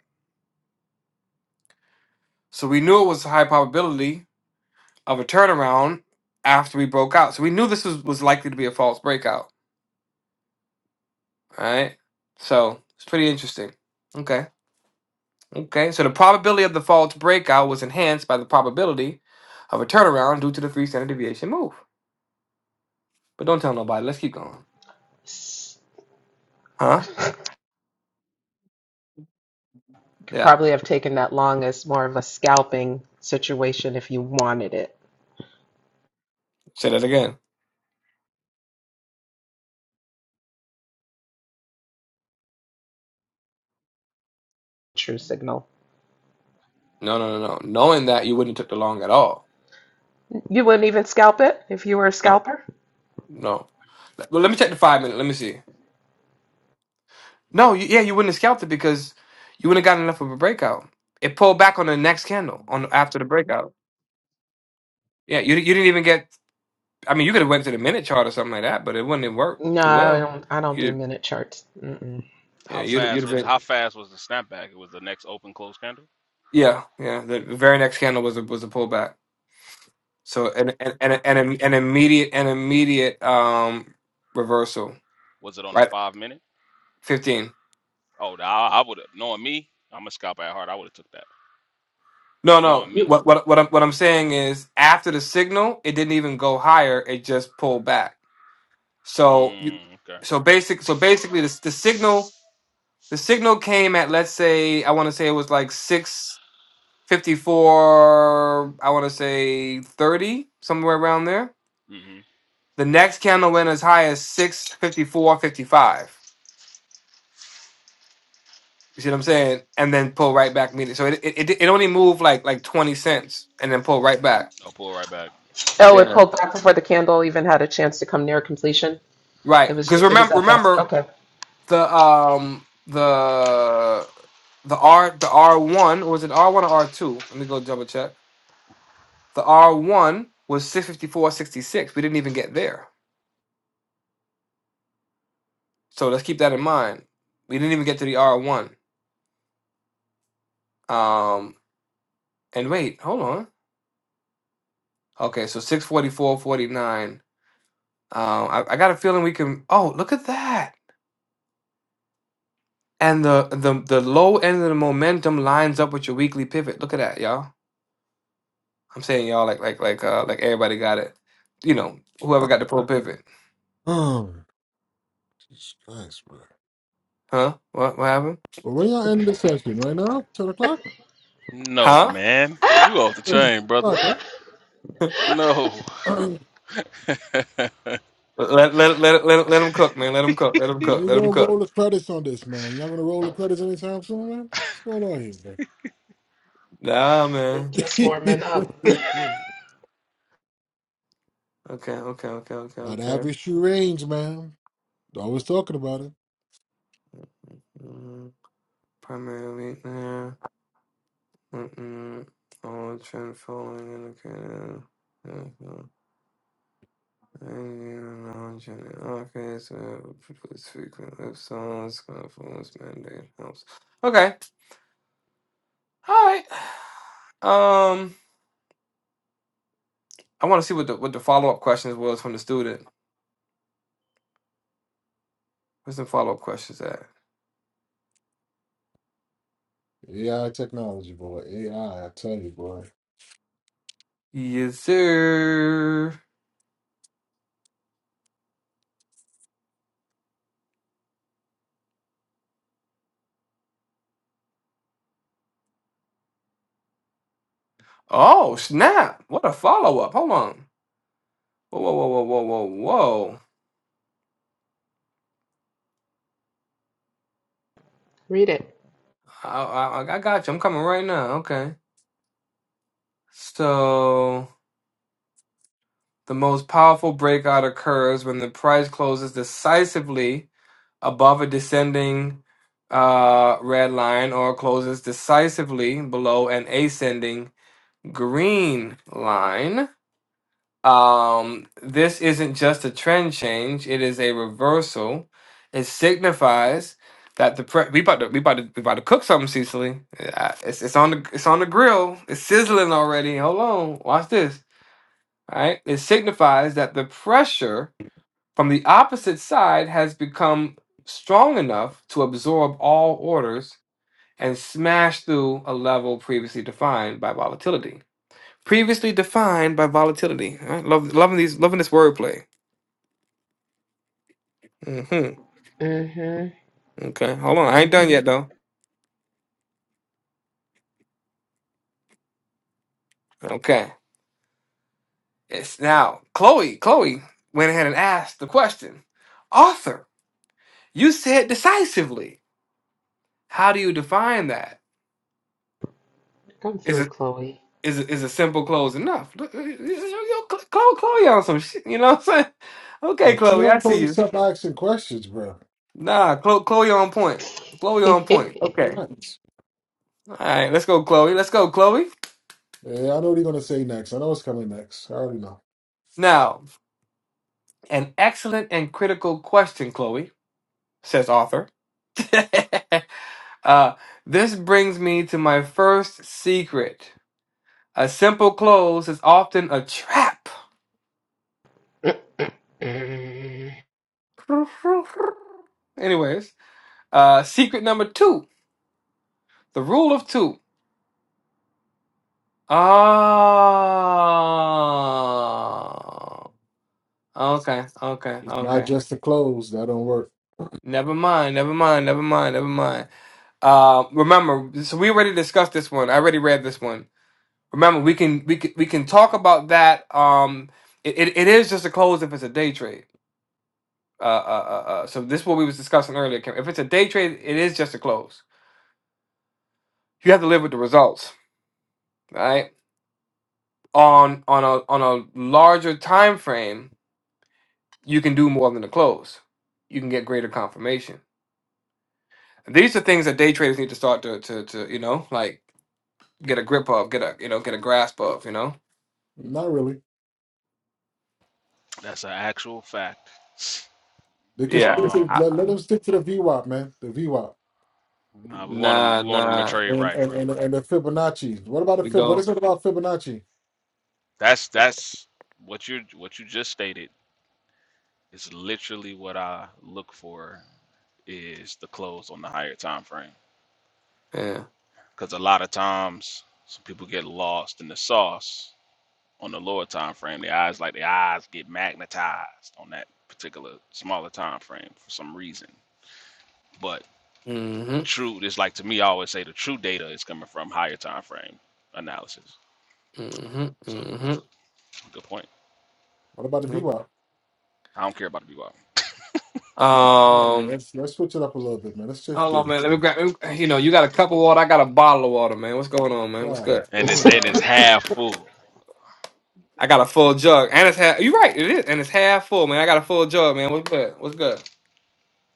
[SPEAKER 4] so we knew it was a high probability of a turnaround after we broke out. So we knew this was, was likely to be a false breakout. right? So it's pretty interesting. Okay. Okay. So the probability of the false breakout was enhanced by the probability of a turnaround due to the three standard deviation move. But don't tell nobody. Let's keep going.
[SPEAKER 2] S-
[SPEAKER 4] Huh?
[SPEAKER 2] Could
[SPEAKER 4] Yeah.
[SPEAKER 2] probably have taken that long as more of a scalping situation if you wanted it.
[SPEAKER 4] Say that again.
[SPEAKER 2] True signal.
[SPEAKER 4] No, no, no, no. Knowing that you wouldn't have took the long at all.
[SPEAKER 2] You wouldn't even scalp it if you were a
[SPEAKER 4] No.
[SPEAKER 2] scalper?
[SPEAKER 4] No. Let- Well, let me check the five minute. Let me see. No, you, yeah, you wouldn't have scalped it because you wouldn't have gotten enough of a breakout. It pulled back on the next candle on after the breakout. Yeah, you you didn't even get. I mean, you could have went to the minute chart or something like that, but it wouldn't have worked
[SPEAKER 2] No,
[SPEAKER 4] too
[SPEAKER 2] I
[SPEAKER 4] well.
[SPEAKER 2] don't I don't do
[SPEAKER 4] You,
[SPEAKER 2] minute charts. Mm-mm.
[SPEAKER 4] yeah,
[SPEAKER 10] How
[SPEAKER 4] you'd
[SPEAKER 10] fast
[SPEAKER 4] you'd have
[SPEAKER 10] was how
[SPEAKER 4] been.
[SPEAKER 10] fast was the snapback? It was the next open close candle.
[SPEAKER 4] Yeah, yeah. The very next candle was a was a pullback. So an an an, an, an immediate an immediate um reversal.
[SPEAKER 10] Was it on the
[SPEAKER 4] Right,
[SPEAKER 10] five minute?
[SPEAKER 4] fifteen.
[SPEAKER 10] Oh, the- I, I would have knowing me. I'm a scalper at heart. I would have took that.
[SPEAKER 4] No,
[SPEAKER 10] Knowing
[SPEAKER 4] no.
[SPEAKER 10] me.
[SPEAKER 2] You
[SPEAKER 4] What what what I'm what I'm saying is after the signal, it didn't even go higher. It just pulled back. So you
[SPEAKER 10] Mm, okay.
[SPEAKER 4] so basic so basically the the signal the signal came at let's say I want to say it was like six. 54, I want to say 30, somewhere around there.
[SPEAKER 10] Mm-hmm.
[SPEAKER 4] The next candle went as high as six fifty four fifty five. You see what I'm saying? And then pull right back immediately. So it it, it, it only moved like like 20 cents and then pull right back.
[SPEAKER 10] I'll pull right back.
[SPEAKER 2] Oh, it
[SPEAKER 10] Okay.
[SPEAKER 4] Yeah.
[SPEAKER 2] pulled back before the candle even had a chance to come near completion. It
[SPEAKER 4] Right.
[SPEAKER 2] was
[SPEAKER 4] Because
[SPEAKER 2] it was
[SPEAKER 4] remember
[SPEAKER 2] that fast.
[SPEAKER 4] remember
[SPEAKER 2] Okay.
[SPEAKER 4] the um the the R the R one was it R one or R two? Let me go double check. The R one was six fifty four sixty six. We didn't even get there. So let's keep that in mind. We didn't even get to the R1. Um, and wait, hold on. Okay, so six forty four forty nine. Um, I, I got a feeling we can. Oh, look at that. And the, the the low end of the momentum lines up with your weekly pivot. Look at that, y'all. I'm saying y'all like like like uh like everybody got it. You know, whoever got the pro pivot.
[SPEAKER 13] Oh, Jesus Christ, man.
[SPEAKER 4] Huh? What what happened?
[SPEAKER 13] Well, when y'all end the session right now, ten o'clock,
[SPEAKER 10] No,
[SPEAKER 4] Huh?
[SPEAKER 10] man. You off the
[SPEAKER 13] Session 10
[SPEAKER 10] chain, brother.
[SPEAKER 13] o'clock,
[SPEAKER 10] No.
[SPEAKER 13] right?
[SPEAKER 10] That's
[SPEAKER 4] Let let let let let them cook, man. Let them cook. Let them
[SPEAKER 13] when
[SPEAKER 4] cook.
[SPEAKER 13] you
[SPEAKER 4] Let
[SPEAKER 13] gonna
[SPEAKER 4] them cook.
[SPEAKER 13] roll the credits on this, man? Y'all gonna roll the credits anytime soon, man? What's going on
[SPEAKER 4] Nah,
[SPEAKER 2] We're
[SPEAKER 4] man.
[SPEAKER 2] just
[SPEAKER 13] here,
[SPEAKER 2] warming up.
[SPEAKER 13] man?
[SPEAKER 4] Okay, okay, okay, okay,
[SPEAKER 13] Not
[SPEAKER 4] okay.
[SPEAKER 13] average shoe range, man. Always talking about it.
[SPEAKER 4] Mm. primarily there. All trend following and indicator. Okay, so produce frequent lip songs, confluence mandate helps. Okay, all right. Um, I want to see what the what the follow up questions was from the student. What's the follow up questions at?
[SPEAKER 13] AI technology, boy. AI, I I tell you, boy.
[SPEAKER 4] Yes, sir. Oh snap! What a follow up. Hold on. Whoa, whoa, whoa, whoa, whoa, whoa, whoa.
[SPEAKER 2] Read it.
[SPEAKER 4] I, I, I got you. I'm coming right now. Okay. So the most powerful breakout occurs when the price closes decisively above a descending uh, red line or closes decisively below an ascending green line. Um, this isn't just a trend change; it is a reversal. It signifies that the pre- we about to we about to we about to cook something, Cecily. Uh, It's it's on the it's on the grill. It's sizzling already. Hold on, watch this. All right. It signifies that the pressure from the opposite side has become strong enough to absorb all orders and smash through a level previously defined by volatility. Previously defined by volatility. All right. Love, loving these, loving this wordplay. Mm-hmm.
[SPEAKER 2] Mm-hmm.
[SPEAKER 4] Okay. Hold on. I ain't done
[SPEAKER 2] Mm-hmm.
[SPEAKER 4] yet though. Okay. It's now Chloe. Chloe went ahead and asked the question. Author, you said decisively. How do you define that?
[SPEAKER 2] Come
[SPEAKER 4] Is
[SPEAKER 2] through,
[SPEAKER 4] it?
[SPEAKER 2] Chloe.
[SPEAKER 4] is is a simple close enough? Look, you, you, Chloe, Chloe on some shit. You know what I'm saying? Okay,
[SPEAKER 13] Yo, see,
[SPEAKER 4] Chloe, I
[SPEAKER 13] I'm
[SPEAKER 4] see
[SPEAKER 13] supposed to
[SPEAKER 4] you.
[SPEAKER 13] stop asking questions, bro.
[SPEAKER 4] Nah, Chloe, Chloe on point. Chloe on point.
[SPEAKER 2] Mm-mm.
[SPEAKER 4] Okay.
[SPEAKER 13] Right.
[SPEAKER 4] All right, let's go, Chloe. Let's go, Chloe.
[SPEAKER 13] Yeah, I know what you're gonna say next. I know what's coming next. I already know.
[SPEAKER 4] Now, an excellent and critical question, Chloe, says author. uh, this brings me to my first secret. A simple close is often a trap. Anyways, uh, secret number two the rule of two. Oh, okay, okay,
[SPEAKER 13] It's not
[SPEAKER 4] okay.
[SPEAKER 13] just the clothes that don't work.
[SPEAKER 4] Never mind, never mind, never mind, never mind. Uh, remember, so we already discussed this one. I already read this one. Remember, we can we can we can talk about that. Um, it, it, it is just a close if it's a day trade. Uh, uh, uh, uh, so this is what we was discussing earlier. Kim. If it's a day trade, it is just a close. You have to live with the results, right? On on a on a larger time frame you can do more than the close. You can get greater confirmation. And these are things that day traders need to start to, to, to you know, like get a grip of, get a, you know, get a grasp of, you know?
[SPEAKER 13] Not really.
[SPEAKER 10] an actual fact.
[SPEAKER 13] They can
[SPEAKER 4] Yeah.
[SPEAKER 13] stick to
[SPEAKER 4] I-
[SPEAKER 10] Um.
[SPEAKER 13] let, let them stick to the VWAP, man. The VWAP
[SPEAKER 10] Nah, we want them.
[SPEAKER 4] Nah,
[SPEAKER 10] We want them to
[SPEAKER 4] nah.
[SPEAKER 10] trade
[SPEAKER 13] and
[SPEAKER 10] right,
[SPEAKER 13] and
[SPEAKER 10] bro.
[SPEAKER 13] and, and the Fibonacci. What about the
[SPEAKER 4] We
[SPEAKER 13] Fib? What
[SPEAKER 4] go.
[SPEAKER 13] is it about Fibonacci?
[SPEAKER 10] That's that's what you what you just stated is literally what I look for is the close on the higher time frame.
[SPEAKER 4] Yeah.
[SPEAKER 10] Because a lot of times, some people get lost in the sauce on the lower time frame. Their eyes like their eyes get magnetized on that particular smaller time frame for some reason. But the
[SPEAKER 4] Mm-hmm.
[SPEAKER 10] truth is like to me, I always say the true data is coming from higher time frame analysis.
[SPEAKER 4] Mm-hmm.
[SPEAKER 10] So that's a good point.
[SPEAKER 13] What about the
[SPEAKER 4] Mm-hmm.
[SPEAKER 13] VWAP?
[SPEAKER 10] I don't care about the BY.
[SPEAKER 13] Come on, man.
[SPEAKER 4] Um,
[SPEAKER 13] Let's let's switch it up a little bit, man. Let's just
[SPEAKER 4] hold
[SPEAKER 13] get
[SPEAKER 4] on, man. Let me grab, let me- you know, you got a cup of water. I got a bottle of water, man. What's going on, man? What's
[SPEAKER 13] God
[SPEAKER 4] good?
[SPEAKER 10] and it's
[SPEAKER 13] damn.
[SPEAKER 10] and it's half full.
[SPEAKER 4] I got a full jug. And it's half, you're right. It is. And it's half full, man. I got a full jug, man. What's good? What's good?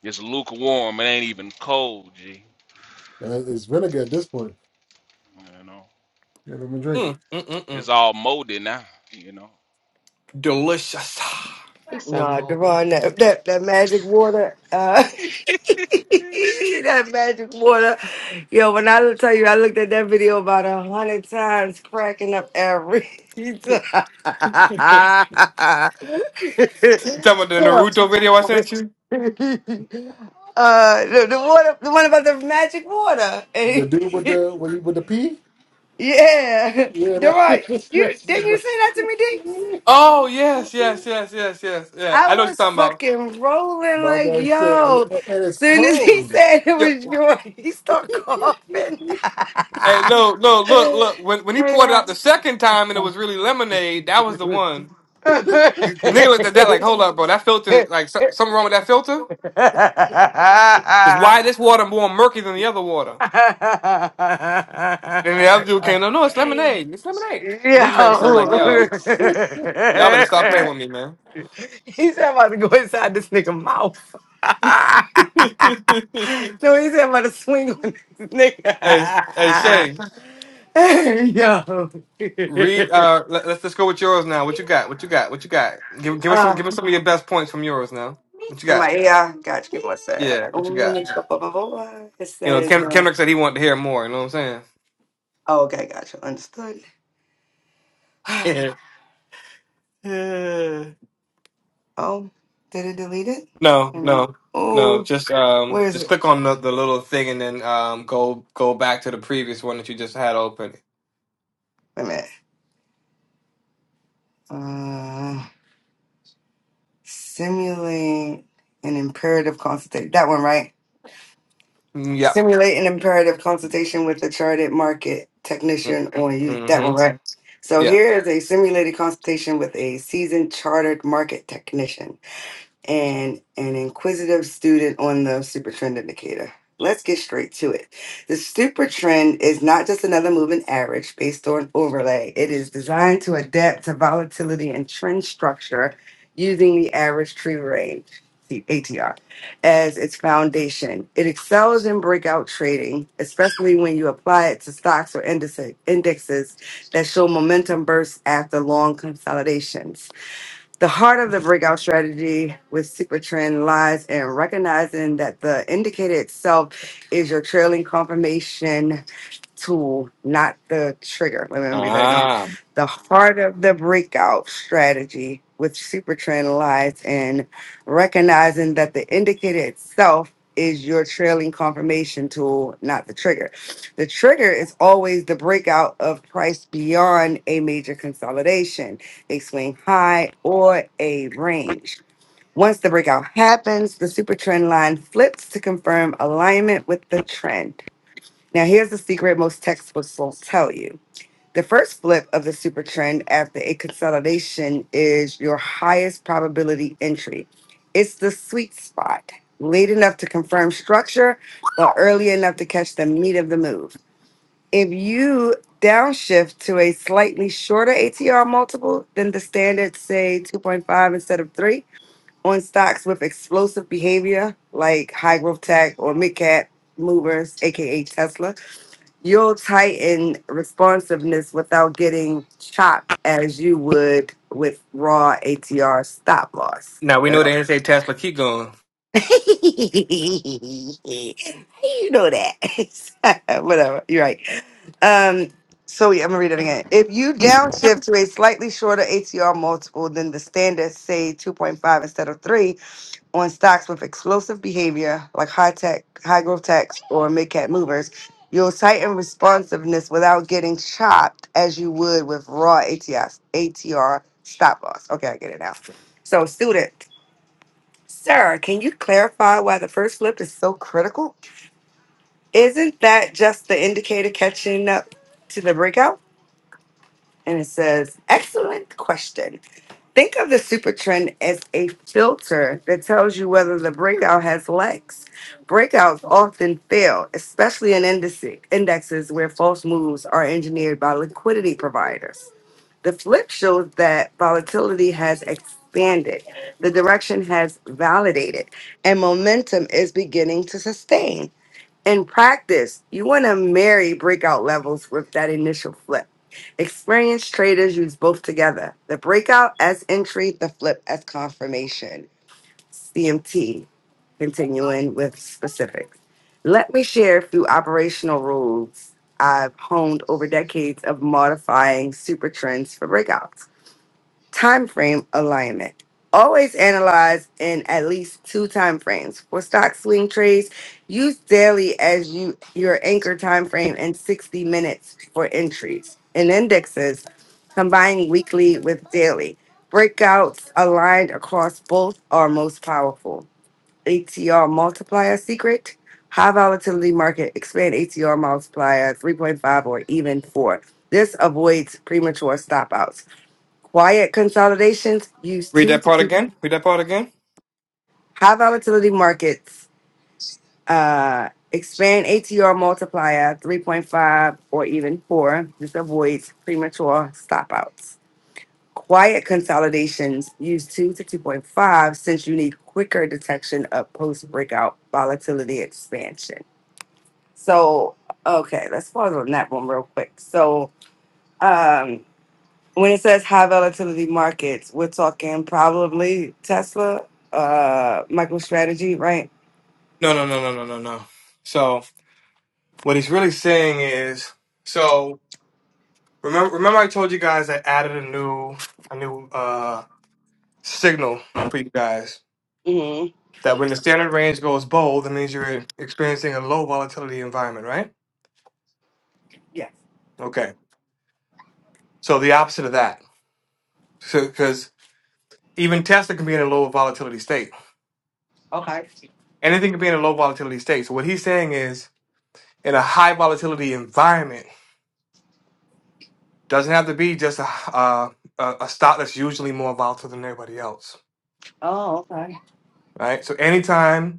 [SPEAKER 10] It's lukewarm. It ain't even cold, G.
[SPEAKER 13] That is vinegar at this point.
[SPEAKER 10] You know,
[SPEAKER 13] Yeah, let me drink it.
[SPEAKER 4] Mm, mm, mm, mm.
[SPEAKER 10] it's all molded now. You know,
[SPEAKER 4] Delicious.
[SPEAKER 2] hey,
[SPEAKER 3] No,
[SPEAKER 2] somebody.
[SPEAKER 3] Devon, that that, that magic water, uh, that magic water. Yo, when I tell you, I looked at that video about a hundred times, cracking up every time.
[SPEAKER 4] You talking about the Naruto video I sent you?
[SPEAKER 3] Uh, the, the water, the one about the magic water.
[SPEAKER 13] The dude with the with, the- with the P.
[SPEAKER 3] yeah,
[SPEAKER 13] Yeah, that's
[SPEAKER 3] Devon,
[SPEAKER 13] it.
[SPEAKER 3] you didn't you say that to me, D?
[SPEAKER 4] Oh yes, yes, yes, yes, yes, yeah.
[SPEAKER 3] I
[SPEAKER 4] I know what you're
[SPEAKER 3] was
[SPEAKER 4] talking about.
[SPEAKER 3] fucking rolling
[SPEAKER 13] My
[SPEAKER 3] like
[SPEAKER 13] man said, and
[SPEAKER 3] yo.
[SPEAKER 13] and it's
[SPEAKER 3] Soon as he
[SPEAKER 13] cold.
[SPEAKER 3] said it
[SPEAKER 4] Yep.
[SPEAKER 3] was yours, he started coughing.
[SPEAKER 4] Hey, no, no, look, look. When when he poured it out the second time and it was really lemonade, that was the
[SPEAKER 3] yo,
[SPEAKER 4] one. The nigga looked at that like, hold up, bro. That filter, like, so, something wrong with that filter? Is why this water more murky than the other water? And then the other dude came, no, no, it's lemonade. It's lemonade. And he drank
[SPEAKER 13] My
[SPEAKER 4] something like,
[SPEAKER 13] man
[SPEAKER 4] yo,
[SPEAKER 13] said.
[SPEAKER 4] y'all better stop playing with me, man.
[SPEAKER 3] he said I'm about to go inside this nigga mouth. no, he said I'm about to swing on this
[SPEAKER 4] hey, hey,
[SPEAKER 3] nigga.
[SPEAKER 4] Shay.
[SPEAKER 3] Hey, Yo.
[SPEAKER 4] Read. Uh, let, us just go with yours now. What you got? What you got? What you got? Give give us some
[SPEAKER 3] uh,
[SPEAKER 4] give us some of your best points from yours now. What you
[SPEAKER 3] For my
[SPEAKER 4] got?
[SPEAKER 3] AI, gotcha. Give me one
[SPEAKER 4] Yeah.
[SPEAKER 3] sec.
[SPEAKER 4] What you got?
[SPEAKER 3] Oh, It
[SPEAKER 4] You know,
[SPEAKER 3] says,
[SPEAKER 4] Ken,
[SPEAKER 3] uh,
[SPEAKER 4] Kendrick said he wanted to hear more. You know what I'm
[SPEAKER 3] oh, okay, gotcha. Understood.
[SPEAKER 4] saying? Yeah.
[SPEAKER 3] Oh, did it delete it?
[SPEAKER 4] no,
[SPEAKER 3] Wait a minute.
[SPEAKER 4] no, no.
[SPEAKER 3] Oh,
[SPEAKER 4] Just um,
[SPEAKER 3] where is
[SPEAKER 4] just
[SPEAKER 3] it?
[SPEAKER 4] click on the, the little thing and then um, go go back to the previous one that you just had open.
[SPEAKER 3] Wait a minute. Uh, simulate an imperative consultation. That one, right?
[SPEAKER 4] Yep.
[SPEAKER 3] Simulate an imperative consultation with a chartered market technician on you. That
[SPEAKER 4] Mm-hmm.
[SPEAKER 3] one, right? So
[SPEAKER 4] Yeah.
[SPEAKER 3] here is a simulated consultation with a seasoned chartered market technician and an inquisitive student on the super trend indicator. Let's get straight to it. The super trend is not just another moving average based on overlay. It is designed to adapt to volatility and trend structure using the average tree range, the ATR, as its foundation. It excels in breakout trading, especially when you apply it to stocks or indice- indexes that show momentum bursts after long consolidations. The heart of the breakout strategy with Secret Trend lies in recognizing that the indicator itself is your trailing confirmation tool, not the trigger. Let me read that again.
[SPEAKER 4] Ah.
[SPEAKER 3] The heart of the breakout strategy with Supertrend lies in recognizing that the indicator itself is your trailing confirmation tool, not the trigger. The trigger is always the breakout of price beyond a major consolidation, a swing high, or a range. Once the breakout happens, the super trend line flips to confirm alignment with the trend. Now, here's the secret most textbooks won't tell you. The first flip of the super trend after a consolidation is your highest probability entry. It's the sweet spot, late enough to confirm structure, but early enough to catch the meat of the move. If you downshift to a slightly shorter ATR multiple than the standard, say 2.5 instead of 3, on stocks with explosive behavior like high growth tech or mid cap movers, aka Tesla, you'll tighten responsiveness without getting chopped as you would with raw ATR stop loss.
[SPEAKER 4] Now we know
[SPEAKER 3] Whatever.
[SPEAKER 4] they didn't say Tesla. Keep going.
[SPEAKER 3] you know that. Whatever. You're right. Um, so yeah, I'm gonna read it again. If you downshift to a slightly shorter ATR multiple than the standard, say 2.5 instead of 3, on stocks with explosive behavior like high tech, high growth techs, or mid cap movers, you'll tighten responsiveness without getting chopped as you would with raw ATS, ATR stop loss. Okay, I get it now. So, student, sir, can you clarify why the first flip is so critical? Isn't that just the indicator catching up to the breakout? And it says, excellent question. Think of the super trend as a filter that tells you whether the breakout has legs. Breakouts often fail, especially in indice- indexes where false moves are engineered by liquidity providers. The flip shows that volatility has expanded, the direction has validated, and momentum is beginning to sustain. In practice, you want to marry breakout levels with that initial flip. Experienced traders use both together the breakout as entry, the flip as confirmation. CMT, continuing with specifics. Let me share a few operational rules I've honed over decades of modifying super trends for breakouts time frame alignment. Always analyze in at least two time frames. For stock swing trades, use daily as you your anchor time frame and 60 minutes for entries. In indexes, combining weekly with daily. Breakouts aligned across both are most powerful. ATR multiplier secret. High volatility market expand ATR multiplier 3.5 or even 4. This avoids premature stopouts Quiet consolidations use
[SPEAKER 4] Read
[SPEAKER 3] two
[SPEAKER 4] that
[SPEAKER 3] to
[SPEAKER 4] part
[SPEAKER 3] three
[SPEAKER 4] again. Read that part again.
[SPEAKER 3] high volatility markets. Uh, expand ATR multiplier 3.5 or even 4. This avoids premature stopouts. Quiet consolidations use 2 to 2.5 since you need quicker detection of post breakout volatility expansion. So, okay, let's pause on that one real quick. So, um. when it says high volatility markets, we're talking probably Tesla, uh, MicroStrategy, right?
[SPEAKER 4] No, no, no, no, no, no, no. So. What he's really saying is, so remember, remember I told you guys I added a new, a new uh, signal for you guys
[SPEAKER 3] hmm
[SPEAKER 4] that when the standard range goes bold, that means you're experiencing a low volatility environment, right?
[SPEAKER 3] Yes.
[SPEAKER 4] Okay. So the opposite of that, so because even Tesla can be in a low volatility state.
[SPEAKER 3] Okay.
[SPEAKER 4] Anything can be in a low volatility state. So what he's saying is, in a high volatility environment, doesn't have to be just a uh, a, a stock that's usually more volatile than everybody else,
[SPEAKER 3] Oh, okay.
[SPEAKER 4] right? So anytime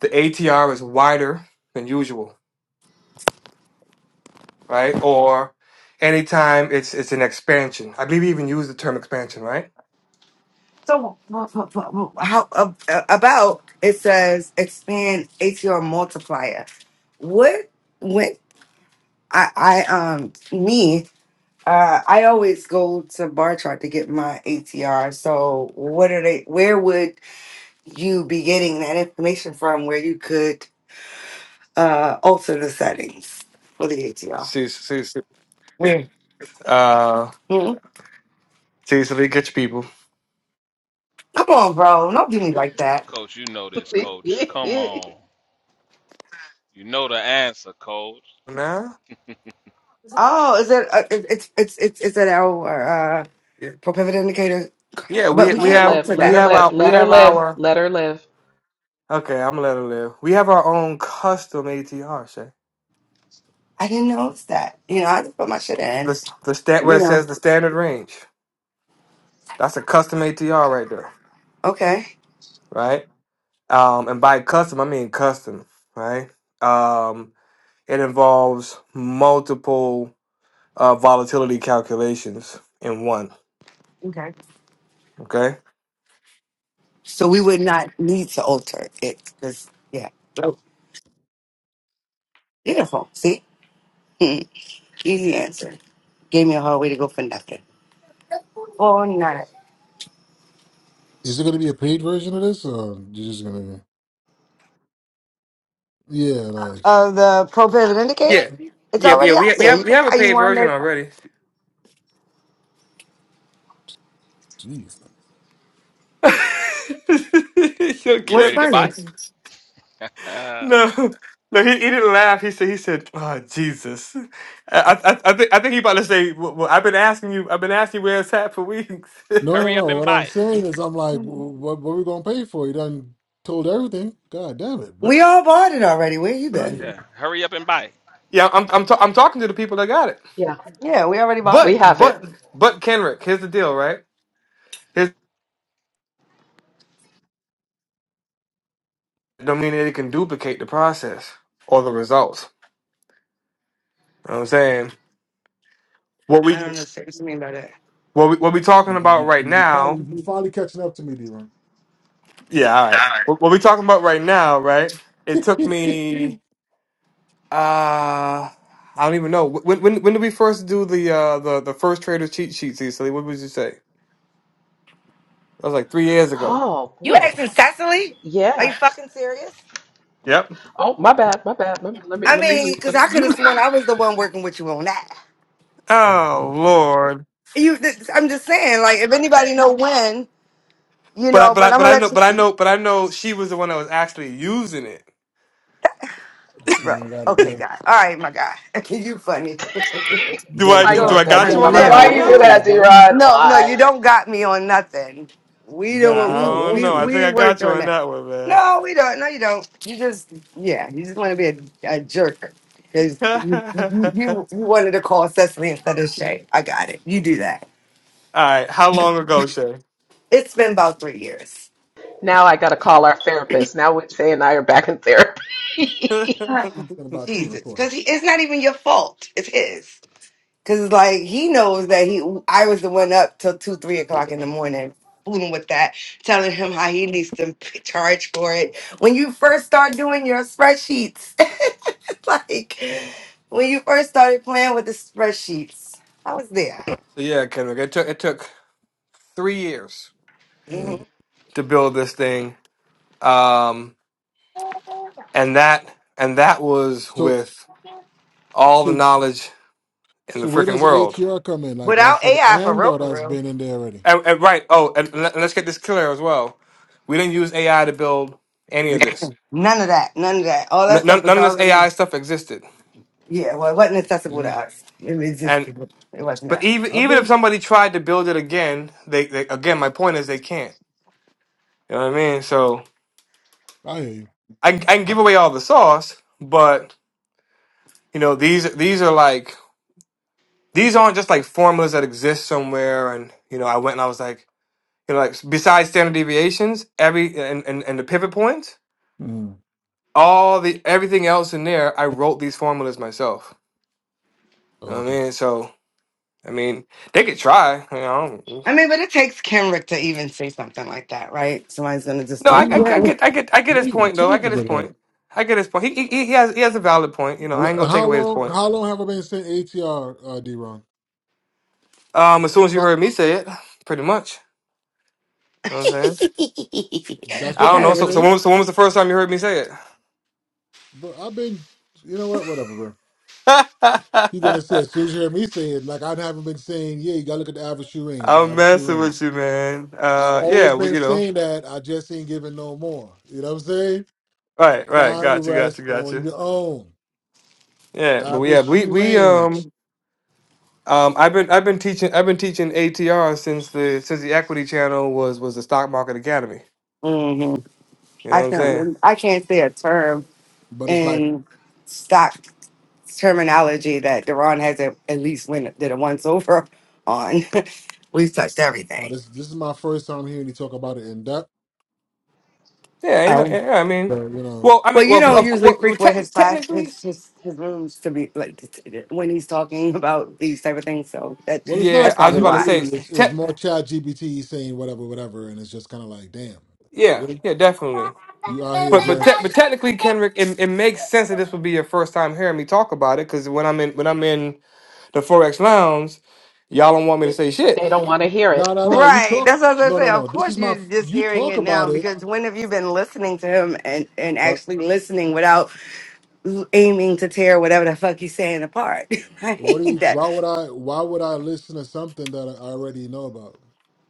[SPEAKER 4] the ATR is wider than usual, right? Or anytime it's it's an expansion. I believe you even use the term expansion, right?
[SPEAKER 3] So wh- wh- wh- wh- how ab- about it says expand ATR multiplier. What when I I um me uh I always go to bar chart to get my ATR. So what are they where would you be getting that information from where you could uh alter the settings for the ATL.
[SPEAKER 4] See, see, see.
[SPEAKER 3] Mm.
[SPEAKER 4] Uh,
[SPEAKER 3] Mm.
[SPEAKER 4] see, so we get you people.
[SPEAKER 3] Come on, bro. Don't do me like that.
[SPEAKER 10] Coach, you know this,
[SPEAKER 2] let
[SPEAKER 10] Coach. Come on, you know the answer, Coach.
[SPEAKER 4] Nah.
[SPEAKER 3] Oh, is it? Uh, it- it's it's it's is it our uh,
[SPEAKER 4] Yeah,
[SPEAKER 3] for pivot indicator?
[SPEAKER 4] Yeah,
[SPEAKER 3] But
[SPEAKER 4] we
[SPEAKER 3] we
[SPEAKER 4] we
[SPEAKER 2] her
[SPEAKER 3] can't
[SPEAKER 4] have
[SPEAKER 2] live.
[SPEAKER 3] alter
[SPEAKER 4] we
[SPEAKER 2] Let
[SPEAKER 3] that.
[SPEAKER 2] her
[SPEAKER 4] have
[SPEAKER 2] live.
[SPEAKER 4] our we
[SPEAKER 2] Let her
[SPEAKER 4] have
[SPEAKER 2] live.
[SPEAKER 4] our
[SPEAKER 2] Let her live.
[SPEAKER 4] okay. I'm gonna let her live. We have our own custom ATR, Shay.
[SPEAKER 3] I didn't notice that. You know, I just put my shit in.
[SPEAKER 4] The the stat
[SPEAKER 3] You
[SPEAKER 4] where it
[SPEAKER 3] know.
[SPEAKER 4] says the standard range. That's a custom ATR right there,
[SPEAKER 3] Okay.
[SPEAKER 4] right? Um, and by custom I mean custom, right? Um, It involves multiple uh, volatility calculations in one.
[SPEAKER 3] Okay.
[SPEAKER 4] Okay.
[SPEAKER 3] So we would not need to alter it because yeah. Oh, beautiful. See, Mm. easy answer. Gave me a hard way to go for nothing. Forty nine
[SPEAKER 13] Is it going to be a paid version of this, or you're just going to? Yeah, like,
[SPEAKER 3] of the pro pivot indicator.
[SPEAKER 4] Yeah,
[SPEAKER 3] It's
[SPEAKER 4] yeah, yeah.
[SPEAKER 3] already
[SPEAKER 4] We
[SPEAKER 3] out
[SPEAKER 4] we
[SPEAKER 3] there.
[SPEAKER 4] have
[SPEAKER 3] You
[SPEAKER 4] we
[SPEAKER 3] can
[SPEAKER 4] have a
[SPEAKER 3] buy you
[SPEAKER 4] paid version
[SPEAKER 3] one.
[SPEAKER 4] already.
[SPEAKER 13] jeez.
[SPEAKER 4] You're
[SPEAKER 10] You
[SPEAKER 3] We,
[SPEAKER 10] ready
[SPEAKER 4] kidding.
[SPEAKER 10] to buy? Uh,
[SPEAKER 4] No, no. He, he didn't laugh. He said he said, "Oh Jesus." I, I I think I think he about to say, well, well, "I've been asking you. I've been asking you where it's at for weeks."
[SPEAKER 13] No, no,
[SPEAKER 10] hurry up
[SPEAKER 13] no.
[SPEAKER 10] and
[SPEAKER 13] What I'm
[SPEAKER 10] buy.
[SPEAKER 13] saying is, I'm like, wh- what, what are we going to pay for? You done told everything. God damn it, bro.
[SPEAKER 3] we all bought it already. Where you been?
[SPEAKER 13] you,
[SPEAKER 10] Yeah, hurry up and buy.
[SPEAKER 4] yeah, I'm I'm ta- I'm talking to the people that got it.
[SPEAKER 2] Yeah,
[SPEAKER 3] Yeah, we already bought
[SPEAKER 4] But
[SPEAKER 2] we
[SPEAKER 3] it.
[SPEAKER 2] have
[SPEAKER 4] but
[SPEAKER 2] it.
[SPEAKER 4] but Kenrick, here's the deal, right? don't mean that it can duplicate the process or the results. You know what I'm saying? What
[SPEAKER 3] I
[SPEAKER 4] we
[SPEAKER 3] don't know what you mean by that.
[SPEAKER 4] what we what we talking
[SPEAKER 13] you,
[SPEAKER 4] about
[SPEAKER 13] you,
[SPEAKER 4] right
[SPEAKER 13] you
[SPEAKER 4] now.
[SPEAKER 13] finally, you finally catching up to me, D-Ron.
[SPEAKER 4] Yeah, all right. What, what we talking about right now, right? It took me uh I don't even know. When when when did we first do the uh the, the first trader cheat sheet, Cecily? What would you say? That was like three years ago.
[SPEAKER 2] Oh
[SPEAKER 3] You
[SPEAKER 2] boy.
[SPEAKER 3] asking Cecily? Are you
[SPEAKER 2] Yeah.
[SPEAKER 3] fucking serious?
[SPEAKER 4] Yep.
[SPEAKER 2] Oh, my bad. My bad. My bad. Let me
[SPEAKER 3] I
[SPEAKER 2] let me
[SPEAKER 3] mean,
[SPEAKER 2] mute.
[SPEAKER 3] because
[SPEAKER 2] Let me
[SPEAKER 3] I could have
[SPEAKER 2] mute.
[SPEAKER 3] sworn I was the one working with you on that.
[SPEAKER 13] God
[SPEAKER 4] Oh
[SPEAKER 13] damn.
[SPEAKER 4] Lord.
[SPEAKER 3] You, th- I'm just saying, like, if anybody know when, you
[SPEAKER 4] But I
[SPEAKER 3] know.
[SPEAKER 4] but
[SPEAKER 3] But
[SPEAKER 4] I
[SPEAKER 3] I'm
[SPEAKER 4] but
[SPEAKER 3] gonna
[SPEAKER 4] I know
[SPEAKER 3] let
[SPEAKER 4] but I
[SPEAKER 3] you,
[SPEAKER 4] know but I know she was the one that was actually using it.
[SPEAKER 13] Just a
[SPEAKER 3] bro.
[SPEAKER 13] minute that
[SPEAKER 3] Okay,
[SPEAKER 13] again.
[SPEAKER 3] guy. All right, my guy. you funny.
[SPEAKER 13] You
[SPEAKER 4] Do
[SPEAKER 13] gotta
[SPEAKER 4] I
[SPEAKER 2] Why
[SPEAKER 13] give
[SPEAKER 2] you
[SPEAKER 4] do
[SPEAKER 2] do
[SPEAKER 3] You're
[SPEAKER 4] I
[SPEAKER 13] out you
[SPEAKER 2] that,
[SPEAKER 4] got
[SPEAKER 2] D
[SPEAKER 4] you
[SPEAKER 13] gotta
[SPEAKER 4] on
[SPEAKER 13] give
[SPEAKER 2] Rod?
[SPEAKER 4] that
[SPEAKER 13] out
[SPEAKER 2] Why
[SPEAKER 3] hilarious.
[SPEAKER 4] one
[SPEAKER 2] you do
[SPEAKER 4] though?
[SPEAKER 13] royalties,
[SPEAKER 2] that, D
[SPEAKER 13] bro.
[SPEAKER 2] Rod?
[SPEAKER 3] No, no, you
[SPEAKER 2] Why?
[SPEAKER 3] don't got me on nothing. We
[SPEAKER 13] You gotta
[SPEAKER 3] do
[SPEAKER 4] I
[SPEAKER 13] give
[SPEAKER 3] we
[SPEAKER 13] out
[SPEAKER 4] don't
[SPEAKER 3] we
[SPEAKER 4] know. I think
[SPEAKER 3] we
[SPEAKER 13] royalties
[SPEAKER 4] I
[SPEAKER 3] worked
[SPEAKER 4] got you
[SPEAKER 3] on
[SPEAKER 4] on
[SPEAKER 3] that.
[SPEAKER 4] that one, man.
[SPEAKER 3] No, we don't. No, you don't. You just yeah, you just want to be a, a jerk because you, you
[SPEAKER 4] All
[SPEAKER 3] you you wanted to call Cecily instead of Shay. I got it. You do that.
[SPEAKER 4] right. How long ago, Shay?
[SPEAKER 3] It's been about three years.
[SPEAKER 2] Now I got to call our therapist. Now Wednesday and I are back in therapy.
[SPEAKER 4] so
[SPEAKER 13] in about two and a
[SPEAKER 3] Jesus,
[SPEAKER 13] quarter.
[SPEAKER 3] because it's not even your fault. It's his. Cause like he knows that he, I was the one up till two, three o'clock in the morning, fooling with that, telling him how he needs to p- charge for it. When you first start doing your spreadsheets, like when you first started playing with the spreadsheets, I was there.
[SPEAKER 4] yeah, Kendrick. It took it took three years
[SPEAKER 3] Mhm.
[SPEAKER 13] Mm.
[SPEAKER 4] to build this thing, um, and that and that was
[SPEAKER 13] So
[SPEAKER 4] with all the
[SPEAKER 13] so
[SPEAKER 4] knowledge in the
[SPEAKER 13] so where
[SPEAKER 4] freaking
[SPEAKER 13] does
[SPEAKER 4] world.
[SPEAKER 13] ATR come in? Like
[SPEAKER 3] Without
[SPEAKER 13] that's at the
[SPEAKER 3] AI for
[SPEAKER 13] end
[SPEAKER 3] real,
[SPEAKER 13] or
[SPEAKER 3] for
[SPEAKER 13] that's
[SPEAKER 3] real.
[SPEAKER 13] been in there already?
[SPEAKER 4] And, and right. Oh, and, let- let's get this clear as well. We didn't use AI to build any of this.
[SPEAKER 3] None of that, none of that. All
[SPEAKER 4] N-
[SPEAKER 3] that stuff
[SPEAKER 4] none,
[SPEAKER 3] was
[SPEAKER 4] none of this
[SPEAKER 3] already,
[SPEAKER 4] AI stuff existed.
[SPEAKER 3] yeah. Well, it wasn't accessible to
[SPEAKER 13] Yeah.
[SPEAKER 3] us. It was just, it wasn't that.
[SPEAKER 4] But even
[SPEAKER 13] I've
[SPEAKER 4] even if
[SPEAKER 13] been
[SPEAKER 4] somebody tried to build it again, they, they again my point is they can't. You know what I mean? So
[SPEAKER 13] I hear you.
[SPEAKER 4] I I can
[SPEAKER 13] I,
[SPEAKER 4] give away all the sauce, but you know these these are like these aren't just like formulas that exist somewhere. And you know I went and I was like you know like besides standard deviations, every and and, and the pivot points,
[SPEAKER 13] Mm.
[SPEAKER 4] all the everything else in there, I wrote these formulas myself. You
[SPEAKER 13] oh,
[SPEAKER 4] know what I
[SPEAKER 13] okay.
[SPEAKER 4] mean? So I mean they could try. You know
[SPEAKER 3] I mean, but it takes Kenrick to even say something like that, right? Somebody's gonna just
[SPEAKER 4] No,
[SPEAKER 3] do
[SPEAKER 4] I,
[SPEAKER 13] What are
[SPEAKER 4] I, I
[SPEAKER 13] you
[SPEAKER 3] what
[SPEAKER 4] get, I get, I get
[SPEAKER 13] what are
[SPEAKER 4] his
[SPEAKER 13] you
[SPEAKER 4] point though. I
[SPEAKER 13] talking
[SPEAKER 4] get his
[SPEAKER 13] about?
[SPEAKER 4] point. I get his point. He, he, he has, he has a valid point. You know, I ain't
[SPEAKER 13] Well,
[SPEAKER 4] gonna take
[SPEAKER 13] How
[SPEAKER 4] away his
[SPEAKER 13] long
[SPEAKER 4] point.
[SPEAKER 13] how long have I been saying ATR uh D Ron?
[SPEAKER 4] Um, as soon as you
[SPEAKER 13] Pro-
[SPEAKER 4] heard me say it, pretty much. You know what I'm saying?
[SPEAKER 13] That's what
[SPEAKER 4] I
[SPEAKER 13] you're
[SPEAKER 4] don't
[SPEAKER 3] kind
[SPEAKER 4] know.
[SPEAKER 13] gonna
[SPEAKER 3] of?
[SPEAKER 4] So,
[SPEAKER 3] res-
[SPEAKER 4] so
[SPEAKER 13] say?
[SPEAKER 4] when, was- so when was the first time you heard me say
[SPEAKER 13] But I've been you know what, whatever, bro.
[SPEAKER 4] it?
[SPEAKER 13] You're gonna say, as soon as you hear me say it, like I haven't been saying, yeah, you gotta look at the average shoe range,
[SPEAKER 4] I'm
[SPEAKER 13] average shoe
[SPEAKER 4] messing with
[SPEAKER 13] range.
[SPEAKER 4] you, man.
[SPEAKER 13] I've
[SPEAKER 4] Uh,
[SPEAKER 13] always
[SPEAKER 4] yeah, we,
[SPEAKER 13] been
[SPEAKER 4] you know,
[SPEAKER 13] saying that. I just ain't giving no more. You know what I'm saying?
[SPEAKER 4] right, right.
[SPEAKER 13] Find the
[SPEAKER 4] Gotcha, gotcha,
[SPEAKER 13] rest on
[SPEAKER 4] gotcha.
[SPEAKER 13] your own.
[SPEAKER 4] Yeah, but we
[SPEAKER 13] Average
[SPEAKER 4] have, we,
[SPEAKER 13] shoe
[SPEAKER 4] we,
[SPEAKER 13] range.
[SPEAKER 4] um, um, I've been, I've been teaching, I've been teaching ATR since the, since the Equity Channel was, was the Stock Market Academy.
[SPEAKER 3] Mhm.
[SPEAKER 4] You know
[SPEAKER 3] I
[SPEAKER 4] what I'm
[SPEAKER 3] can't.
[SPEAKER 4] saying?
[SPEAKER 3] rem- I can't say a term
[SPEAKER 13] But it's like,
[SPEAKER 3] in stock terminology that Deron hasn't at least win did a once over on. We've touched
[SPEAKER 13] wow,
[SPEAKER 3] everything.
[SPEAKER 13] this this is my first time hearing you talk about it in depth.
[SPEAKER 4] Yeah, ain't no,
[SPEAKER 3] Um,
[SPEAKER 4] yeah, I mean,
[SPEAKER 13] But you know,
[SPEAKER 4] well, I
[SPEAKER 3] well,
[SPEAKER 4] mean,
[SPEAKER 3] you
[SPEAKER 4] well, of,
[SPEAKER 3] don't
[SPEAKER 4] of
[SPEAKER 3] usually
[SPEAKER 4] well, well,
[SPEAKER 3] frequent his
[SPEAKER 4] tec-
[SPEAKER 3] class,
[SPEAKER 4] technically,
[SPEAKER 3] his, his his rooms to be like t- t- when he's talking about these type of things. So that
[SPEAKER 13] well, it's
[SPEAKER 4] yeah,
[SPEAKER 13] not
[SPEAKER 3] that's
[SPEAKER 4] I was
[SPEAKER 3] probably
[SPEAKER 13] you
[SPEAKER 4] about to
[SPEAKER 3] why.
[SPEAKER 4] say,
[SPEAKER 13] really. It's it's
[SPEAKER 4] tech,
[SPEAKER 13] more Chat GBT saying whatever, whatever, and it's just kind of like, damn,
[SPEAKER 4] yeah,
[SPEAKER 13] really?
[SPEAKER 4] yeah, definitely.
[SPEAKER 13] You out here
[SPEAKER 4] But but te- but
[SPEAKER 13] just
[SPEAKER 4] technically, Kendrick, it, it makes sense that this would be your first time hearing me talk about it because when I'm in when I'm in the forex lounge, y'all don't want me to say shit.
[SPEAKER 2] they don't want to hear it.
[SPEAKER 13] no, no, no. You
[SPEAKER 3] Right.
[SPEAKER 13] talk.
[SPEAKER 3] That's what I was gonna
[SPEAKER 13] No,
[SPEAKER 3] say.
[SPEAKER 13] no,
[SPEAKER 3] Of
[SPEAKER 13] no. This is
[SPEAKER 3] course
[SPEAKER 13] my.
[SPEAKER 3] you're just
[SPEAKER 13] You
[SPEAKER 3] hearing
[SPEAKER 13] talk
[SPEAKER 3] it now
[SPEAKER 13] about it.
[SPEAKER 3] because when have you been listening to him and, and
[SPEAKER 13] but.
[SPEAKER 3] actually listening without l- aiming to tear whatever the fuck he's saying apart? I
[SPEAKER 13] What do
[SPEAKER 3] hate
[SPEAKER 13] you?
[SPEAKER 3] that.
[SPEAKER 10] hmm
[SPEAKER 13] Why would I? Why would I listen to something that I already know about?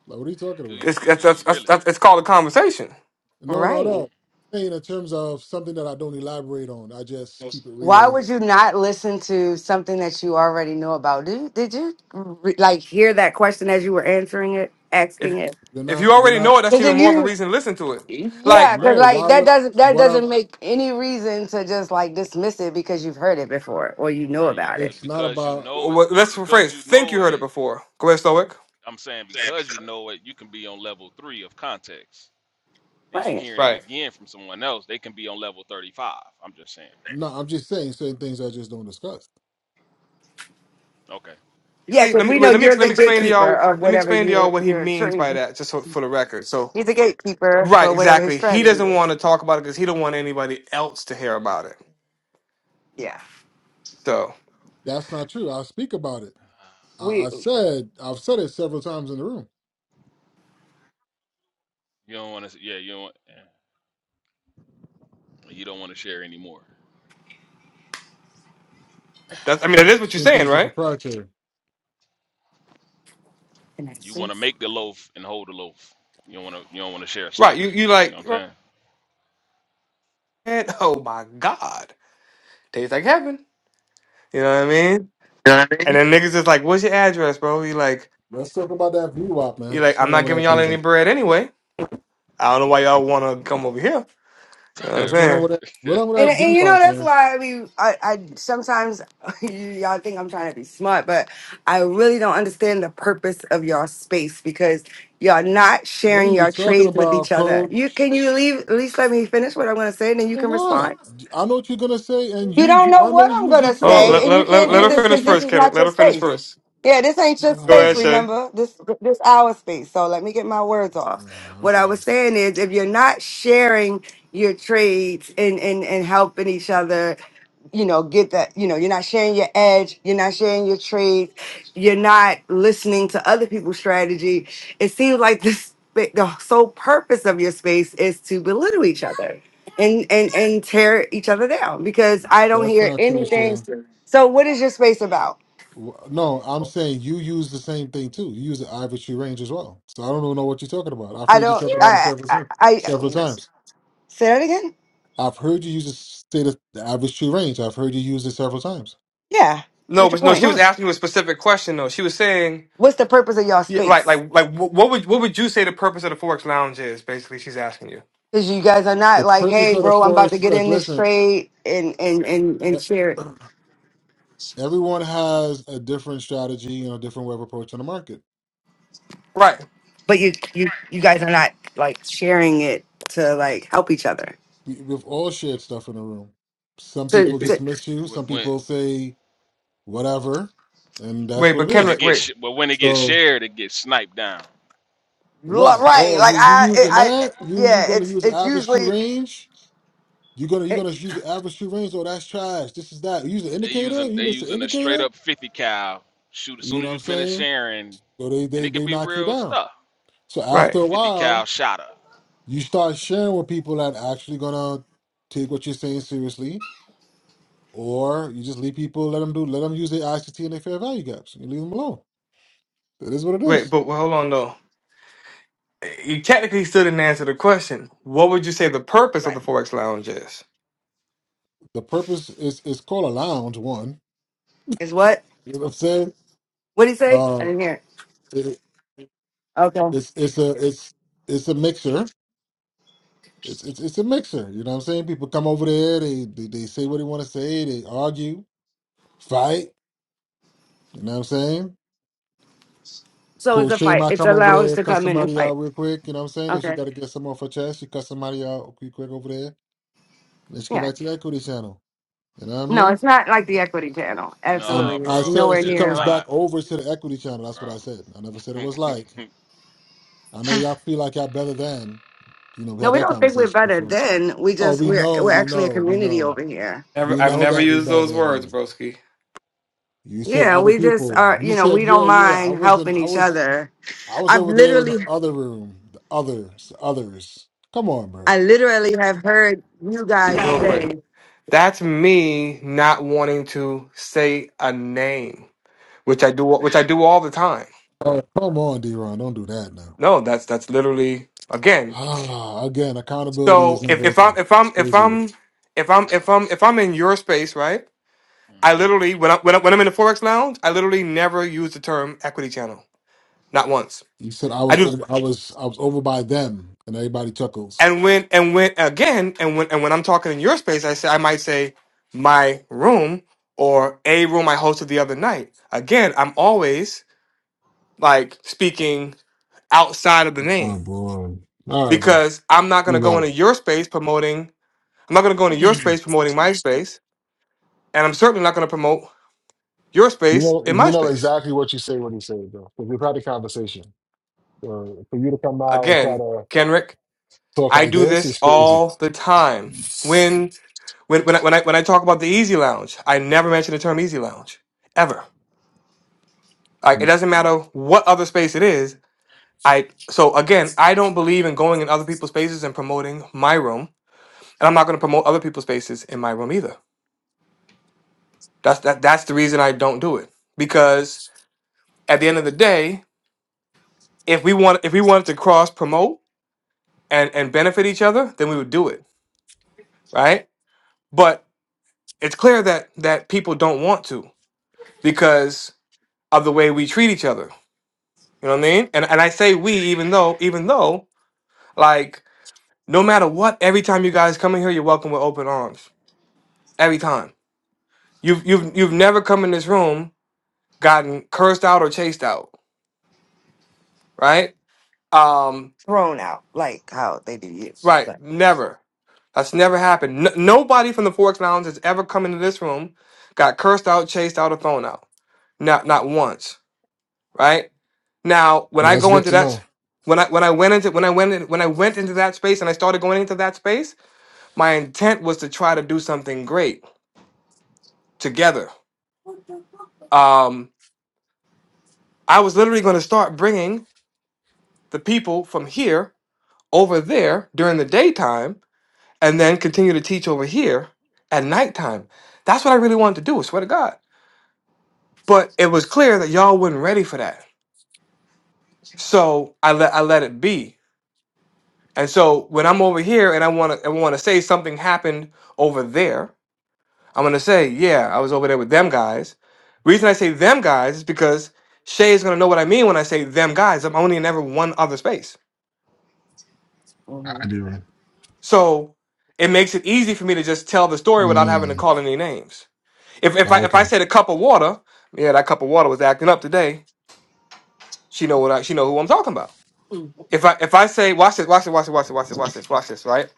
[SPEAKER 13] Like, what are you talking
[SPEAKER 10] Do
[SPEAKER 13] about?
[SPEAKER 10] you,
[SPEAKER 4] It's
[SPEAKER 10] but do
[SPEAKER 4] that's, that's,
[SPEAKER 10] you
[SPEAKER 4] that's,
[SPEAKER 10] really?
[SPEAKER 4] that's, it's called a conversation.
[SPEAKER 13] No, no, no.
[SPEAKER 3] Right.
[SPEAKER 10] Mm.
[SPEAKER 13] i mean, in terms of something that I don't elaborate on, I just keep it
[SPEAKER 3] Why
[SPEAKER 13] real.
[SPEAKER 3] would you not listen to something that you already know about? Did you, did you re- like hear that question as you were answering it,
[SPEAKER 4] If
[SPEAKER 3] asking it?
[SPEAKER 13] You're
[SPEAKER 4] if you
[SPEAKER 13] not. You're
[SPEAKER 4] already
[SPEAKER 13] not.
[SPEAKER 4] know it, that's
[SPEAKER 3] Because
[SPEAKER 4] even
[SPEAKER 3] if
[SPEAKER 4] more of a
[SPEAKER 3] you,
[SPEAKER 4] reason to listen to it.
[SPEAKER 3] yeah,
[SPEAKER 4] Like,
[SPEAKER 3] because
[SPEAKER 13] No.
[SPEAKER 10] Right,
[SPEAKER 3] like
[SPEAKER 13] Why
[SPEAKER 3] that
[SPEAKER 13] would?
[SPEAKER 3] doesn't that
[SPEAKER 13] What I'm?
[SPEAKER 3] doesn't make any reason to just like dismiss it because you've heard it before or you know
[SPEAKER 10] right. You
[SPEAKER 3] about it.
[SPEAKER 10] could
[SPEAKER 13] It's not
[SPEAKER 10] because you
[SPEAKER 13] about.
[SPEAKER 4] w-
[SPEAKER 10] know it.
[SPEAKER 4] w-
[SPEAKER 10] Because
[SPEAKER 4] let's rephrase.
[SPEAKER 10] because you
[SPEAKER 4] Think you
[SPEAKER 10] know
[SPEAKER 4] heard it
[SPEAKER 10] it.
[SPEAKER 4] before. Go ahead, Stoic.
[SPEAKER 10] I'm saying because you know it, you can be on level three of context and you
[SPEAKER 3] Right.
[SPEAKER 10] hearing it
[SPEAKER 4] Right.
[SPEAKER 10] again from someone else, they can be on level 35. I'm just saying.
[SPEAKER 13] No, I'm just saying certain things I just don't discuss.
[SPEAKER 10] Okay.
[SPEAKER 3] Yeah, because
[SPEAKER 4] let me
[SPEAKER 3] we know
[SPEAKER 4] wait, let me
[SPEAKER 3] you're
[SPEAKER 4] ex- let
[SPEAKER 3] the
[SPEAKER 4] me explain to
[SPEAKER 3] gatekeeper
[SPEAKER 4] y'all.
[SPEAKER 3] of
[SPEAKER 4] Let me
[SPEAKER 3] whatever
[SPEAKER 4] explain to y'all
[SPEAKER 3] you're
[SPEAKER 4] what he
[SPEAKER 3] you're
[SPEAKER 4] means by
[SPEAKER 3] trading.
[SPEAKER 4] that, just so, for the record. So,
[SPEAKER 3] He's the gatekeeper
[SPEAKER 4] right,
[SPEAKER 3] for whatever his
[SPEAKER 4] exactly. He
[SPEAKER 3] strategy
[SPEAKER 4] doesn't
[SPEAKER 3] is.
[SPEAKER 4] want to talk about it because he don't want anybody else to hear about it.
[SPEAKER 3] Yeah,
[SPEAKER 4] So
[SPEAKER 13] That's not true. I speak about it. I,
[SPEAKER 3] we
[SPEAKER 13] I said. I've said it several times in the room.
[SPEAKER 10] You don't want to, yeah, you don't, want- yeah. you don't want to share anymore.
[SPEAKER 4] that's, I mean, that is what you're
[SPEAKER 13] Certain
[SPEAKER 4] saying,
[SPEAKER 13] things are
[SPEAKER 4] right?
[SPEAKER 13] proprietary.
[SPEAKER 3] in
[SPEAKER 10] You want to
[SPEAKER 3] essence.
[SPEAKER 10] make the loaf and hold the loaf. You don't want to, you don't want to share a
[SPEAKER 4] Right. You
[SPEAKER 10] slice.
[SPEAKER 4] you
[SPEAKER 10] You know
[SPEAKER 4] like,
[SPEAKER 10] what I'm
[SPEAKER 4] man, oh my god, tastes like heaven. You know what I mean?
[SPEAKER 3] You know what I
[SPEAKER 4] And
[SPEAKER 3] mean?
[SPEAKER 4] then niggas is like, what's your address, bro? You like,
[SPEAKER 13] Let's talk about that v VWAP, man.
[SPEAKER 4] you
[SPEAKER 13] What's
[SPEAKER 4] like, I'm
[SPEAKER 13] going on
[SPEAKER 4] not
[SPEAKER 13] with
[SPEAKER 4] giving
[SPEAKER 13] that
[SPEAKER 4] y'all
[SPEAKER 13] v
[SPEAKER 4] any
[SPEAKER 13] VWAP?
[SPEAKER 4] bread anyway. I don't know why y'all want to come over here. You know what I'm
[SPEAKER 13] What's
[SPEAKER 10] saying?
[SPEAKER 13] going on
[SPEAKER 4] saying?
[SPEAKER 13] with that? What on
[SPEAKER 10] right.
[SPEAKER 13] with
[SPEAKER 3] And,
[SPEAKER 13] that
[SPEAKER 3] and
[SPEAKER 13] v
[SPEAKER 3] you know
[SPEAKER 13] VWAP, man?
[SPEAKER 3] that's why we I, I sometimes y'all think I'm trying to be smart, but I really don't understand the purpose of your space because you all not
[SPEAKER 13] What are
[SPEAKER 3] sharing
[SPEAKER 13] you
[SPEAKER 3] your
[SPEAKER 13] talking
[SPEAKER 3] trades with
[SPEAKER 13] about,
[SPEAKER 3] each other.
[SPEAKER 13] Code?
[SPEAKER 3] You can you leave at least let me finish what I'm gonna say and then you
[SPEAKER 13] For
[SPEAKER 3] can
[SPEAKER 13] what?
[SPEAKER 3] respond.
[SPEAKER 13] I know what you're gonna say, and
[SPEAKER 3] You
[SPEAKER 13] you,
[SPEAKER 3] don't
[SPEAKER 13] you
[SPEAKER 3] know
[SPEAKER 13] I know
[SPEAKER 3] what
[SPEAKER 13] you
[SPEAKER 3] I'm
[SPEAKER 13] use
[SPEAKER 3] gonna
[SPEAKER 13] it
[SPEAKER 4] Hold on,
[SPEAKER 3] say,
[SPEAKER 13] too.
[SPEAKER 4] let,
[SPEAKER 3] and you
[SPEAKER 4] let, let,
[SPEAKER 3] can't
[SPEAKER 13] I
[SPEAKER 4] let
[SPEAKER 3] do
[SPEAKER 13] know
[SPEAKER 4] her
[SPEAKER 3] this
[SPEAKER 13] what
[SPEAKER 4] finish
[SPEAKER 13] you
[SPEAKER 3] because this
[SPEAKER 4] first,
[SPEAKER 3] is
[SPEAKER 13] use.
[SPEAKER 4] Kendrick.
[SPEAKER 3] not your
[SPEAKER 4] Let her finish
[SPEAKER 3] space.
[SPEAKER 4] first.
[SPEAKER 3] Yeah, this ain't
[SPEAKER 13] Um,
[SPEAKER 3] your
[SPEAKER 13] uh, I
[SPEAKER 4] Go
[SPEAKER 3] space.
[SPEAKER 4] ahead, Shay.
[SPEAKER 3] Remember this this our space. So let me get my words off.
[SPEAKER 13] don't know.
[SPEAKER 3] What
[SPEAKER 13] It's
[SPEAKER 3] I was
[SPEAKER 13] obvious.
[SPEAKER 3] saying is, if you're not sharing your trades and and and helping each other, you know, get that. You know, you're not sharing your edge. You're not sharing your trades. You're not listening to other people's strategy. It seems like this. The sole purpose of your space is to belittle each other and and and tear each other down because I don't
[SPEAKER 13] That's
[SPEAKER 3] hear
[SPEAKER 13] not true,
[SPEAKER 3] anything.
[SPEAKER 13] Shay.
[SPEAKER 3] So what is your space about?
[SPEAKER 13] Wh- No, I'm saying you use the same thing too. You use the ivory tree range as well. So I don't even know what you're talking about. I've
[SPEAKER 3] I
[SPEAKER 13] heard you
[SPEAKER 3] don't.
[SPEAKER 13] talk about it
[SPEAKER 3] I
[SPEAKER 13] several
[SPEAKER 3] I,
[SPEAKER 13] times.
[SPEAKER 3] I
[SPEAKER 13] Several times.
[SPEAKER 3] say that again.
[SPEAKER 13] I've heard you use the state of the ivory tree range. I've heard you use it several times.
[SPEAKER 3] Yeah.
[SPEAKER 4] No,
[SPEAKER 3] What's your
[SPEAKER 4] but no,
[SPEAKER 3] point?
[SPEAKER 4] she was
[SPEAKER 13] Right.
[SPEAKER 4] asking you a specific question though. She was saying,
[SPEAKER 3] What's the purpose of y'all
[SPEAKER 4] yeah, right,
[SPEAKER 3] space?
[SPEAKER 4] like, like, wh- what would, what would you say the purpose of the Forex Lounge is? Basically, she's asking you.
[SPEAKER 3] Because you guys are
[SPEAKER 13] The
[SPEAKER 3] not like,
[SPEAKER 13] purpose
[SPEAKER 3] hey,
[SPEAKER 13] of the
[SPEAKER 3] bro, I'm about to
[SPEAKER 13] forest,
[SPEAKER 3] get
[SPEAKER 13] like,
[SPEAKER 3] in this
[SPEAKER 13] listen.
[SPEAKER 3] trade and and and and share it.
[SPEAKER 13] Everyone has a different strategy and a different way of approaching the market.
[SPEAKER 4] Right.
[SPEAKER 3] But you you you guys are not like sharing it to like help each other.
[SPEAKER 13] We, we've all shared stuff in the room. Some
[SPEAKER 3] To,
[SPEAKER 13] people
[SPEAKER 3] to
[SPEAKER 13] dismiss you.
[SPEAKER 10] When
[SPEAKER 13] Some
[SPEAKER 10] when
[SPEAKER 13] people say whatever, and that's
[SPEAKER 4] Wait,
[SPEAKER 13] what
[SPEAKER 4] but
[SPEAKER 13] it
[SPEAKER 10] when it
[SPEAKER 13] is.
[SPEAKER 4] Kendrick,
[SPEAKER 10] gets,
[SPEAKER 4] wait,
[SPEAKER 10] sh- but when it gets
[SPEAKER 13] So
[SPEAKER 10] shared, it gets sniped down.
[SPEAKER 3] lo-
[SPEAKER 13] right.
[SPEAKER 3] right,
[SPEAKER 13] Oh,
[SPEAKER 3] like
[SPEAKER 13] you you
[SPEAKER 3] I
[SPEAKER 13] using
[SPEAKER 3] I
[SPEAKER 13] that?
[SPEAKER 3] I-
[SPEAKER 13] You you
[SPEAKER 3] yeah,
[SPEAKER 13] gonna
[SPEAKER 3] it's
[SPEAKER 13] use the
[SPEAKER 3] it's
[SPEAKER 13] average true
[SPEAKER 3] usually
[SPEAKER 13] range? you gonna you
[SPEAKER 3] it,
[SPEAKER 13] gonna use the average true range? Oh, that's trash. This is that. You use the
[SPEAKER 10] They
[SPEAKER 13] indicator?
[SPEAKER 10] using they
[SPEAKER 13] You miss the
[SPEAKER 10] using a straight
[SPEAKER 13] indicator?
[SPEAKER 10] up 50 cal shoot. As
[SPEAKER 13] You
[SPEAKER 10] soon
[SPEAKER 13] know
[SPEAKER 10] as
[SPEAKER 13] what
[SPEAKER 10] you
[SPEAKER 13] I'm
[SPEAKER 10] finish
[SPEAKER 13] saying?
[SPEAKER 10] sharing,
[SPEAKER 13] So they
[SPEAKER 10] and
[SPEAKER 13] they
[SPEAKER 10] it can
[SPEAKER 13] they
[SPEAKER 10] be
[SPEAKER 13] knock you
[SPEAKER 10] real
[SPEAKER 13] down.
[SPEAKER 10] stuff.
[SPEAKER 13] So after
[SPEAKER 4] right,
[SPEAKER 13] a
[SPEAKER 10] 50 cal
[SPEAKER 13] while,
[SPEAKER 10] shotter. up.
[SPEAKER 13] you start sharing with people that actually gonna take what you're saying seriously Or you just leave people, let them do, let them use their ICT and their fair value gaps. You leave them alone. It is what it
[SPEAKER 4] wait,
[SPEAKER 13] is.
[SPEAKER 4] but well, hold on though. You technically still didn't answer the question. What would you say the purpose of
[SPEAKER 3] right.
[SPEAKER 4] the Forex Lounge is?
[SPEAKER 13] The purpose is is called a lounge. One,
[SPEAKER 3] Is what?
[SPEAKER 13] you know what I'm saying?
[SPEAKER 3] What do you say? I
[SPEAKER 13] Uh,
[SPEAKER 3] didn't hear. It.
[SPEAKER 13] it,
[SPEAKER 3] Okay.
[SPEAKER 13] it's it's a it's it's a mixer. It's it's it's a mixer. You know what I'm saying? People come over there. They they, they say what they want to say. They argue, fight. You know what I'm saying?
[SPEAKER 3] So it's
[SPEAKER 13] Coach
[SPEAKER 3] a
[SPEAKER 13] Shay
[SPEAKER 3] fight.
[SPEAKER 13] might
[SPEAKER 3] It's
[SPEAKER 13] come over
[SPEAKER 3] allows
[SPEAKER 13] there,
[SPEAKER 3] to
[SPEAKER 13] cut
[SPEAKER 3] come in and
[SPEAKER 13] somebody
[SPEAKER 3] fight.
[SPEAKER 13] out real quick. You know what I'm saying? If she
[SPEAKER 3] Okay.
[SPEAKER 13] got to get some off her chest, she cut somebody out real quick over there. And then she come
[SPEAKER 3] Yeah.
[SPEAKER 13] back to the Equity Channel. You know what I
[SPEAKER 3] No,
[SPEAKER 13] mean?
[SPEAKER 3] it's not like the equity channel.
[SPEAKER 13] Um,
[SPEAKER 3] Absolutely.
[SPEAKER 10] Nah,
[SPEAKER 13] I
[SPEAKER 3] It's
[SPEAKER 10] bro,
[SPEAKER 13] said if
[SPEAKER 3] nowhere
[SPEAKER 13] she
[SPEAKER 10] it's
[SPEAKER 3] near
[SPEAKER 13] comes
[SPEAKER 3] like
[SPEAKER 13] back
[SPEAKER 10] not,
[SPEAKER 13] over to the equity channel, that's
[SPEAKER 10] bro.
[SPEAKER 13] what I said. I never said it was like. I know y'all feel like y'all better than. You know, we
[SPEAKER 3] no,
[SPEAKER 13] had
[SPEAKER 3] we
[SPEAKER 13] that
[SPEAKER 3] don't think we're
[SPEAKER 13] conversation
[SPEAKER 3] better
[SPEAKER 13] before.
[SPEAKER 3] than we
[SPEAKER 13] Oh,
[SPEAKER 3] just
[SPEAKER 13] we
[SPEAKER 3] we're
[SPEAKER 13] know,
[SPEAKER 3] we're
[SPEAKER 13] we
[SPEAKER 3] actually a
[SPEAKER 13] know, we
[SPEAKER 3] community
[SPEAKER 13] know.
[SPEAKER 3] over here.
[SPEAKER 4] Never,
[SPEAKER 13] We
[SPEAKER 4] I've
[SPEAKER 13] know
[SPEAKER 4] never
[SPEAKER 13] that we
[SPEAKER 4] used those
[SPEAKER 13] better than.
[SPEAKER 4] words, broski.
[SPEAKER 13] You say
[SPEAKER 3] Yeah,
[SPEAKER 13] other
[SPEAKER 3] we just
[SPEAKER 13] people.
[SPEAKER 3] are
[SPEAKER 13] You
[SPEAKER 3] you know,
[SPEAKER 13] said,
[SPEAKER 3] we
[SPEAKER 13] yeah,
[SPEAKER 3] don't
[SPEAKER 13] yeah. I
[SPEAKER 3] mind
[SPEAKER 13] was in
[SPEAKER 3] helping
[SPEAKER 13] I
[SPEAKER 3] each
[SPEAKER 13] was
[SPEAKER 3] other.
[SPEAKER 13] I was
[SPEAKER 3] I've
[SPEAKER 13] over there in the
[SPEAKER 3] literally
[SPEAKER 13] other room. The others, others. Come on, bro.
[SPEAKER 3] I literally have heard you
[SPEAKER 4] Hey,
[SPEAKER 3] guys
[SPEAKER 4] real quick,
[SPEAKER 3] say
[SPEAKER 4] that's me not wanting to say a name, which I do, which I do all the time.
[SPEAKER 13] Oh, come on, D Ron. Don't do that now.
[SPEAKER 4] No, that's that's literally again.
[SPEAKER 13] again, accountability is
[SPEAKER 4] So if,
[SPEAKER 13] never a
[SPEAKER 4] if I'm
[SPEAKER 13] thing.
[SPEAKER 4] if I'm
[SPEAKER 13] It's
[SPEAKER 4] if
[SPEAKER 13] crazy.
[SPEAKER 4] I'm if I'm if I'm if I'm in your space, right? I
[SPEAKER 10] hmm
[SPEAKER 4] literally when I when, I, when I'm in the forex lounge, I literally never use the term equity channel, not once.
[SPEAKER 13] You said I
[SPEAKER 4] I
[SPEAKER 13] was
[SPEAKER 4] do,
[SPEAKER 10] Never.
[SPEAKER 13] over. I was I was over by them, and everybody chuckles.
[SPEAKER 4] and when and when again, and when and when I'm talking in your space, I say I might say my room or a room I hosted the other night. Again, I'm always like speaking outside of the name
[SPEAKER 13] Oh, boy. All right, bro.
[SPEAKER 4] because I'm not gonna
[SPEAKER 13] You
[SPEAKER 4] go
[SPEAKER 13] got it.
[SPEAKER 4] into your space promoting. I'm not gonna go into your space promoting my space, and I'm certainly not gonna promote. your
[SPEAKER 13] You
[SPEAKER 4] space
[SPEAKER 13] know,
[SPEAKER 4] in
[SPEAKER 13] you
[SPEAKER 4] my
[SPEAKER 13] know
[SPEAKER 4] space.
[SPEAKER 13] exactly what you say when you say it, bro. Because we've had a conversation. So for you to come out and try
[SPEAKER 4] Again,
[SPEAKER 13] to
[SPEAKER 4] Kenrick,
[SPEAKER 13] talk
[SPEAKER 4] I
[SPEAKER 13] like
[SPEAKER 4] do
[SPEAKER 13] this
[SPEAKER 4] this
[SPEAKER 13] is crazy.
[SPEAKER 4] all the time. When when when I, when I when I talk about the easy lounge, I never mention the term easy lounge ever. Like it doesn't matter what other space it is. I so again, I don't believe in going in other people's spaces and promoting my room, and I'm not going to promote other people's spaces in my room either. That's that that's the reason I don't do it because at the end of the day, if we want if we wanted to cross promote and and benefit each other, then we would do it, right? But it's clear that that people don't want to because of the way we treat each other. You know what I mean? And and I say we even though even though like no matter what, every time you guys come in here, you're welcome with open arms. Every time. You've you've you've never come in this room gotten cursed out or chased out, right? Um,
[SPEAKER 3] thrown out, like how they do you.
[SPEAKER 4] right,
[SPEAKER 3] But
[SPEAKER 4] never. That's never happened. N- nobody from the Four X Lounge has ever come into this room, got cursed out, chased out, or thrown out. Not not once, right? Now, when I
[SPEAKER 13] That's
[SPEAKER 4] go
[SPEAKER 13] good
[SPEAKER 4] into
[SPEAKER 13] to know.
[SPEAKER 4] that, when I when I went into when I went in, when I went into that space and I started going into that space, my intent was to try to do something great together. Um, I was literally going to start bringing the people from here over there during the daytime, and then continue to teach over here at nighttime. That's what I really wanted to do. I swear to God. But it was clear that y'all wasn't ready for that, so I let I let it be. And so when I'm over here and I want to I want to say something happened over there I'm gonna say, yeah, I was over there with them guys. Reason I say them guys is because Shay is gonna know what I mean when I say them guys. I'm only in ever one other space.
[SPEAKER 13] All
[SPEAKER 3] mhm.
[SPEAKER 13] right, D-Ron.
[SPEAKER 4] So it makes it easy for me to just tell the story without having to
[SPEAKER 13] Mm.
[SPEAKER 4] call any names. If if I
[SPEAKER 13] Oh,
[SPEAKER 4] if I
[SPEAKER 13] okay.
[SPEAKER 4] said a cup of water, yeah, that cup of water was acting up today. She know what I she know who I'm talking about. If I if I say watch this, watch this, watch this, watch this, watch this, watch this, watch this, right?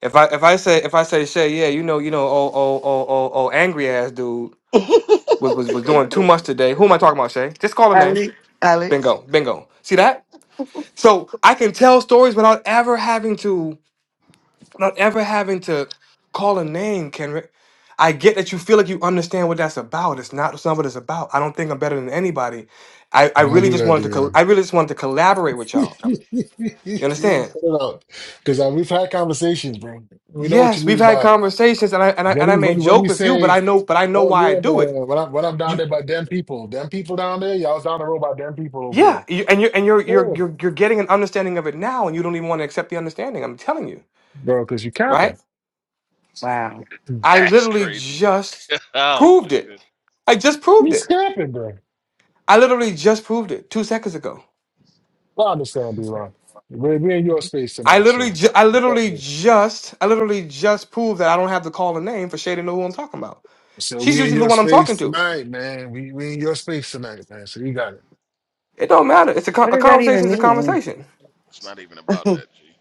[SPEAKER 4] If I if I say if I say Shay, yeah, you know, you know, oh oh oh oh oh angry ass dude was was was doing too much today. Who am I talking about, Shay? Just call a name Bingo, bingo. See that? So I can tell stories without ever having to, without ever having to call a name, Kendrick. I get that you feel like you understand what that's about. It's not it's what it's about. I don't think I'm better than anybody. I, I
[SPEAKER 13] Don't
[SPEAKER 4] really
[SPEAKER 13] do
[SPEAKER 4] just
[SPEAKER 13] that,
[SPEAKER 4] wanted to col- I
[SPEAKER 13] D-Ron.
[SPEAKER 4] really just wanted to collaborate with y'all.
[SPEAKER 13] Cut
[SPEAKER 4] You understand?
[SPEAKER 13] it out. Because uh, we've had conversations, bro. We know what
[SPEAKER 4] Yes,
[SPEAKER 13] you
[SPEAKER 4] we've
[SPEAKER 13] mean
[SPEAKER 4] had
[SPEAKER 13] by
[SPEAKER 4] conversations, and I and I and
[SPEAKER 13] When
[SPEAKER 4] I
[SPEAKER 13] you,
[SPEAKER 4] may
[SPEAKER 13] when, when
[SPEAKER 4] joke
[SPEAKER 13] you
[SPEAKER 4] with you, but
[SPEAKER 13] say,
[SPEAKER 4] I know but I know
[SPEAKER 13] oh
[SPEAKER 4] why I
[SPEAKER 13] yeah,
[SPEAKER 4] do it.
[SPEAKER 13] man, when I'm when I'm down
[SPEAKER 4] You
[SPEAKER 13] there by them people, them people down there, y'all was down the road by them people over
[SPEAKER 4] yeah,
[SPEAKER 13] there.
[SPEAKER 4] you, and you and you're you're
[SPEAKER 13] Yeah,
[SPEAKER 4] you're you're getting an understanding of it now, and you don't even want to accept the understanding. I'm telling you,
[SPEAKER 13] bro, because you
[SPEAKER 4] right?
[SPEAKER 13] capping.
[SPEAKER 3] wow.
[SPEAKER 4] I
[SPEAKER 10] That's
[SPEAKER 4] literally
[SPEAKER 10] crazy work.
[SPEAKER 4] just
[SPEAKER 10] oh my
[SPEAKER 4] proved it.
[SPEAKER 10] goodness.
[SPEAKER 4] I just proved
[SPEAKER 13] He's
[SPEAKER 4] it.
[SPEAKER 13] capping, bro.
[SPEAKER 4] I literally just proved it two seconds ago.
[SPEAKER 13] I understand, b Ron. We're, we're in your space
[SPEAKER 4] I
[SPEAKER 13] tonight,
[SPEAKER 4] literally,
[SPEAKER 13] so
[SPEAKER 4] ju- I
[SPEAKER 13] it's all
[SPEAKER 4] literally
[SPEAKER 13] good.
[SPEAKER 4] just, I literally just proved that I don't have to call a name for Shay to know who I'm talking about.
[SPEAKER 13] So
[SPEAKER 4] She's
[SPEAKER 13] we in
[SPEAKER 4] usually the
[SPEAKER 13] your
[SPEAKER 4] one I'm talking
[SPEAKER 13] space
[SPEAKER 4] to.
[SPEAKER 13] tonight, man. We we in your space tonight, man. So you got it.
[SPEAKER 4] It don't matter. It's a, con-
[SPEAKER 3] What
[SPEAKER 4] a
[SPEAKER 3] does that
[SPEAKER 4] conversation
[SPEAKER 3] even
[SPEAKER 4] is a
[SPEAKER 3] mean?
[SPEAKER 4] conversation,
[SPEAKER 10] It's not even about that, G.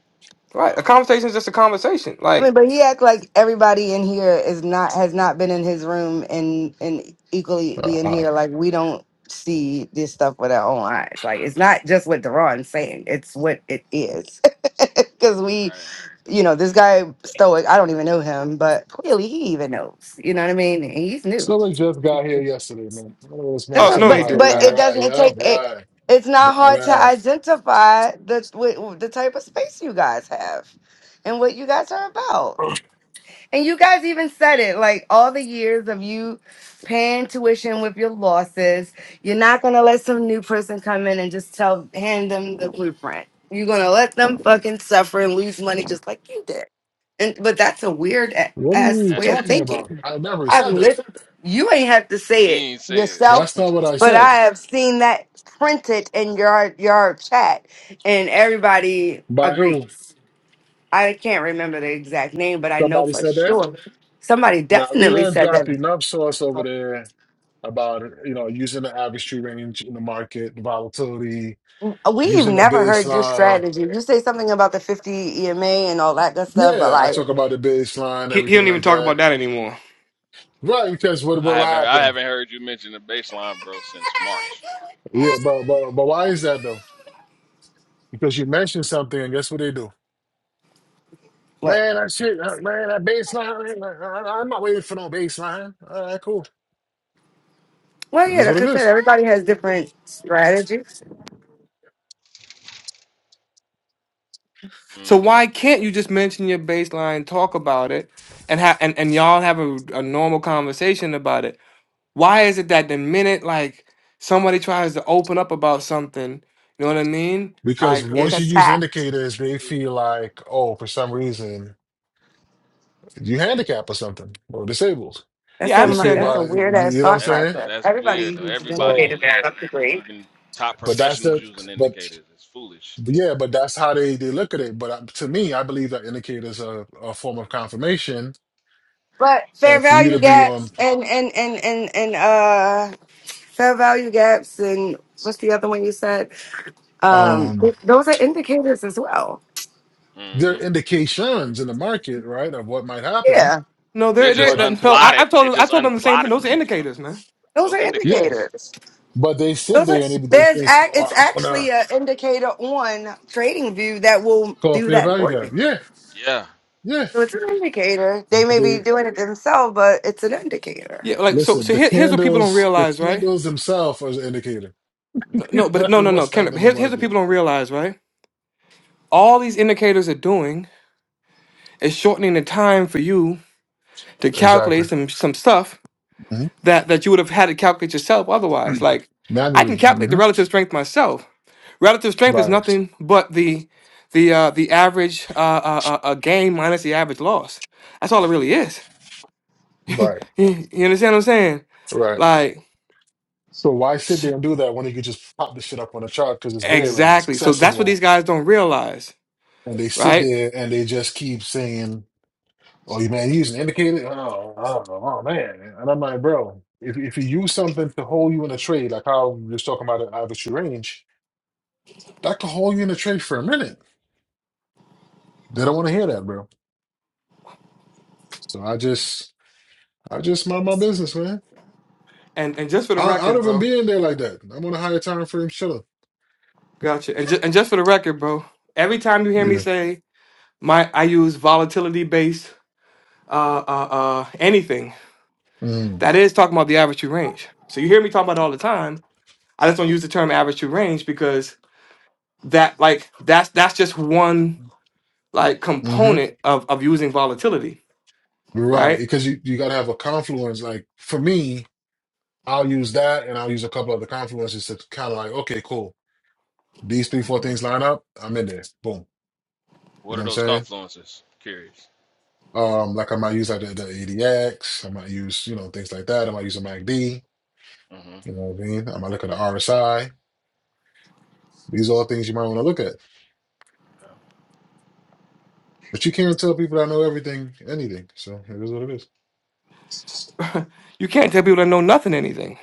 [SPEAKER 4] right? A
[SPEAKER 10] Oh my
[SPEAKER 4] conversation is just a conversation.
[SPEAKER 3] I mean,
[SPEAKER 4] Like,
[SPEAKER 3] but he act like everybody in here is not has not been in his room and and equally
[SPEAKER 13] Uh,
[SPEAKER 3] being
[SPEAKER 13] uh.
[SPEAKER 3] here. Like we don't see this stuff with our own eyes. Like it's not just what Deron's saying; it's what it is. Because
[SPEAKER 10] goodness.
[SPEAKER 3] we,
[SPEAKER 10] Right.
[SPEAKER 3] you know, this guy Stoic. I don't even know him, but clearly he even knows. You know what I mean? And he's new.
[SPEAKER 13] So we just got here yesterday, man. I don't know this man
[SPEAKER 3] That's
[SPEAKER 4] oh
[SPEAKER 3] what.
[SPEAKER 13] talking
[SPEAKER 4] no,
[SPEAKER 3] But
[SPEAKER 4] he
[SPEAKER 13] about
[SPEAKER 4] did
[SPEAKER 3] but
[SPEAKER 13] right,
[SPEAKER 3] it
[SPEAKER 4] not.
[SPEAKER 13] right,
[SPEAKER 3] doesn't
[SPEAKER 13] yup,
[SPEAKER 3] take it.
[SPEAKER 13] right,
[SPEAKER 3] It's not
[SPEAKER 13] right,
[SPEAKER 3] hard to
[SPEAKER 13] right.
[SPEAKER 3] identify the the type of space you guys have and what you guys are about. And you guys even said it like all the years of you paying tuition with your losses, you're not gonna let some new person come in and just tell hand them the blueprint. You're gonna let them fucking suffer and lose money just like you did. And but that's a weird a-
[SPEAKER 13] What are
[SPEAKER 3] ass
[SPEAKER 13] you
[SPEAKER 3] way of
[SPEAKER 10] That's
[SPEAKER 13] talking about?
[SPEAKER 3] thinking.
[SPEAKER 13] I never
[SPEAKER 3] I've
[SPEAKER 13] said that.
[SPEAKER 3] lived you ain't have to
[SPEAKER 10] you
[SPEAKER 3] say it
[SPEAKER 10] ain't say it.
[SPEAKER 3] yourself,
[SPEAKER 13] That's not what I
[SPEAKER 3] but I
[SPEAKER 13] said.
[SPEAKER 3] have seen that printed in your your chat and everybody
[SPEAKER 13] By who?
[SPEAKER 3] agrees. I can't remember the exact name, but I know
[SPEAKER 13] Somebody
[SPEAKER 3] for
[SPEAKER 13] said that?
[SPEAKER 3] sure somebody
[SPEAKER 13] Now we
[SPEAKER 3] definitely
[SPEAKER 13] done
[SPEAKER 3] said
[SPEAKER 13] dropped
[SPEAKER 3] that.
[SPEAKER 13] enough sauce over there about you know using the average tree range in the market, the volatility,
[SPEAKER 3] We've
[SPEAKER 13] using a
[SPEAKER 3] never heard your
[SPEAKER 13] baseline.
[SPEAKER 3] strategy. You say something about the 50 EMA and all that good stuff, but
[SPEAKER 13] Yeah, I
[SPEAKER 3] like,
[SPEAKER 13] talk about the baseline,
[SPEAKER 4] He, he
[SPEAKER 13] everything
[SPEAKER 4] don't even
[SPEAKER 13] like
[SPEAKER 4] talk about
[SPEAKER 13] that.
[SPEAKER 4] that anymore.
[SPEAKER 13] Right, because what
[SPEAKER 10] I
[SPEAKER 13] will
[SPEAKER 10] haven't I
[SPEAKER 13] happen?
[SPEAKER 10] haven't heard you mention the baseline, bro, since March.
[SPEAKER 13] Yeah, but but but why is that though? Because you mentioned something, and guess what they do?
[SPEAKER 3] what?
[SPEAKER 13] Man, that shit, uh, man, that baseline. uh, uh, I'm not waiting for no baseline. All right, cool.
[SPEAKER 3] Well,
[SPEAKER 13] It
[SPEAKER 3] yeah,
[SPEAKER 13] is what
[SPEAKER 3] like
[SPEAKER 13] it
[SPEAKER 3] I said,
[SPEAKER 13] is.
[SPEAKER 3] everybody has different strategies.
[SPEAKER 4] So
[SPEAKER 10] hmm
[SPEAKER 4] why can't you just mention your baseline, talk about it, and ha- and and y'all have a, a normal conversation about it? Why is it that the minute like somebody tries to open up about something, you know what I mean?
[SPEAKER 13] Because
[SPEAKER 4] Like Because
[SPEAKER 3] It's
[SPEAKER 13] once
[SPEAKER 3] a
[SPEAKER 13] you
[SPEAKER 4] it's
[SPEAKER 13] use
[SPEAKER 3] tact.
[SPEAKER 13] indicators, they feel like, oh, for some reason, you handicapped or something or disabled.
[SPEAKER 3] That's
[SPEAKER 4] yeah, I
[SPEAKER 3] a
[SPEAKER 13] They
[SPEAKER 3] mu-
[SPEAKER 13] feel
[SPEAKER 4] understand
[SPEAKER 3] that's
[SPEAKER 4] that.
[SPEAKER 3] a
[SPEAKER 13] about, you
[SPEAKER 3] weird ass
[SPEAKER 13] know what I'm
[SPEAKER 3] thought
[SPEAKER 10] That's
[SPEAKER 13] saying?
[SPEAKER 3] process.
[SPEAKER 10] that's
[SPEAKER 3] Everybody
[SPEAKER 10] weird though.
[SPEAKER 3] uses
[SPEAKER 10] Everybody
[SPEAKER 13] So,
[SPEAKER 3] indicators
[SPEAKER 10] using,
[SPEAKER 3] to some degree,
[SPEAKER 10] even top
[SPEAKER 13] but that's
[SPEAKER 10] professionals
[SPEAKER 13] the,
[SPEAKER 10] using
[SPEAKER 13] but
[SPEAKER 10] indicators. It's foolish.
[SPEAKER 13] but yeah, but that's how they they look at it. But uh, to me, I believe that indicators are a form of confirmation,
[SPEAKER 3] but fair
[SPEAKER 13] and for you to
[SPEAKER 3] value
[SPEAKER 13] be on,
[SPEAKER 3] gaps and and and and and uh. fair value gaps and what's the other one you said? Um,
[SPEAKER 13] um,
[SPEAKER 3] th- those are indicators as well.
[SPEAKER 13] they're
[SPEAKER 10] hmm
[SPEAKER 13] indications in the market, right, of what might happen.
[SPEAKER 3] Yeah,
[SPEAKER 4] No,
[SPEAKER 10] They're
[SPEAKER 4] they're
[SPEAKER 10] just
[SPEAKER 4] they're
[SPEAKER 13] But
[SPEAKER 4] that- no. I, I
[SPEAKER 10] unplotted. They're
[SPEAKER 4] told I
[SPEAKER 10] just
[SPEAKER 4] told them the same thing.
[SPEAKER 10] unplotted
[SPEAKER 4] Those are
[SPEAKER 10] ones, bro.
[SPEAKER 4] indicators, man.
[SPEAKER 3] those are
[SPEAKER 10] Those
[SPEAKER 13] yeah,
[SPEAKER 10] indicators.
[SPEAKER 3] indicators.
[SPEAKER 13] but they sit
[SPEAKER 3] Those are
[SPEAKER 13] there and they, they
[SPEAKER 3] there's
[SPEAKER 13] think,
[SPEAKER 3] ac- it's
[SPEAKER 13] oh, I'm gonna
[SPEAKER 3] actually an indicator on TradingView that will
[SPEAKER 13] call
[SPEAKER 3] do
[SPEAKER 13] fair
[SPEAKER 3] that
[SPEAKER 13] value
[SPEAKER 3] for
[SPEAKER 13] gap.
[SPEAKER 3] you.
[SPEAKER 13] Yeah,
[SPEAKER 10] Yeah.
[SPEAKER 3] So it's an indicator. They may be
[SPEAKER 13] yeah.
[SPEAKER 3] doing it themselves, but it's an indicator.
[SPEAKER 4] Yeah, like so.
[SPEAKER 13] Listen,
[SPEAKER 4] So
[SPEAKER 13] the
[SPEAKER 4] here, here's what people don't
[SPEAKER 13] candles, the
[SPEAKER 4] realize, right?
[SPEAKER 13] candles themselves are the indicator.
[SPEAKER 4] No, no, but
[SPEAKER 13] like
[SPEAKER 4] no, no, no.
[SPEAKER 13] what's
[SPEAKER 4] Kendrick,
[SPEAKER 13] happening
[SPEAKER 4] but
[SPEAKER 13] in the
[SPEAKER 4] here's here's what
[SPEAKER 13] market.
[SPEAKER 4] people don't realize, right? All these indicators are doing is shortening the time for you to
[SPEAKER 13] Exactly.
[SPEAKER 4] calculate some some stuff
[SPEAKER 13] hmm
[SPEAKER 4] that that you would have had to calculate yourself otherwise. Like I can
[SPEAKER 13] Manually.
[SPEAKER 4] calculate the
[SPEAKER 13] hmm
[SPEAKER 4] relative strength myself Relative strength is
[SPEAKER 13] Right.
[SPEAKER 4] nothing but the the uh, the average uh, uh, uh, uh, gain minus the average loss. That's all it really is.
[SPEAKER 13] Right.
[SPEAKER 4] You you understand what I'm saying?
[SPEAKER 13] Right.
[SPEAKER 4] Like
[SPEAKER 13] So why sit
[SPEAKER 4] s-
[SPEAKER 13] there and do that when you could just pop the shit up on the chart because it's there already, it's
[SPEAKER 4] exactly. So that's what these
[SPEAKER 13] accessible,
[SPEAKER 4] guys don't realize,
[SPEAKER 13] and they sit
[SPEAKER 4] right?
[SPEAKER 13] there and they just keep saying, "Oh, you man, you use an indicator." Oh, oh, oh man, and I'm like, bro, if if you use something to hold you in a trade, like how we was talking about an average range, that could hold you in a trade for a minute. They don't want to hear that, bro. So I just I just mind my business, man.
[SPEAKER 4] And and just for the
[SPEAKER 13] Out, out
[SPEAKER 4] record,
[SPEAKER 13] of them
[SPEAKER 4] bro,
[SPEAKER 13] being there like that. I'm on a higher time frame. Shut up.
[SPEAKER 4] gotcha. And ju- and just for the record, bro, every time you hear me
[SPEAKER 13] Yeah.
[SPEAKER 4] say my, I use volatility based uh, uh, uh, anything.
[SPEAKER 13] Mm,
[SPEAKER 4] That is talking about the average true range. So you hear me talking about it all the time. I just don't use the term average true range because that like that's that's just one like
[SPEAKER 13] hmm
[SPEAKER 4] component of of using volatility,
[SPEAKER 13] Right.
[SPEAKER 4] right?
[SPEAKER 13] Because you, you gotta have a confluence. Like for me, I'll use that and I'll use a couple other confluences to kind of like, okay, cool. These three, four things line up, I'm in there. Boom. You
[SPEAKER 10] What
[SPEAKER 13] know
[SPEAKER 10] are
[SPEAKER 13] what I'm
[SPEAKER 10] those
[SPEAKER 13] saying?
[SPEAKER 10] confluences? Curious.
[SPEAKER 13] Um, like I might use like the, the ADX, I might use, you know, things like that. I might use a MACD,
[SPEAKER 10] hmm
[SPEAKER 13] you know what I mean? I might look at the RSI. These are all things you might want to look at. But you can't tell people that know everything, anything. So it is what it is.
[SPEAKER 4] You can't tell people that know nothing anything.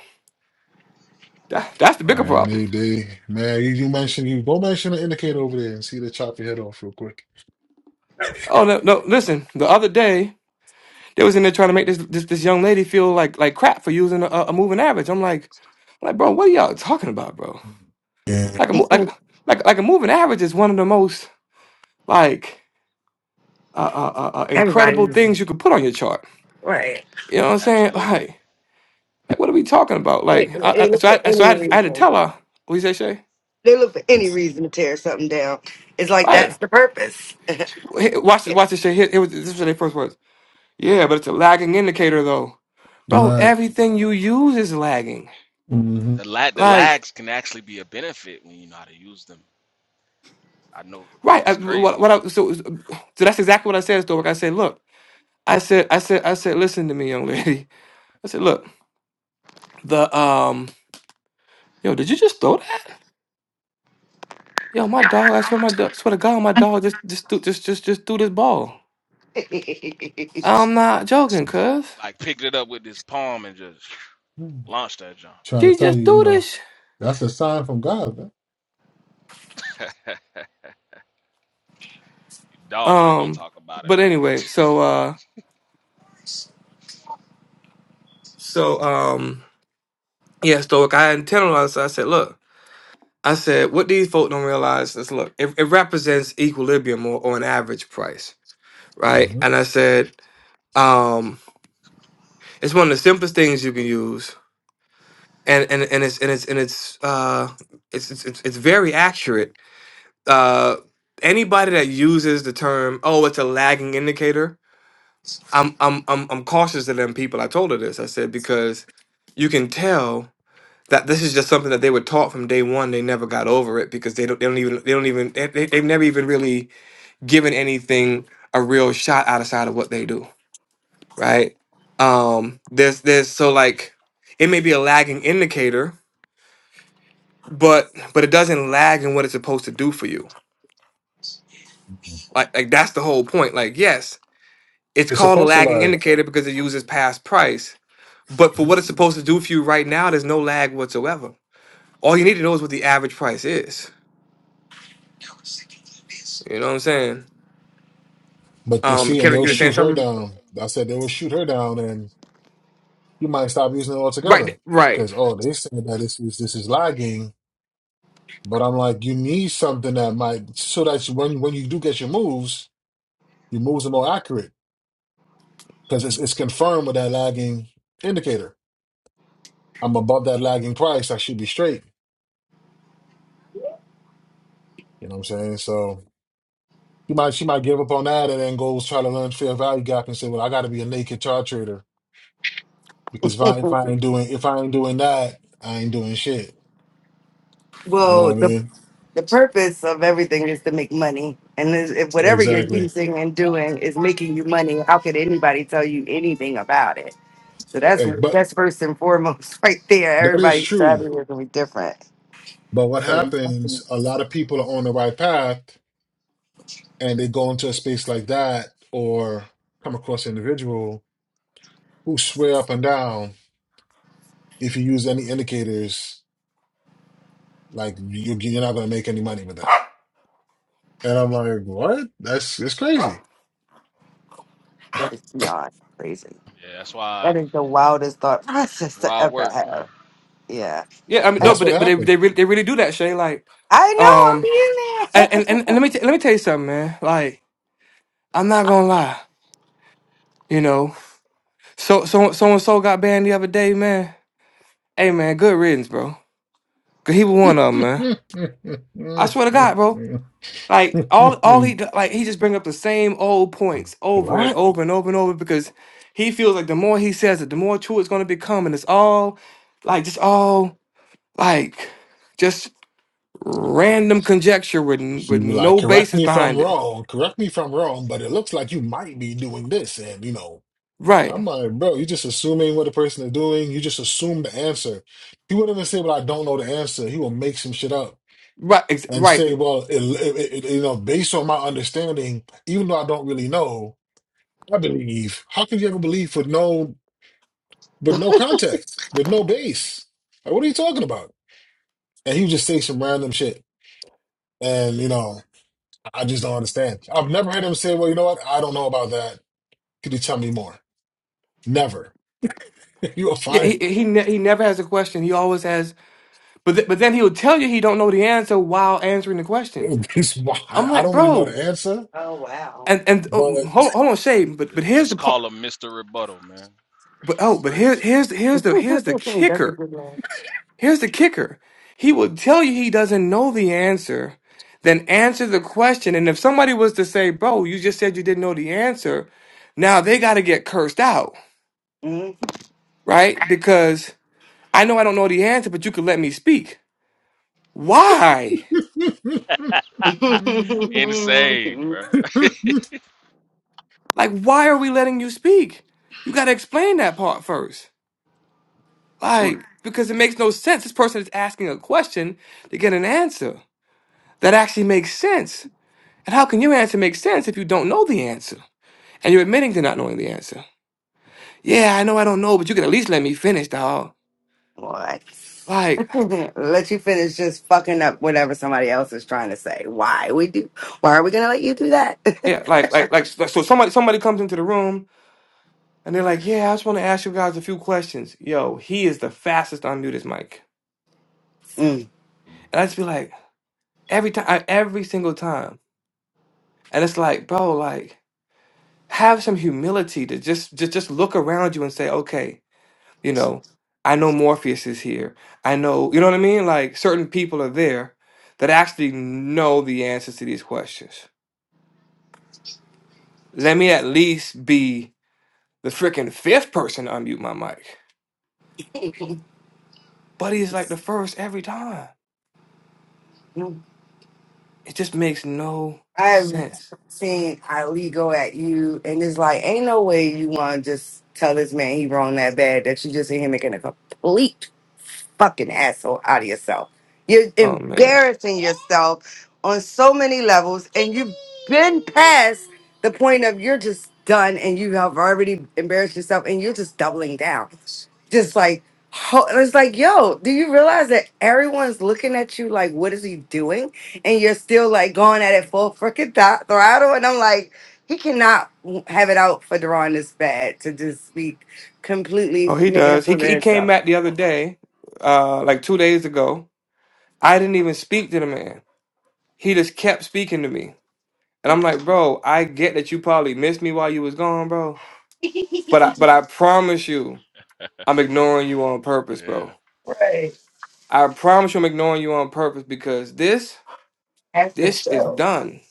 [SPEAKER 4] That, that's the bigger
[SPEAKER 10] Right.
[SPEAKER 13] Man,
[SPEAKER 4] problem.
[SPEAKER 13] they, they man, you, you mentioned you go mention the indicator over there and see they chop your head off real quick.
[SPEAKER 4] Oh no, no! Listen, the other day they was in there trying to make this this, this young lady feel like like crap for using a, a moving average. I'm like, I'm like, bro, what are y'all talking about, bro?
[SPEAKER 13] Yeah,
[SPEAKER 4] Like a mo- like like like a moving average is one of the most like uh, uh, uh, uh,
[SPEAKER 3] Everybody
[SPEAKER 4] incredible
[SPEAKER 3] uses it.
[SPEAKER 4] things you could put on your chart.
[SPEAKER 3] Right.
[SPEAKER 4] You know what I'm saying?
[SPEAKER 10] Absolutely.
[SPEAKER 4] Like like what are we talking about? Like
[SPEAKER 3] They, they
[SPEAKER 4] I, I,
[SPEAKER 3] look for
[SPEAKER 4] so I so I
[SPEAKER 3] any
[SPEAKER 4] had, I had to
[SPEAKER 3] reason.
[SPEAKER 4] tell her. What you say, Shay?
[SPEAKER 3] They look for any reason to tear something down. It's like
[SPEAKER 10] Yeah.
[SPEAKER 4] Right.
[SPEAKER 3] that's the purpose.
[SPEAKER 4] Hey, Watch this. Watch this shit. Here, here was, this was their first words. Yeah, but it's a lagging indicator, though.
[SPEAKER 13] you're
[SPEAKER 4] Bro,
[SPEAKER 13] right.
[SPEAKER 4] everything you use is lagging.
[SPEAKER 13] hmm
[SPEAKER 10] The lag the
[SPEAKER 4] Like,
[SPEAKER 10] lags can actually be a benefit when you know how to use them. I know
[SPEAKER 4] right. I,
[SPEAKER 10] it's
[SPEAKER 4] what,
[SPEAKER 10] crazy,
[SPEAKER 4] what
[SPEAKER 10] bro.
[SPEAKER 4] I, so, so so that's exactly what I said, Stork. I said, look, I said, I said, I said, listen to me, young lady. I said, look, the, um, yo, did you just throw that? Yo, my dog, I swear, my dog, swear to God, my dog just, just, threw- just, just, just threw this ball. I'm not joking, cuz.
[SPEAKER 10] Like picked it up with this palm and just launched that jump.
[SPEAKER 13] Trying to
[SPEAKER 4] She
[SPEAKER 13] tell
[SPEAKER 4] just
[SPEAKER 13] you, you
[SPEAKER 4] threw
[SPEAKER 13] know,
[SPEAKER 4] this. sh-
[SPEAKER 13] that's a sign from God, man.
[SPEAKER 10] Dog, like don't
[SPEAKER 4] Um,
[SPEAKER 10] talk about it,
[SPEAKER 4] but
[SPEAKER 10] man.
[SPEAKER 4] anyway, so, uh, so, um, Yeah, Stoic. I internalized. it. I said, look, I said, what these folk don't realize is, look, it, it represents equilibrium or, or an average price, right? And
[SPEAKER 13] hmm
[SPEAKER 4] I said, um, it's one of the simplest things you can use, and and and it's and it's and it's uh, it's it's it's, it's very accurate. Uh, anybody that uses the term, oh, it's a lagging indicator. I'm I'm I'm I'm cautious of them people. I told her this. I said because you can tell that this is just something that they were taught from day one. They never got over it because they don't they don't even they don't even they, they- they've never even really given anything a real shot outside of what they do, right? Um, there's there's so like it may be a lagging indicator, but but it doesn't lag in what it's supposed to do for you. Like like that's the whole point. Like yes, it's
[SPEAKER 13] It's
[SPEAKER 4] called a
[SPEAKER 13] supposed to
[SPEAKER 4] lagging
[SPEAKER 13] lie.
[SPEAKER 4] indicator because it uses past price, but for what it's supposed to do for you right now, there's no lag whatsoever. All you need to know is what the average price is. You know what I'm saying?
[SPEAKER 13] But they
[SPEAKER 4] Um,
[SPEAKER 13] see, and
[SPEAKER 4] Kevin,
[SPEAKER 13] they'll
[SPEAKER 4] you were saying
[SPEAKER 13] shoot her
[SPEAKER 4] something,
[SPEAKER 13] down. I said they will shoot her down, and you might stop using it altogether.
[SPEAKER 4] right? Right.
[SPEAKER 13] Because oh, they saying that this is this is lying. But I'm like, you need something that might so that you- when when you do get your moves, your moves are more accurate because it's it's confirmed with that lagging indicator. I'm above that lagging price. I should be straight. You know what I'm saying? So she might she might give up on that and then goes try to learn fair value gap and say, well, I got to be a naked chart trader because if I if I ain't doing if I ain't doing that, I ain't doing shit. You know
[SPEAKER 3] well,
[SPEAKER 13] what I
[SPEAKER 3] the
[SPEAKER 13] mean?
[SPEAKER 3] the purpose of everything is to make money. And is- if whatever you're
[SPEAKER 13] Exactly.
[SPEAKER 3] using and doing is making you money, how could anybody tell you anything about it? So that's
[SPEAKER 13] Hey, but
[SPEAKER 3] that's first and foremost right there.
[SPEAKER 13] that is
[SPEAKER 3] Everybody's
[SPEAKER 13] true.
[SPEAKER 3] strategy is gonna be different.
[SPEAKER 13] But what happens? A lot of people are on the right path and they go into a space like that or come across an individual who swear up and down if you use any indicators like you're, you're not going to make any money with that and i'm like what that's it's crazy
[SPEAKER 3] That is beyond crazy.
[SPEAKER 10] Yeah, that's why I,
[SPEAKER 3] That is the wildest thought
[SPEAKER 10] that's
[SPEAKER 3] process
[SPEAKER 10] why
[SPEAKER 3] to
[SPEAKER 10] I
[SPEAKER 3] ever
[SPEAKER 10] work, man.
[SPEAKER 3] have. Yeah.
[SPEAKER 4] Yeah. I mean,
[SPEAKER 3] Uh,
[SPEAKER 4] no,
[SPEAKER 13] that's
[SPEAKER 4] but
[SPEAKER 13] what
[SPEAKER 4] they- but they
[SPEAKER 13] happened
[SPEAKER 4] they really, they really do that, Shay. Like, um,
[SPEAKER 3] I know I'm in
[SPEAKER 4] and
[SPEAKER 3] there.
[SPEAKER 4] and, and and let me t- let me tell you something, man. Like, I'm not gonna lie. You know, so so so and so got banned the other day, man. Hey, man, good riddance, bro. Cause he was one of them, man. I swear to God, bro. Like all all he do- like he just bring up the same old points over and
[SPEAKER 13] what
[SPEAKER 4] over and over and over because he feels like the more he says it, the more true it's gonna become, and it's all like just all like. random conjecture with n- with
[SPEAKER 13] you were like
[SPEAKER 4] no
[SPEAKER 13] correct
[SPEAKER 4] basis
[SPEAKER 13] me if i'm
[SPEAKER 4] behind it.
[SPEAKER 13] wrong correct me if i'm wrong but it looks like you might be doing this and you know
[SPEAKER 4] Right,
[SPEAKER 13] I'm like, bro, you just assuming what a person is doing. You just assume the answer. He wouldn't even say, "Well, I don't know the answer." He will make some shit up
[SPEAKER 4] right, ex-
[SPEAKER 13] and say,
[SPEAKER 4] right.
[SPEAKER 13] "Well, it, it, it, you know, based on my understanding, even though I don't really know, I believe." How can you ever believe with no with no context, with no base? Like, what are you talking about? And he would just say some random shit, and you know, I just don't understand. I've never heard him say, "Well, you know what? I don't know about that. Could you tell me more?" Never. You'll
[SPEAKER 4] Yeah, he
[SPEAKER 13] find.
[SPEAKER 4] he ne- he never has a question. He always has, but th- but then he'll tell you he don't know the answer while answering the question.
[SPEAKER 13] I
[SPEAKER 4] I'm
[SPEAKER 13] I
[SPEAKER 4] like,
[SPEAKER 13] don't really know
[SPEAKER 4] bro,
[SPEAKER 13] the answer
[SPEAKER 3] Oh wow.
[SPEAKER 4] and and oh,
[SPEAKER 13] But
[SPEAKER 4] hold hold on, Shay, but but
[SPEAKER 10] Just
[SPEAKER 4] here's
[SPEAKER 10] just
[SPEAKER 4] the part.
[SPEAKER 10] call him Mr. Rebuttal, man.
[SPEAKER 4] But oh, but
[SPEAKER 10] Crazy.
[SPEAKER 4] here's here's here's the here's the kicker. Here's the kicker. He will tell you he doesn't know the answer, then answer the question. And if somebody was to say, "Bro, you just said you didn't know the answer," now they got to get cursed out
[SPEAKER 3] Mhm.
[SPEAKER 4] right? Because I know I don't know the answer, but you could let me speak. Why?
[SPEAKER 10] Insane, bro.
[SPEAKER 4] Like, why are we letting you speak? You got to explain that part first. Like, because it makes no sense. This person is asking a question to get an answer that actually makes sense. And how can your answer make sense if you don't know the answer? And you're admitting to not knowing the answer. Yeah, I know I don't know, but you can at least let me finish, dog.
[SPEAKER 3] What?
[SPEAKER 4] Like,
[SPEAKER 3] let you finish just fucking up whatever somebody else is trying to say. Why we do? Why are we gonna let you do that?
[SPEAKER 4] yeah, like, like, like, so somebody, somebody comes into the room And they're like, yeah, I just want to ask you guys a few questions. Yo, he is the fastest on mute his mic. And I just be like, every time, every single time. And it's like, bro, like, have some humility to just, just, just look around you and say, okay, you know, I know Morpheus is here. I know, you know what I mean? Like, certain people are there that actually know the answers to these questions. Let me at least be the freaking fifth person to unmute my mic.
[SPEAKER 3] Mm.
[SPEAKER 4] But he's like the first every time. It just makes no
[SPEAKER 3] I've
[SPEAKER 4] sense.
[SPEAKER 3] seen Ali go at you, and it's like, ain't no way you want to just tell this man he wrong that bad that you just in here making a complete fucking asshole out of yourself. You're
[SPEAKER 4] Oh man.
[SPEAKER 3] embarrassing yourself on so many levels, and you've been past the point of you're just done, and you have already embarrassed yourself, and you're just doubling down. Just like, ho- it's like, yo, do you realize that everyone's looking at you like, what is he doing? And you're still like going at it full freaking th- throttle. And I'm like, he cannot w- have it out for Deron this bad to just be
[SPEAKER 4] Oh,
[SPEAKER 3] completely
[SPEAKER 4] he
[SPEAKER 3] making a
[SPEAKER 4] does. He
[SPEAKER 3] fool of
[SPEAKER 4] he came
[SPEAKER 3] himself.
[SPEAKER 4] back the other day, uh, like two days ago. I didn't even speak to the man. He just kept speaking to me, and I'm like, bro, I get that you probably missed me while you was gone, bro. But I but I promise you, I'm ignoring you on purpose,
[SPEAKER 10] yeah.
[SPEAKER 4] bro. I promise you, I'm ignoring you on purpose because this this is done.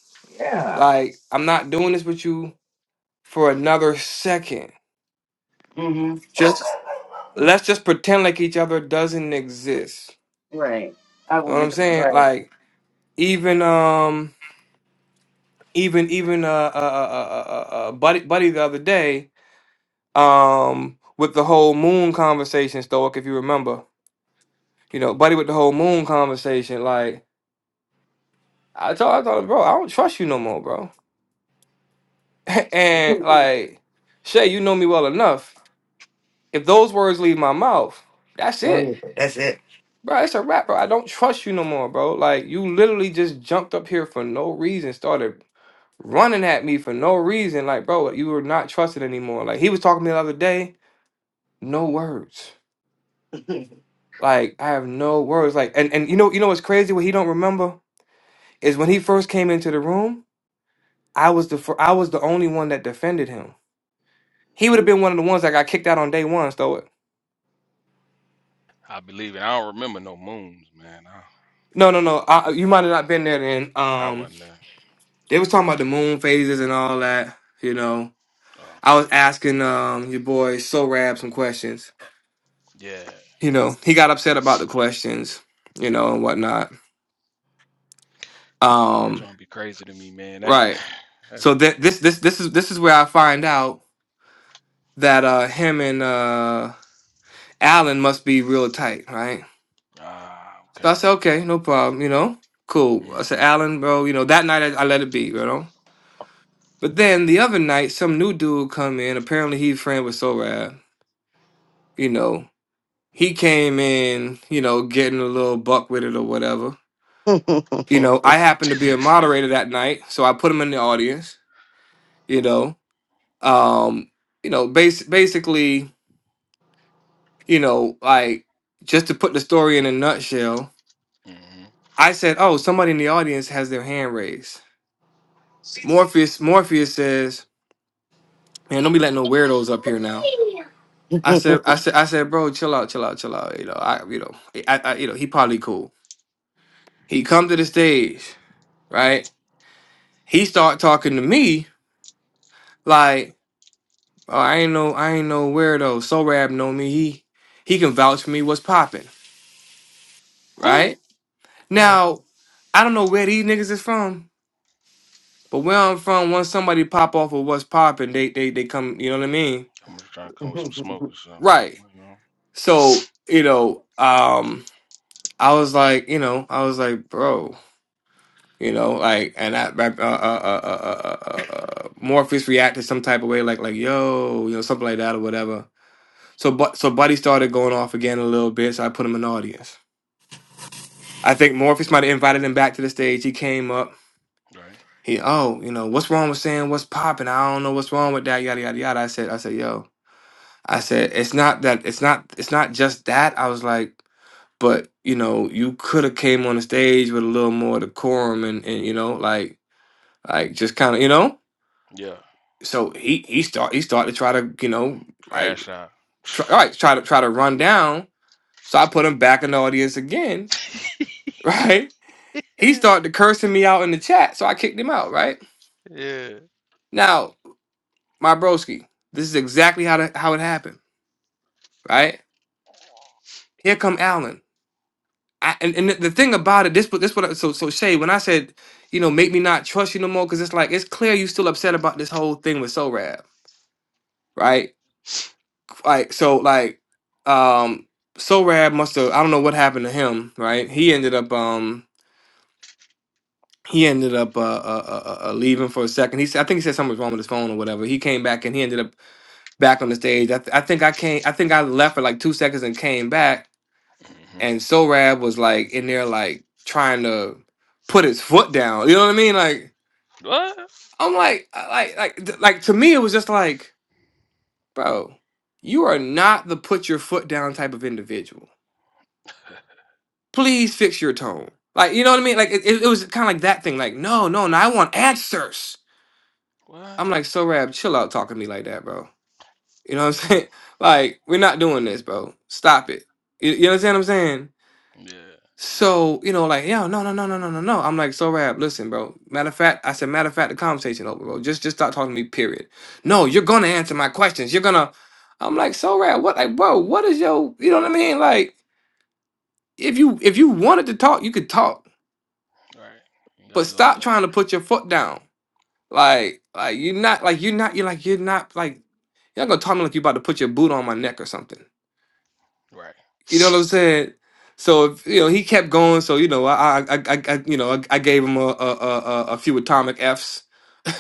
[SPEAKER 4] Like I'm not doing this with you for another second.
[SPEAKER 3] Mm-hmm.
[SPEAKER 4] Just let's just pretend like each other doesn't exist.
[SPEAKER 3] Right. I,
[SPEAKER 4] Know what I'm saying? Like. even um even even uh, uh, uh, uh, uh uh, uh, uh, buddy buddy the other day um with the whole moon conversation stoic if you remember you know buddy with the whole moon conversation like I told I thought bro I don't trust you no more bro and like Shay you know me well enough if those words leave my mouth that's it
[SPEAKER 3] That's it.
[SPEAKER 4] bro it's a wrap bro I don't trust you no more bro like you literally just jumped up here for no reason started running at me for no reason. Like, bro, you were not trusted anymore. Like he was talking to me the other day, no words. Like I have no words. Like and and you know you know what's crazy? What he don't remember is when he first came into the room. I was the fir- I was the only one that defended him. He would have been one of the ones that got kicked out on day one. So it.
[SPEAKER 10] I believe it. I don't remember no moons, man. I,
[SPEAKER 4] No, no, no. I, you might
[SPEAKER 10] you
[SPEAKER 4] have
[SPEAKER 10] know,
[SPEAKER 4] not been there then.
[SPEAKER 10] yeah, I
[SPEAKER 4] Um,
[SPEAKER 10] wasn't there.
[SPEAKER 4] they was talking about the moon phases and all that. You know, I
[SPEAKER 10] okay.
[SPEAKER 4] was asking um your boy So Rab some questions.
[SPEAKER 10] Yeah.
[SPEAKER 4] You know, he got upset about the questions. You know and whatnot.
[SPEAKER 10] That
[SPEAKER 4] Um,
[SPEAKER 10] joint be crazy to me, man. That
[SPEAKER 4] right.
[SPEAKER 10] that's
[SPEAKER 4] So that
[SPEAKER 10] uh,
[SPEAKER 4] this this this is this is where I find out that uh him and uh Allen must be real tight, right?
[SPEAKER 10] Ah,
[SPEAKER 4] So
[SPEAKER 10] okay.
[SPEAKER 4] I said, okay, no problem, you know, cool. I said,
[SPEAKER 10] Mhm.
[SPEAKER 4] Allen, bro, you know, that night I, I let it be, you know. But then the other night, some new dude come in. Apparently, he friend with Sorab. You know, he came in, you know, getting a little buck with it or whatever. You know, I happened to be a moderator
[SPEAKER 10] mhm.
[SPEAKER 4] that night, so I put him in the audience. You know, Um, you know, bas- basically, you know, like just to put the story in a nutshell,
[SPEAKER 10] Hmm.
[SPEAKER 4] I said, "Oh, somebody in the audience has their hand raised." Morpheus, Morpheus says, "Man, don't be letting no weirdos up here now." I said, I said, I said, bro, chill out, chill out, chill out. You know, I, you know, I, I you know, he probably cool. He come to the stage, right? He start talking to me like, oh, I ain't no, I ain't no weirdo. So Rab know me. He, he can vouch for me. What's popping, right? Now, I don't know where these niggas is from, but where I'm from, once somebody pop off of what's popping, they they they come. You know what I mean?
[SPEAKER 10] I'm just trying to come with some smoke or something.
[SPEAKER 4] Right.
[SPEAKER 10] You know,
[SPEAKER 4] So you know, um, I was like, you know, I was like, bro, you know, like, and I, I- uh, uh, uh, uh, uh, uh, uh, Morpheus reacted some type of way, like, like, yo, you know, something like that or whatever. So, but so Buddy started going off again a little bit. So I put him in the audience. I think Morpheus might have invited him back to the stage. He came up.
[SPEAKER 10] right?
[SPEAKER 4] He, oh, you know, what's wrong with saying what's popping? I don't know what's wrong with that, yada yada yada. I said, I said, yo, I said, it's not that, it's not, it's not just that. I was like, but you know, you could have came on the stage with a little more decorum and and you know, like, like just kind of, you know.
[SPEAKER 10] Yeah.
[SPEAKER 4] So he he start he started to try to you know like
[SPEAKER 10] Crash out.
[SPEAKER 4] try, all right try to try to run down. So I put him back in the audience again, right? He started cursing me out in the chat, so I kicked him out, right?
[SPEAKER 10] Yeah.
[SPEAKER 4] Now my broski. This is exactly how to, how it happened, right? Here come Allen. I, and, and the the thing about it, this what this what I- so so Shay, when I said, you know, make me not trust you no more, because it's like it's clear you still upset about this whole thing with Sorab, right? Like so, like um Sorab must have I don't know what happened to him, right? He ended up um he ended up uh, uh, uh, uh uh, leaving for a second. He said, I think he said something was wrong with his phone or whatever. He came back and he ended up back on the stage. I, th- I think I came I think I left for like two seconds and came back
[SPEAKER 10] hmm
[SPEAKER 4] and Sorab was like in there like trying to put his foot down. You know what I mean? Like
[SPEAKER 10] What?
[SPEAKER 4] I'm like I- like like th- like to me it was just like, bro, you are not the put your foot down type of individual. Please fix your tone. Like you know what I mean? Like it, it, it was kind of like that thing. Like no no no, I want answers. I'm
[SPEAKER 10] What?
[SPEAKER 4] like Sorab, chill out talking to me like that, bro. You know what I'm saying? Like we're not
[SPEAKER 10] That's
[SPEAKER 4] doing
[SPEAKER 10] crazy.
[SPEAKER 4] this, bro. Stop it. You, you understand what I'm saying?
[SPEAKER 10] Yeah.
[SPEAKER 4] So, you know, like, yo, no, no, no, no, no, no, no. I'm like, so rap, listen, bro. Matter of fact, I said, matter of fact, the conversation over, bro. Just just stop talking to me, period. No, you're gonna answer my questions. You're gonna I'm like, so rap, what like, bro, what is your you know what I mean? Like, if you if you wanted to talk, you could talk,
[SPEAKER 10] Right. You gotta
[SPEAKER 4] but
[SPEAKER 10] do all
[SPEAKER 4] stop
[SPEAKER 10] that,
[SPEAKER 4] trying to put your foot down. Like, like you're not like you're not you're like you're not like you're not gonna talk to me like you about to put your boot on my neck or something.
[SPEAKER 10] bro. Right.
[SPEAKER 4] You know what I'm
[SPEAKER 10] Threw
[SPEAKER 4] saying? So if, you know he kept going. So you know I I I, I I- you know I, I gave him a a, a a a few atomic Fs.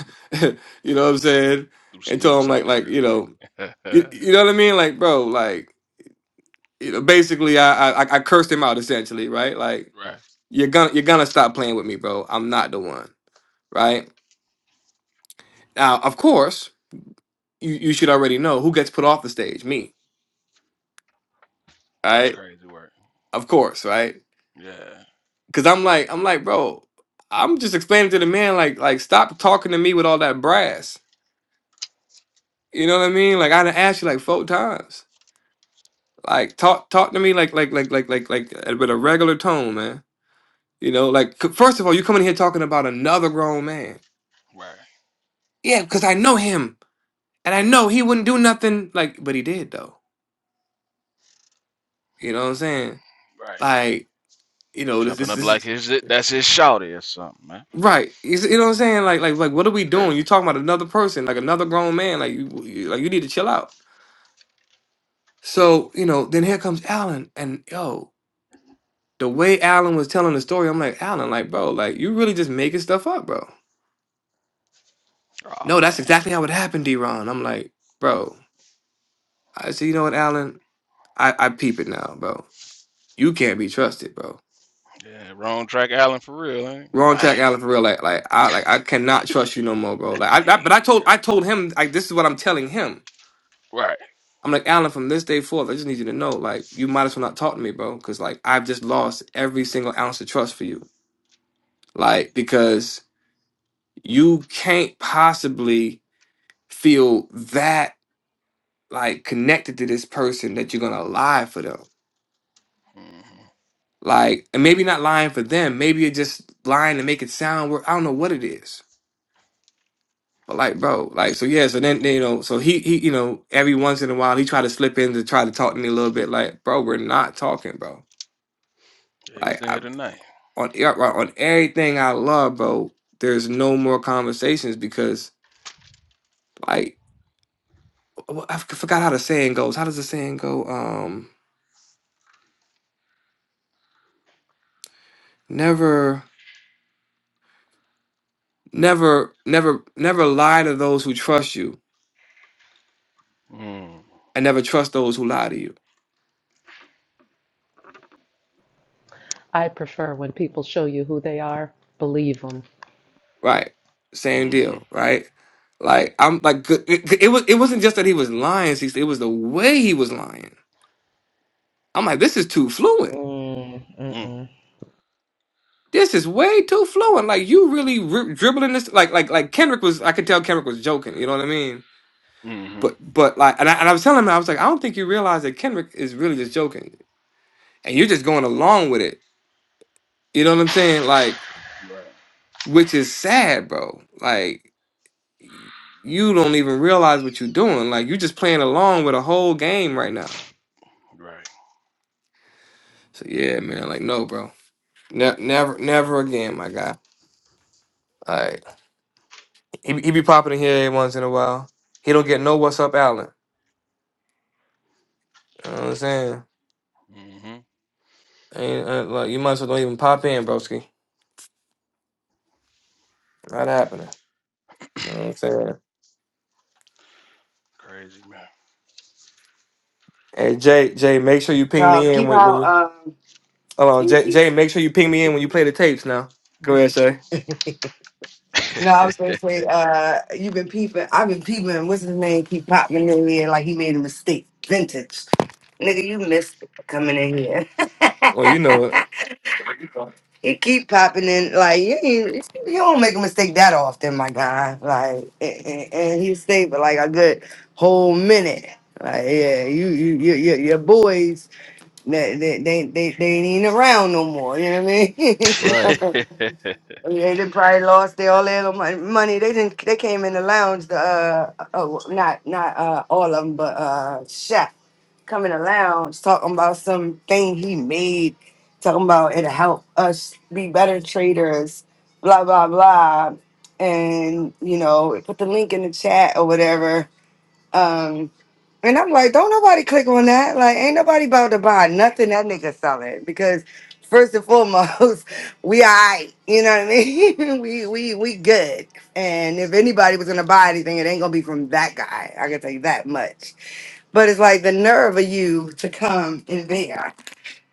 [SPEAKER 4] you know what I'm saying?
[SPEAKER 10] some
[SPEAKER 4] And told
[SPEAKER 10] nukes
[SPEAKER 4] him
[SPEAKER 10] out
[SPEAKER 4] like
[SPEAKER 10] there
[SPEAKER 4] like
[SPEAKER 10] real
[SPEAKER 4] you
[SPEAKER 10] quick.
[SPEAKER 4] know you,
[SPEAKER 10] right.
[SPEAKER 4] you know what I mean? Like bro, like you know basically I I I I cursed him out essentially, right? Like you're gonna you're gonna stop playing with me, bro. I'm not the one, right? Now of course you you should already know who gets put off the stage, me,
[SPEAKER 10] That's
[SPEAKER 4] right?
[SPEAKER 10] crazy work.
[SPEAKER 4] Of course, right?
[SPEAKER 10] Yeah.
[SPEAKER 4] Cause I'm like, I'm like, bro, I'm just explaining to the man, like, like stop talking to me with all that brass. You know what I mean? Like I done asked you like four times. Like talk talk to me like like like like like like uh, with a regular tone, man. You know, like c- first of all, you coming here talking about another grown man.
[SPEAKER 10] Right.
[SPEAKER 4] Yeah, because I know him. And I know he wouldn't do nothing like but he did though. You know what I'm saying?
[SPEAKER 10] Right.
[SPEAKER 4] Like, you know, this
[SPEAKER 10] Jumping
[SPEAKER 4] this
[SPEAKER 10] up
[SPEAKER 4] this
[SPEAKER 10] like
[SPEAKER 4] is
[SPEAKER 10] his that's his shouty or something, man.
[SPEAKER 4] Right, you see- you know what I'm saying? Like, like, like, what are we doing? You
[SPEAKER 10] Crazy.
[SPEAKER 4] talking about another person, like another grown man? Like, you, you- like, you need to chill out. So, you know, then here comes Alan. And yo, the way Alan was telling the story, I'm like, Alan, like, bro, like, you really just making stuff up, bro.
[SPEAKER 10] Oh
[SPEAKER 4] No, that's
[SPEAKER 10] man.
[SPEAKER 4] exactly how it happened, D-Ron. I'm like, bro, I said, you know what, Alan? I, I peep it now, bro. You can't be trusted, bro.
[SPEAKER 10] Yeah. Wrong track, Allen, for real, ain't?
[SPEAKER 4] Wrong track,
[SPEAKER 10] Dang.
[SPEAKER 4] Alan, for real. Like, like I like I cannot trust you no more, bro. Like I, I but
[SPEAKER 10] Dang.
[SPEAKER 4] I told
[SPEAKER 10] Right.
[SPEAKER 4] I told him like this is what I'm telling him.
[SPEAKER 10] Right.
[SPEAKER 4] I'm like, Alan, from this day forth, I just need you to know, like, you might as well not talk to me, bro. Cause like I've just lost every single ounce of trust for you. Like, because you can't possibly feel that like connected to this person that you're gonna lie for them.
[SPEAKER 10] hmm
[SPEAKER 4] Like, and maybe not lying for them. Maybe you're just lying to make it sound. Wor- I don't know what it is, but like, bro, like, so yeah. So then, then, you know, so he, he, you know, every once in a while he try to slip in to try to talk to me a little bit. Like, bro, we're not talking, bro.
[SPEAKER 10] It
[SPEAKER 4] Like,
[SPEAKER 10] was in
[SPEAKER 4] I,
[SPEAKER 10] here tonight.
[SPEAKER 4] on e- on everything I love, bro. There's no more conversations because, like, I f- forgot how the saying goes. How does the saying go? Um Never, never, never, never lie to those who trust you,
[SPEAKER 10] Mm.
[SPEAKER 4] and never trust those who lie to you.
[SPEAKER 2] I prefer when people show you who they are, believe them.
[SPEAKER 4] Right? Same
[SPEAKER 10] Mm-hmm.
[SPEAKER 4] deal. Right? Like I'm like good- it, it was. It wasn't just that he was lying. Cece, It was the way he was lying. I'm like, this is too fluent.
[SPEAKER 10] Mm.
[SPEAKER 2] Mm,
[SPEAKER 4] This is way too fluent. Like you really ri dribbling this. Like like like Kendrick was. I could tell Kendrick was joking. You know what I mean?
[SPEAKER 10] Mm-hmm.
[SPEAKER 4] But but like, and I, and I was telling him, I was like, I don't think you realize that Kendrick is really just joking, and you're just going along with it. You know what I'm saying? Like
[SPEAKER 10] Right.
[SPEAKER 4] which is sad, bro. Like you don't even realize what you're doing. Like you're just playing along with a whole game right now.
[SPEAKER 10] Right.
[SPEAKER 4] So yeah, man. Like no, bro. Ne- never, never again, my guy. Like he, be- he be popping in here every once in a while. He don't get no what's up, Allen. You know what I'm saying?
[SPEAKER 10] Mm-hmm.
[SPEAKER 4] Ain't, uh, like you might as well don't even pop in, broski. Not happening. You know what I'm saying?
[SPEAKER 10] Crazy man.
[SPEAKER 4] Hey Jay, Jay, make sure you ping
[SPEAKER 3] uh,
[SPEAKER 4] me in
[SPEAKER 3] peep
[SPEAKER 4] when, when you
[SPEAKER 3] out
[SPEAKER 4] hold on. Jay,
[SPEAKER 3] um,
[SPEAKER 4] Jay, make sure you ping me in when you play the tapes. Now, go ahead, Shay.
[SPEAKER 3] No, I was gonna say, uh, you've been peeping. I've been peeping. What's his name? Keep popping in here like he made a mistake. Vintage, nigga, you missed coming in here.
[SPEAKER 4] Well, you know it,
[SPEAKER 3] he keep popping in like you, ain't- you don't make a mistake that often, my guy. Like, and, and- and he stayed for like a good whole minute. Like, yeah, you, you, you, you your boys, they, they, they, they, they ain't even around no more. You know what I mean?
[SPEAKER 4] right?
[SPEAKER 10] Hey.
[SPEAKER 3] Yeah, they probably lost their all their little mon- money. They didn't. They came in the lounge. The uh, oh, well, not not uh, all of them, but uh, chef come in the lounge talking about something he made, talking about it'll help us be better traders, blah blah blah, and you know put the link in the chat or whatever. Um, and I'm like, don't nobody click on that. Like, ain't nobody about to buy nothing that nigga selling because first and foremost, we alright. You know what I mean? we we we good. And if anybody was gonna buy anything, it ain't gonna be from that guy. I can tell you that much. But it's like the nerve of you to come in there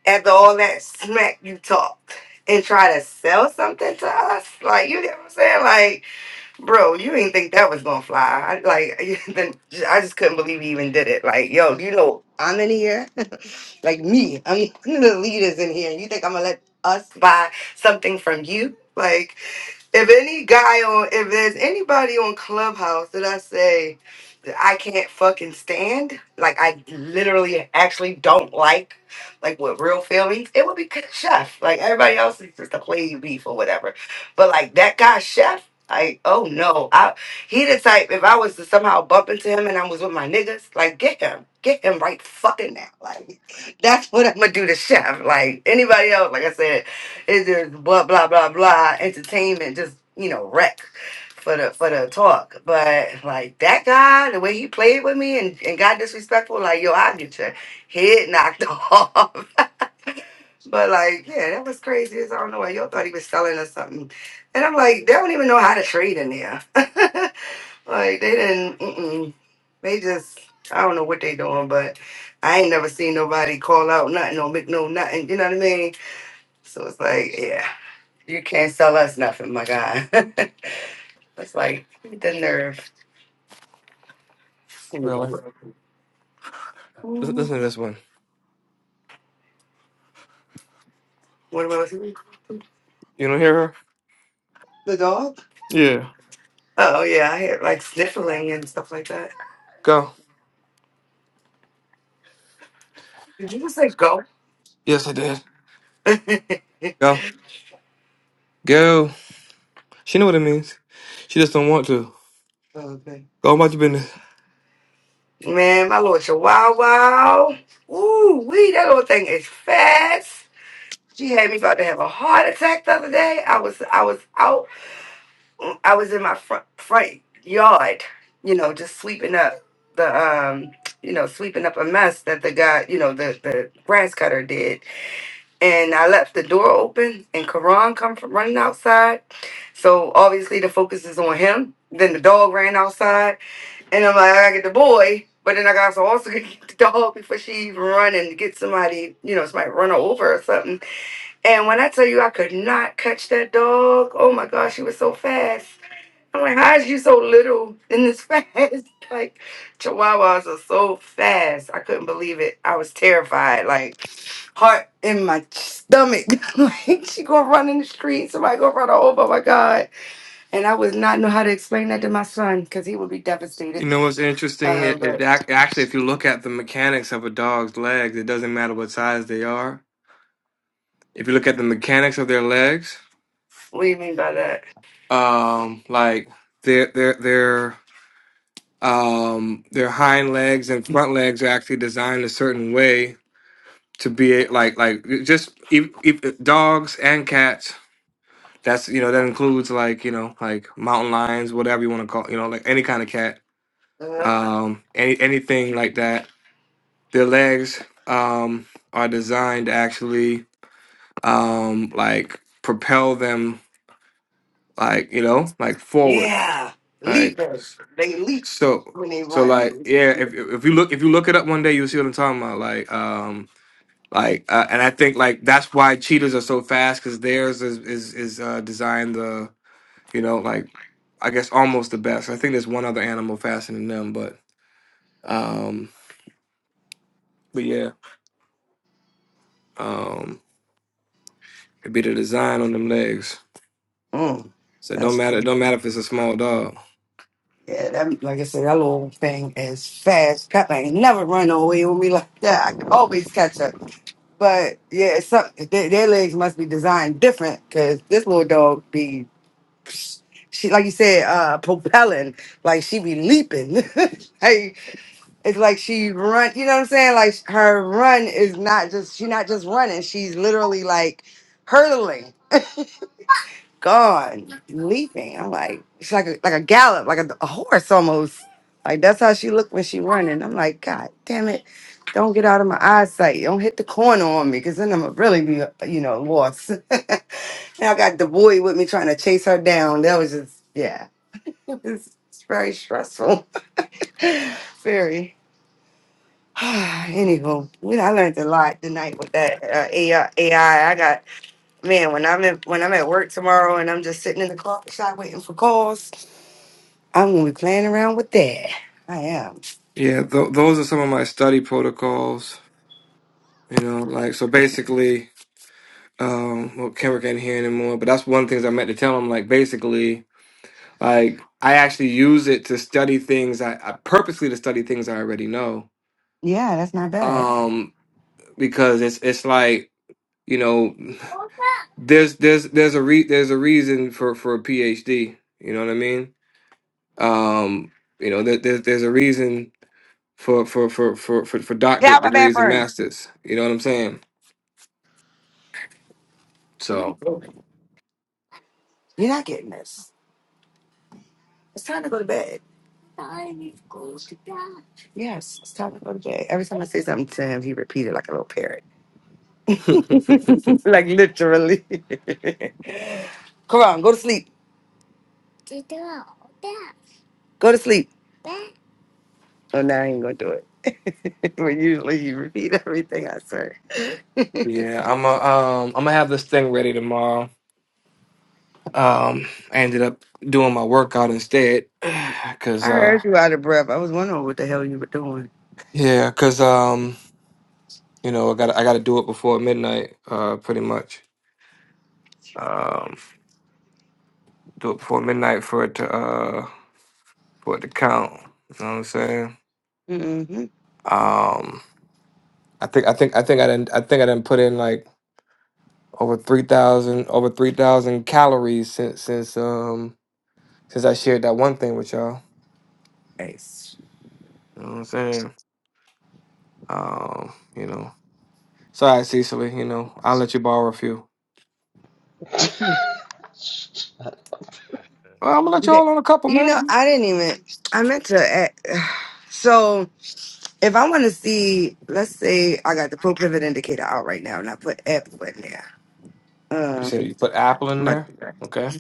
[SPEAKER 3] after all that smack you talked and try to sell something to us. Like, you get what I'm saying? Like, bro, you didn't think that was gonna fly. I, like, then I just couldn't believe he even did it. Like, yo, you know, I'm in here, like me. I'm one of the leaders in here. You think I'm gonna let us buy something from you? Like, if any guy on, if there's anybody on Clubhouse that I say that I can't fucking stand, like I literally actually don't like, like with real feelings, it would be Chef. Like everybody else is just a play beef or whatever. But like that guy Chef. Like, oh no. I he the type if I was to somehow bump into him and I was with my niggas, like get him. Get him right fucking now. Like that's what I'm gonna do to Chef. Like anybody else, like I said, it's just blah blah blah blah entertainment, just you know, wreck for the for the talk. But like that guy, the way he played with me and, and got disrespectful, like yo, I get your head knocked off. But like, yeah, that was crazy. It's, I don't know why y'all thought he was selling or something. And I'm like, they don't even know how to trade in there. like they didn't. Mm-mm. They just, I don't know what they doing. But I ain't never seen nobody call out nothing or make no nothing. You know what I mean? So it's like, yeah, you can't sell us nothing, my God. it's like the nerve. Anyway.
[SPEAKER 4] Really? Lis- Listen to this one.
[SPEAKER 3] What am I listening?
[SPEAKER 4] You don't hear her?
[SPEAKER 3] The dog?
[SPEAKER 4] Yeah.
[SPEAKER 3] Oh yeah, I hear like sniffling and stuff like that.
[SPEAKER 4] Go.
[SPEAKER 3] Did you just say go?
[SPEAKER 4] Yes, I did. Go. Go. She know what it means. She just don't want to.
[SPEAKER 3] okay.
[SPEAKER 4] Go about your business.
[SPEAKER 3] Man, my little chihuahua. Ooh, wee, that little thing is fast. She had me about to have a heart attack the other day. I was I was out mm, I was in my front front yard, you know, just sweeping up the um you know, sweeping up a mess that the guy, you know, the, the grass cutter did. And I left the door open and Karan come from running outside. So obviously the focus is on him. Then the dog ran outside. And I'm like, I gotta get the boy, but then I gotta also also get the dog before she even run and get somebody, you know, somebody run her over or something. And when I tell you I could not catch that dog, oh my gosh, she was so fast. I'm like, how is you so little and this fast? like, chihuahuas are so fast. I couldn't believe it. I was terrified, like, heart in my stomach. like, she gonna run in the street, somebody gonna run her over, oh my God. And I would not know how to explain that to my son because he would be devastated.
[SPEAKER 4] You know what's interesting? It,
[SPEAKER 3] Um,
[SPEAKER 4] it ac- actually, if you look at the mechanics of a dog's legs, it doesn't matter what size they are. If you look at the mechanics of their legs,
[SPEAKER 3] What do you mean by that?
[SPEAKER 4] um, like their their their um their hind legs and front legs are actually designed a certain way to be a- like like just if, if, dogs and cats That's you know that includes like you know like mountain lions, whatever you want to call you know like any kind of cat,
[SPEAKER 3] Uh,
[SPEAKER 4] um, any anything like that. Their legs um, are designed to actually um, like propel them like you know like forward
[SPEAKER 3] yeah,
[SPEAKER 4] like
[SPEAKER 3] leaping. They leap
[SPEAKER 4] so
[SPEAKER 3] when they
[SPEAKER 4] so
[SPEAKER 3] run.
[SPEAKER 4] like yeah if if you look if you look it up one day you'll see what I'm talking about like um like uh, and I think like that's why cheetahs are so fast because theirs is is is uh, designed you know, like I guess almost the best. I think there's one other animal faster than them, but um, but yeah, um, it'd be the design on them legs.
[SPEAKER 3] Mm,
[SPEAKER 4] So it don't
[SPEAKER 3] that's
[SPEAKER 4] matter. It don't matter if it's a small dog.
[SPEAKER 3] Yeah, that like I said, that little thing is fast. God, I ain't never run away with me like that. I can always catch up. But yeah, it's some, their, their legs must be designed different because this little dog be She, like you said, uh, propelling. Like she be leaping. like it's like she run. You know what I'm saying? Like her run is not just. She not just running. She's literally like hurtling. God, leaping. I'm like, it's like a, like a gallop, like a, a horse almost. Like that's how she looked when she running. I'm like, God damn it, don't get out of my eyesight. Don't hit the corner on me, cause then I'm going to really be, you know, lost. and I got the boy with me trying to chase her down. That was just, yeah, it was very stressful. very. Anywho, we- I learned a lot tonight with that uh, AI. I I got. Man, when I'm in, when I'm at work tomorrow and I'm just sitting in the coffee shop waiting for calls, I'm gonna be playing around with that. I am.
[SPEAKER 4] Yeah, th- those are some of my study protocols. You know, like so basically, um, well, Kendrick ain't here anymore, but that's one of the things I meant to tell him. Like basically, like I actually use it to study things. I, I purposely to study things I already know.
[SPEAKER 3] Yeah, that's not bad.
[SPEAKER 4] Um, because it's it's like you know there's there's there's a re there's a reason for for a PhD. You know what I mean? Um, you know there, there's there's a reason for for for for for for
[SPEAKER 3] Get
[SPEAKER 4] doctorate
[SPEAKER 3] out my
[SPEAKER 4] degrees and
[SPEAKER 3] bathroom.
[SPEAKER 4] masters. You know what I'm saying? So.
[SPEAKER 3] You're not getting this. It's time to go to bed. Yes, it's time to go to bed. Every time I say something to him, he repeated like a little parrot. like literally. Come on, go to sleep. Go to sleep. Oh, now I ain't gonna do it. but usually you repeat everything I say.
[SPEAKER 4] yeah, I'm a, um I'm gonna have this thing ready tomorrow. Um, I ended up doing my workout instead,
[SPEAKER 3] I
[SPEAKER 4] cause uh
[SPEAKER 3] heard you out of breath. I was wondering what the hell you were doing.
[SPEAKER 4] yeah, cause um you know I got to I got to do it before midnight. Uh, pretty much. Um, do it before midnight for it to uh for it to count. You know what I'm saying?
[SPEAKER 3] Mm-hmm.
[SPEAKER 4] Um, I think I think I think I didn't I think I didn't put in like over three thousand over three thousand calories since since um since I shared that one thing with y'all.
[SPEAKER 3] Nice.
[SPEAKER 4] You know what I'm saying? Um, you know. Sorry, Cecily. You know, I'll let you borrow a few.
[SPEAKER 2] mm-mm.
[SPEAKER 4] Well, I'm gonna let
[SPEAKER 3] You
[SPEAKER 4] you
[SPEAKER 3] did-
[SPEAKER 4] all on a couple,
[SPEAKER 3] you know,
[SPEAKER 4] man.
[SPEAKER 3] I didn't even. I meant to. a- So if I want to see, let's say I got the pro pivot indicator out right now, and I put Apple in there.
[SPEAKER 4] You said
[SPEAKER 3] Um,
[SPEAKER 4] you put apple in
[SPEAKER 3] I'm about to
[SPEAKER 4] there.
[SPEAKER 3] do that.
[SPEAKER 4] Okay.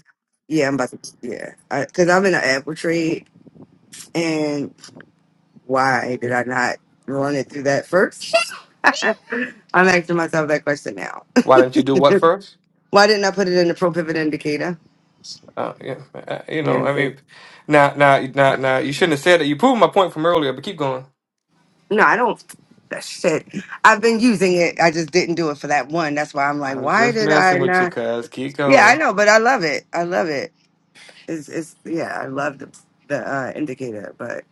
[SPEAKER 3] Yeah, I'm about to. Yeah, because I'm in an Apple trade, and why did I not run it through that first? I'm asking myself that question now.
[SPEAKER 4] Why didn't you do what first?
[SPEAKER 3] Why didn't I put it in the pro pivot indicator?
[SPEAKER 4] Uh, yeah, uh, you
[SPEAKER 3] Yeah,
[SPEAKER 4] know,
[SPEAKER 3] it
[SPEAKER 4] I
[SPEAKER 3] is.
[SPEAKER 4] mean, now, now, now, now, you shouldn't have said that. You proved my point from earlier, but keep going.
[SPEAKER 3] No, I don't. That shit. I've been using it. I just didn't do it for that one. That's why I'm like,
[SPEAKER 4] I'm
[SPEAKER 3] why
[SPEAKER 4] just
[SPEAKER 3] did I
[SPEAKER 4] messing with you,
[SPEAKER 3] not?
[SPEAKER 4] cuz. Keep
[SPEAKER 3] Yeah, I
[SPEAKER 4] going.
[SPEAKER 3] know, but I love it. I love it. It's, it's yeah, I love the the uh, indicator, but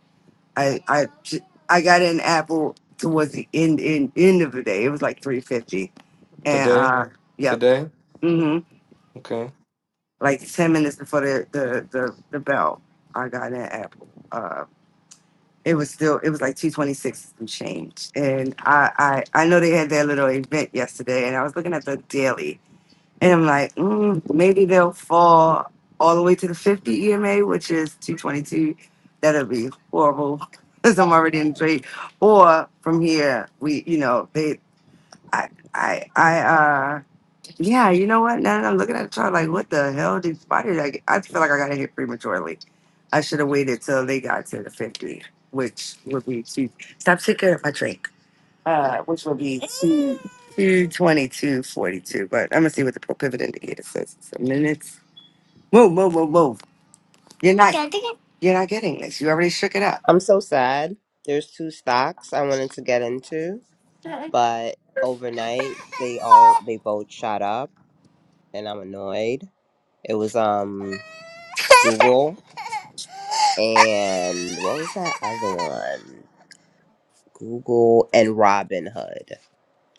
[SPEAKER 3] I I j- I got an Apple towards the end end end of the day. It was like three fifty, and
[SPEAKER 4] Today.
[SPEAKER 3] uh, yep,
[SPEAKER 4] Today.
[SPEAKER 3] mm-hmm.
[SPEAKER 4] Okay.
[SPEAKER 3] Like ten minutes before the the the, the bell, I got an Apple. uh, it was still it was like 226 and change and I, I i know they had their little event yesterday and i was looking at the daily and i'm like mm, maybe they'll fall all the way to the 50 ema which is 222 that'll be horrible because i'm already in the trade or from here we you know they i i i uh yeah you know what now that i'm looking at the chart like what the hell did why did i get, i feel like i got hit prematurely I should have waited till they got to the 50, which would be two. Stop taking up my drink, uh, which would be two. 222.42, but I'm gonna see what the pro pivot indicator says. So minutes. Move, move, move, move. You're not. You're not getting this. You already shook it
[SPEAKER 5] I'm so sad. There's two stocks I wanted to get into,
[SPEAKER 3] up.
[SPEAKER 5] but overnight they all they both shot up and I'm annoyed. It was um Google and what was that other one? Google and Robinhood.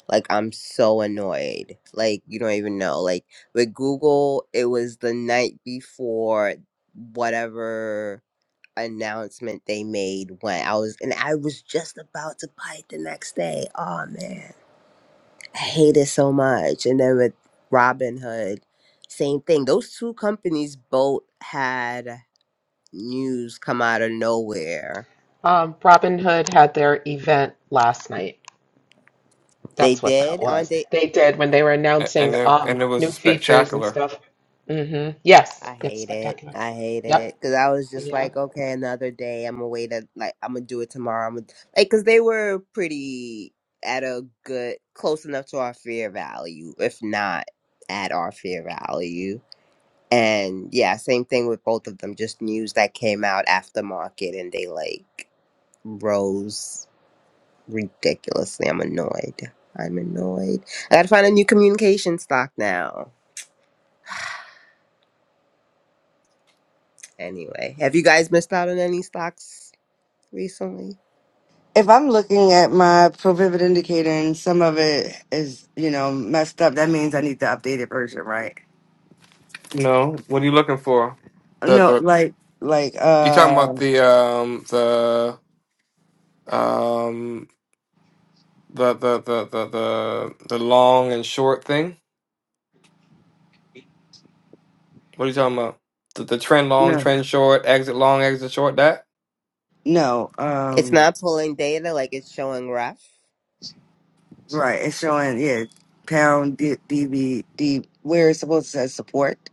[SPEAKER 5] Like I'm so annoyed. Like you don't even know. Like with Google, it was the night before whatever announcement they made when I was, and I was just about to buy it the next day. Oh man, I hate it so much. And then with Robinhood, same thing. Those two companies both had news come out of nowhere.
[SPEAKER 2] Um, Robin Hood had their event last night.
[SPEAKER 5] They
[SPEAKER 2] That's what that
[SPEAKER 5] did, aren't
[SPEAKER 2] was.
[SPEAKER 5] they?
[SPEAKER 2] They did when they were
[SPEAKER 4] A- And
[SPEAKER 2] announcing
[SPEAKER 4] it, and
[SPEAKER 2] um,
[SPEAKER 4] it was
[SPEAKER 2] new features and
[SPEAKER 4] spectacular.
[SPEAKER 2] stuff. Mm hmm Yes,
[SPEAKER 5] I
[SPEAKER 2] it's
[SPEAKER 5] hate it.
[SPEAKER 2] spectacular.
[SPEAKER 5] I hate
[SPEAKER 2] Yep.
[SPEAKER 5] it because I was just
[SPEAKER 2] Yeah.
[SPEAKER 5] like, okay, another day. I'm gonna wait. A, like I'm gonna do it tomorrow. I'm gonna like because they were pretty at a good, close enough to our fear value, if not at our fear value. And yeah, same thing with both of them. Just news that came out after market, and they like rose ridiculously. I'm annoyed. I'm annoyed. I gotta find a new communication stock now. Anyway, have you guys missed out on any stocks? recently.
[SPEAKER 3] if I'm looking at my pro pivot indicator and some of it is, you know, messed up, that means I need the updated version, right?
[SPEAKER 4] No. What are you looking for? The
[SPEAKER 3] No,
[SPEAKER 4] the
[SPEAKER 3] like, like,
[SPEAKER 4] you talking
[SPEAKER 3] uh,
[SPEAKER 4] about the um the um the the the the the, the long and short thing? What are you talking about? The, the trend long,
[SPEAKER 3] no,
[SPEAKER 4] trend short, exit long, exit short. That
[SPEAKER 3] no,
[SPEAKER 5] It's
[SPEAKER 3] um,
[SPEAKER 5] not pulling data like it's showing rough.
[SPEAKER 3] right. It's showing, yeah, pound D- DB, D, where it's supposed to say support,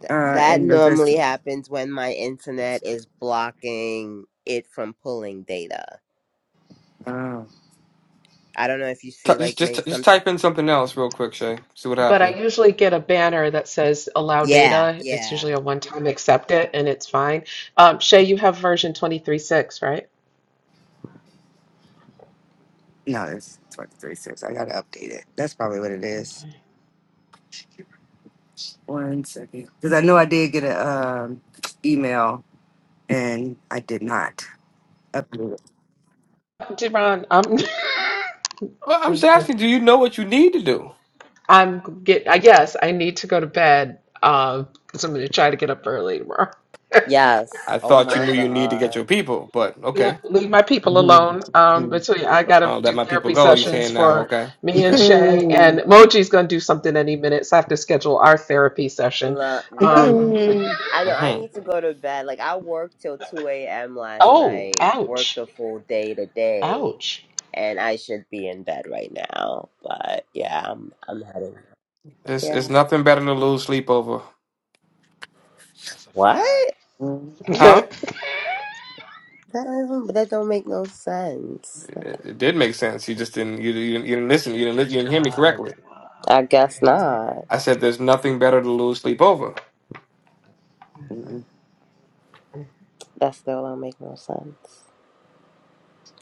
[SPEAKER 5] Th-
[SPEAKER 3] uh,
[SPEAKER 5] that
[SPEAKER 3] and
[SPEAKER 5] normally
[SPEAKER 3] resistance.
[SPEAKER 5] happens when my internet is blocking it from pulling data.
[SPEAKER 3] Uh,
[SPEAKER 5] I don't know if you
[SPEAKER 4] Ty-
[SPEAKER 5] see
[SPEAKER 4] just
[SPEAKER 5] like maybe
[SPEAKER 4] just just
[SPEAKER 5] something.
[SPEAKER 4] type in something else real quick, Shay. See what
[SPEAKER 2] But I
[SPEAKER 4] happens.
[SPEAKER 2] usually get a banner that says allow
[SPEAKER 5] Yeah,
[SPEAKER 2] data. It's
[SPEAKER 5] yeah.
[SPEAKER 2] usually a one-time accept it and it's fine. Um, Shay, you have version twenty-three-six, right?
[SPEAKER 3] no, it's twenty three six. I gotta update it. That's probably what it is. One second. Cause I know I did get a, um, email and I did not update it.
[SPEAKER 2] Deron, I'm
[SPEAKER 4] Well, I'm just asking. Do you know what you need to do?
[SPEAKER 2] I'm get I guess I need to go to bed um because I'm gonna try to get up early tomorrow.
[SPEAKER 5] Yes.
[SPEAKER 4] I
[SPEAKER 5] Oh
[SPEAKER 4] thought you
[SPEAKER 5] my
[SPEAKER 4] knew you need to get
[SPEAKER 5] God.
[SPEAKER 4] your people, but
[SPEAKER 2] Yeah,
[SPEAKER 4] okay.
[SPEAKER 2] Leave my people alone. Um,
[SPEAKER 3] Mhm.
[SPEAKER 2] but so yeah, I gotta
[SPEAKER 4] Oh, let
[SPEAKER 2] do
[SPEAKER 4] my people
[SPEAKER 2] therapy
[SPEAKER 4] go. You
[SPEAKER 2] sessions
[SPEAKER 4] saying now?
[SPEAKER 2] for
[SPEAKER 4] Okay,
[SPEAKER 2] me and
[SPEAKER 4] okay.
[SPEAKER 2] Shay,
[SPEAKER 3] Hmm.
[SPEAKER 2] and Moji's gonna do something any minute, so I have to schedule our therapy session.
[SPEAKER 5] La- No,
[SPEAKER 2] Um,
[SPEAKER 3] the
[SPEAKER 5] I know. I
[SPEAKER 4] hmm
[SPEAKER 5] need to go to bed. Like I worked till 2 a.m. last
[SPEAKER 2] oh,
[SPEAKER 5] night, worked
[SPEAKER 2] ouch,
[SPEAKER 5] the full day today,
[SPEAKER 2] ouch.
[SPEAKER 5] and I should be in bed right now. But yeah, I'm I'm heading.
[SPEAKER 4] It's it's
[SPEAKER 5] Yeah.
[SPEAKER 4] nothing better to lose sleep over,
[SPEAKER 10] That's a
[SPEAKER 5] What?
[SPEAKER 10] fact.
[SPEAKER 2] Uh,
[SPEAKER 4] huh?
[SPEAKER 2] It's
[SPEAKER 5] That don't, that don't make no sense.
[SPEAKER 4] It, it did make sense. You just didn't you, you, didn't- you didn't listen.
[SPEAKER 10] You
[SPEAKER 4] You
[SPEAKER 10] didn't
[SPEAKER 4] didn't li-
[SPEAKER 10] catch
[SPEAKER 4] you
[SPEAKER 10] it.
[SPEAKER 4] didn't hear me correctly.
[SPEAKER 2] Agave.
[SPEAKER 5] I guess not.
[SPEAKER 4] I said there's nothing better to lose sleep over.
[SPEAKER 5] That still don't make no sense.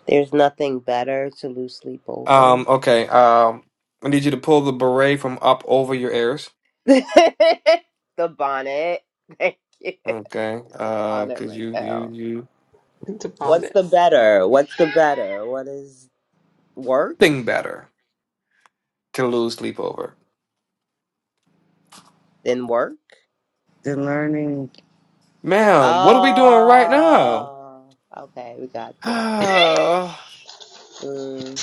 [SPEAKER 5] There's nothing better to lose sleep over.
[SPEAKER 4] Um. Okay. Um. I need you to pull the beret from up over your ears.
[SPEAKER 5] the bonnet. Thank you.
[SPEAKER 4] Okay.
[SPEAKER 5] It's a
[SPEAKER 4] Uh.
[SPEAKER 5] bonnet
[SPEAKER 4] Cause
[SPEAKER 5] right
[SPEAKER 4] you you
[SPEAKER 5] now.
[SPEAKER 4] you
[SPEAKER 2] upon
[SPEAKER 5] What's
[SPEAKER 2] it.
[SPEAKER 5] the better? What's the better? What is work?
[SPEAKER 4] thing better to lose sleep over,
[SPEAKER 5] Then work?
[SPEAKER 3] learning.
[SPEAKER 4] ma'am. What are we doing right now?
[SPEAKER 5] Oh, okay. We got there.
[SPEAKER 4] Ah,
[SPEAKER 5] Mm,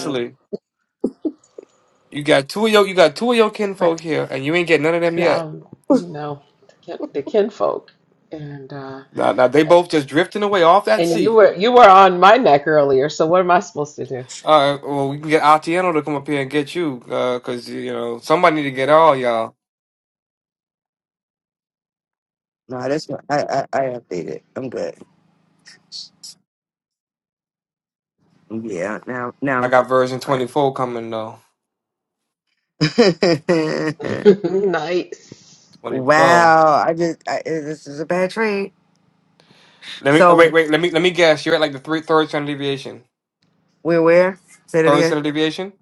[SPEAKER 4] You got two of your you got two of your kinfolk
[SPEAKER 2] But
[SPEAKER 4] here, and you ain't get none of them
[SPEAKER 2] I
[SPEAKER 4] yet.
[SPEAKER 2] you know, the kinfolk, and uh,
[SPEAKER 4] Now, now they both just drifting away off that
[SPEAKER 2] and you
[SPEAKER 4] sea.
[SPEAKER 2] were you were on my neck earlier. So what am I supposed to do?
[SPEAKER 4] All right. well, we can get Atieno to come up here and get you, uh, cause you know somebody need to get all y'all.
[SPEAKER 3] No, that's what I, I I updated. I'm good. Yeah. Now now
[SPEAKER 4] I
[SPEAKER 3] I'm.
[SPEAKER 4] got version twenty four coming though.
[SPEAKER 3] somewhere.
[SPEAKER 2] Nice.
[SPEAKER 4] Twenty four.
[SPEAKER 3] wow. I just I, eh, this is a bad trade.
[SPEAKER 4] Let me uh,
[SPEAKER 3] So
[SPEAKER 4] wait, wait. Let me let me guess. You're at like the three third standard deviation.
[SPEAKER 3] we're where? Say that
[SPEAKER 4] Third
[SPEAKER 3] again.
[SPEAKER 4] standard deviation.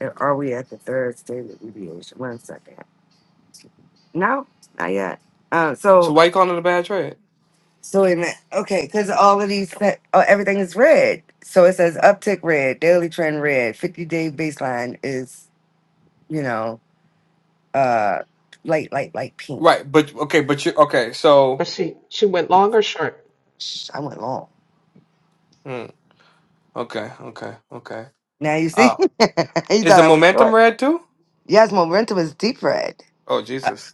[SPEAKER 3] Eh, Are we at the third stage of deviation? One second. No, not yet. Um.
[SPEAKER 4] So
[SPEAKER 3] So
[SPEAKER 4] why you calling it a bad trade?
[SPEAKER 3] so wait a minute. Okay, because all of these set, oh, everything is red. So it says uptick red, daily trend red, fifty day baseline is you know uh light light light pink
[SPEAKER 4] Right, but okay, but you okay.
[SPEAKER 2] But
[SPEAKER 4] So
[SPEAKER 2] she she went long or short?
[SPEAKER 3] Shh, i went long
[SPEAKER 4] hmm, okay, okay, okay.
[SPEAKER 3] now you see
[SPEAKER 4] Uh,
[SPEAKER 3] you
[SPEAKER 4] is
[SPEAKER 3] thought
[SPEAKER 4] the
[SPEAKER 3] i was short.
[SPEAKER 4] momentum red too?
[SPEAKER 3] yes momentum is deep red
[SPEAKER 4] Oh
[SPEAKER 3] uh,
[SPEAKER 4] Jesus.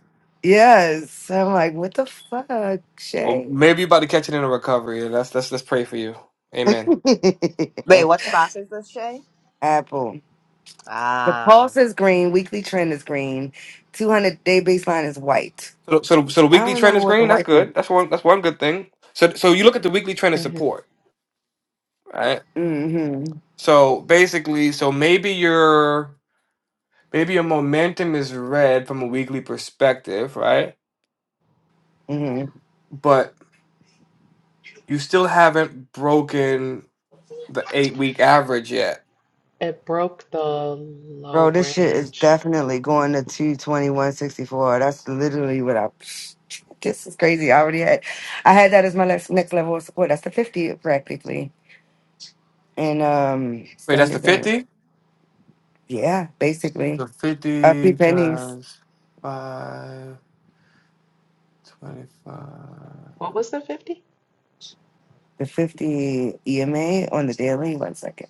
[SPEAKER 3] yes i'm like what the fuck
[SPEAKER 4] Well,
[SPEAKER 3] shay
[SPEAKER 4] maybe you're about to catch it in a recovery. and Let's let's let's pray for you. Amen.
[SPEAKER 5] Wait, what stock is this, Shay?
[SPEAKER 3] apple the
[SPEAKER 5] Ah,
[SPEAKER 3] pulse is green weekly trend is green 200 day baseline is white
[SPEAKER 4] So so so the
[SPEAKER 3] i don't
[SPEAKER 4] weekly trend
[SPEAKER 3] remember
[SPEAKER 4] is
[SPEAKER 3] what the
[SPEAKER 4] green.
[SPEAKER 3] white
[SPEAKER 4] That's good. That's one that's one good thing. So so you look at the weekly trend of
[SPEAKER 2] hmm
[SPEAKER 4] support, right?
[SPEAKER 3] mm-hmm,
[SPEAKER 4] So basically, so maybe your maybe your momentum is red from a weekly perspective, right?
[SPEAKER 3] mm-hmm.
[SPEAKER 4] But you still haven't broken the eight week average yet.
[SPEAKER 2] It broke the low
[SPEAKER 3] Bro, this shit is
[SPEAKER 2] range.
[SPEAKER 3] definitely going to 22164. That's literally what I. This is crazy. I already had. I had that as my next, next level of support. That's the 50 practically. And um
[SPEAKER 4] Wait, that's the
[SPEAKER 3] standard bank.
[SPEAKER 4] fifty.
[SPEAKER 3] Yeah, basically.
[SPEAKER 4] So
[SPEAKER 3] Uh, three
[SPEAKER 4] fifty
[SPEAKER 3] pennies.
[SPEAKER 4] times five twenty five.
[SPEAKER 2] What was the fifty?
[SPEAKER 3] The 50 EMA on the daily. One second.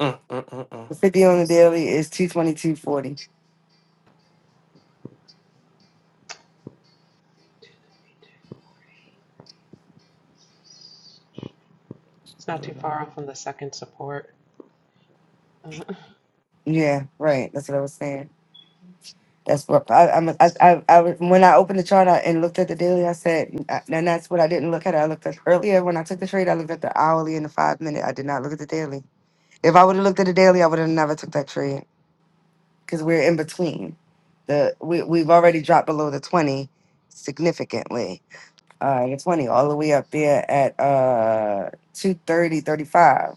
[SPEAKER 4] Mm, mm, mm,
[SPEAKER 3] The 50 on the daily is 22240.
[SPEAKER 2] It's
[SPEAKER 4] mm.
[SPEAKER 2] not too far off on the second support. uh
[SPEAKER 3] Yeah, right. That's what I was saying. That's what I, I'm. I, I, I was- when I opened the chart out and looked at the daily, I said, and that's what I didn't look at. I looked at earlier when I took the trade. I looked at the hourly and the five minute. I did not look at the daily. If I would have looked at the daily, I would have never took that trade because we're in between. The we we've already dropped below the twenty significantly. Uh, the twenty all the way up there at uh 230,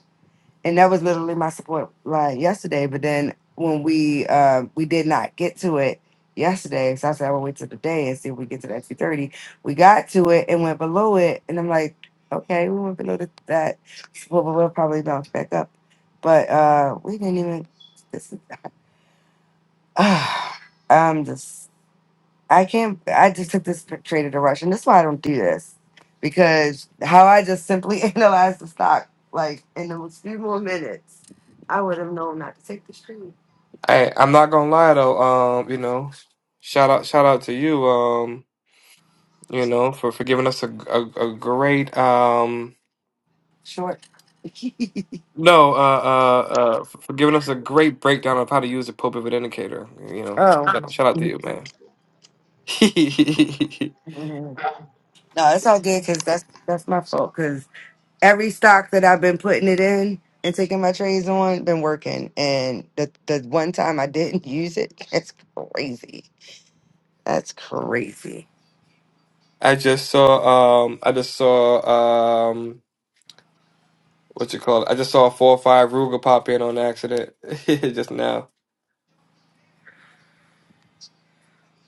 [SPEAKER 3] and that was literally my support line yesterday. But then when we uh, we did not get to it yesterday, so I said I will wait till today and see if we get to that two thirty. We got to it and went below it, and I'm like, okay, we went below the, that. Well, we'll probably bounce back up, but uh, we didn't even. This is, I'm just I can't. I just took this trade at a rush, and that's why I don't do this because how I just simply analyzed the stock, like in the few more minutes, I would have known not to take this trade
[SPEAKER 4] Hey, I'm not gonna lie though. Um, you know, shout out, shout out to you. Um, you know, for for giving us a a, a great um
[SPEAKER 3] short.
[SPEAKER 4] no uh uh uh for giving us a great breakdown of how to use the pole pivot indicator. You know,
[SPEAKER 3] oh,
[SPEAKER 4] shout, shout out to you, man.
[SPEAKER 3] Mhm. no, it's all good because that's that's my fault because every stock that I've been putting it in and taking my trades on been working, and the the one time I didn't use it, that's crazy. That's crazy.
[SPEAKER 4] I just saw um I just saw um what you call it? I just saw four or five Ruger pop in on accident just now.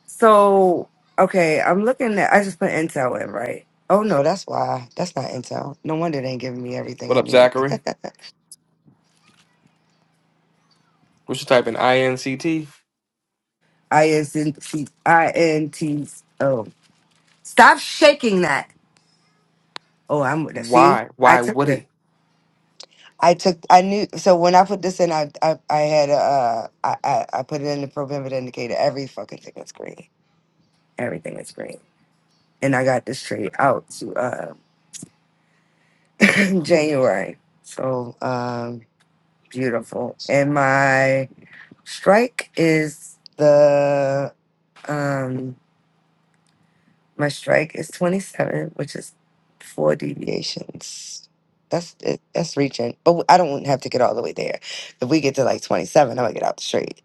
[SPEAKER 3] So okay, I'm looking at. I just put Intel in, right? Oh no, that's why. That's not Intel. No wonder they ain't giving me everything
[SPEAKER 4] What
[SPEAKER 3] I
[SPEAKER 4] up,
[SPEAKER 3] need.
[SPEAKER 4] Zachary? We should type in I N C T.
[SPEAKER 3] I S N T I N T. Oh, stop shaking that. Oh, I'm with it. See,
[SPEAKER 4] Why?
[SPEAKER 3] I
[SPEAKER 4] Why
[SPEAKER 3] took
[SPEAKER 4] would
[SPEAKER 3] the.
[SPEAKER 4] he?
[SPEAKER 3] I took. I knew. So when I put this in, I I, I had uh I, I I put it in the prohibited indicator. Every fucking thing is green. Everything is green. And I got this trade out to uh January. So um beautiful. And my Strike is the um my strike is 27, which is four deviations. That's it. That's reaching, but I don't have to get all the way there. If we get to like 27, I'm gonna get out the straight.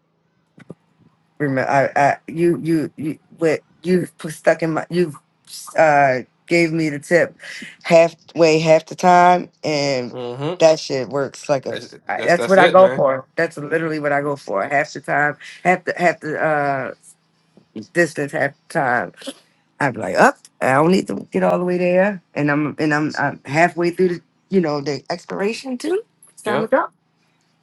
[SPEAKER 3] Remember, I, I, you, you, you, what you put stuck in my, you, uh, gave me the tip halfway, half the time, and
[SPEAKER 4] Mm-hmm.
[SPEAKER 3] that shit works like a.
[SPEAKER 4] That's
[SPEAKER 3] I-
[SPEAKER 4] that's,
[SPEAKER 3] That's
[SPEAKER 4] that's
[SPEAKER 3] what I
[SPEAKER 4] it,
[SPEAKER 3] go
[SPEAKER 4] man.
[SPEAKER 3] for. That's literally what I go for. Half the time, half the, half the. uh distance half the time. I'd be like, up, I don't need to get all the way there, and I'm and I'm, I'm halfway through the you know the expiration too. It's time
[SPEAKER 4] Yeah.
[SPEAKER 3] to go,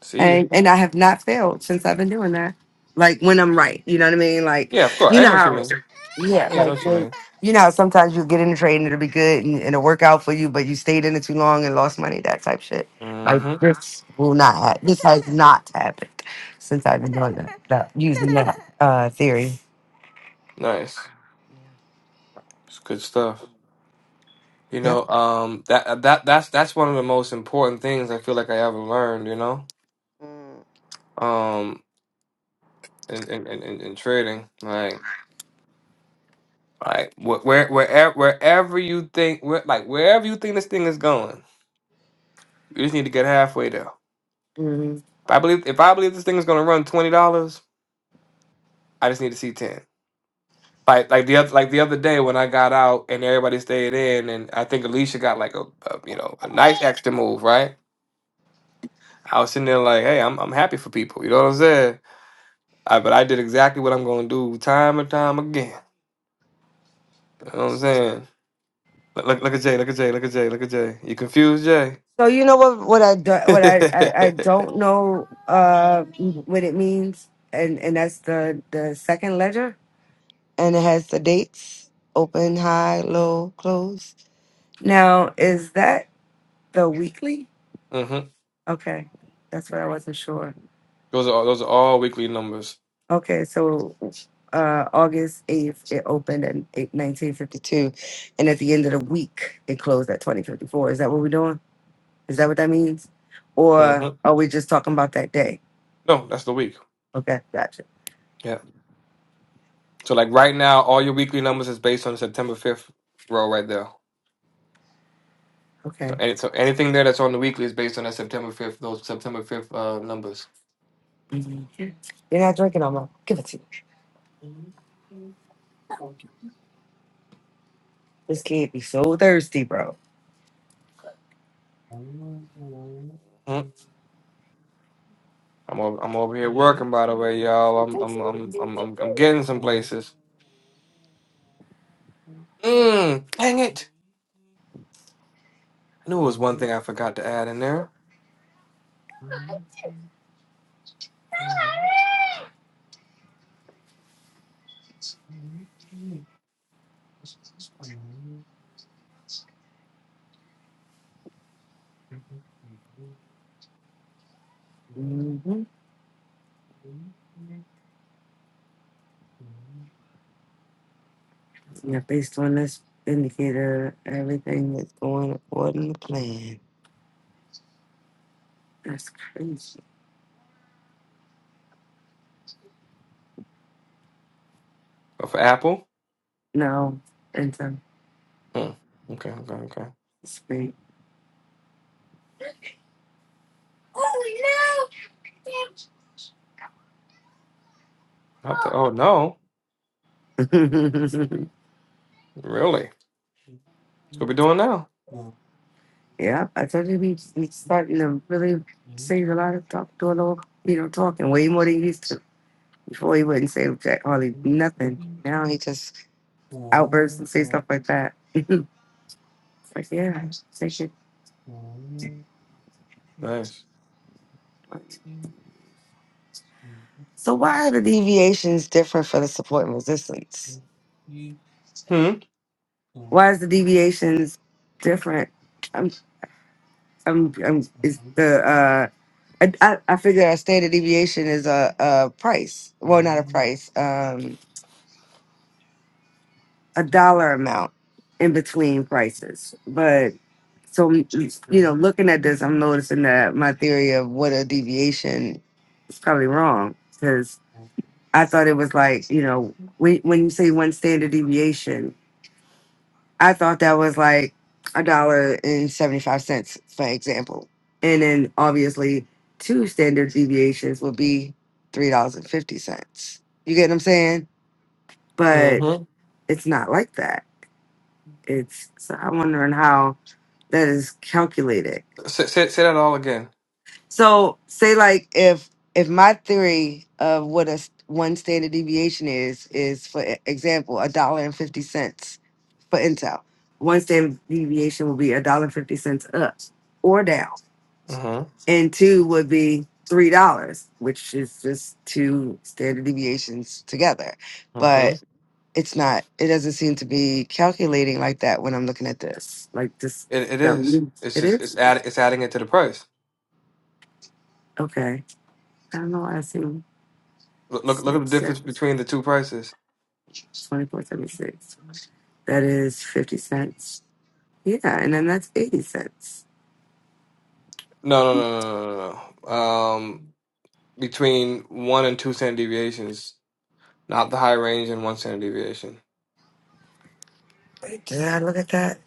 [SPEAKER 4] See
[SPEAKER 3] and
[SPEAKER 4] you.
[SPEAKER 3] and I have not failed since I've been doing that. Like when I'm right, you know what I mean. Like
[SPEAKER 4] Yeah, of course.
[SPEAKER 3] you
[SPEAKER 4] I
[SPEAKER 3] know
[SPEAKER 4] know what you
[SPEAKER 3] how,
[SPEAKER 4] mean.
[SPEAKER 3] yeah,
[SPEAKER 4] Yeah, I know
[SPEAKER 3] like
[SPEAKER 4] what you
[SPEAKER 3] when.
[SPEAKER 4] mean.
[SPEAKER 3] You know, how sometimes you get in the trade and it'll be good and it'll work out for you, but you stayed in it too long and lost money, that type shit. Like
[SPEAKER 4] hmm
[SPEAKER 3] this will not. Ha- this has not happened since I've been doing that, that using that uh, theory.
[SPEAKER 4] Nice. It's good stuff. You
[SPEAKER 3] Yep.
[SPEAKER 4] know, um, that uh, that that's that's one of the most important things I feel like I ever learned. You know, um, in in in, in in trading, like. Like wh- where wherever wherever you think where, like wherever you think this thing is going, you just need to get halfway there.
[SPEAKER 3] hmm
[SPEAKER 4] If I believe if I believe this thing is gonna run twenty dollars, I just need to see ten. Like like the other like the other day when I got out and everybody stayed in and I think Alicia got like a, a you know a nice extra move right. I was sitting there like, hey, I'm I'm happy for people. You know what I'm saying? I, but I did exactly what I'm going to do time and time again. You know what I'm saying? Look, look look at Jay. Look at Jay. Look at Jay. Look at Jay. You confused, Jay?
[SPEAKER 3] So you know what what I do, what
[SPEAKER 4] hmm
[SPEAKER 3] I, I I don't know uh what it means, and and that's the the second ledger, and it has the dates: open, high, low, close. Now is that the weekly? Okay, that's what I wasn't sure.
[SPEAKER 4] Those are all, those are all weekly numbers.
[SPEAKER 3] Okay, so uh August eighth it opened in eight- nineteen fifty two, and at the end of the week it closed at twenty fifty four. Is that what we're doing? Is that what that means, or
[SPEAKER 4] hmm
[SPEAKER 3] are we just talking about that day?
[SPEAKER 4] No, that's the week.
[SPEAKER 3] Okay, gotcha.
[SPEAKER 4] Yeah. So like right now, all your weekly numbers is based on September 5th row right there. So,
[SPEAKER 3] Okay.
[SPEAKER 4] any, so anything there that's on the weekly is based on that September fifth, those September fifth uh, numbers.
[SPEAKER 3] Mhm. You're not drinking no more. Give it to you. This kid be so thirsty, bro.
[SPEAKER 4] Mhm. I'm over, I'm over here working, by the way, y'all. I'm I'm I'm I'm I'm, I'm getting some places. Mm, dang it! I knew it was one thing I forgot to add in there. Oh,
[SPEAKER 3] Mm-hmm. Yeah, based on this indicator, everything is going according to plan. That's crazy.
[SPEAKER 4] for Apple.
[SPEAKER 3] No,
[SPEAKER 4] Mm, okay, okay, okay.
[SPEAKER 3] anticipate. Oh no!
[SPEAKER 4] Not the. oh no, really? What we doing now?
[SPEAKER 3] yeah, I told you we we starting to really save a lot of talk, do a little, you know, talking way more than you used to. Before he wouldn't say jack hardly nothing. Now he just outbursts and say stuff like that. it's like, yeah, say shit.
[SPEAKER 4] Nice.
[SPEAKER 3] So why are the deviations different for the support and resistance?
[SPEAKER 4] Hmm.
[SPEAKER 3] Why is the deviations different? I'm, I'm, I'm is the uh, I, I I figure a standard deviation is a, a price. Well, not a price. um, a dollar amount in between prices. But so you know, looking at this, I'm noticing that my theory of what a deviation is probably wrong because I thought it was like you know when when you say one standard deviation, I thought that was like a dollar and seventy five cents, for example, and then obviously two standard deviations would be three dollars and fifty cents. You get what I'm saying? But
[SPEAKER 4] Mm-hmm.
[SPEAKER 3] it's not like that it's so i'm wondering how that is calculated
[SPEAKER 4] Say, say, say that all again.
[SPEAKER 3] so say like if if my theory of what a s- one standard deviation is is for e- example a dollar and 50 cents for intel one standard deviation would be a dollar 50 cents up or down
[SPEAKER 4] Mm-hmm.
[SPEAKER 3] and two would be three dollars which is just two standard deviations together
[SPEAKER 4] Mm-hmm.
[SPEAKER 3] but. it's not it doesn't seem to be calculating like that when i'm looking at this like this
[SPEAKER 4] It it
[SPEAKER 3] that
[SPEAKER 4] is. It's
[SPEAKER 3] it
[SPEAKER 4] just
[SPEAKER 3] is
[SPEAKER 4] it's add it's adding it to the price.
[SPEAKER 3] okay i don't know why i see
[SPEAKER 4] Look look look at the
[SPEAKER 3] six
[SPEAKER 4] difference
[SPEAKER 3] twenty
[SPEAKER 4] between the two prices.
[SPEAKER 3] four that is 50 cents yeah and then that's 80 cents
[SPEAKER 4] No no no no no no. no. Um, between one and two standard deviations, not the high range and one standard deviation.
[SPEAKER 3] Wait, did i look at that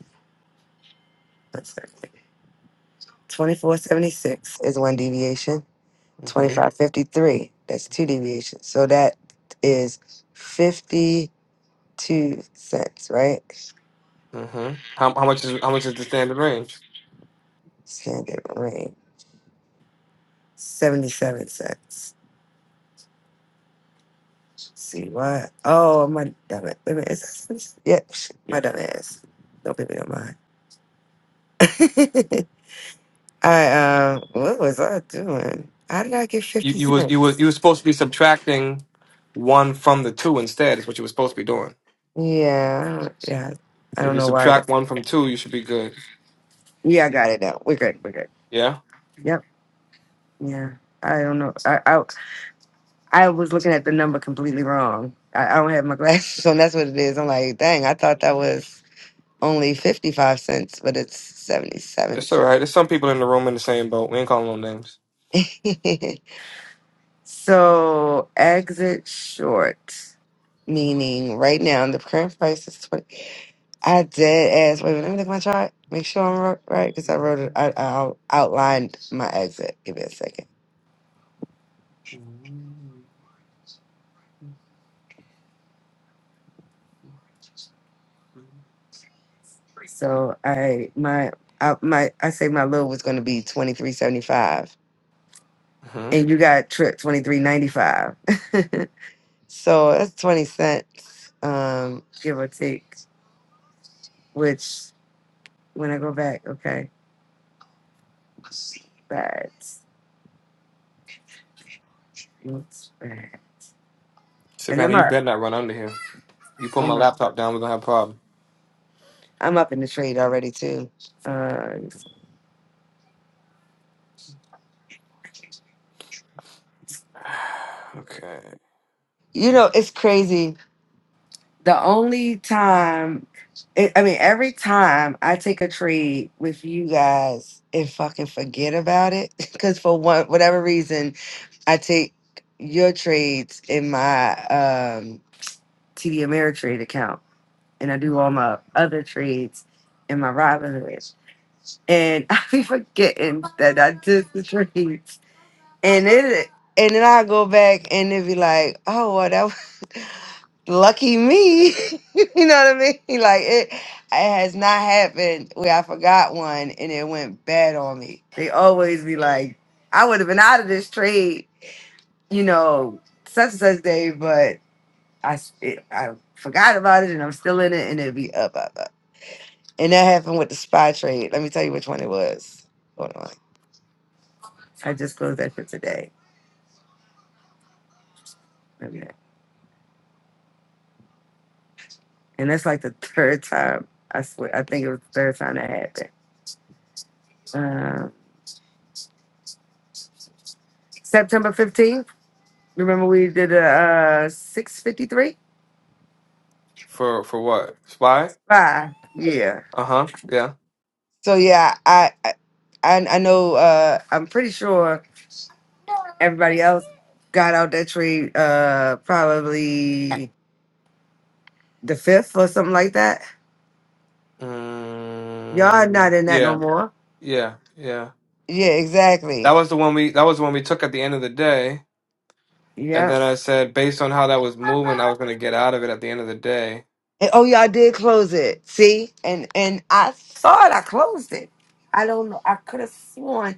[SPEAKER 3] that's 2476 is one deviation
[SPEAKER 4] Mm-hmm.
[SPEAKER 3] 2553 that's two deviations so that is 52 cents right
[SPEAKER 4] Mm-hmm. How how much is how much is the standard range?
[SPEAKER 3] standard range 77 cents. See what? Oh, my dumb ass. Wait a minute, is that 77? Yep, shit, my dumb ass. Don't pay me no mind. I, um, what was I doing? How did I get
[SPEAKER 4] You
[SPEAKER 3] 50
[SPEAKER 4] you was you was
[SPEAKER 3] cents?
[SPEAKER 4] you was supposed to be subtracting one from the two instead. Is what you were supposed to be doing.
[SPEAKER 3] Yeah, I don't- yeah. I
[SPEAKER 4] So if
[SPEAKER 3] don't
[SPEAKER 4] you
[SPEAKER 3] know why I got.
[SPEAKER 4] subtract one from two, you should be good.
[SPEAKER 3] Yeah, I got it now. We're good. We're good.
[SPEAKER 4] Yeah.
[SPEAKER 3] Yep. Yeah. I don't know. I I, I was looking at the number completely wrong. I, I don't have my glasses on. That's what it is. I'm like, dang. I thought that was only fifty five cents, but it's seventy seven
[SPEAKER 4] It's all
[SPEAKER 3] cents.
[SPEAKER 4] right. There's some people in the room in the same boat. We ain't calling no names.
[SPEAKER 3] so exit short, meaning right now the current price is twenty. I dead ass. Wait, let me look at my chart. Make sure I'm ro- right because I wrote it. I, I out- outlined my exit. Give me a second. So I my I, my I say my low was going to be twenty three seventy five,
[SPEAKER 4] hmm
[SPEAKER 3] and you got trip twenty three ninety five. so that's twenty cents, um, give or take. Which when I go back, okay, bad. What's that? And
[SPEAKER 4] Savannah,
[SPEAKER 3] I'm
[SPEAKER 4] you
[SPEAKER 3] up.
[SPEAKER 4] better not run under here. You put my
[SPEAKER 3] I'm up.
[SPEAKER 4] laptop down, we're gonna have a problem.
[SPEAKER 3] I'm up in the trade already too. Uh,
[SPEAKER 4] okay.
[SPEAKER 3] you know, it's crazy. The only time, it, I mean, every time I take a trade with you guys and fucking forget about it, because for one whatever reason, I take your trades in my um, TD Ameritrade account, and I do all my other trades in my Robinhood, and I be forgetting that I did the trades. And it and then I go back and it be like, oh well that was lucky me. you know what I mean? Like it it has not happened where I forgot one and it went bad on me. They always be like, I would have been out of this trade, you know, such and such day, but I s- it, I forgot about it and I'm still in it and it'd be up, up, up. And that happened with the spy trade. Let me tell you which one it was. Hold on. I just closed that for today. and that's like the third time. I swear, I think it was the third time that happened. Um, September fifteenth. Remember we did a uh, six fifty three
[SPEAKER 4] For for what? Spy?
[SPEAKER 3] five. Yeah.
[SPEAKER 4] Uh huh. Yeah.
[SPEAKER 3] So yeah, I I I I know. Uh, I'm pretty sure everybody else got out that tree. Uh, probably the fifth or something like that. Y'all not
[SPEAKER 4] Mm,
[SPEAKER 3] in that no
[SPEAKER 4] yeah.
[SPEAKER 3] more.
[SPEAKER 4] Yeah. Yeah.
[SPEAKER 3] Yeah,
[SPEAKER 4] That
[SPEAKER 3] exactly.
[SPEAKER 4] was the one we. That was the one we took at the end of the day. And
[SPEAKER 3] Yeah.
[SPEAKER 4] then I said, based on how that was moving, I was gonna get out of it at the end of the day.
[SPEAKER 3] And, oh, y'all did close it. See, and and I thought I closed it. I don't know. I could have sworn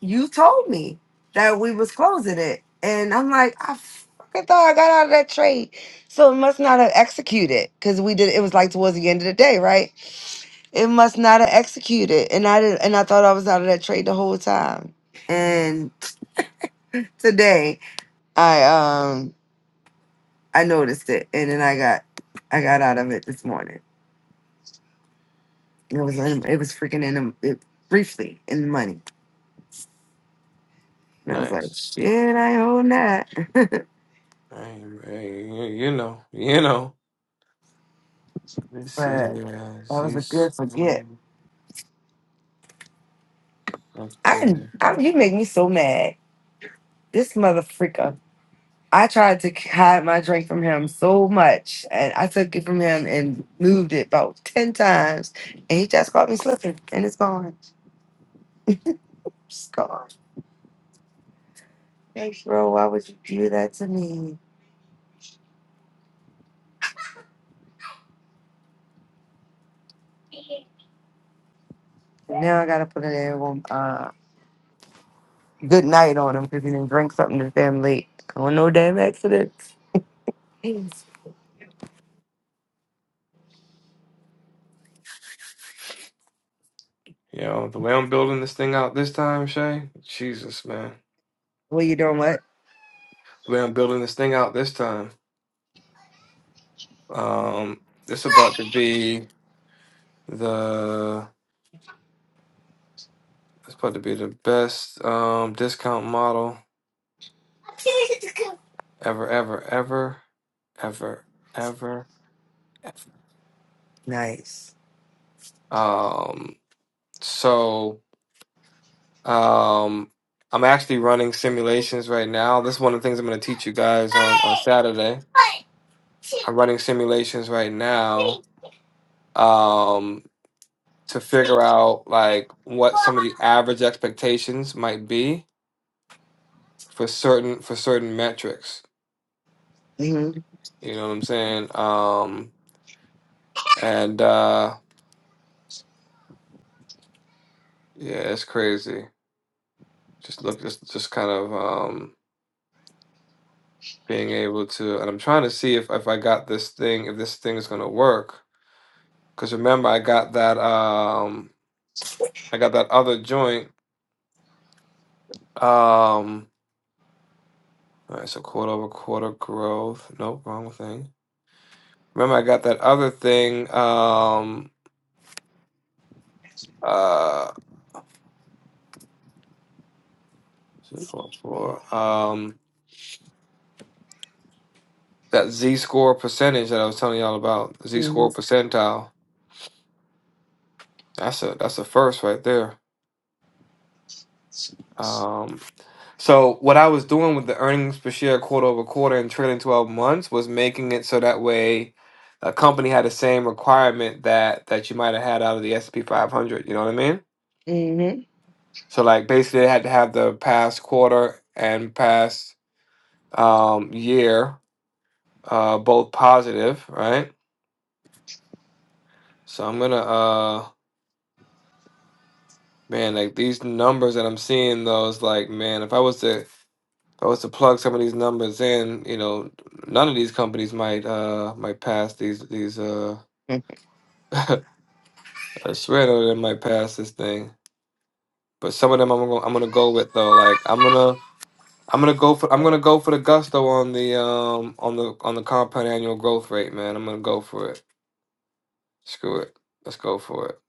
[SPEAKER 3] you told me that we was closing it, and I'm like, I fucking thought I got out of that trade, so it must not have executed because we did. It was like towards the end of the day, right? It must not have executed, and I did, and I thought I was out of that trade the whole time. And today, I um I noticed it, and then I got I got out of it this morning. It was in, it was freaking in them it, briefly in the money, and I was like,
[SPEAKER 4] Nice.
[SPEAKER 3] shit, I own that.
[SPEAKER 4] Hey, hey, you you know. You know. Let's
[SPEAKER 3] but
[SPEAKER 4] see.
[SPEAKER 3] that
[SPEAKER 4] Yeah.
[SPEAKER 3] was a
[SPEAKER 4] This.
[SPEAKER 3] good forget.
[SPEAKER 4] um, okay.
[SPEAKER 3] I, I you make me so mad. This motherfreaker. I tried to hide my drink from him so much, and I took it from him and moved it about ten times, and he just caught me slipping, and it's gone. It's gone. Hey, bro, why would you do that to me? Now I gotta put it in. Um, good night on him because he didn't drink something that's damn late. Oh, no damn accidents.
[SPEAKER 4] You know, the way I'm building this thing out this time, Shay, Jesus, man.
[SPEAKER 3] What you doing? What?
[SPEAKER 4] The way I'm building this thing out this time, um, this about to be the it's about to be the best um discount model ever, ever, ever, ever, ever, ever.
[SPEAKER 3] Nice.
[SPEAKER 4] Um, so um I'm actually running simulations right now. This is one of the things I'm gonna teach you guys on on Saturday. I'm running simulations right now. Um to figure out like what some of the average expectations might be for certain for certain metrics.
[SPEAKER 3] Mhm.
[SPEAKER 4] You know what I'm saying? Um, and uh, yeah, it's crazy. Just look, just just kind of um, being able to, and I'm trying to see if if I got this thing, if this thing is gonna work. Because remember, I got that um, I got that other joint. Um, all right, so quarter over quarter growth. Nope, wrong thing. Remember, I got that other thing. Um, uh, two, four, four, um, that Z score percentage that I was telling y'all about, Z score
[SPEAKER 3] Mhm.
[SPEAKER 4] percentile. That's a that's a first right there. Um, so what I was doing with the earnings per share quarter over quarter and trailing twelve months was making it so that way a company had the same requirement that that you might have had out of the S and P five hundred. You know what I mean?
[SPEAKER 3] Mhm.
[SPEAKER 4] So like basically, they had to have the past quarter and past um, year uh, both positive, right? So I'm gonna uh man, like these numbers that I'm seeing though, it's like, man, if I was to if I was to plug some of these numbers in, you know, none of these companies might uh might pass these these uh I swear none of them might pass this thing. But some of them I'm gonna I'm gonna go with though. Like I'm gonna I'm gonna go for I'm gonna go for the gusto on the um on the on the compound annual growth rate, man. I'm gonna go for it. Screw it. Let's go for it.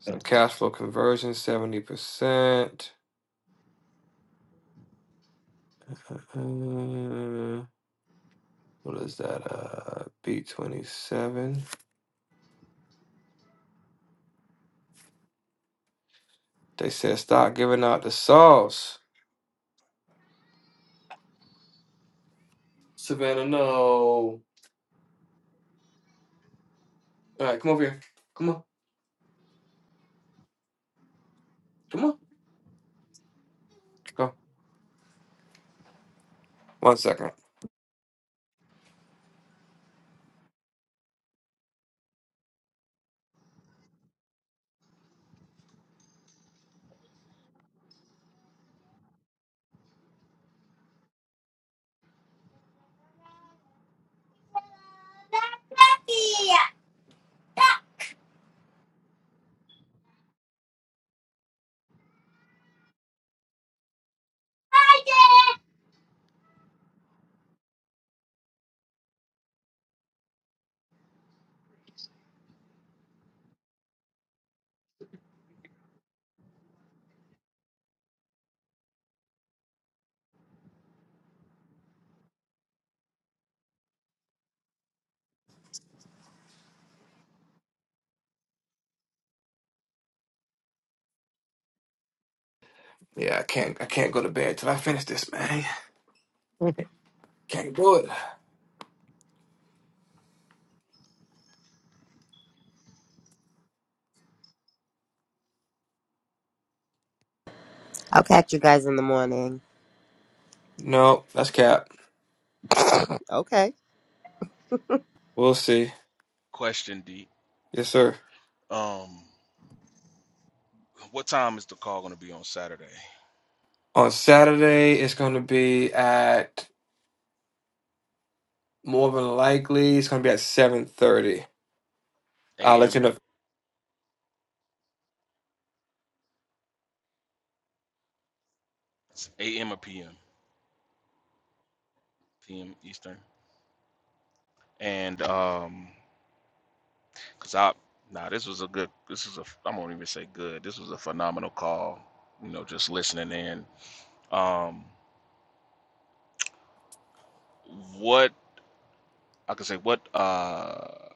[SPEAKER 4] So cash flow conversion, seventy percent. Uh, What is that? Uh, B twenty seven. They said stop giving out the sauce. Savannah, no. All right, come over here. Come on, come on. Go. One second. Yeah, I can't. I can't go to bed till I finish this, man. Can't do it.
[SPEAKER 5] I'll catch you guys in the morning.
[SPEAKER 4] No, that's cap.
[SPEAKER 5] Okay.
[SPEAKER 4] We'll see.
[SPEAKER 10] Question D.
[SPEAKER 4] Yes, sir.
[SPEAKER 10] Um, what time is the call gonna be on Saturday?
[SPEAKER 4] On Saturday, it's going to be at more than likely. It's going to be at seven thirty. I'll let
[SPEAKER 10] A.M.
[SPEAKER 4] you know.
[SPEAKER 10] It's A.M. or P.M. P.M. Eastern. And um, cause I nah, this was a good. This is a. I won't even say good. This was a phenomenal call. You know, just listening in. Um, what I could say what uh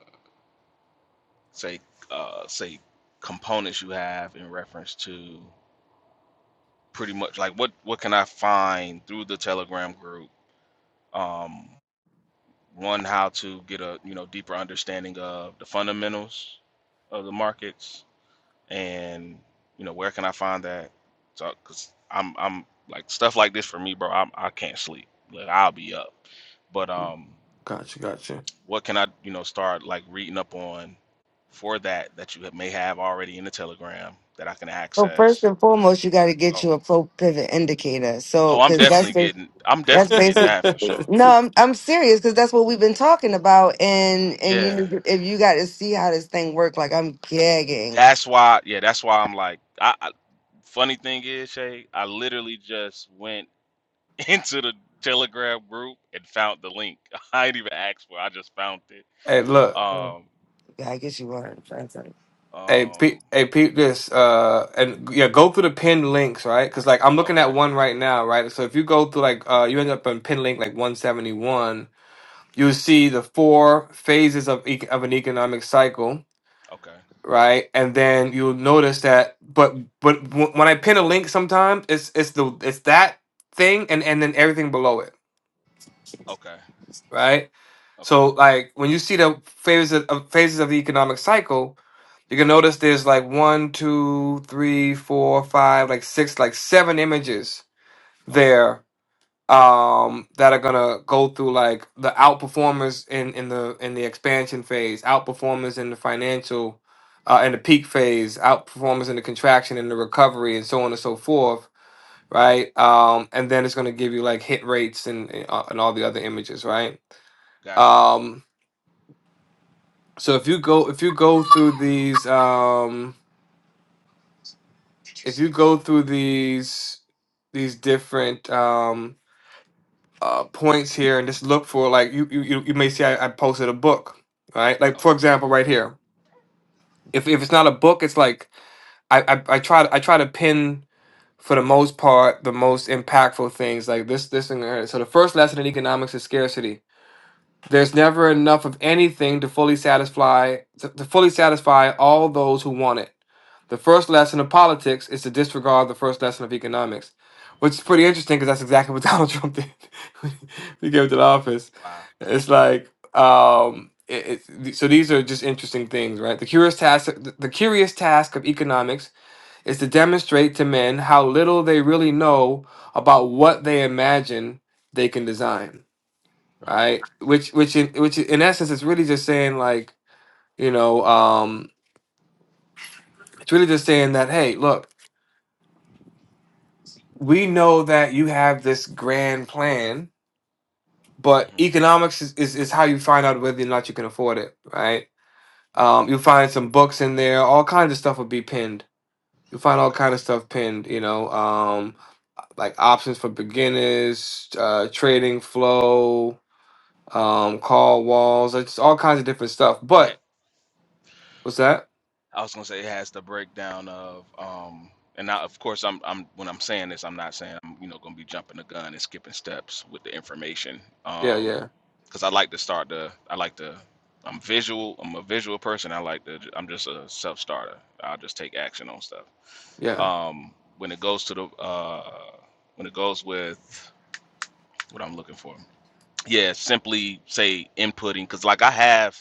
[SPEAKER 10] say uh say components you have in reference to pretty much like what what can I find through the Telegram group? Um one how to get a you know deeper understanding of the fundamentals of the markets and you know where can I find that? So cuz I'm I'm like stuff like this for me, bro. I'm I can't sleep. Like I'll be up. But um
[SPEAKER 4] Gotcha, gotcha.
[SPEAKER 10] What can I, you know, start like reading up on for that that you may have already in the Telegram that I can
[SPEAKER 3] So first
[SPEAKER 10] access?
[SPEAKER 3] and foremost, you got to get
[SPEAKER 10] Oh,
[SPEAKER 3] you a pro pivot indicator. So,
[SPEAKER 10] oh, I'm
[SPEAKER 3] because
[SPEAKER 10] definitely
[SPEAKER 3] that's
[SPEAKER 10] getting, I'm
[SPEAKER 3] That's
[SPEAKER 10] definitely getting
[SPEAKER 3] basic.
[SPEAKER 10] that for sure.
[SPEAKER 3] No, I'm I'm serious because that's what we've been talking about, and and you
[SPEAKER 10] Yeah,
[SPEAKER 3] need to- if you got to see how this thing work, like I'm gagging.
[SPEAKER 10] that's why. Yeah, that's why I'm like, I, I funny thing is, Shay, I literally just went into the Telegram group and found the link. I ain't even asked for. it, I just found it.
[SPEAKER 4] hey, look.
[SPEAKER 3] Oh,
[SPEAKER 10] Um,
[SPEAKER 3] Yeah, I guess you are. I'm trying to
[SPEAKER 4] Hey, pe-
[SPEAKER 10] um,
[SPEAKER 4] hey, peep this. Uh, and yeah, go through the pinned links, right? Because like I'm looking at
[SPEAKER 10] okay,
[SPEAKER 4] one right now, right? So if you go through like, uh, you end up on pin link like 171. You'll see the four phases of e- of an economic cycle,
[SPEAKER 10] okay,
[SPEAKER 4] right? And then you'll notice that. But but w- when I pin a link, sometimes it's it's the it's that thing, and and then everything below it,
[SPEAKER 10] okay,
[SPEAKER 4] right?
[SPEAKER 10] okay,
[SPEAKER 4] So like when you see the phases of phases of the economic cycle You can notice there's like one, two, three, four, five, like six, like seven images
[SPEAKER 10] okay.
[SPEAKER 4] there um that are gonna go through like the outperformers in in the in the expansion phase, outperformers in the financial uh in the peak phase, outperformers in the contraction and the recovery and so on and so forth, right? Um and then it's gonna give you like hit rates and and uh, and all the other images, right?
[SPEAKER 10] Gotcha.
[SPEAKER 4] Um so if you go if you go through these um if you go through these these different um uh points here and just look for like you you you you may see I, I posted a book right like for
[SPEAKER 10] Okay.
[SPEAKER 4] example right here if if it's not a book it's like I, I I try to I try to pin for the most part the most impactful things like this this and that. so the first lesson in economics is scarcity there's never enough of anything to fully satisfy to, to fully satisfy all those who want it. The first lesson of politics is to disregard the first lesson of economics, which is
[SPEAKER 10] Mhm.
[SPEAKER 4] pretty interesting because that's exactly what Donald Trump did when he came to the office.
[SPEAKER 10] Wow.
[SPEAKER 4] It's like um, it, it, so these are just interesting things, right? The curious task the, the curious task of economics is to demonstrate to men how little they really know about what they imagine they can design right? Which which in which in essence is really just saying like, you know, um it's really just saying that hey, look, we know that you have this grand plan, but
[SPEAKER 10] Mm-hmm.
[SPEAKER 4] economics is, is, is how you find out whether or not you can afford it, right?
[SPEAKER 10] Right.
[SPEAKER 4] Um you'll find some books in there, all kinds of stuff will be pinned. You'll find all
[SPEAKER 10] Okay.
[SPEAKER 4] kind of stuff pinned, you know, um like options for beginners, uh trading flow, um call walls, it's all kinds of different stuff.
[SPEAKER 10] Yeah,
[SPEAKER 4] But what's that?
[SPEAKER 10] I was gonna say it has the breakdown of um, and now of course I'm I'm when I'm saying this I'm not saying I'm you know gonna be jumping the gun and skipping steps with the information
[SPEAKER 4] Yeah,
[SPEAKER 10] um,
[SPEAKER 4] yeah.
[SPEAKER 10] because I like to start the I like to I'm visual I'm a visual person I like to I'm just a self starter I'll just take action on stuff
[SPEAKER 4] Yeah.
[SPEAKER 10] um when it goes to the uh when it goes with what I'm looking for yeah simply say inputting because like I have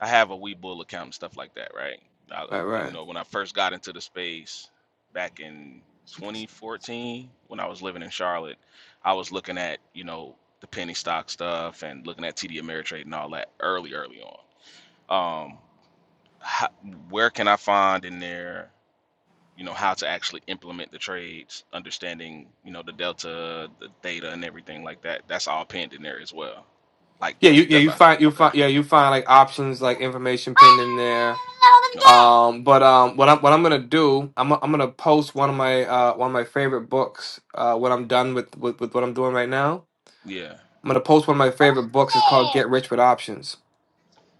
[SPEAKER 10] I have a Webull account and stuff like that, right? I,
[SPEAKER 4] Right,
[SPEAKER 10] you
[SPEAKER 4] right.
[SPEAKER 10] know, when I first got into the space back in 2014, when I was living in Charlotte, I was looking at you know the penny stock stuff and looking at TD Ameritrade and all that early, early on. Um, how, where can I find in there, you know, how to actually implement the trades, understanding you know the delta, the data, and everything like that? That's all pinned in there as well, like
[SPEAKER 4] Yeah, you yeah,
[SPEAKER 10] step
[SPEAKER 4] you
[SPEAKER 10] by.
[SPEAKER 4] find you
[SPEAKER 10] Okay,
[SPEAKER 4] find yeah, you find like options like information pinned in there.
[SPEAKER 10] okay,
[SPEAKER 4] Um, but um what I'm what I'm gonna do, I'm I'm gonna post one of my uh one of my favorite books, uh when I'm done with, with, with what I'm doing right now.
[SPEAKER 10] yeah,
[SPEAKER 4] I'm gonna post one of my favorite books. It's called Get Rich with Options.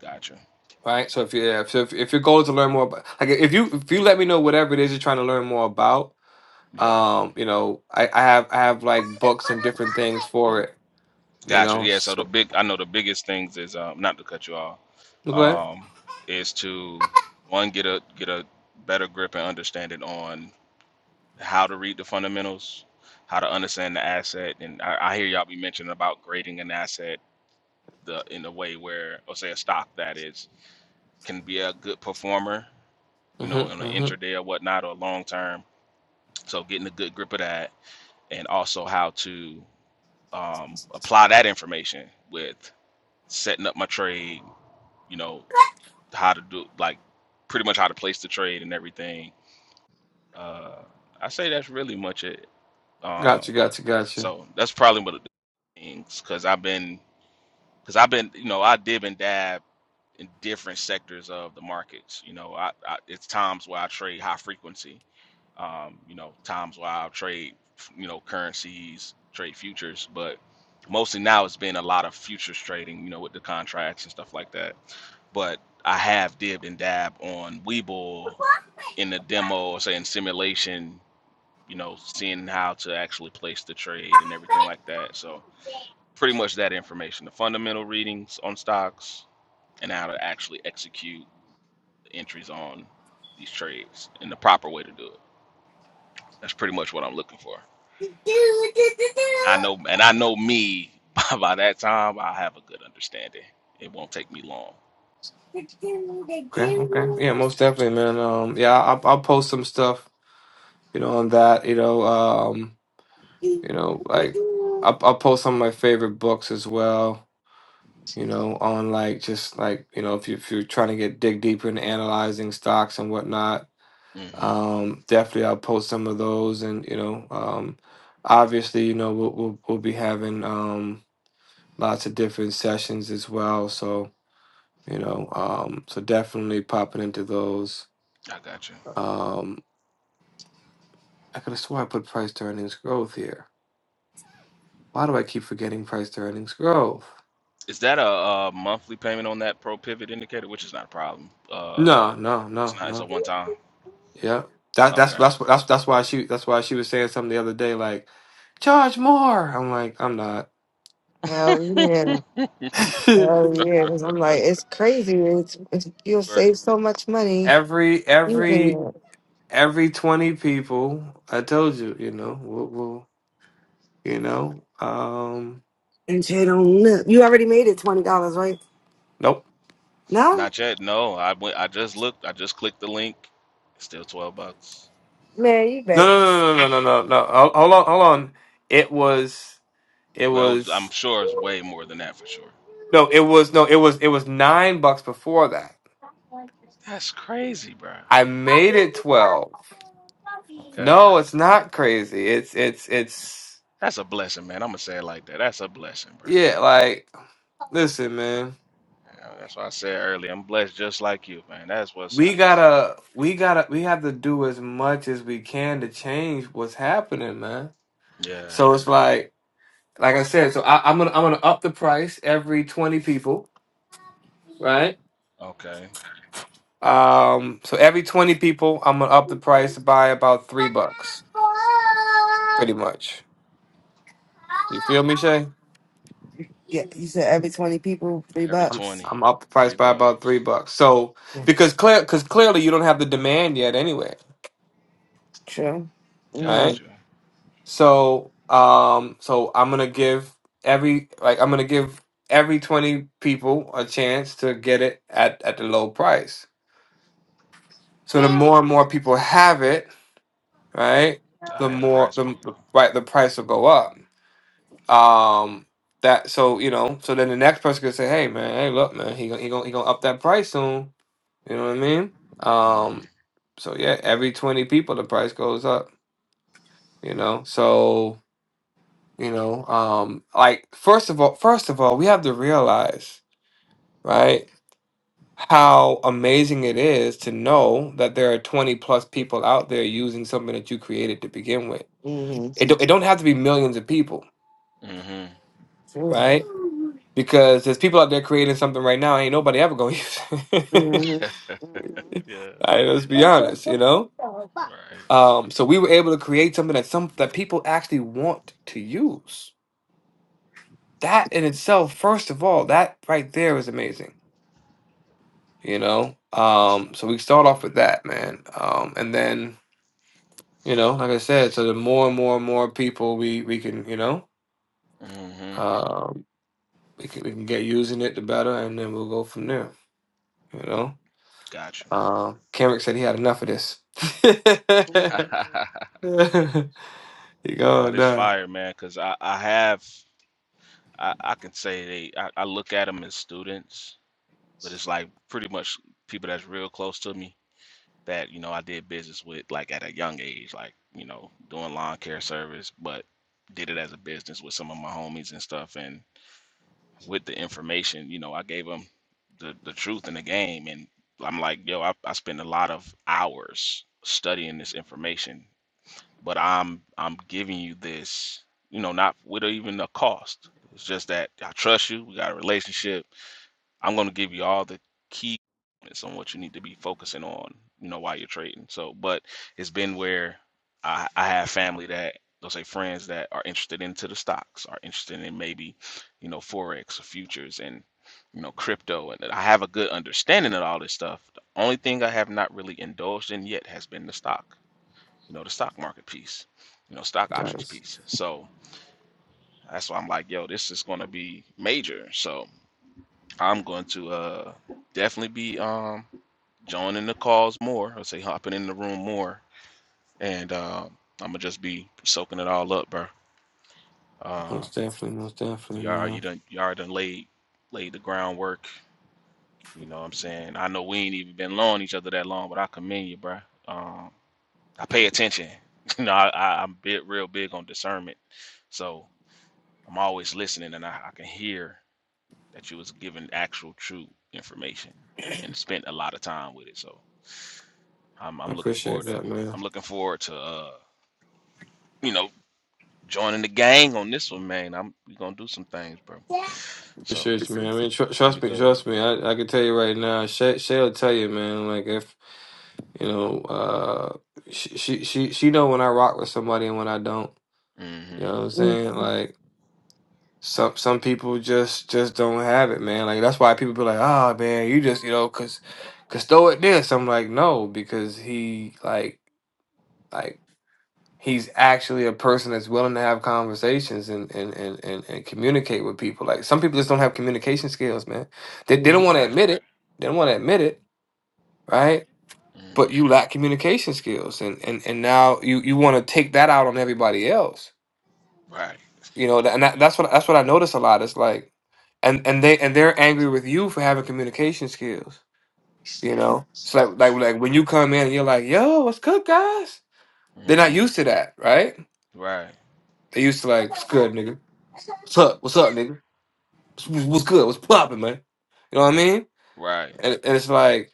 [SPEAKER 10] gotcha,
[SPEAKER 4] Right? So if you yeah, so if, if your goal is to learn more about like if you if you let me know whatever it is you're trying to learn more about,
[SPEAKER 10] yeah.
[SPEAKER 4] um, you know, I, I have I have like books and different things for it, you
[SPEAKER 10] Gotcha.
[SPEAKER 4] know.
[SPEAKER 10] Yeah. So the
[SPEAKER 4] So
[SPEAKER 10] big, I know the biggest things is um, not to cut you off,
[SPEAKER 4] go ahead.
[SPEAKER 10] um, is to one get a get a better grip and understanding on how to read the fundamentals, how to understand the asset, and I, I hear y'all be mentioning about grading an asset the in a way where, or say a stock that is can be a good performer, you know, on
[SPEAKER 4] Mm-hmm,
[SPEAKER 10] an
[SPEAKER 4] mm-hmm.
[SPEAKER 10] intraday or whatnot or long term. So getting a good grip of that, and also how to um, apply that information with setting up my trade you know how to do like pretty much how to place the trade and everything. Uh, I say that's really much it. Um,
[SPEAKER 4] Gotcha, gotcha, gotcha.
[SPEAKER 10] so that's probably one of the things because I've been because I've been you know I dib and dab in different sectors of the markets. You know, I, I it's times where I trade high frequency um, you know, times where I'll trade, you know, currencies, trade futures, but mostly now it's been a lot of futures trading, you know, with the contracts and stuff like that. But I have dibbed and dab on Webull in the demo or say in simulation, you know, seeing how to actually place the trade and everything like that. So pretty much that information, the fundamental readings on stocks and how to actually execute the entries on these trades and the proper way to do it. That's pretty much what I'm looking for. I know, and I know me. By, by that time, I have a good understanding. It won't take me long.
[SPEAKER 4] Okay, okay. Yeah, most definitely, man. Um, yeah, I'll I'll post some stuff, you know, on that, you know, um, you know, like I'll I'll post some of my favorite books as well, you know, on like just like, you know, if you if you're trying to get dig deeper into analyzing stocks and whatnot,
[SPEAKER 10] Yeah. hmm
[SPEAKER 4] um, definitely I'll post some of those and, you know, um, obviously, you know, we'll we'll, we'll be having um lots of different sessions as well, so, you know, um, so definitely popping into those.
[SPEAKER 10] I got you.
[SPEAKER 4] Um. I could have swore I put price to earnings growth here. Why do I keep forgetting price to earnings growth?
[SPEAKER 10] Is that a, uh monthly payment on that pro pivot indicator, which is not a problem? Uh,
[SPEAKER 4] No,
[SPEAKER 10] but
[SPEAKER 4] no,
[SPEAKER 10] it's
[SPEAKER 4] no,
[SPEAKER 10] not. It's a
[SPEAKER 4] no.
[SPEAKER 10] one time.
[SPEAKER 4] Yeah, that that's
[SPEAKER 10] Okay.
[SPEAKER 4] that's that's that's why she that's why she was saying something the other day like charge more. I'm like I'm not.
[SPEAKER 3] Hell yeah, hell yeah. 'Cause I'm like, it's crazy. It's, it's you'll
[SPEAKER 10] Or
[SPEAKER 3] save so much money
[SPEAKER 4] every
[SPEAKER 3] using
[SPEAKER 4] every
[SPEAKER 3] it.
[SPEAKER 4] every twenty people, I told you, you know, we'll, we'll you know, um,
[SPEAKER 3] And you don't know. You already made it twenty dollars, right?
[SPEAKER 4] nope.
[SPEAKER 3] No.
[SPEAKER 10] not yet. No, I went. I just looked. I just clicked the link. It's still twelve bucks.
[SPEAKER 3] Man, you
[SPEAKER 4] No,
[SPEAKER 3] better.
[SPEAKER 4] no, no, no, no, no, no. no. Hold hold on, hold on. It was. It
[SPEAKER 10] Well, it was,
[SPEAKER 4] was.
[SPEAKER 10] I'm sure it's way more than that for sure.
[SPEAKER 4] No, it was no, it was it was nine bucks before that.
[SPEAKER 10] That's crazy, bro.
[SPEAKER 4] I made it twelve.
[SPEAKER 10] Okay.
[SPEAKER 4] No, it's not crazy. It's it's it's
[SPEAKER 10] That's a blessing, man. I'm gonna say it like that. That's a blessing, bro.
[SPEAKER 4] yeah. Like, listen, man,
[SPEAKER 10] Yeah, that's what I said earlier. I'm blessed just like you, man. That's what's
[SPEAKER 4] we
[SPEAKER 10] up, bro.
[SPEAKER 4] gotta we gotta we have to do as much as we can to change what's happening, man.
[SPEAKER 10] Yeah.
[SPEAKER 4] So it's like like I said. So I, I'm gonna I'm gonna up the price every twenty people, right?
[SPEAKER 10] Okay.
[SPEAKER 4] Um, so every twenty people, I'm gonna up the price by about three bucks, pretty much. You feel me, Shay?
[SPEAKER 3] Yeah, you said every 20 people, three
[SPEAKER 10] Every
[SPEAKER 4] I'm
[SPEAKER 3] bucks.
[SPEAKER 10] twenty,
[SPEAKER 4] I'm up the
[SPEAKER 10] three
[SPEAKER 4] price by about
[SPEAKER 10] bucks.
[SPEAKER 4] three bucks. So
[SPEAKER 3] Yeah,
[SPEAKER 4] because clear because clearly you don't have the demand yet anyway,
[SPEAKER 3] true.
[SPEAKER 4] right?
[SPEAKER 10] Got
[SPEAKER 3] Mm.
[SPEAKER 10] you.
[SPEAKER 4] So um so I'm gonna give every like I'm gonna give every twenty people a chance to get it at at the low price. So the more and more people have it, right?
[SPEAKER 10] The
[SPEAKER 4] The
[SPEAKER 10] higher the
[SPEAKER 4] more
[SPEAKER 10] price
[SPEAKER 4] the
[SPEAKER 10] will
[SPEAKER 4] the-
[SPEAKER 10] go.
[SPEAKER 4] right the price will go up. Um that so you know so then the next person could say, hey man, hey look man, he gon- he gonna he gonna up that price soon You know what I mean? Um,
[SPEAKER 10] Mm-hmm.
[SPEAKER 4] so yeah, every 20 people the price goes up, you know? So, you know, um, like first of all, first of all, we have to realize, right, how amazing it is to know that there are 20 plus people out there using something that you created to begin with.
[SPEAKER 3] Mm-hmm.
[SPEAKER 4] It don't, it don't have to be millions of people,
[SPEAKER 10] Mm-hmm.
[SPEAKER 3] True.
[SPEAKER 4] right? Because there's people out there creating something right now, ain't nobody ever gonna use it.
[SPEAKER 3] Mm-hmm.
[SPEAKER 10] Yeah.
[SPEAKER 4] All right, let's be honest, you know?
[SPEAKER 10] All right.
[SPEAKER 4] Um, so we were able to create something that some that people actually want to use. That in itself, first of all, that right there is amazing. You know,
[SPEAKER 10] That's
[SPEAKER 4] um, so we
[SPEAKER 10] fine.
[SPEAKER 4] start off with that, man, um, and then you know, like I said, so the more and more and more people we we can, you know,
[SPEAKER 10] Mm-hmm.
[SPEAKER 4] um, we can we can get using it, the better, and then we'll go from there. You know,
[SPEAKER 10] Got
[SPEAKER 4] um, Kenrick said he had enough of this.
[SPEAKER 10] you.
[SPEAKER 4] you
[SPEAKER 10] nah,
[SPEAKER 4] go,
[SPEAKER 10] this
[SPEAKER 4] nah,
[SPEAKER 10] fire, man, because I, I have, I, I can say they, I, I look at them as students, but it's like pretty much people that's real close to me. that you know I did business with like at a young age, like you know doing lawn care service, but did it as a business with some of my homies and stuff. And with the information, you know, I gave them the the truth in the game, and I'm like, yo, I, I spend a lot of hours studying this information, but I'm I'm giving you this, you know, not with even a cost. It's just that I trust you. We got a relationship I'm going to give you all the key components on what you need to be focusing on, you know, while you're trading. So, but it's been where I, I have family that, they'll say friends that are interested into the stocks, are interested in maybe, you know, Forex or futures and, you know, crypto. And I have a good understanding of all this stuff. The only thing I have not really indulged in yet has been the stock, you know, the stock market piece, you know, stock options
[SPEAKER 4] nice,
[SPEAKER 10] piece. So that's why I'm like, yo, this is going to be major. So, I'm going to uh, definitely be um, joining the calls more. I'll say hopping in the room more, and uh, I'm gonna just be soaking it all up, bro. Uh,
[SPEAKER 4] most definitely, most definitely,
[SPEAKER 10] you
[SPEAKER 4] man.
[SPEAKER 10] already you done you already done laid laid the groundwork. You know what I'm saying? I know we ain't even been knowing each other that long, but I commend you, bro. Um, I pay attention. you know, I, I, I'm bit real big on discernment, so I'm always listening, and I, I can hear that you was giving actual true information and spent a lot of time with it. So. I'm
[SPEAKER 4] I
[SPEAKER 10] I'm looking forward
[SPEAKER 4] appreciate
[SPEAKER 10] to
[SPEAKER 4] that,
[SPEAKER 10] I'm
[SPEAKER 4] man.
[SPEAKER 10] looking forward to uh you know joining the gang on this one, man. I'm we gonna do some things, bro. So
[SPEAKER 4] Appreciate you, man. I mean, tr-
[SPEAKER 10] it's gonna be
[SPEAKER 4] trust me,
[SPEAKER 10] good.
[SPEAKER 4] trust me. I, I can tell you right now. Shay, Shay'll tell you, man. Like if you know, uh, she, she she she know when I rock with somebody and when I don't.
[SPEAKER 10] hmm
[SPEAKER 4] You know what I'm saying? Like some some people just just don't have it, man. Like that's why people be like, oh man, you just you know, cause cause throw it this. I'm like, no, because he like. like. he's actually a person that's willing to have conversations and and and and, and communicate with people. Like some people just don't have communication skills, man. They they don't want to
[SPEAKER 10] Right.
[SPEAKER 4] admit it. They don't want to admit it, right?
[SPEAKER 10] hmm
[SPEAKER 4] But you lack communication skills, and and and now you you want to take that out on everybody else.
[SPEAKER 10] Right.
[SPEAKER 4] You know, and that, that's what that's what I notice a lot. It's like, and and they and they're angry with you for having communication skills. You know, it's like like like when you come in and you're like, "Yo, what's good, guys?" They're not
[SPEAKER 10] hmm
[SPEAKER 4] used to that, right?
[SPEAKER 10] Right.
[SPEAKER 4] They used to like, it's good, nigga?" What's up? What's up, nigga? What's, what's good? What's popping, man? You know what I mean?
[SPEAKER 10] Right.
[SPEAKER 4] And, and it's like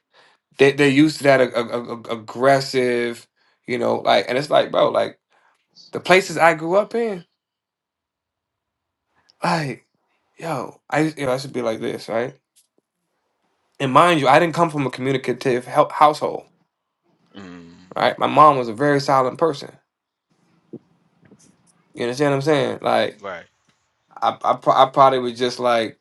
[SPEAKER 4] they they're used to that ag- ag- ag- aggressive, you know, like, and it's like, bro, like the places I grew up in, like, yo, I used- you know, I should be like this, right? And mind you, I didn't come from a communicative hou- household,
[SPEAKER 10] Mm.
[SPEAKER 4] right? My mom was a very silent person. You understand what I'm saying? Like,
[SPEAKER 10] Right.
[SPEAKER 4] I I, pro- I probably was just like,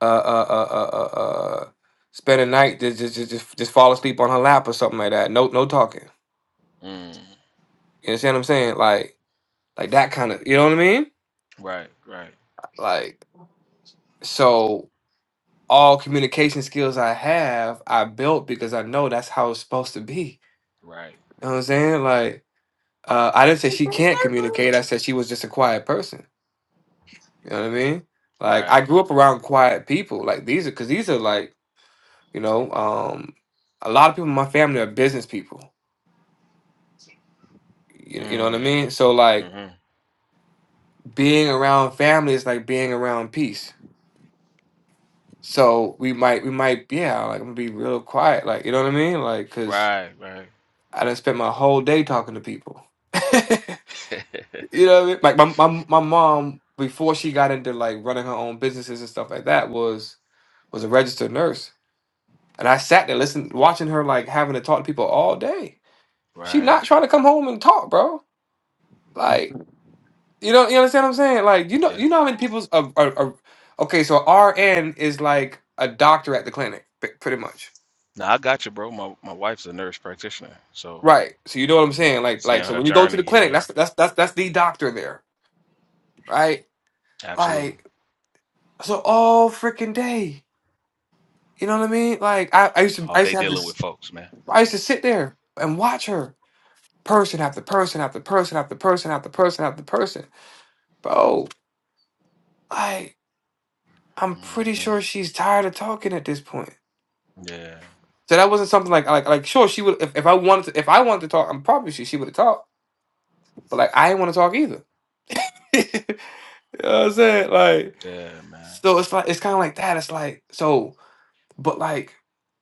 [SPEAKER 4] uh, uh, uh, uh, uh, uh spend a night just just just just just fall asleep on her lap or something like that. No, no talking.
[SPEAKER 10] Mm.
[SPEAKER 4] You understand what I'm saying? Like, like that kind of, you know what I mean?
[SPEAKER 10] Right. Right.
[SPEAKER 4] Like, so all communication skills I have, I built because I know that's how it's supposed to be.
[SPEAKER 10] Right.
[SPEAKER 4] You know what I'm saying? Like, uh, I didn't say she can't communicate. I said she was just a quiet person. You know what I mean? Like, I
[SPEAKER 10] Right.
[SPEAKER 4] grew up around quiet people. Like these are, because these are like, you know, um, a lot of people in my family are business people. You, you know what
[SPEAKER 10] Mm.
[SPEAKER 4] I mean? So like,
[SPEAKER 10] hmm
[SPEAKER 4] being around family is like being around peace. So we might, we might, yeah, like I'm gonna be real quiet, like you know what I mean, like because
[SPEAKER 10] Right. Right.
[SPEAKER 4] I done spent my whole day talking to people. you know what I mean? Like my, my my mom before she got into like running her own businesses and stuff like that was was a registered nurse, and I sat there listening, watching her like having to talk to people all day. She
[SPEAKER 10] Right.
[SPEAKER 4] not trying to come home and talk, bro. Like you know, you understand what I'm saying? Like you know,
[SPEAKER 10] Yeah.
[SPEAKER 4] you know how many people's are, are, are okay. So RN is like a doctor at the clinic, p- pretty much
[SPEAKER 10] Now I got you, bro. My my wife's a nurse practitioner, so
[SPEAKER 4] Right. So you know what I'm
[SPEAKER 10] you know,
[SPEAKER 4] saying? Like
[SPEAKER 10] seeing
[SPEAKER 4] like so
[SPEAKER 10] her
[SPEAKER 4] when you go to the
[SPEAKER 10] journey,
[SPEAKER 4] clinic,
[SPEAKER 10] yeah,
[SPEAKER 4] that's that's that's that's the doctor there, right?
[SPEAKER 10] absolutely.
[SPEAKER 4] Like so all freaking day. You know what I mean? Like I, I used to
[SPEAKER 10] all
[SPEAKER 4] I used
[SPEAKER 10] day
[SPEAKER 4] to have
[SPEAKER 10] dealing with
[SPEAKER 4] this
[SPEAKER 10] folks, man.
[SPEAKER 4] I used to sit there and watch her person after person after person after person after person after person. Bro, like I'm pretty
[SPEAKER 10] hmm
[SPEAKER 4] sure she's tired of talking at this point.
[SPEAKER 10] Yeah,
[SPEAKER 4] So that wasn't something like like like sure she would if, if I wanted to if I wanted to talk, I'm probably sure she would have talked. But like I didn't want to talk either. you know what I'm saying? Like
[SPEAKER 10] yeah, man.
[SPEAKER 4] So it's like it's kind of like that. It's like so, but like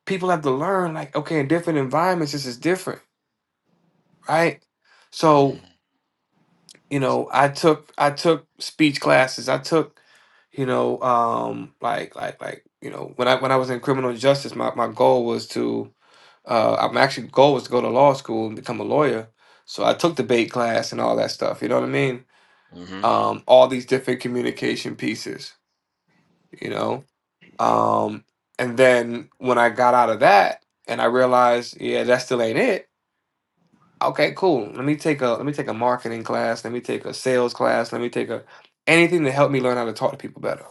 [SPEAKER 4] people have to learn. Like okay, in different environments, this is different, right? So
[SPEAKER 10] hmm
[SPEAKER 4] you know, I took I took speech classes. I took you know, um, like like like you know, when I when I was in criminal justice, my my goal was to uh, I'm actually goal was to go to law school and become a lawyer. So I took debate class and all that stuff. You know what I mean?
[SPEAKER 10] hmm
[SPEAKER 4] Um, all these different communication pieces. You know, Um, and then when I got out of that and I realized, yeah, that still ain't it. Okay, cool. Let me take a let me take a marketing class. Let me take a sales class. Let me take a anything to help me learn how to talk to people better.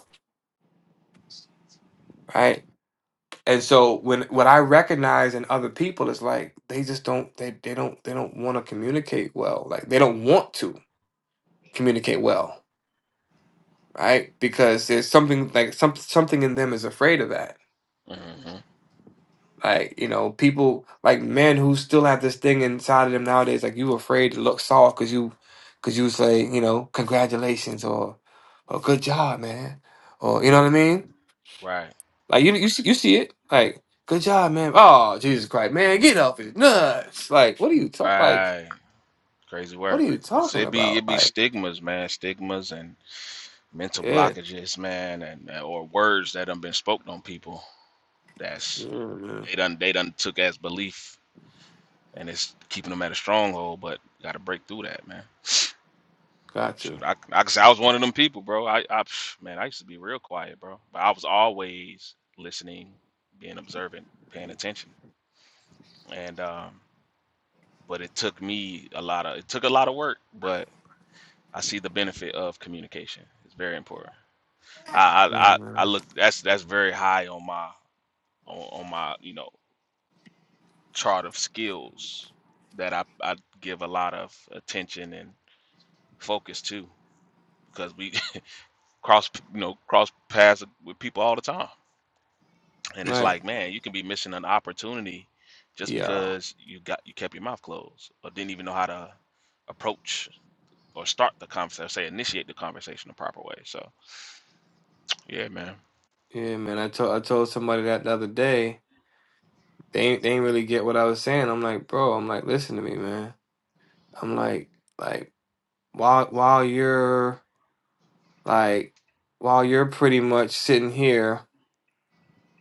[SPEAKER 4] Right. And so when what I recognize in other people is like they just don't they they don't they don't want to communicate well. Like they don't want to communicate well. Right. Because there's something like some something in them is afraid of that
[SPEAKER 10] hmm
[SPEAKER 4] Like, you know, people like men who still have this thing inside of them nowadays, like you afraid to look soft because you because you say, you know, congratulations or or good job, man. Or you know what I mean?
[SPEAKER 10] Right,
[SPEAKER 4] Like you you see you see it. Like, good job, man. Oh, Jesus Christ, man, get off it. Nuts. Like, what are you talk like
[SPEAKER 10] right. Crazy
[SPEAKER 4] what
[SPEAKER 10] work.
[SPEAKER 4] are you
[SPEAKER 10] It's,
[SPEAKER 4] talking
[SPEAKER 10] it be
[SPEAKER 4] about?
[SPEAKER 10] it be
[SPEAKER 4] Like,
[SPEAKER 10] stigmas, man. Stigmas and mental
[SPEAKER 4] yeah.
[SPEAKER 10] blockages, man, and uh, or words that have been spoken on people.
[SPEAKER 4] Yeah,
[SPEAKER 10] That's
[SPEAKER 4] man.
[SPEAKER 10] they done they done took as belief, and it's keeping them at a stronghold. But got to break through that, man. Shoot,
[SPEAKER 4] Gotcha.
[SPEAKER 10] I, I, 'cause I was one of them people, bro. I, I, psh, man, I used to be real quiet, bro. But I was always listening, being observant, paying attention. And, um, but it took me a lot of, it took a lot of work, but I see the benefit of communication. It's very important. I,
[SPEAKER 4] Yeah,
[SPEAKER 10] I, I, I
[SPEAKER 4] man.
[SPEAKER 10] look, that's, that's very high on my, on, on my, you know, chart of skills that I, I give a lot of attention and focus to because we cross, you know, cross paths with people all the time And it's
[SPEAKER 4] Right.
[SPEAKER 10] like, man, you can be missing an opportunity just
[SPEAKER 4] Yeah.
[SPEAKER 10] because you got you kept your mouth closed or didn't even know how to approach or start the conversation, say initiate the conversation the proper way. So yeah, man,
[SPEAKER 4] Yeah, man. I told I told somebody that the other day they ain't they ain't really get what I was saying. I'm like, bro, I'm like, listen to me, man. I'm like, like while while you're like while you're pretty much sitting here,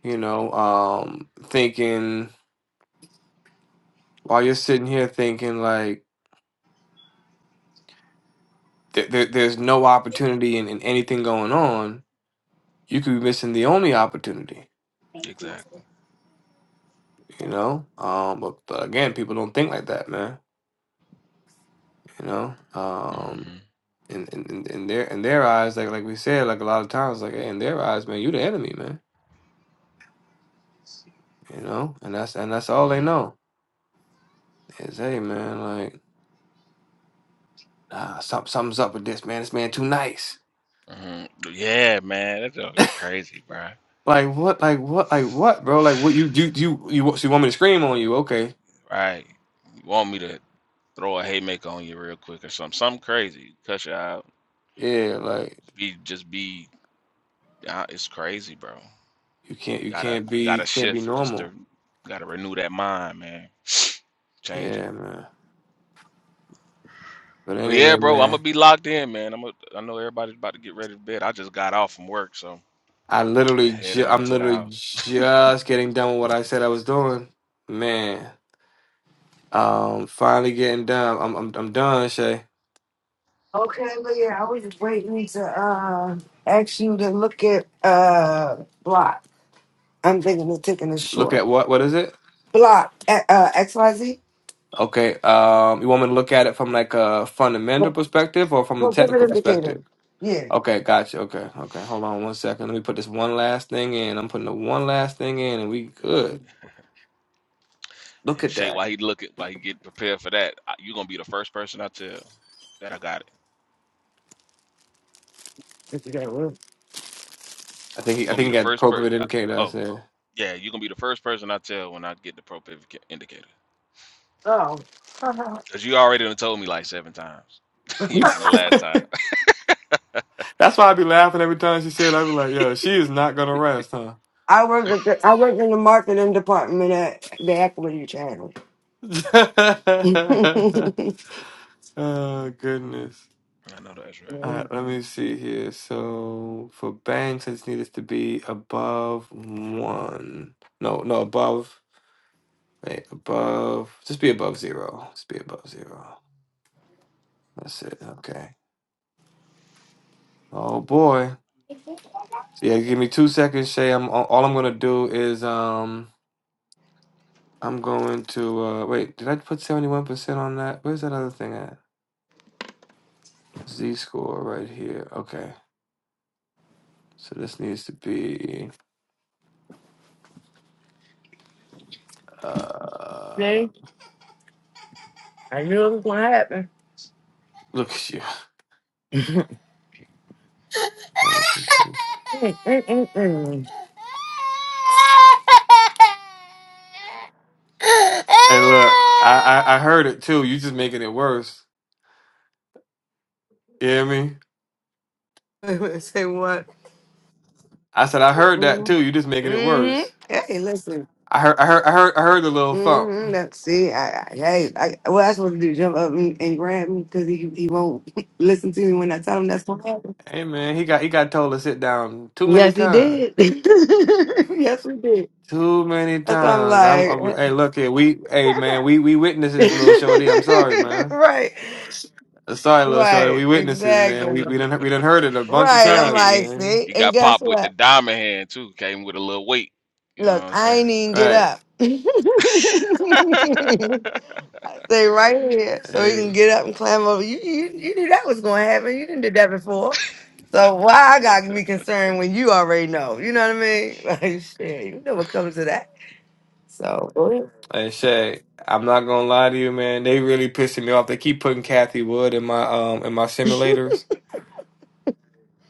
[SPEAKER 4] you know, um, thinking while you're sitting here thinking like th- there there's no opportunity in, in anything going on, you could be missing the only opportunity,
[SPEAKER 10] exactly.
[SPEAKER 4] you know. Um, but, but again, people don't think like that, man. You know, um,
[SPEAKER 10] hmm
[SPEAKER 4] in in, in in their in their eyes, like like we said, like a lot of times, like hey, in their eyes, man, you the enemy, man. You know, and that's and that's all
[SPEAKER 10] hmm
[SPEAKER 4] they know is, hey, man, like ah, some, something's up with this man. This man too nice.
[SPEAKER 10] hmm Yeah, man, that's all crazy, bro.
[SPEAKER 4] Like what? Like what? Like what, bro? Like what? You you you you, wa- so you want me to scream on you? Okay,
[SPEAKER 10] Right? You want me to throw a haymaker on you real quick or something? Something crazy, cut you out.
[SPEAKER 4] yeah, like
[SPEAKER 10] Just be, just be. Uh, it's crazy, bro.
[SPEAKER 4] you can't you
[SPEAKER 10] Gotta
[SPEAKER 4] can't
[SPEAKER 10] gotta
[SPEAKER 4] be can't be
[SPEAKER 10] shift just to
[SPEAKER 4] normal.
[SPEAKER 10] gotta renew that mind, man. Change it.
[SPEAKER 4] Yeah, man. But
[SPEAKER 10] But yeah,
[SPEAKER 4] anyway,
[SPEAKER 10] bro, I'm gonna
[SPEAKER 4] man,
[SPEAKER 10] be locked in, man. I'm a, I know everybody's about to get ready to bed. I just got off from work, so
[SPEAKER 4] I
[SPEAKER 10] I'm
[SPEAKER 4] literally
[SPEAKER 10] headed
[SPEAKER 4] ju-
[SPEAKER 10] on
[SPEAKER 4] I'm
[SPEAKER 10] to the
[SPEAKER 4] literally
[SPEAKER 10] house.
[SPEAKER 4] just getting done with what I said I was doing, man. Um, finally getting done. I'm I'm I'm done, Shay.
[SPEAKER 3] Okay, but yeah, I was just waiting to uh, ask you to look at uh, Block. I'm thinking of taking a
[SPEAKER 4] Look
[SPEAKER 3] short.
[SPEAKER 4] at what? What is it?
[SPEAKER 3] Block eh, uh, XYZ.
[SPEAKER 4] Okay. Um, you want me to look at it from like a fundamental perspective or from a
[SPEAKER 3] Fulfillment
[SPEAKER 4] technical
[SPEAKER 3] indicator.
[SPEAKER 4] perspective?
[SPEAKER 3] Yeah.
[SPEAKER 4] Okay, gotcha. Okay, okay. Hold on one second. Let me put this one last thing in. I'm putting the one last thing in, and we good. Look
[SPEAKER 10] And
[SPEAKER 4] at
[SPEAKER 10] Shay,
[SPEAKER 4] that.
[SPEAKER 10] while he looking, while he get prepared for that, I- you gonna be the first person I tell that I got it.
[SPEAKER 3] If you got one.
[SPEAKER 4] I think he,
[SPEAKER 10] you
[SPEAKER 4] I
[SPEAKER 10] gonna
[SPEAKER 4] think
[SPEAKER 10] be
[SPEAKER 4] he
[SPEAKER 10] the
[SPEAKER 4] got
[SPEAKER 10] first person.
[SPEAKER 4] appropriate indicator. I
[SPEAKER 10] Oh,
[SPEAKER 4] said.
[SPEAKER 10] yeah, you gonna be the first person I tell when I get the propiv indicator. Cause you already done told me like seven times, even from the last time.
[SPEAKER 4] That's why I be laughing every time she said. I be like, yo, she is not gonna rest, huh?
[SPEAKER 3] I work at the, I work in the marketing department at the Equity Channel.
[SPEAKER 4] oh goodness.
[SPEAKER 10] I know that's right.
[SPEAKER 4] All right, let me see here. So for banks, I just need this to be above one. No, no, above. Wait, above. Just be above zero. Just be above zero. That's it. Okay. Oh boy. Yeah, give me two seconds, Shay. I'm all all I'm gonna do is um I'm going to uh wait, did I put 71% on that? Where's that other thing at? Z score right here. Okay. So this needs to be uh look at you.
[SPEAKER 3] Mm, mm, mm,
[SPEAKER 4] Hey, look, I, I I heard it too. You just making it worse. You hear me?
[SPEAKER 3] mm. Say what?
[SPEAKER 4] I said I heard that
[SPEAKER 3] Mm-hmm.
[SPEAKER 4] too. You just making it worse.
[SPEAKER 3] Hey, listen.
[SPEAKER 4] I heard I heard I heard I heard the little thump.
[SPEAKER 3] Mm-hmm, that's it. I, I, hey, I, what I supposed to do? Jump up and, and grab me because he, he won't listen to me when I tell him that's what happened.
[SPEAKER 4] Hey man, he got he got told to sit down too many
[SPEAKER 3] Yes, he
[SPEAKER 4] times.
[SPEAKER 3] did. yes, we did.
[SPEAKER 4] Too many
[SPEAKER 3] That's what I'm
[SPEAKER 4] times. I'm,
[SPEAKER 3] like.
[SPEAKER 4] I'm hey look here. We hey man, we we witnesses, little shorty. I'm sorry, man.
[SPEAKER 3] right,
[SPEAKER 4] I'm sorry, little shorty.
[SPEAKER 3] right,
[SPEAKER 4] We witnesses, man. We
[SPEAKER 3] exactly.
[SPEAKER 4] we done we done heard it a bunch
[SPEAKER 10] He
[SPEAKER 4] of
[SPEAKER 3] Right.
[SPEAKER 10] got he
[SPEAKER 3] I'm
[SPEAKER 10] got
[SPEAKER 4] times,
[SPEAKER 3] like,
[SPEAKER 10] he
[SPEAKER 4] man.
[SPEAKER 3] see,
[SPEAKER 10] he
[SPEAKER 3] and
[SPEAKER 10] got
[SPEAKER 3] guess
[SPEAKER 10] popped with the
[SPEAKER 3] what?
[SPEAKER 10] diamond hand too. Came with a little weight. You know what
[SPEAKER 3] Look,
[SPEAKER 10] I'm
[SPEAKER 3] I
[SPEAKER 10] saying?
[SPEAKER 3] ain't even get
[SPEAKER 4] Right.
[SPEAKER 3] up. Stay right here, so he
[SPEAKER 4] Hey,
[SPEAKER 3] can get up and climb over. You you, you knew that was going to happen. You didn't do that before. So why I got to be concerned when you already know? You know what I mean? Like shit, you know what comes to that. So go ahead.
[SPEAKER 4] Like Shay, I'm not gonna lie to you, man. They really pissing me off. They keep putting Kathy Wood in my um in my simulators.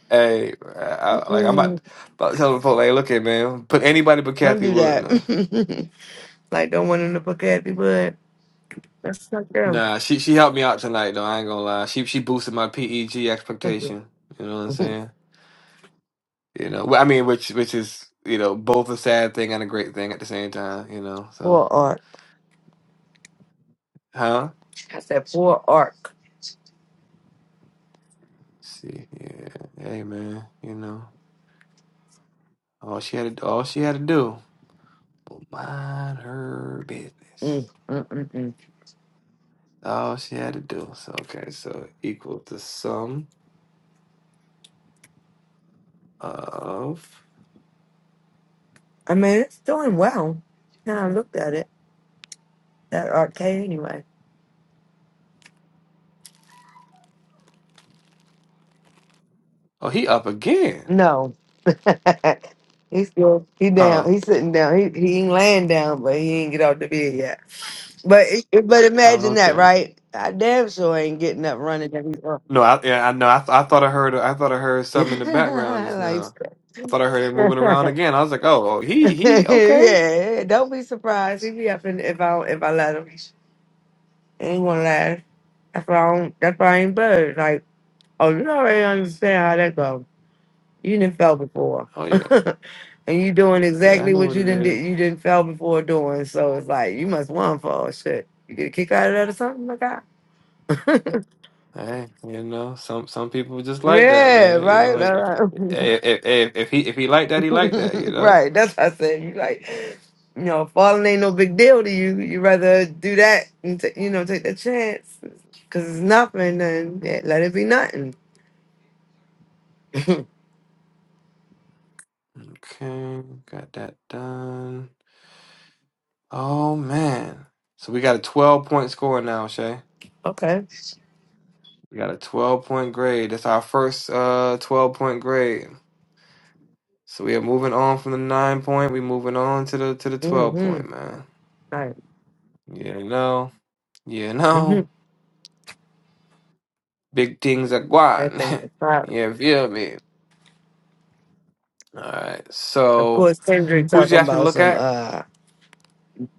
[SPEAKER 4] Hey, I, I- like I'm
[SPEAKER 3] mm-mm,
[SPEAKER 4] about, about to tell the folks, like, look at man, put anybody but
[SPEAKER 3] don't
[SPEAKER 4] Kathy
[SPEAKER 3] do
[SPEAKER 4] Wood, man.
[SPEAKER 3] that. like don't want him to look at you, but that's not them.
[SPEAKER 4] Nah, she she helped me out tonight though. I ain't gonna lie. She she boosted my PEG expectation. You know what I'm saying? You know, wh- I mean, which which is you know both a sad thing and a great thing at the same time. You know, so
[SPEAKER 3] poor Ark.
[SPEAKER 4] huh?
[SPEAKER 3] I said poor Ark.
[SPEAKER 4] Let's see, yeah, hey man, you know, all she had to all she had to do. Mind her
[SPEAKER 3] Mm,
[SPEAKER 4] business.
[SPEAKER 3] mm, mm, mm.
[SPEAKER 4] All she had to do. So okay, so equal to sum of.
[SPEAKER 3] I mean, it's doing well. Now I looked at it, that arcade anyway.
[SPEAKER 4] Oh, he up again.
[SPEAKER 3] No. He's still he down.
[SPEAKER 4] Oh,
[SPEAKER 3] He's sitting down. He he ain't laying down, but he ain't get off the bed yet. But it- but
[SPEAKER 4] oh,
[SPEAKER 3] imagine that,
[SPEAKER 4] okay.
[SPEAKER 3] right? I damn sure ain't getting up running every up.
[SPEAKER 4] No, I yeah, I know. I, th- I thought I heard. I thought I heard something in the background just
[SPEAKER 3] like
[SPEAKER 4] now. I thought I heard it moving around again. I was like, oh, oh, he he okay.
[SPEAKER 3] yeah. Don't be surprised. He be up in, if I if I let him. He ain't gonna last. That's why I don't, that's why I ain't bird. Like oh, you already understand how that goes. You didn't fell before.
[SPEAKER 4] Oh yeah,
[SPEAKER 3] and you doing
[SPEAKER 4] yeah. I
[SPEAKER 3] exactly
[SPEAKER 4] know
[SPEAKER 3] what
[SPEAKER 4] what
[SPEAKER 3] you
[SPEAKER 4] it
[SPEAKER 3] didn't did
[SPEAKER 4] is.
[SPEAKER 3] you didn't fell before doing. So it's like you must want fall shit. You get a kick out of that or something like that.
[SPEAKER 4] Hey, you know, some some people just like that,
[SPEAKER 3] yeah,
[SPEAKER 4] man. You know,
[SPEAKER 3] right.
[SPEAKER 4] if
[SPEAKER 3] All
[SPEAKER 4] if if, if, if he if he like that, he like that. You
[SPEAKER 3] right.
[SPEAKER 4] know.
[SPEAKER 3] right. That's what I said. You like you know, falling ain't no big deal to you. You rather do that and ta you know, take the chance. Cause it's nothing, then yeah, let it be nothing.
[SPEAKER 4] Okay, got that done. Oh man. So we got a 12 point score now, Shay.
[SPEAKER 3] okay.
[SPEAKER 4] We got a 12 point grade. That's our first uh 12 point grade. So we are moving on from the 9 point. We moving on to the to the 12
[SPEAKER 3] Mm-hmm.
[SPEAKER 4] point, man.
[SPEAKER 3] Right.
[SPEAKER 4] You know. You
[SPEAKER 3] Mm-hmm.
[SPEAKER 4] know. Big things are
[SPEAKER 3] That
[SPEAKER 4] gone.
[SPEAKER 3] thing was fire.
[SPEAKER 4] you feel me? All right.
[SPEAKER 3] Of
[SPEAKER 4] So
[SPEAKER 3] course, Kendrick
[SPEAKER 4] who'd you
[SPEAKER 3] talking
[SPEAKER 4] ask me to
[SPEAKER 3] about
[SPEAKER 4] look
[SPEAKER 3] some.
[SPEAKER 4] at?
[SPEAKER 3] uh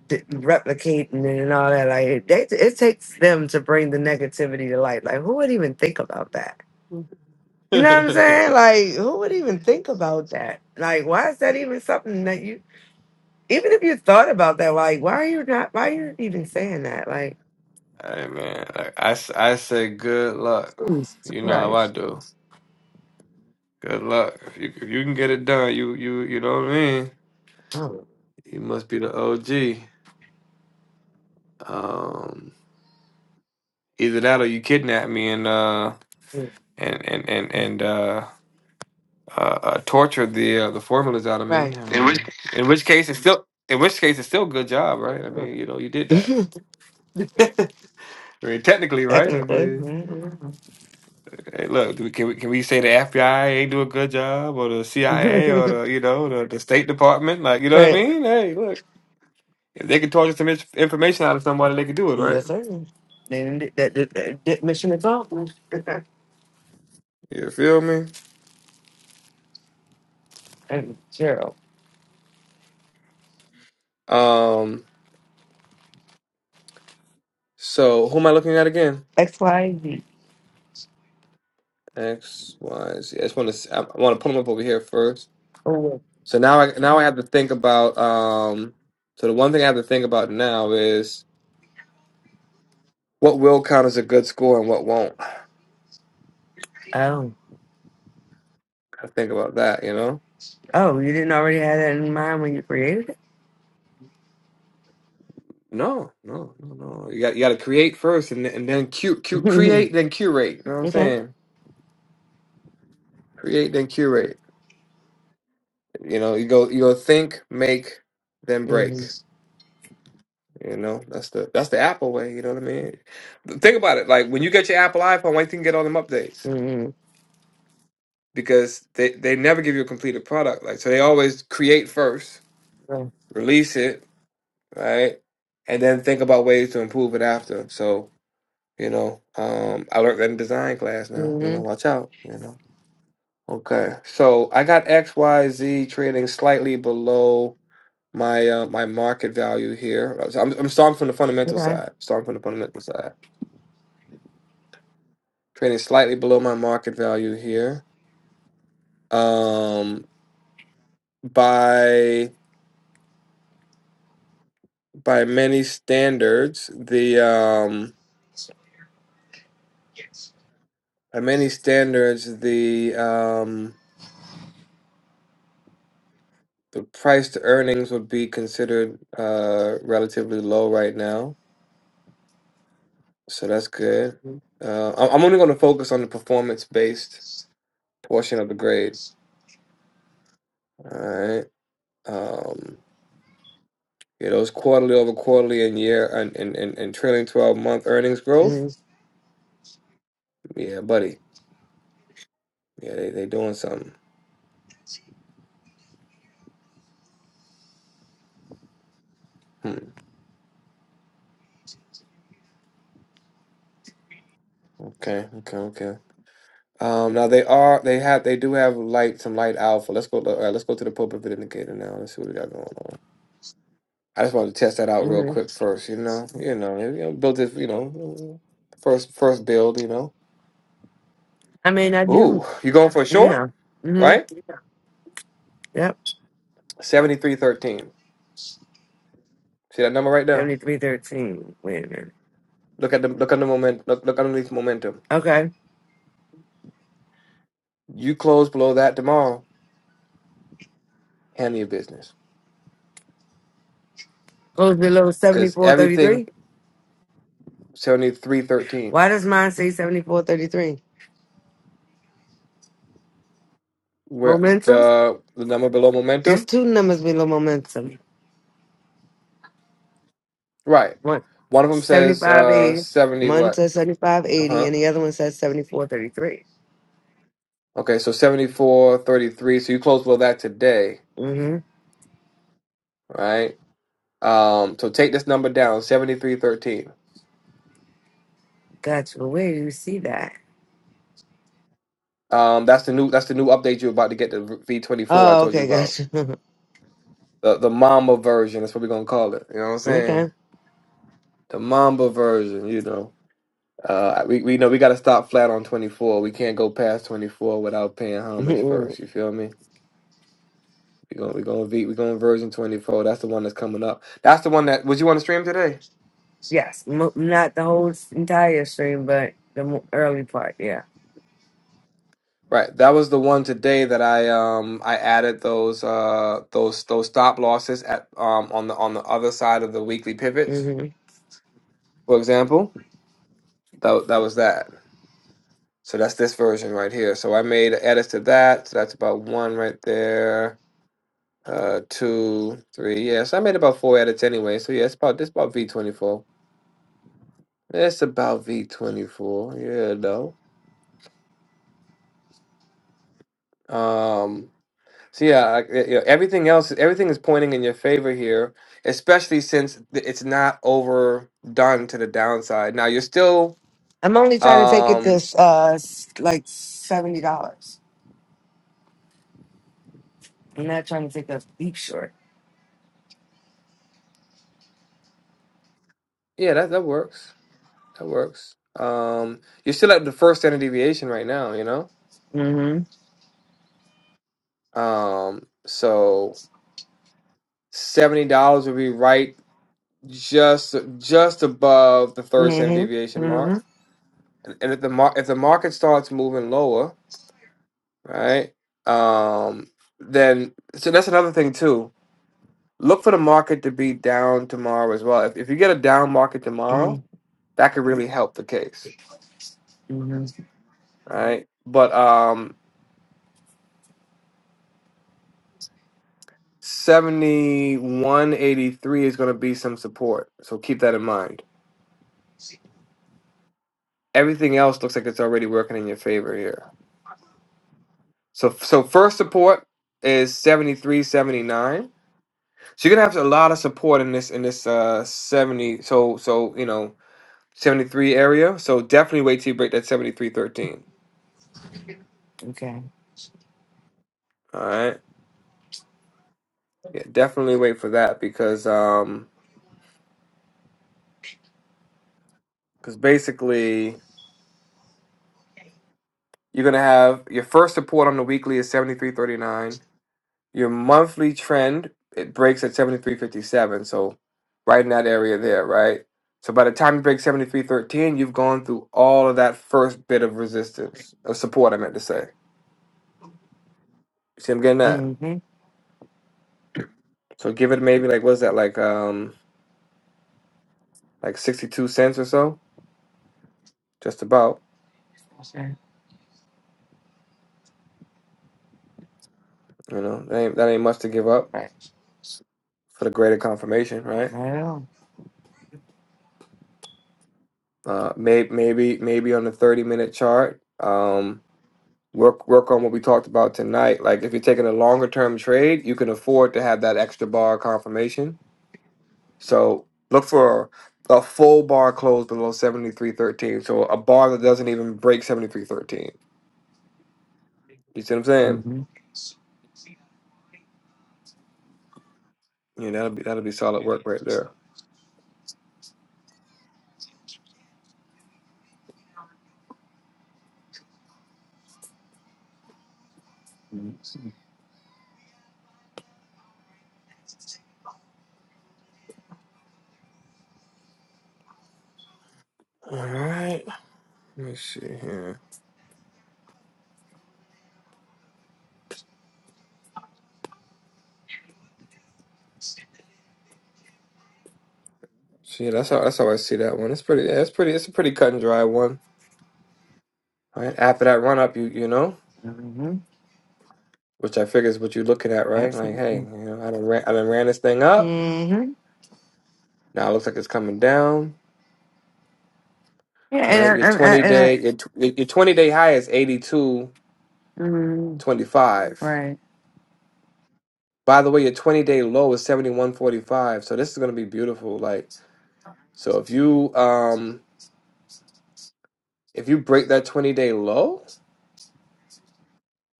[SPEAKER 3] d- replicating and all that. Like they, it takes them to bring the negativity to light. Like who would even think about that? You know what I'm saying? Like who would even think about that? Like why is that even something that you? Even if you thought about that, like why are you not? Why are you even saying that? Like
[SPEAKER 4] hey man, like I, s- I say good luck.
[SPEAKER 3] Jesus
[SPEAKER 4] You know how I
[SPEAKER 3] Christ.
[SPEAKER 4] do. Good luck. If you, if you can get it done, you you you know what I mean.
[SPEAKER 3] Oh,
[SPEAKER 4] You must be the OG. Um, either that or you kidnap me and uh
[SPEAKER 3] mm,
[SPEAKER 4] and and and and uh, uh, uh torture the uh, the formulas out of me.
[SPEAKER 3] right.
[SPEAKER 4] I
[SPEAKER 3] In which
[SPEAKER 4] mean, in which case it's still in which case it's still a good job, right? I mean, you know, you did that.
[SPEAKER 3] case-
[SPEAKER 4] I mean, technically, right? I
[SPEAKER 3] Technically,
[SPEAKER 4] mean, hey, look, do we, can we can we say the FBI ain't do a good job, or the CIA, or
[SPEAKER 3] right.
[SPEAKER 4] the you know the, the State Department? Like, you know what I
[SPEAKER 3] Right.
[SPEAKER 4] mean? Hey, look, if they can torture some inf- information out of somebody, they can do it, right?
[SPEAKER 3] Yes, sir. Then that, that, that, that mission accomplished.
[SPEAKER 4] You feel me?
[SPEAKER 3] and Gerald.
[SPEAKER 4] Um. So who am I looking at again?
[SPEAKER 3] X Y Z.
[SPEAKER 4] X, Y, Z. I just want to. I want to put them up over here first. So now I now I have to think about. Um, so the one thing I have to think about now is what will count as a good score and what won't.
[SPEAKER 3] Oh,
[SPEAKER 4] I think about that. You know.
[SPEAKER 3] oh, you didn't already have that in mind when you created it?
[SPEAKER 4] No, no, no, no. You got you got to create first, and then- and then cu- cu-
[SPEAKER 3] Mhm.
[SPEAKER 4] create, then curate. You know what I'm
[SPEAKER 3] okay.
[SPEAKER 4] saying? Create, then curate. You know, you go you go think, make, then break.
[SPEAKER 3] Mm-hmm.
[SPEAKER 4] You know, that's the that's the Apple way. You know what I mean? Think about it. Like when you get your Apple iPhone, why you can get all them updates?
[SPEAKER 3] Mm-hmm.
[SPEAKER 4] Because they they never give you a completed product. Like so, they always create first,
[SPEAKER 3] Yeah.
[SPEAKER 4] release it, right, and then think about ways to improve it after. So you know, um, I learned that in design class. Now you know,
[SPEAKER 3] Mm-hmm.
[SPEAKER 4] watch out. You know. Okay, so I got X Y Z trading slightly below my uh, my market value here. So I'm I'm starting from the fundamental
[SPEAKER 3] Okay.
[SPEAKER 4] side. Starting from the fundamental side. trading slightly below my market value here. Um, by by many standards, the um, by many standards, the um, the price to earnings would be considered uh, relatively low right now, so that's good. Uh, I- I'm only going to focus on the performance based portion of the grade. All right. Um, yeah, those quarterly over quarterly and year and, and, and, and trailing 12 month earnings growth.
[SPEAKER 3] hmm
[SPEAKER 4] Yeah, buddy. Yeah, they they doing something. Hmm. Okay. Okay. Okay. Um. Now they are. They have. They do have light. Some light alpha. Let's go. All right, let's go to the pulpit indicator now. Let's see what we got going on. I just wanted to test that out real quick first. You know. You know. You know build this. You know. First. First build. You know.
[SPEAKER 3] I mean, I do.
[SPEAKER 4] Ooh. You going for a short?
[SPEAKER 3] Yeah. Mm-hmm.
[SPEAKER 4] Right.
[SPEAKER 3] Yep.
[SPEAKER 4] Seventy three thirteen. See that number right there.
[SPEAKER 3] 7313. Wait a minute.
[SPEAKER 4] Look at the look at the moment. Look look underneath momentum.
[SPEAKER 3] Okay.
[SPEAKER 4] You close below that tomorrow. Handle your business.
[SPEAKER 3] Goes below
[SPEAKER 4] Cause everything
[SPEAKER 3] 7433.
[SPEAKER 4] seventy three thirteen.
[SPEAKER 3] Why does mine say 7433?
[SPEAKER 4] where
[SPEAKER 3] Momentum?
[SPEAKER 4] the the number below
[SPEAKER 3] There's
[SPEAKER 4] momentum
[SPEAKER 3] two numbers below momentum.
[SPEAKER 4] right
[SPEAKER 3] One
[SPEAKER 4] one of them says uh
[SPEAKER 3] 7580.
[SPEAKER 4] 70
[SPEAKER 3] One
[SPEAKER 4] what
[SPEAKER 3] says 7580,
[SPEAKER 4] uh-huh
[SPEAKER 3] and the other one says 7433.
[SPEAKER 4] okay so 74 33. so you close below that today
[SPEAKER 3] Mm-hmm.
[SPEAKER 4] right um so take this number down seventy three thirteen.
[SPEAKER 3] Gotcha. Where do you see that?
[SPEAKER 4] um that's the new that's the new update you're about to get the v24 i
[SPEAKER 3] Oh,
[SPEAKER 4] told you
[SPEAKER 3] okay,
[SPEAKER 4] about
[SPEAKER 3] gotcha.
[SPEAKER 4] the the mamba version that's what we're gonna call it you know what i'm saying
[SPEAKER 3] okay.
[SPEAKER 4] the mamba version you know uh, we we know we got to stop flat on twenty four. We can't go past twenty four without paying homage
[SPEAKER 3] Mhm.
[SPEAKER 4] first. You feel me? We going we going V we going version twenty four. That's the one that's coming up. That's the one that was you on the stream today,
[SPEAKER 3] yes, mo not the whole s- entire stream, but the mo- early part. Yeah.
[SPEAKER 4] right? That was the one today that I um I added those uh those those stop losses at um on the on the other side of the weekly pivots.
[SPEAKER 3] hmm
[SPEAKER 4] For example, that that was that. So that's this version right here. So I made edits to that. So that's about one right there. Uh, two, three. Yeah. So I made about four edits anyway. So yeah, it's about this about V twenty four. It's about V twenty four. Yeah, no. Um. So yeah, I, you know, everything else, everything is pointing in your favor here, especially since th- it's not overdone to the downside. Now you're still,
[SPEAKER 3] I'm only trying to take it to
[SPEAKER 4] um,
[SPEAKER 3] uh s- like seventy dollars. I'm not trying to take a deep short.
[SPEAKER 4] yeah, that that works. That works. Um, you're still at the first standard deviation right now, you know.
[SPEAKER 3] hmm
[SPEAKER 4] Um, so seventy dollars would be right just just above the third standard
[SPEAKER 3] hmm
[SPEAKER 4] deviation
[SPEAKER 3] hmm
[SPEAKER 4] mark, and, and if the mar- if the market starts moving lower, right, um, then so that's another thing too Look for the market to be down tomorrow as well. If, if you get a down market tomorrow, that could really help the case.
[SPEAKER 3] hmm
[SPEAKER 4] right? But um 7183 is going to be some support. So keep that in mind. Everything else looks like it's already working in your favor here. So so first support is 7379. So you're going to have a lot of support in this in this uh 70 so so you know 73 area. So definitely wait till you break that 7313.
[SPEAKER 3] Okay.
[SPEAKER 4] All right. Yeah, definitely wait for that because um because basically you're gonna have your first support on the weekly is seventy three thirty nine. Your monthly trend it breaks at seventy three fifty seven, so right in that area there, right? So by the time you break seventy three thirteen, you've gone through all of that first bit of resistance of support. I meant to say. You see, I'm getting that.
[SPEAKER 3] hmm
[SPEAKER 4] So give it maybe like what's that like um like sixty two cents or so, just about. You know that ain't that ain't much to give up for the greater confirmation, right? Uh, may, maybe maybe on a 30 minute chart. Um, work work on what we talked about tonight. Like if you're taking a longer term trade, you can afford to have that extra bar confirmation. So look for a full bar close below 73.13. So a bar that doesn't even break 73.13. You see what I'm saying?
[SPEAKER 3] hmm
[SPEAKER 4] Yeah, that'll be that'll be solid work right there. All right. Let me see here. See, that's how that's how I see that one. It's pretty. Yeah, it's pretty. It's a pretty cut and dry one. Right after that run up, you you know.
[SPEAKER 3] hmm
[SPEAKER 4] Which I figure is what you're looking at, right? Like, hey, you
[SPEAKER 3] Absolutely.
[SPEAKER 4] know, I done ran, I done ran this thing up.
[SPEAKER 3] hmm
[SPEAKER 4] Now it looks like it's coming down.
[SPEAKER 3] Yeah, and I,
[SPEAKER 4] Right? Your
[SPEAKER 3] I, I,
[SPEAKER 4] 20
[SPEAKER 3] and I,
[SPEAKER 4] day your, tw- your your 20 day high is 82.25.
[SPEAKER 3] mhm. right.
[SPEAKER 4] By the way, your 20 day low is 71.45. So this is going to be beautiful. Like, so if you um if you break that 20 day low,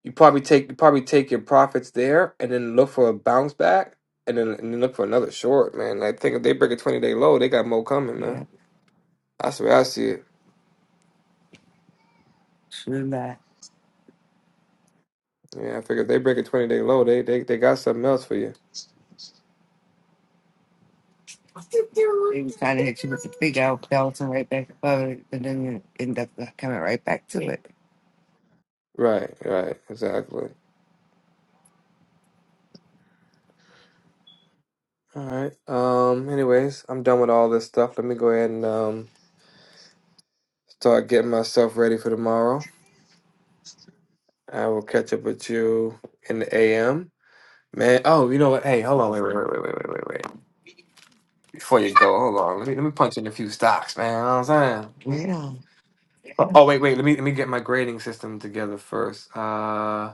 [SPEAKER 4] you probably take you probably take your profits there and then look for a bounce back and then and then look for another short, man. I think if they break a 20 day low, they got more coming, man.
[SPEAKER 3] Yeah.
[SPEAKER 4] That's the way I see it.
[SPEAKER 3] True that.
[SPEAKER 4] Yeah, I figured they break a 20 day low. They, they they got something else for you.
[SPEAKER 3] He was trying to hit you with the big out, belt and right back above it, but then you end up uh, coming right back to it.
[SPEAKER 4] Right, right, exactly. All right. Um, anyways, I'm done with all this stuff. Let me go ahead and um start getting myself ready for tomorrow. I will catch up with you in the AM. Man, oh, you know what? Hey, hold on, wait, wait, wait, wait, wait, wait, wait, wait. Before you go, hold on. Let me let me punch in a few stocks, man. You know what I'm saying?
[SPEAKER 3] You know,
[SPEAKER 4] Oh, oh, wait, wait. Let me let me get my grading system together first. Uh,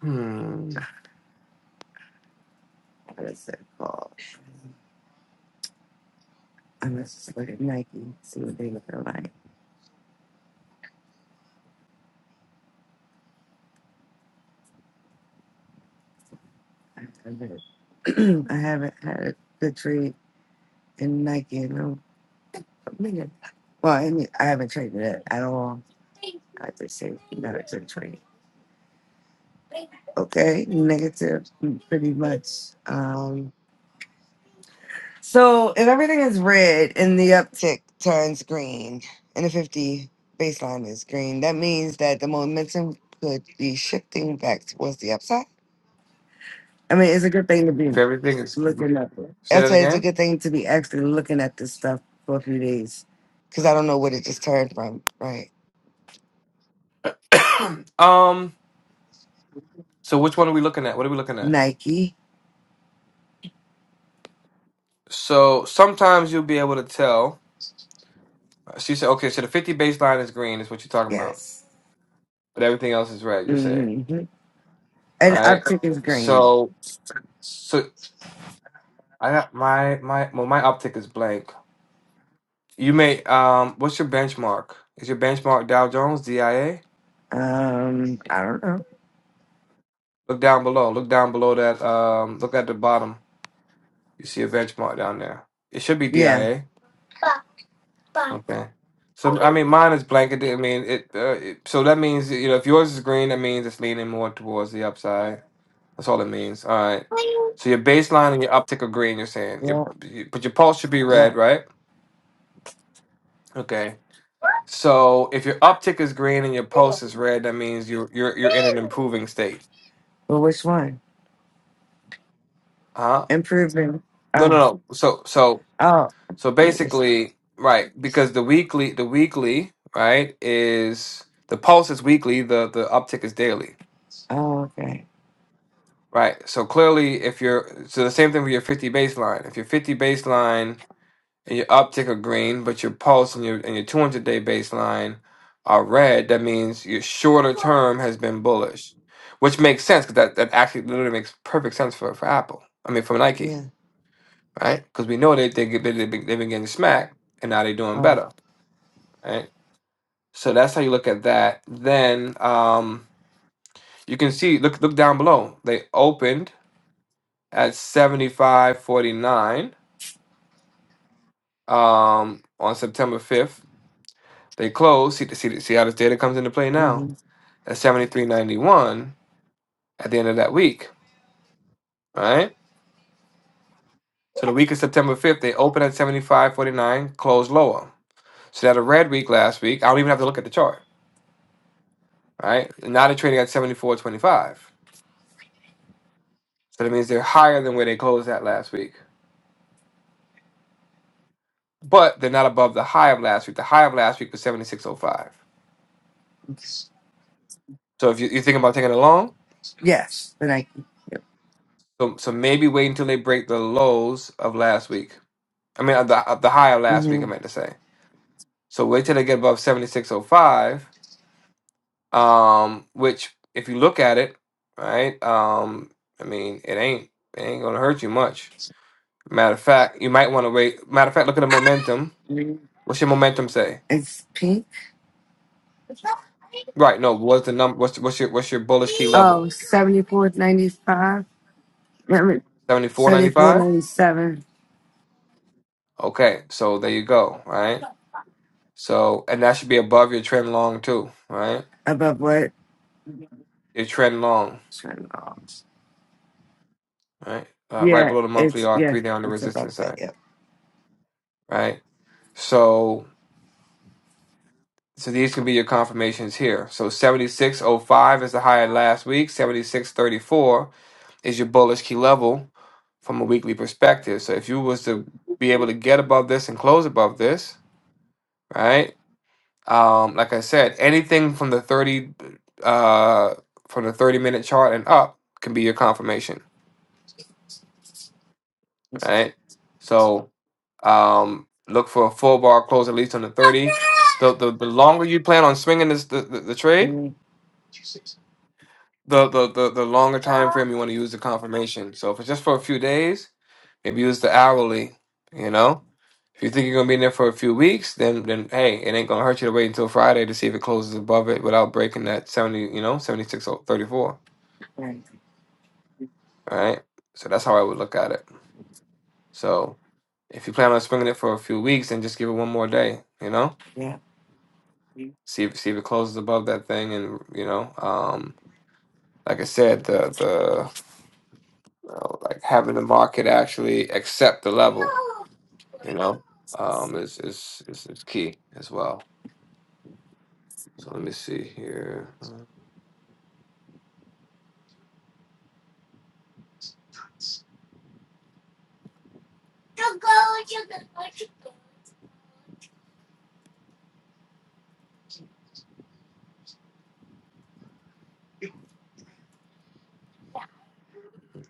[SPEAKER 4] hmm.
[SPEAKER 3] what is it called? I must just look at Nike, see what they look like. I haven't, I haven't had a good trade in Nike in a a minute. Well, I mean, I haven't traded it at all. I just say not a good trade. Okay, negative, mm, pretty much. Um, So if everything is red and the uptick turns green and the 50 baseline is green, that means that the momentum could be shifting back towards the upside. I mean, it's a good thing to be
[SPEAKER 4] If everything is,
[SPEAKER 3] looking at. it.
[SPEAKER 4] say
[SPEAKER 3] I
[SPEAKER 4] that
[SPEAKER 3] said it's a
[SPEAKER 4] again.
[SPEAKER 3] good thing to be actually looking at this stuff for a few days because I don't know what it just turned from, right?
[SPEAKER 4] um. So which one are we looking at? What are we looking at?
[SPEAKER 3] Nike,
[SPEAKER 4] So sometimes you'll be able to tell. So you say, okay, so the 50 baseline is green, is what you're talking about,
[SPEAKER 3] yes.
[SPEAKER 4] but everything else is red. You're saying,
[SPEAKER 3] hmm And
[SPEAKER 4] right?
[SPEAKER 3] uptick is green.
[SPEAKER 4] So, so I got my my well, my optic is blank. You may um, what's your benchmark? Is your benchmark Dow Jones, DIA?
[SPEAKER 3] Um, I don't know.
[SPEAKER 4] Look down below. Look down below that. Um, look at the bottom. You see a benchmark down there. It should be
[SPEAKER 3] Yeah.
[SPEAKER 4] DIA. Okay. So I mean, mine is blanketed. I mean, it, uh, it. So that means you know, if yours is green, that means it's leaning more towards the upside. That's all it means. All right. So your baseline and your uptick are green. You're saying your, you, but your pulse should be
[SPEAKER 3] Yeah.
[SPEAKER 4] red, right? Okay. So if your uptick is green and your
[SPEAKER 3] Yeah.
[SPEAKER 4] pulse is red, that means you're you're you're in an improving state.
[SPEAKER 3] Well, which one?
[SPEAKER 4] Huh?
[SPEAKER 3] Improving.
[SPEAKER 4] No,
[SPEAKER 3] Oh,
[SPEAKER 4] no, no. So so
[SPEAKER 3] oh,
[SPEAKER 4] so
[SPEAKER 3] yes.
[SPEAKER 4] basically, right? Because the weekly, the weekly, right, is the pulse is weekly. The the uptick is daily.
[SPEAKER 3] oh, okay.
[SPEAKER 4] Right. So clearly, if you're so the same thing with your 50 baseline. If your 50 baseline and your uptick are green, but your pulse and your and your 200 day baseline are red, that means your shorter term has been bullish, which makes sense because that, that actually literally makes perfect sense for, for Apple. I mean, for Nike,
[SPEAKER 3] Yeah.
[SPEAKER 4] right? Because we know they they get- they they've been they've been getting smacked and now they're doing
[SPEAKER 3] Right.
[SPEAKER 4] better, right? So that's how you look at that. Then um, you can see look look down below. They opened. at 75.49 um, on September 5th. They closed. See, see, see how this data comes into play now
[SPEAKER 3] hmm
[SPEAKER 4] at 73.91 at the end of that week, right? So the week of September 5th, they opened at 75.49, closed lower. So that a red week last week, I don't even have to look at the chart, right? Now they're trading at 74.25. So that means they're higher than where they closed at last week. But they're not above the high of last week. The high of last week was 76.05. So if you, you're thinking about taking a long.
[SPEAKER 3] Yes, the Nike. Yep.
[SPEAKER 4] So so maybe wait until they break the lows of last week. I mean, of the of the high of last week.
[SPEAKER 3] hmm
[SPEAKER 4] I meant to say. So wait till they get above seventy six oh five. Um, which if you look at it, right? Um, I mean, it ain't it ain't gonna hurt you much. Matter of fact, you might want to wait. Matter of fact, look at the momentum. What's your momentum say?
[SPEAKER 3] It's pink.
[SPEAKER 4] Right. No. What's the number? What's what's your what's your bullish key level?
[SPEAKER 3] Oh, seventy four ninety five. Remember,
[SPEAKER 4] Seventy four ninety five.
[SPEAKER 3] 74.97.
[SPEAKER 4] Okay. So there you go. Right. So and that should be above your trend long too. Right.
[SPEAKER 3] Above what?
[SPEAKER 4] Your trend long.
[SPEAKER 3] Turn off.
[SPEAKER 4] right? Uh, right
[SPEAKER 3] Yeah,
[SPEAKER 4] below the monthly
[SPEAKER 3] it's,
[SPEAKER 4] R,
[SPEAKER 3] yes,
[SPEAKER 4] three down the
[SPEAKER 3] it's above
[SPEAKER 4] resistance
[SPEAKER 3] that.
[SPEAKER 4] side,
[SPEAKER 3] Yep.
[SPEAKER 4] right? So, so these can be your confirmations here. So 76.05 is the high at last week. 76.34 is your bullish key level from a weekly perspective. So if you was to be able to get above this and close above this, right? Um, like I said, anything from the 30 uh, from the 30 minute chart and up can be your confirmation right? So um, look for a full bar close at least on the 30. The, the, the longer you plan on swinging this the, the, the trade, the, the, the, the longer time frame you want to use the confirmation. So if it's just for a few days, maybe use the hourly, you know? If you think you're gonna be in there for a few weeks, then then hey, it ain't gonna hurt you to wait until Friday to see if it closes above it without breaking that seventy, you know, seventy six thirty four.
[SPEAKER 3] Right.
[SPEAKER 4] All right. So that's how I would look at it. So if you plan on swinging it for a few weeks, then just give it one more day, you know?
[SPEAKER 3] Yeah.
[SPEAKER 4] See if see if it closes above that thing, and you know, um, like I said, the the uh, like having the market actually accept the level, you know, um, is is is, is key as well. So let me see here. Uh,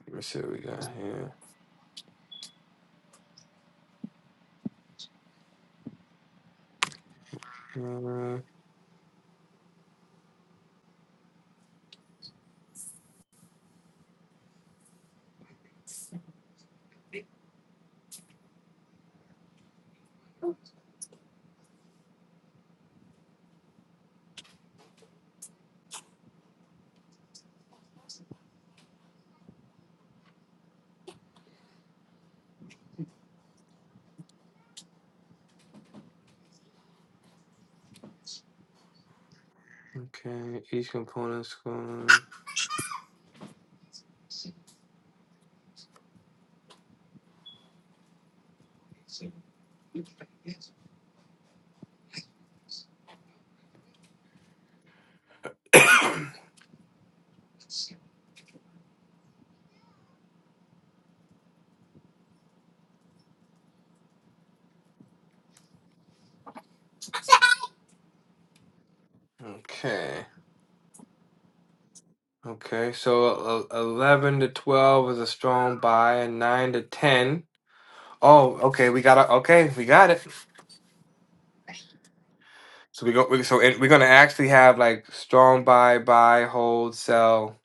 [SPEAKER 4] Let me see what we got here. Uh, okay, each component score. Okay. Okay, so uh, 11 to 12 is a strong buy, and 9 to 10. Oh, okay, we got it. Okay, we got it. So we go. We, so it, we're gonna actually have like strong buy, buy, hold, sell,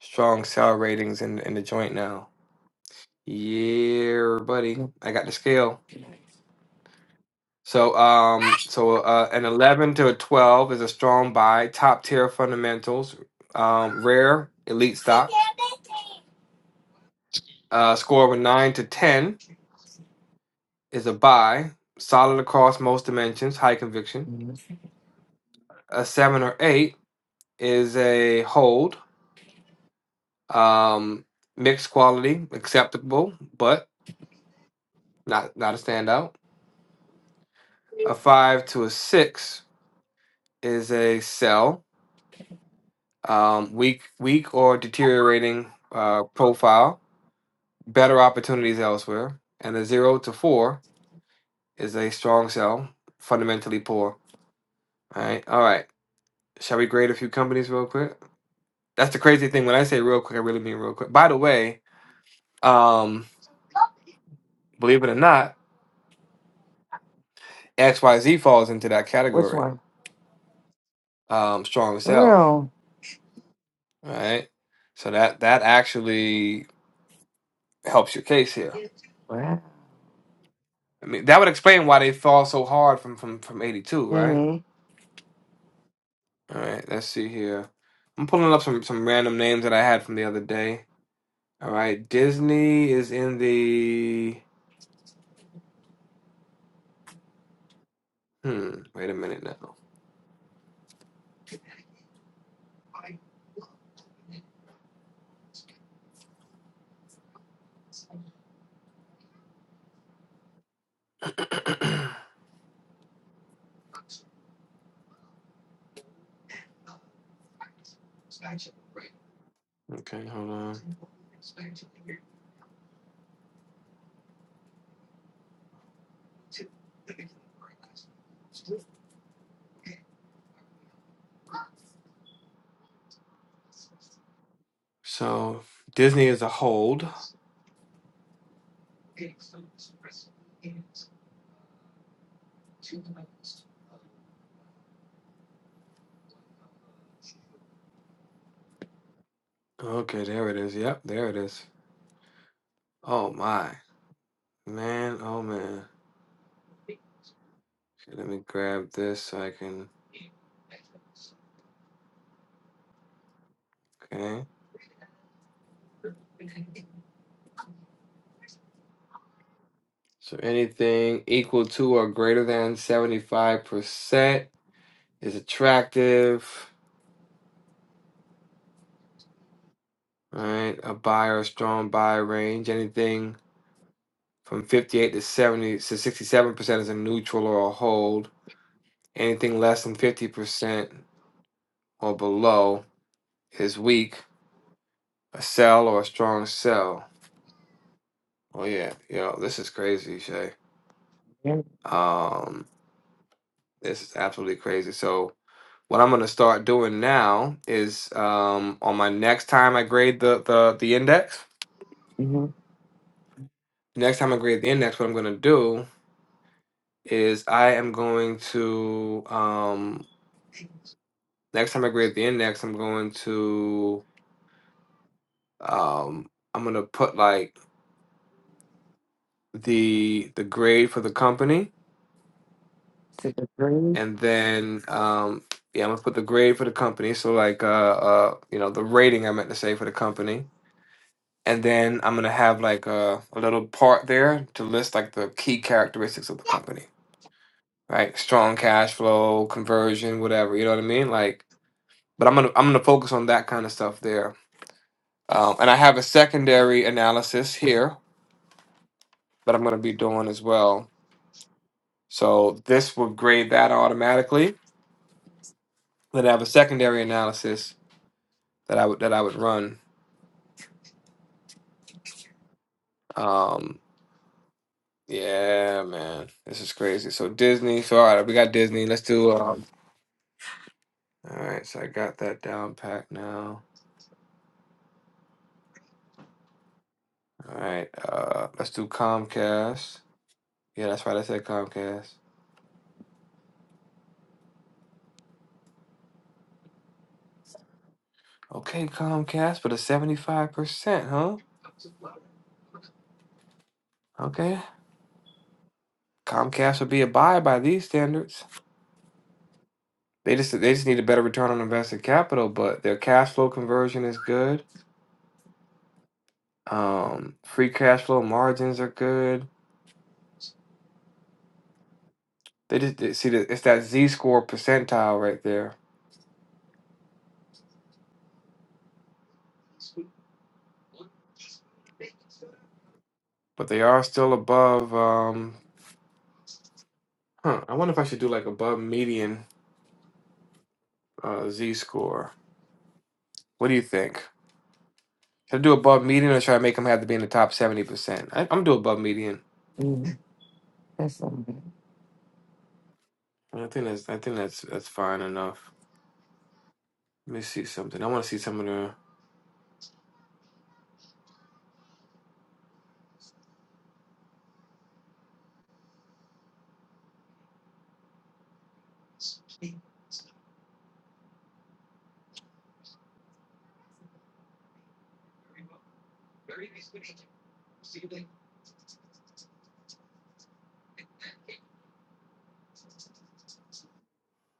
[SPEAKER 4] strong sell ratings in in the joint now. Yeah, buddy, I got the scale. So um, so uh, an eleven to a twelve is a strong buy, top tier fundamentals, um, rare elite stocks. Uh, score of a nine to ten is a buy, solid across most dimensions, high conviction. A seven or eight is a hold Um, mixed quality, acceptable, but not not a standout. A five to a six is a sell. Um, weak, weak or deteriorating uh, profile. Better opportunities elsewhere. And a zero to four is a strong sell. Fundamentally poor. All right, all right. Shall we grade a few companies real quick? That's the crazy thing. When I say real quick, I really mean real quick. By the way, um, believe it or not, XYZ falls into that
[SPEAKER 3] Which
[SPEAKER 4] category.
[SPEAKER 3] one?
[SPEAKER 4] Um, strong sell.
[SPEAKER 3] real.
[SPEAKER 4] right? So that that actually helps your case here. I mean, that would explain why they fall so hard from from from 82, right?
[SPEAKER 3] Mm-hmm.
[SPEAKER 4] All right, let's see here. I'm pulling up some some random names that I had from the other day. All right, Disney is in the hmm, wait a minute now. Okay, hold on. So, Disney is a hold. Okay, there it is. Yep, there it is. Oh my. Man, oh man. Okay, let me grab this so I can. Okay. So anything equal to or greater than 75% is attractive, right? A buyer, a strong buy range. Anything from 58 to 70 to 67% is a neutral or a hold. Anything less than 50% or below is weak, a sell or a strong sell. Oh yeah, yo, this is crazy, Shay. Um, this is absolutely crazy. So What I'm gonna start doing now is um, on my next time I grade the, the the index. Next time I grade the index, what I'm gonna do is I am going to um, next time I grade the index, I'm going to um, I'm gonna put like the the grade for the company and then um, yeah, I'm gonna put the grade for the company. So like uh, uh, you know the rating I meant to say for the company and then I'm gonna have like a, a little part there to list like the key characteristics of the company, right? Strong cash flow, conversion, whatever. You know what I mean? Like, but I'm gonna I'm gonna focus on that kind of stuff there. Um, and I have a secondary analysis here that I'm gonna be doing as well. So this would grade that automatically. Then I have a secondary analysis that I would that I would run. Um, yeah, man, this is crazy. So Disney. So all right, we got Disney. Let's do. Um, All right, so I got that down pat now. All right, uh, let's do Comcast. Yeah, that's right. I said Comcast. Okay, Comcast, but a seventy-five percent, huh? Okay, Comcast would be a buy by these standards. They just they just need a better return on invested capital, but their cash flow conversion is good. Um, free cash flow margins are good. They just they- see that it's that Z score percentile right there, but they are still above. Um, huh, I wonder if I should do like above median Uh, Z score. What do you think? Should I do above median or try to make them have to be in the top seventy percent? I'm gonna do above median.
[SPEAKER 3] That's
[SPEAKER 4] I think that's I think that's that's fine enough. Let me see something. I want to see some of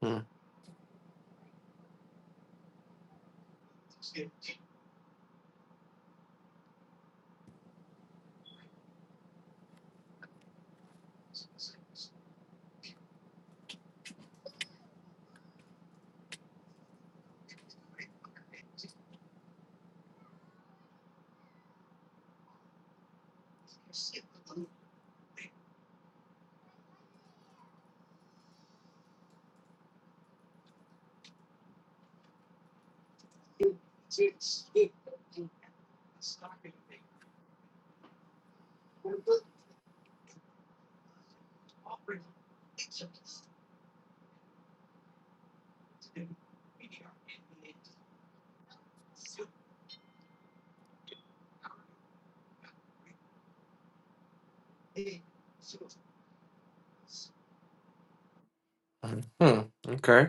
[SPEAKER 4] the. Hmm. Hmm. Okay.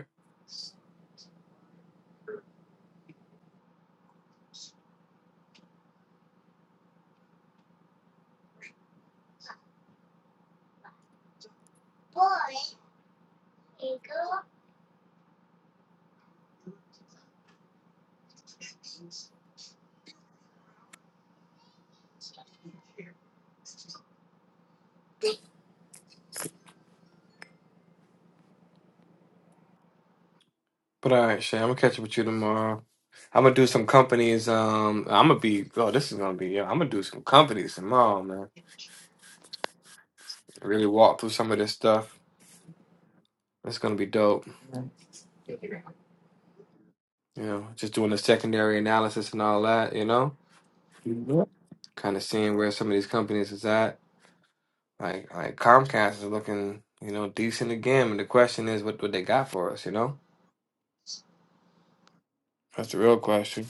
[SPEAKER 4] But all right, Shay. I'm gonna catch up with you tomorrow. I'm gonna do some companies. Um, I'm gonna be. Oh, this is gonna be. Yeah, I'm gonna do some companies tomorrow, man. Really walk through some of this stuff. It's gonna be dope. You know, just doing the secondary analysis and all that. You know, kind of seeing where some of these companies is at Like like Comcast is looking, you know, decent again. And the question is, what what they got for us? You know, that's the real question.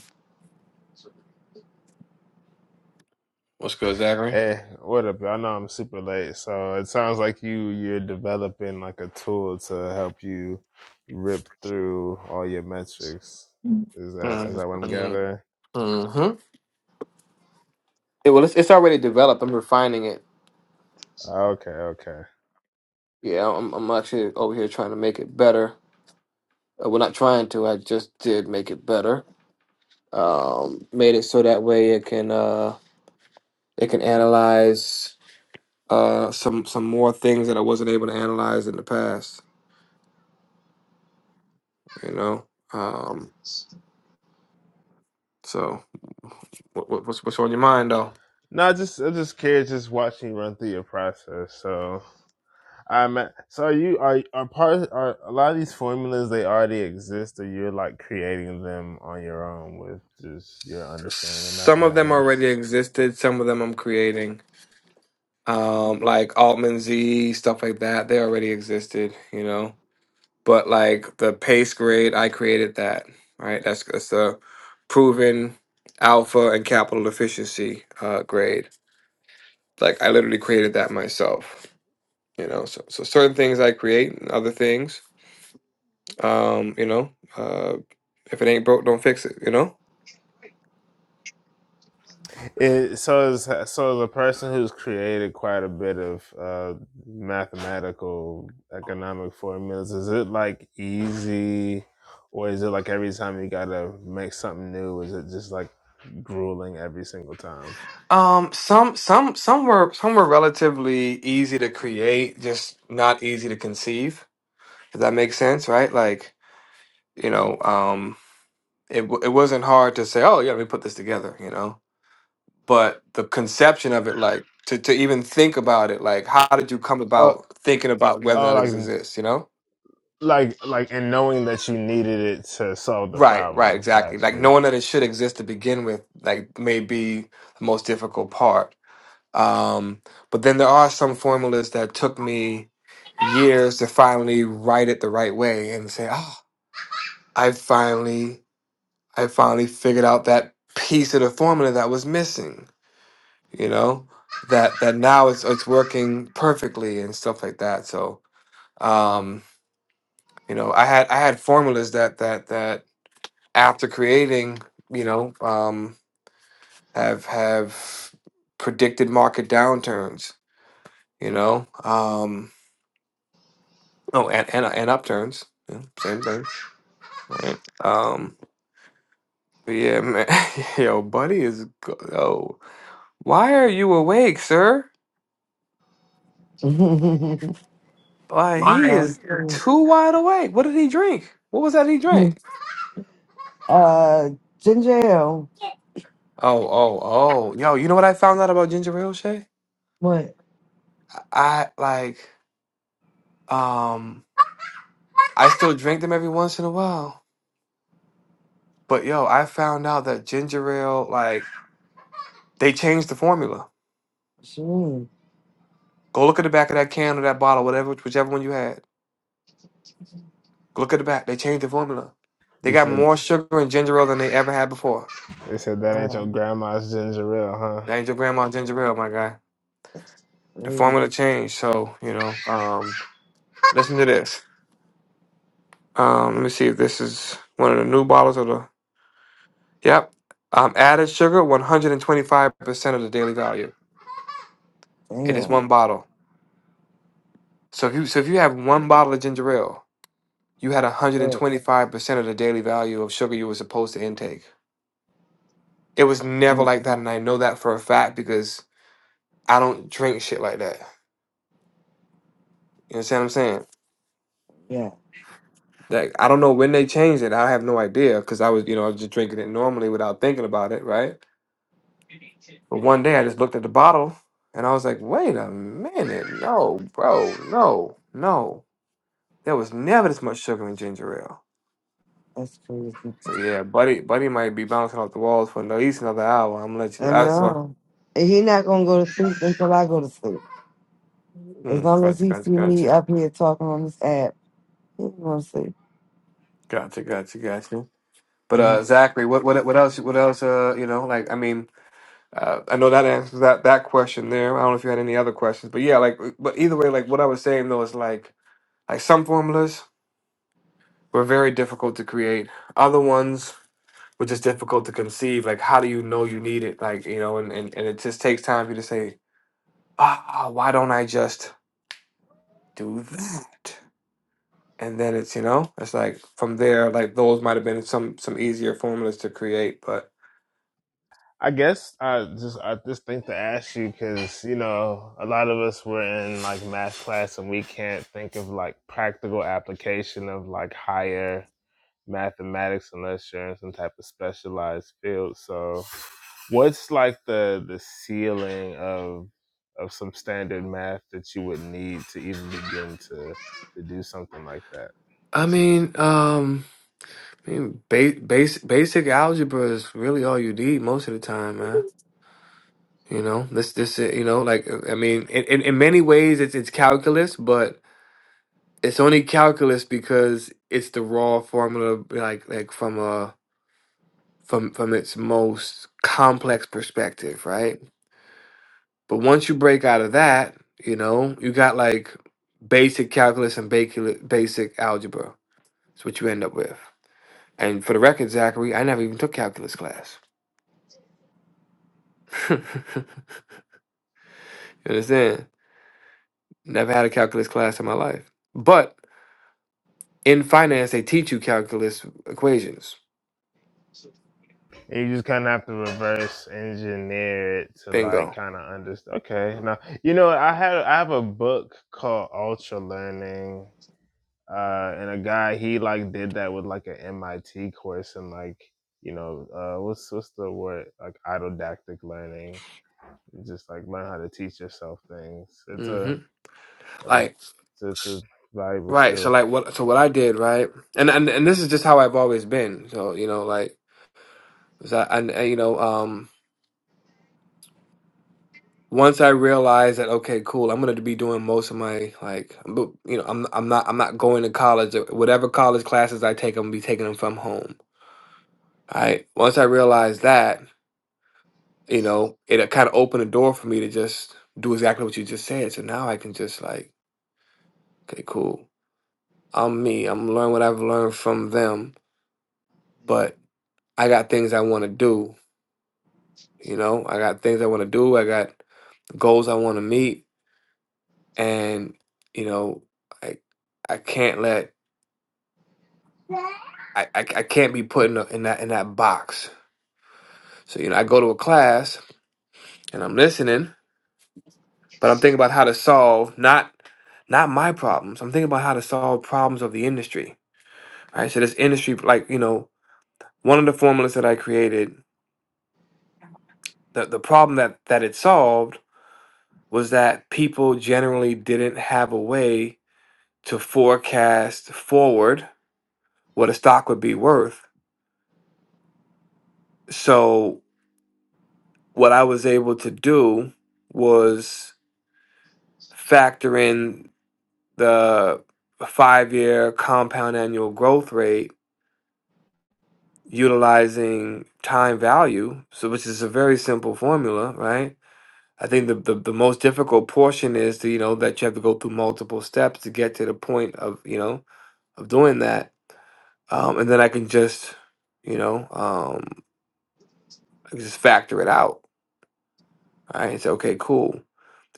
[SPEAKER 4] What's good, Zachary?
[SPEAKER 14] Hey, what up? I know I'm super late, so it sounds like you you're developing like a tool to help you rip through all your metrics. Is that is that what I'm
[SPEAKER 4] Mm-hmm.
[SPEAKER 14] gathering?
[SPEAKER 4] hmm Yeah, well, it's it's already developed. I'm refining it.
[SPEAKER 14] Okay, okay.
[SPEAKER 4] Yeah, I'm I'm actually over here trying to make it better. Uh, well, not trying to. I just did make it better. Um, made it so that way it can uh it can analyze uh some some more things that I wasn't able to analyze in the past. You know, um. So, what, what- what's what's on your mind though?
[SPEAKER 14] No, I just I'm just curious, just watching you run through your process. So I'm so are you are are part are a lot of these formulas they already exist, or you're like creating them on your own with just your understanding of
[SPEAKER 4] Some of them already
[SPEAKER 14] mathematics.
[SPEAKER 4] existed. Some of them I'm creating, um, like Altman Z stuff like that. They already existed, you know. But like the pace grade, I created that. Right, that's that's the proven alpha and capital efficiency uh, grade. Like I literally created that myself. You know, so so certain things I create, and other things, um, you know, uh, if it ain't broke, don't fix it. You know.
[SPEAKER 14] It, so as so as a person who's created quite a bit of uh, mathematical economic formulas. Is it like easy, or is it like every time you gotta make something new? Is it just like grueling every single time?
[SPEAKER 4] Um, some some some were some were relatively easy to create, just not easy to conceive. Does that make sense, right? Like, you know, um, it w- it wasn't hard to say, oh yeah, let me put this together, you know. But the conception of it, like to to even think about it, like how did you come
[SPEAKER 14] Oh,
[SPEAKER 4] about thinking about whether or
[SPEAKER 14] oh,
[SPEAKER 4] not it
[SPEAKER 14] like
[SPEAKER 4] exists, you know?
[SPEAKER 14] like like, and knowing that you needed it to solve the
[SPEAKER 4] Right, right,
[SPEAKER 14] problem. Got
[SPEAKER 4] exactly. Like
[SPEAKER 14] you.
[SPEAKER 4] knowing that it should exist to begin with, like may be the most difficult part Um, but then there are some formulas that took me years to finally write it the right way and say, "Oh, I finally, I finally figured out that piece of the formula that was missing." You know, that that now it's it's working perfectly and stuff like that. So, um, you know, I had I had formulas that that that after creating, you know, um, have have predicted market downturns. You know, um, Oh, and and, and upturns. Yeah, same thing. right? Um. but Yeah, man. Yo, buddy is. Go- oh, why are you awake, sir?
[SPEAKER 3] Why?
[SPEAKER 4] Why he is too wide awake. What did he drink? What was that he drank?
[SPEAKER 3] uh, ginger
[SPEAKER 4] Oh, oh, oh. Yo, you know what I found out about ginger ale, Shay?
[SPEAKER 3] What?
[SPEAKER 4] I like. Um. I still drink them every once in a while, but yo, I found out that ginger ale, like, they changed the formula.
[SPEAKER 3] She mean?
[SPEAKER 4] Go look at the back of that can or that bottle, whatever, whichever one you had Look at the back. They changed the formula. They
[SPEAKER 14] You
[SPEAKER 4] got
[SPEAKER 14] said
[SPEAKER 4] more sugar in ginger ale than they ever had before.
[SPEAKER 14] they said that ain't
[SPEAKER 3] Wow,
[SPEAKER 14] your grandma's ginger ale, huh?
[SPEAKER 4] That ain't your grandma's ginger ale, my guy. The formula changed. So, you know, um, listen to this. Um, let me see if this is one of the new bottles or the. Yep. Um, added sugar, 125% of the daily value in this one bottle. So if you so if you have one bottle of ginger ale, you had 125% of the daily value of sugar you were supposed to intake. It was never like that, and I know that for a fact because I don't drink shit like that. You understand what I'm saying? Like I don't know when they changed it. I have no idea because I was, you know, I was just drinking it normally without thinking about it, right? But one day I just looked at the bottle and I was like, "Wait a minute, no, bro, no, no. There was never this much sugar in ginger ale."
[SPEAKER 3] that's crazy.
[SPEAKER 4] So yeah, buddy, buddy might be bouncing off the walls for at least another hour. I'm gonna let you.
[SPEAKER 3] I
[SPEAKER 4] That's why.
[SPEAKER 3] know. And he not gonna go to sleep until I go to sleep. As
[SPEAKER 4] Mm,
[SPEAKER 3] long as
[SPEAKER 4] gotcha,
[SPEAKER 3] he see
[SPEAKER 4] gotcha,
[SPEAKER 3] me
[SPEAKER 4] gotcha,
[SPEAKER 3] up here talking on this app, he ain't gonna sleep.
[SPEAKER 4] gotcha, gotcha, gotcha. But uh, Zachary, what, what, what else? What else? Uh, you know, like I mean. Uh, I know that answers that that question there. I don't know if you had any other questions, but yeah, like, but either way, like what I was saying though is like, like some formulas were very difficult to create. Other ones were just difficult to conceive. Like, how do you know you need it? Like, you know, and and, and it just takes time for you to say, ah, why don't I just do that? And then it's you know, it's like from there, like those might have been some some easier formulas to create, but
[SPEAKER 14] I guess I just I just think to ask you because you know a lot of us were in like math class and we can't think of like practical application of like higher mathematics unless you're in some type of specialized field. So, what's like the the ceiling of of some standard math that you would need to even begin to to do something like that?
[SPEAKER 4] I mean, um. I mean, ba- base, basic algebra is really all you need most of the time, man. You know, this, this, you know, like I mean, in, in, in many ways, it's it's calculus, but it's only calculus because it's the raw formula, like like from a from from its most complex perspective, right? But once you break out of that, you know, you got like basic calculus and bacula- basic algebra. It's what you end up with. And for the record, Zachary, I never even took calculus class. You understand? Never had a calculus class in my life. But in finance, they teach you calculus equations.
[SPEAKER 14] You just kind of have to reverse engineer it to like
[SPEAKER 4] Bingo.
[SPEAKER 14] kind of understand. Okay, now you know I had I have a book called Ultra Learning, uh, and a guy he like did that with like an MIT course and like you know uh, what's what's the word like autodactic learning, You just like learn how to teach yourself things. It's
[SPEAKER 4] hmm
[SPEAKER 14] a you know,
[SPEAKER 4] Like
[SPEAKER 14] it's, it's a valuable
[SPEAKER 4] right. So
[SPEAKER 14] skill.
[SPEAKER 4] like what? So what I did right, and and and this is just how I've always been. So you know, like, so I, and and, you know, um, once I realized that okay, cool, I'm gonna be doing most of my like, bu- you know, I'm I'm not I'm not going to college. Whatever college classes I take, I'm gonna be taking them from home. All right. Once I realized that, you know, it kind of opened the door for me to just do exactly what you just said. So now I can just like, okay, cool. I'm me. I'm learning what I've learned from them, but I got things I want to do. You know, I got things I want to do. I got goals I want to meet, and you know, I I can't let I I, I can't be put in, a, in that in that box. So you know, I go to a class and I'm listening, but I'm thinking about how to solve not not my problems. I'm thinking about how to solve problems of the industry All Right. So this industry, like, you know, one of the formulas that I created, the, the problem that that it solved was that people generally didn't have a way to forecast forward what a stock would be worth. So what I was able to do was factor in the five year compound annual growth rate utilizing time value. So which is a very simple formula, right? I think the, the the most difficult portion is to you know that you have to go through multiple steps to get to the point of you know of doing that, um, and then I can just you know um, I can just factor it out. All right, and say okay, cool.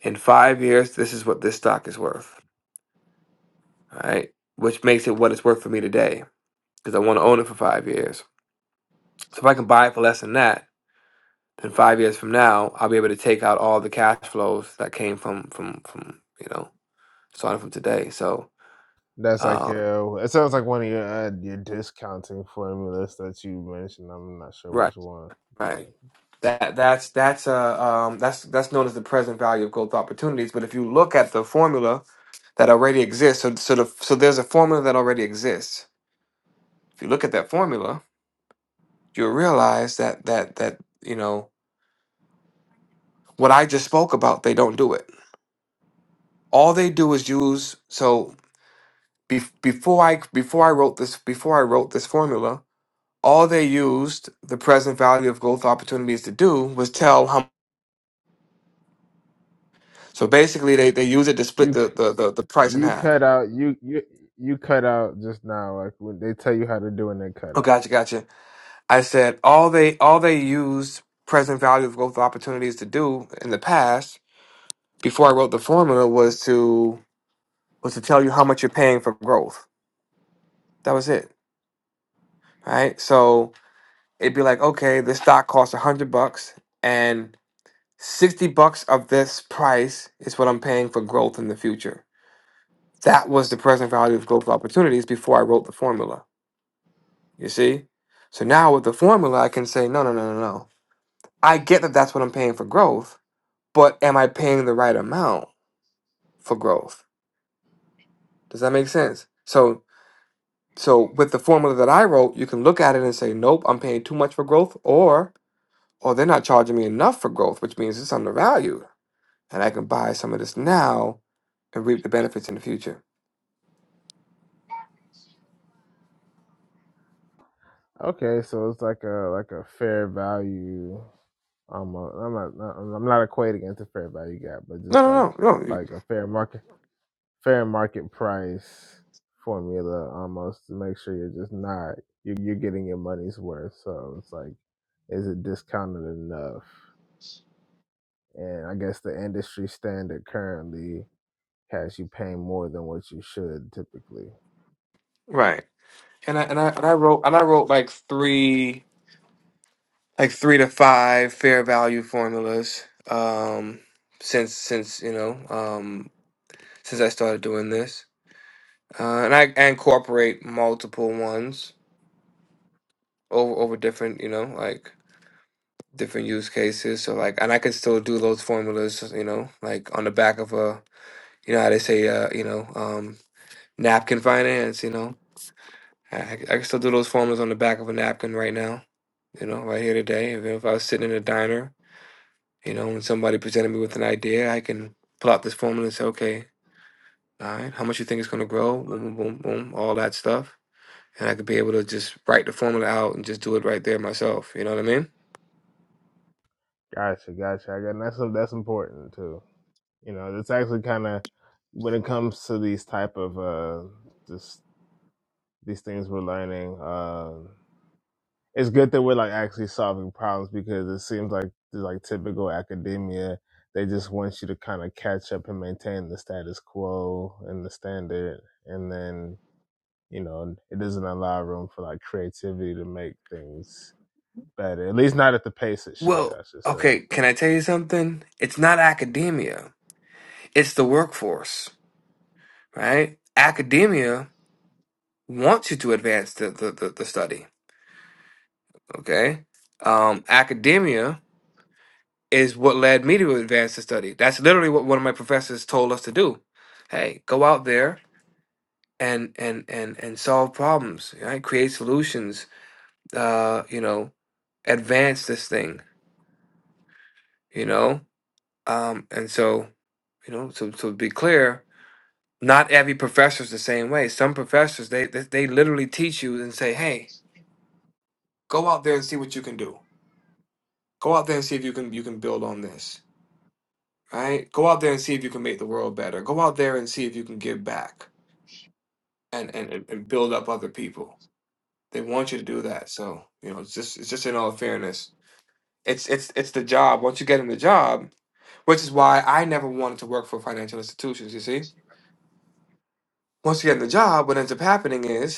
[SPEAKER 4] In five years, this is what this stock is worth. All right, which makes it what it's worth for me today because I want to own it for five years. So if I can buy it for less than that, then five years from now, I'll be able to take out all the cash flows that came from from from you know starting from today. So.
[SPEAKER 14] That's like
[SPEAKER 4] Um,
[SPEAKER 14] your. It sounds like one of your uh, your discounting formulas that you mentioned. I'm not sure
[SPEAKER 4] Right.
[SPEAKER 14] which one.
[SPEAKER 4] Right. That that's that's uh um that's that's known as the present value of growth opportunities. But if you look at the formula that already exists, so so the, so there's a formula that already exists. If you look at that formula, you'll realize that that that you know what I just spoke about. They don't do it. All they do is use. So be, before I before I wrote this before I wrote this formula, all they used the present value of growth opportunities to do was tell how. So basically, they they use it to split
[SPEAKER 14] You
[SPEAKER 4] the
[SPEAKER 14] c-
[SPEAKER 4] the the, the price in
[SPEAKER 14] you
[SPEAKER 4] half
[SPEAKER 14] cut out you you you cut out just now like when they tell you how to do and they cut
[SPEAKER 4] Oh,
[SPEAKER 14] out.
[SPEAKER 4] gotcha, gotcha. I said all they all they used present value of growth opportunities to do in the past before I wrote the formula was to was to tell you how much you're paying for growth. That was it, right? So it'd be like, okay, this stock costs a hundred bucks, and sixty bucks of this price is what I'm paying for growth in the future. That was the present value of growth opportunities before I wrote the formula. You see? So now with the formula, I can say, no, no, no, no, no. I get that that's what I'm paying for growth but am I paying the right amount for growth? Does that make sense? So so with the formula that I wrote, you can look at it and say, nope, I'm paying too much for growth, or or they're not charging me enough for growth, which means it's undervalued, and I can buy some of this now and reap the benefits in the future.
[SPEAKER 14] Okay, so it's like a like a fair value. almost. I'm I'm not not- I'm not equating against a fair value gap, but
[SPEAKER 4] No,
[SPEAKER 14] just
[SPEAKER 4] no,
[SPEAKER 14] like
[SPEAKER 4] no, no. you-
[SPEAKER 14] like a fair market fair market price formula almost to make sure you're just not you you're getting your money's worth. So it's like is it discounted enough? And I guess the industry standard currently has you paying more than what you should typically.
[SPEAKER 4] Right. And I and I and I wrote and I wrote like three like three to five fair value formulas um since since you know um since I started doing this. uh, and I I incorporate multiple ones over over different, you know, like different use cases. So like, and I can still do those formulas, you know, like on the back of a, you know, how they say, uh, you know, um, napkin finance. You know, I, I c- I can still do those formulas on the back of a napkin right now. You know, right here today. If, if I was sitting in a diner, you know, and somebody presented me with an idea, I can pull out this formula and say, okay, all right, how much you think it's gonna grow? Boom, boom, boom, boom, all that stuff and I could be able to just write the formula out and just do it right there myself. You know what I mean?
[SPEAKER 14] Gotcha, gotcha. I got that's that's important too. You know, it's actually kind of when it comes to these type of uh this these things we're learning. Um, it's good that we're like actually solving problems because it seems like like typical academia, they just want you to kind of catch up and maintain the status quo and the standard, and then you know it doesn't allow room for like creativity to make things better. At least not at the pace it should,
[SPEAKER 4] Well,
[SPEAKER 14] I should say.
[SPEAKER 4] okay, can I tell you something? It's not academia, it's the workforce, right? Academia wants you to advance the, the, the, the study, okay? Um, academia is what led me to advance the study. That's literally what one of my professors told us to do. Hey, go out there and and and and solve problems, right? Create solutions, uh, you know, advance this thing, you know? Um, and so, you know, so so to be clear, not every professor's the same way. Some professors they they, they literally teach you and say, hey, go out there and see what you can do. Go out there and see if you can you can build on this. Right? Go out there and see if you can make the world better. Go out there and see if you can give back and and, and and build up other people. They want you to do that. So, you know, it's just it's just in all fairness. It's it's it's the job. Once you get in the job, which is why I never wanted to work for financial institutions, you see? Once you get in the job, what ends up happening is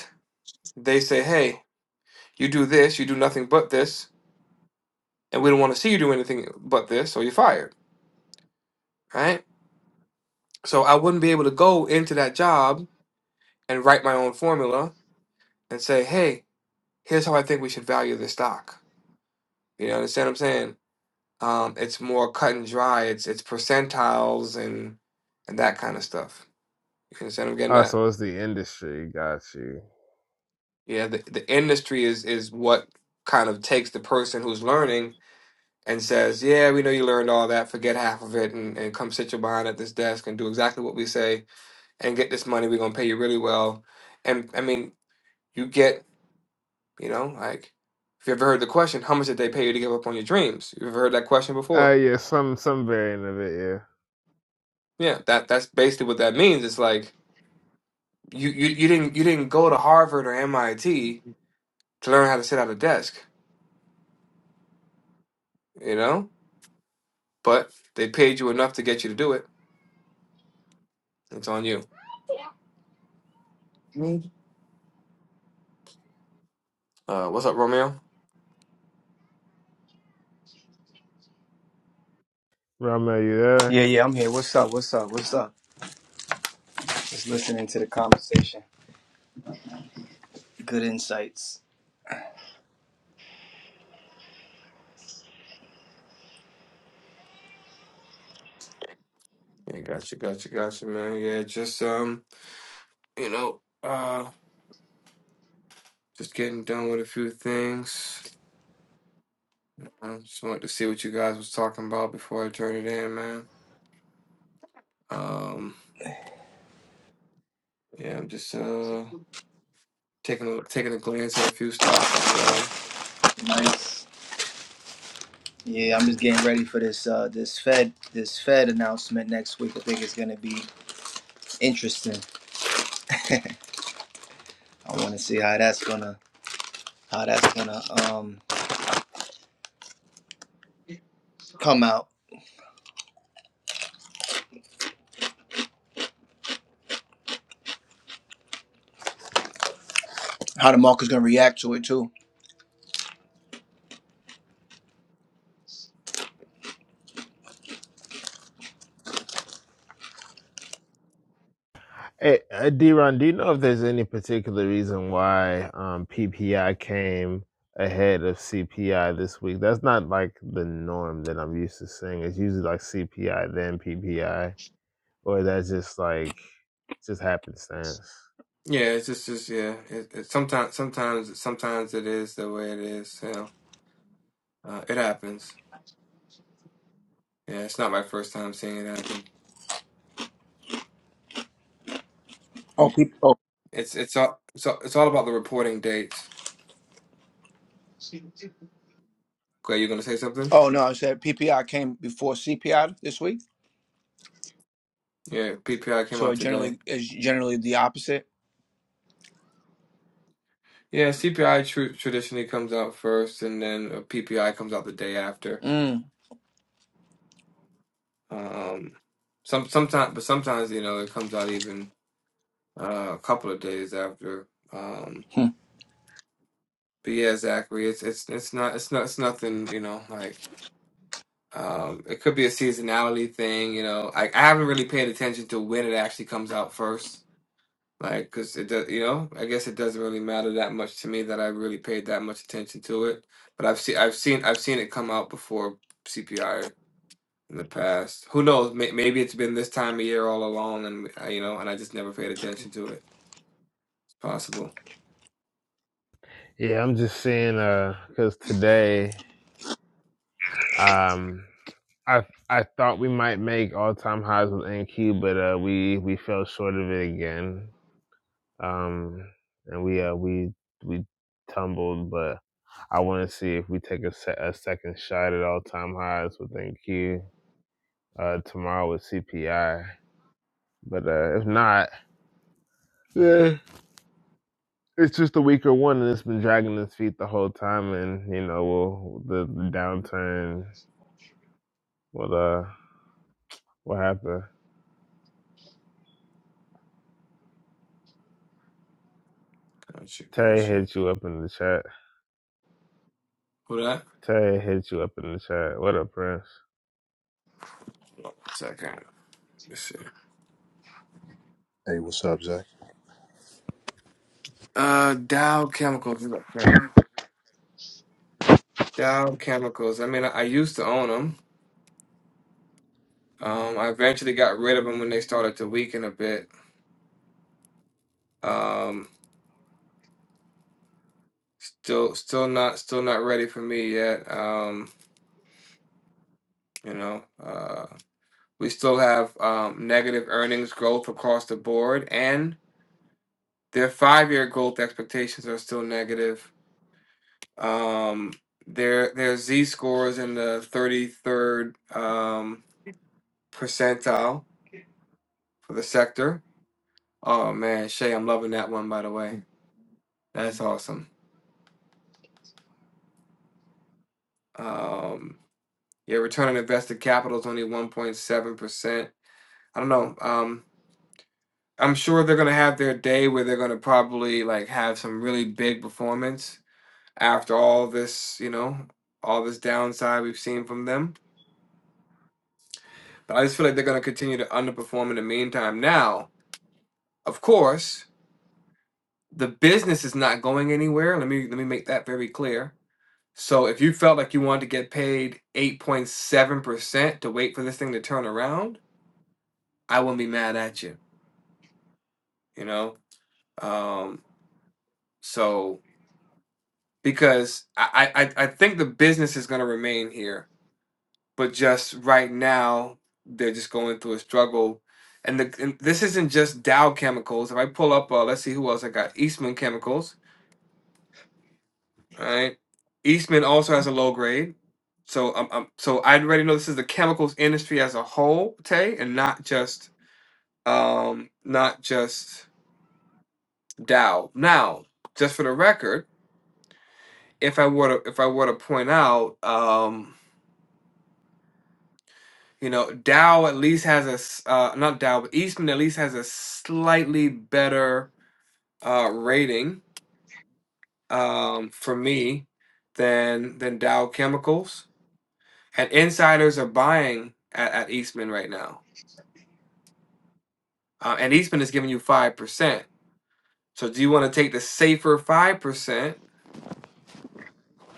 [SPEAKER 4] they say, hey, you do this, you do nothing but this, and we don't want to see you do anything but this, or you're fired, right? So I wouldn't be able to go into that job and write my own formula and say, hey, here's how I think we should value this stock. You know, understand what I'm saying? Um, it's more cut and dry. It's it's percentiles and and that kind of stuff. You understand? what I'm getting
[SPEAKER 14] Oh,
[SPEAKER 4] that.
[SPEAKER 14] so it's the industry. Got you.
[SPEAKER 4] Yeah, the, the industry is is what kind of takes the person who's learning and says, "Yeah, we know you learned all that. Forget half of it, and, and come sit your behind at this desk and do exactly what we say, and get this money. We're gonna pay you really well." And I mean, you get, you know, like if you ever heard the question, "How much did they pay you to give up on your dreams?" You ever heard that question
[SPEAKER 14] Uh,
[SPEAKER 4] before?
[SPEAKER 14] yeah, some some variant of it. Yeah,
[SPEAKER 4] Yeah, that that's basically what that means. It's like you you you didn't you didn't go to Harvard or MIT to learn how to sit at a desk, you know, but they paid you enough to get you to do it. It's on you.
[SPEAKER 3] Me?
[SPEAKER 4] Uh, what's up, Romeo?
[SPEAKER 14] Ram, are you
[SPEAKER 15] Yeah,
[SPEAKER 14] there?
[SPEAKER 15] yeah, I'm here. What's up? What's up? What's up? Just listening to the conversation. Good insights.
[SPEAKER 4] Yeah, gotcha, gotcha, gotcha, man. Yeah, just um, you know, uh, just getting done with a few things. I just wanted to see what you guys was talking about before I turn it in, man. Um, yeah, I'm just uh taking a taking a glance at a few stocks as well.
[SPEAKER 15] Nice. Yeah, I'm just getting ready for this uh this Fed this Fed announcement next week. I think it's gonna be interesting. I wanna see how that's gonna how that's gonna um come out. How the market's gonna react to it too.
[SPEAKER 14] Hey, uh, D-Ron, do you know if there's any particular reason why um, PPI came ahead of CPI this week? That's not like the norm that I'm used to seeing. It's usually like CPI then PPI, or that's just like just happenstance.
[SPEAKER 4] Yeah, it's just, just yeah. It, it sometimes, sometimes, sometimes it is the way it is. You know, uh, it happens. Yeah, it's not my first time seeing it happen.
[SPEAKER 15] Oh, P- oh,
[SPEAKER 4] It's it's all it's all, it's all about the reporting dates. Okay, you gonna say something?
[SPEAKER 15] oh no, I said PPI came before CPI this week.
[SPEAKER 4] Yeah, PPI came
[SPEAKER 15] So
[SPEAKER 4] out
[SPEAKER 15] it
[SPEAKER 4] today.
[SPEAKER 15] generally is generally the opposite.
[SPEAKER 4] Yeah, CPI tr traditionally comes out first, and then a PPI comes out the day after.
[SPEAKER 15] Mm.
[SPEAKER 4] Um, some sometimes, but sometimes you know it comes out even uh, a couple of days after. Um, but yeah, Zachary, it's it's it's not it's not it's nothing. You know, like um, it could be a seasonality thing. You know, I I haven't really paid attention to when it actually comes out first. Like, cause it does, you know, I guess it doesn't really matter that much to me that I really paid that much attention to it. But I've seen, I've seen, I've seen it come out before CPI in the past. Who knows? May maybe it's been this time of year all along, and uh, you know, and I just never paid attention to it. It's possible.
[SPEAKER 14] Yeah, I'm just seeing uh, because today, um, I I thought we might make all time highs with NQ, but uh, we we fell short of it again. Um, and we uh we we tumbled, but I want to see if we take a, se- a second shot at all time highs with NQ uh tomorrow with CPI. But uh, if not, yeah, it's just a weaker one, and it's been dragging its feet the whole time. And you know, we'll, the, the downturn will uh will happen.
[SPEAKER 4] Gotcha,
[SPEAKER 14] Terry
[SPEAKER 4] gotcha.
[SPEAKER 14] hit you up in the chat.
[SPEAKER 4] Who that?
[SPEAKER 14] Tay hit you up in the chat. What up, Prince?
[SPEAKER 4] Second. Let's see.
[SPEAKER 6] Hey, what's up, Zach?
[SPEAKER 4] Uh, Dow Chemicals. Okay. Dow Chemicals. I mean, I, I used to own them. Um, I eventually got rid of them when they started to weaken a bit. Um. still still not still not ready for me yet. Um, you know, uh, we still have um, negative earnings growth across the board, and their five-year growth expectations are still negative. Um, their their Z scores in the 33rd um, percentile for the sector. Oh man, Shay, I'm loving that one by the way. That's awesome. Um, yeah, return on invested capital is only 1.7%. I don't know. Um, I'm sure they're gonna have their day where they're gonna probably like have some really big performance after all this, you know, all this downside we've seen from them. But I just feel like they're gonna continue to underperform in the meantime. Now, of course, the business is not going anywhere. Let me let me make that very clear. So if you felt like you wanted to get paid 8.7% to wait for this thing to turn around, I wouldn't be mad at you, you know? Um, so because I I, I think the business is going to remain here, but just right now they're just going through a struggle, and the and this isn't just Dow Chemicals. If I pull up, uh, let's see who else I got. Eastman Chemicals, all right. Eastman also has a low grade, so um, um so I already know this is the chemicals industry as a whole, Tay, and not just um not just Dow. Now, just for the record, if I were to if I were to point out um You know, Dow at least has a s- uh, not Dow, but Eastman at least has a slightly better uh, rating um, for me than than Dow Chemicals. And insiders are buying at, at Eastman right now, uh, and Eastman is giving you five percent. So, do you want to take the safer five percent,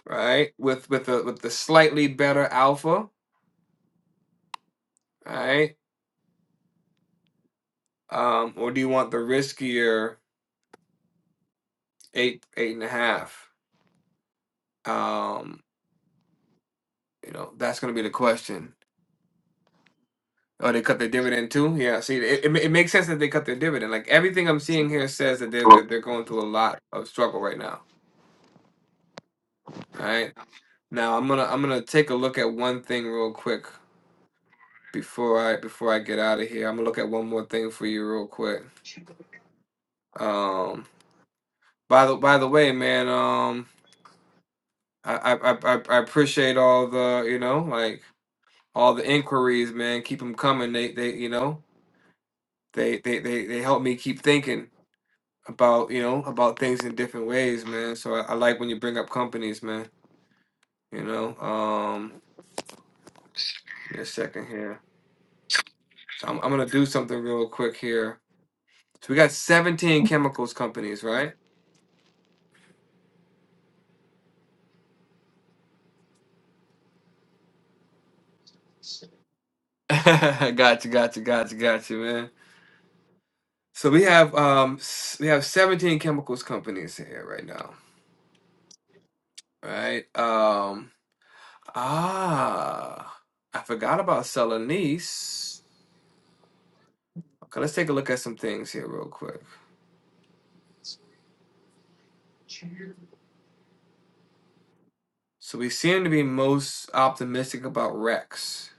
[SPEAKER 4] right, with with the with the slightly better alpha, right, um, or do you want the riskier eight eight and a half? Um, You know, that's going to be the question. Oh, they cut their dividend too? Yeah, see, it, it, ma- it makes sense that they cut their dividend. Like everything I'm seeing here says that they're
[SPEAKER 3] Well,
[SPEAKER 4] that they're going through a lot of struggle right now. All right. Now I'm gonna I'm gonna take a look at one thing real quick before I before I get out of here. I'm gonna look at one more thing for you real quick. Um by the by the way, man, um I I I, I I appreciate all the, you know, like all the inquiries, man. Keep them coming. They they you know, they they they, they help me keep thinking about you know about things in different ways, man. So I, I like when you bring up companies, man. You know, um, give me a second here. So I'm, I'm gonna do something real quick here. So we got 17 chemicals companies, right? gotcha, gotcha, gotcha, gotcha, man. So we have um s- we have 17 chemicals companies here right now, right? Um, ah, I forgot about Celanese. Okay, let's take a look at some things here real quick. So we seem to be most optimistic about Rex.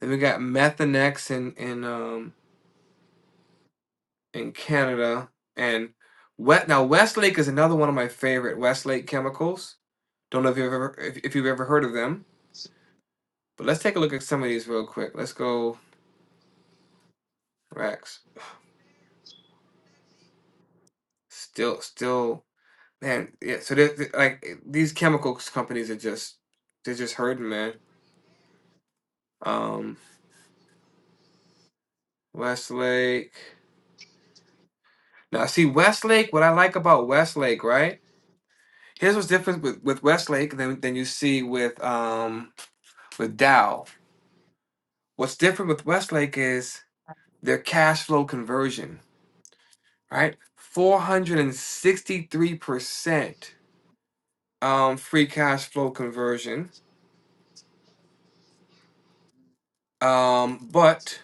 [SPEAKER 4] Then we got Methanex in in um in Canada and Wet now Westlake is another one of my favorite Westlake chemicals. Don't know if you've ever if, if you've ever heard of them, but let's take a look at some of these real quick. Let's go Rex. Still still man yeah. So they like eh, these chemicals companies are just they're just hurting man. Um Westlake. Now see Westlake. What I like about Westlake right Here's what's different with, with Westlake than than you see with um with Dow. What's different with Westlake is their cash flow conversion, right? 463% um free cash flow conversion. Um, but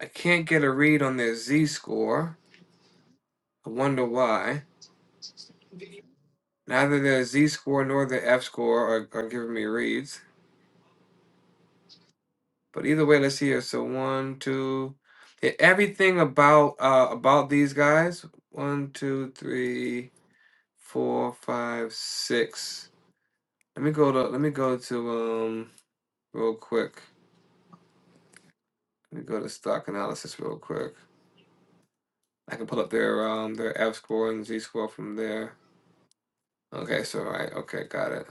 [SPEAKER 4] I can't get a read on their Z score. I wonder why. Neither their Z score nor their F score are, are giving me reads. But either way, let's see here. So one, two, yeah, everything about uh about these guys. One, two, three, four, five, six. Let me go to let me go to um real quick. Let me go to stock analysis real quick. I can pull up their um their F score and Z score from there. Okay, so right, okay, got it.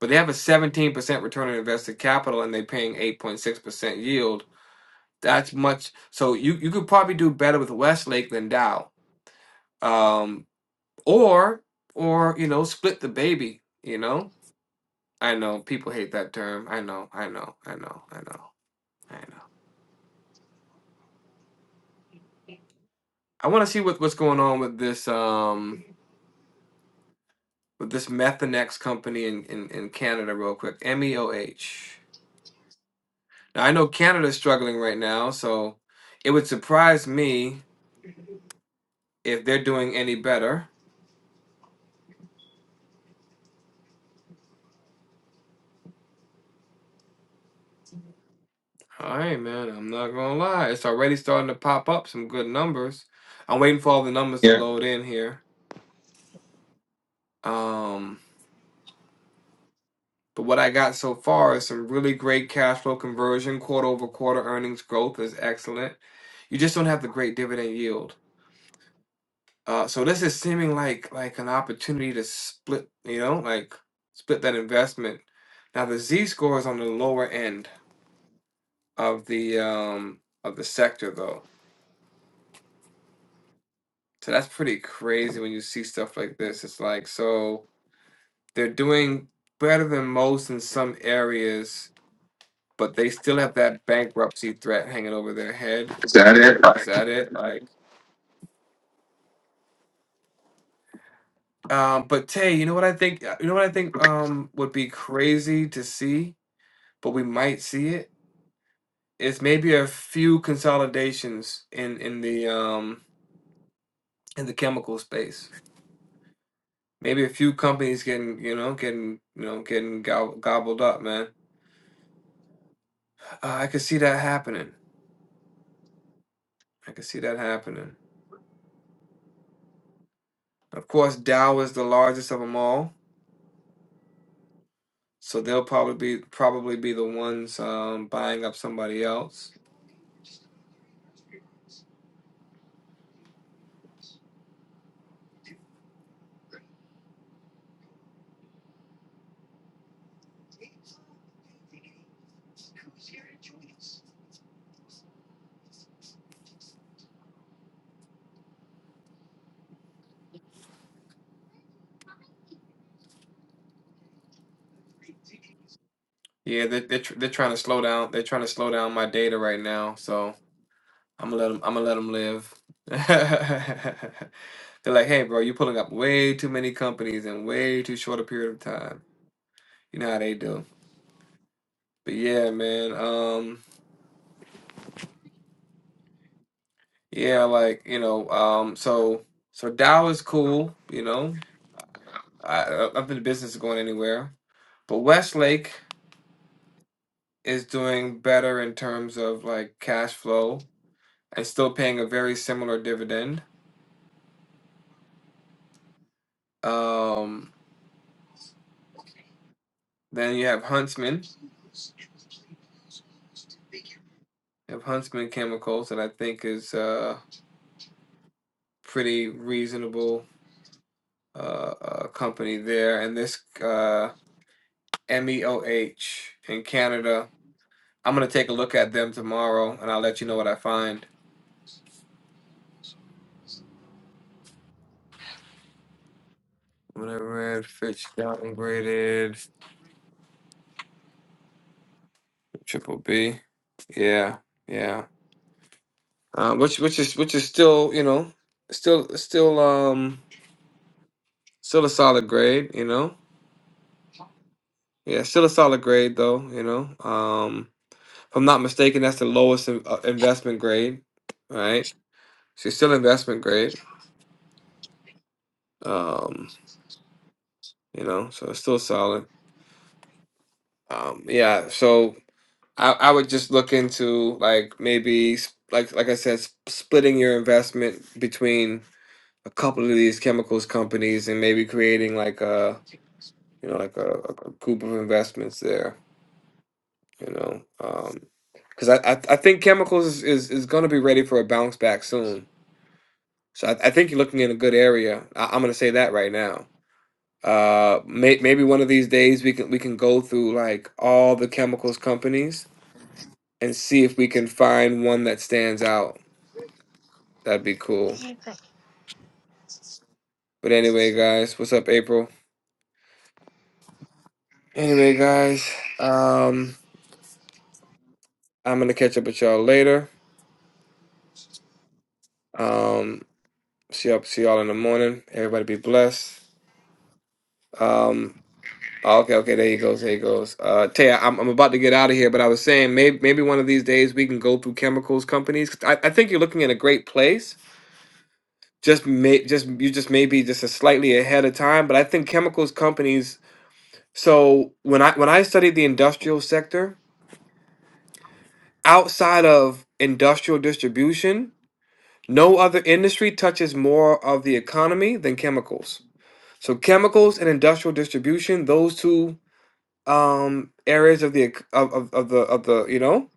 [SPEAKER 4] But they have a seventeen percent return on invested capital and they're paying eight point six percent yield. That's much so you you could probably do better with Westlake than Dow um or or you know split the baby you know i know people hate that term i know i know i know i know i know i want to see what, what's going on with this um with this methanex company in, in in canada real quick meoh now i know canada's struggling right now so it would surprise me if they're doing any better all right man i'm not gonna lie it's already starting to pop up some good numbers i'm waiting for all the numbers to
[SPEAKER 3] yeah.
[SPEAKER 4] load in here um But what I got so far is some really great cash flow conversion, quarter over quarter earnings growth is excellent. You just don't have the great dividend yield. Uh, so this is seeming like like an opportunity to split, you know, like split that investment. Now the Z score is on the lower end of the um of the sector though. So that's pretty crazy when you see stuff like this. It's like so they're doing better than most in some areas, but they still have that bankruptcy threat hanging over their head
[SPEAKER 3] Is that it?
[SPEAKER 4] Is that it? Like, um, but Tay, you know what I think? uh, You know what I think um would be crazy to see, but we might see it. Is maybe a few consolidations in in the um in the chemical space. Maybe a few companies getting you know getting you know getting gob- gobbled up, man. Uh, I could see that happening. I could see that happening. Of course, Dow is the largest of them all, so they'll probably be probably be the ones um, buying up somebody else. Yeah, they're they're, tr- they're trying to slow down. They're trying to slow down my data right now, so I'm gonna let them. I'm gonna let them live. They're like, "Hey, bro, you're pulling up way too many companies in way too short a period of time." You know how they do. But yeah, man. Um, yeah, like you know, um, so so Dow is cool. You know, I I don't think the business is going anywhere. But Westlake is doing better in terms of like cash flow and still paying a very similar dividend. Um. Then you have Huntsman. You have Huntsman Chemicals that I think is uh pretty reasonable uh, uh company there. And this uh MEOH in Canada. I'm gonna take a look at them tomorrow and I'll let you know what I find. When I read Fitch downgraded triple B. Yeah, yeah. Uh, which which is which is still, you know, still still um still a solid grade, you know. Yeah, still a solid grade though, you know. Um If I'm not mistaken, that's the lowest in, uh, investment grade, right? She's still investment grade, um, you know, so it's still solid. Um, yeah, so I, I would just look into like maybe s- like like I said, sp- splitting your investment between a couple of these chemicals companies and maybe creating like a you know like a, a a group of investments there, you know, Um because I, I I think chemicals is is, is going to be ready for a bounce back soon So I, I think you're looking in a good area. I, I'm gonna say that right now. Uh, may, maybe one of these days we can we can go through like all the chemicals companies and see if we can find one that stands out. That'd be cool. But anyway, guys, what's up, April? Anyway, guys, um, I'm gonna catch up with y'all later. Um, see y'all see y'all in the morning. Everybody be blessed. Um, Oh, okay, okay, there he goes, there he goes. Uh, Tay, I'm I'm about to get out of here, but I was saying maybe maybe one of these days we can go through chemicals companies. 'Cause I, I think you're looking in a great place. Just may just you just maybe just a slightly ahead of time, but I think chemicals companies. So when I when I studied the industrial sector, outside of industrial distribution, no other industry touches more of the economy than chemicals. So chemicals and industrial distribution, those two um areas of the ec- of, of, of the of the you know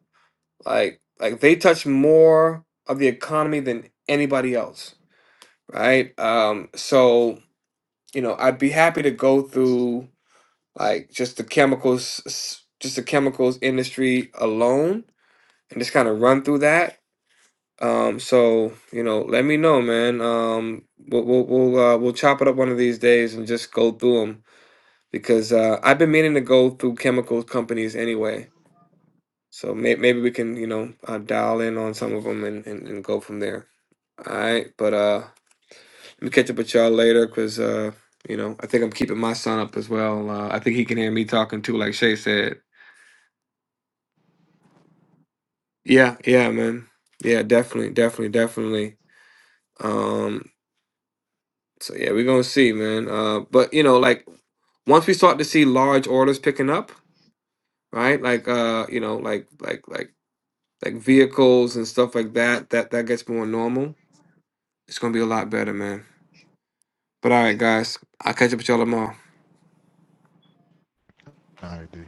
[SPEAKER 4] like like they touch more of the economy than anybody else right um so you know i'd be happy to go through like just the chemicals s- just the chemicals industry alone and just kind of run through that um so you know let me know man um we'll we'll we'll, uh, we'll chop it up one of these days and just go through them because uh i've been meaning to go through chemicals companies anyway So may- maybe we can, you know, uh, dial in on some of them and, and, and go from there. All right, but uh, let me catch up with y'all later because uh, you know, I think I'm keeping my son up as well. Uh, I think he can hear me talking too, like Shay said. Yeah, yeah, man. Yeah, definitely, definitely, definitely. Um, so yeah, we're gonna see, man. Uh, but you know, like once we start to see large orders picking up, right? Like uh, you know, like like like like vehicles and stuff like that, that that gets more normal. It's gonna be a lot better, man. But all right, guys, I'll catch up with y'all tomorrow.
[SPEAKER 6] All right, D.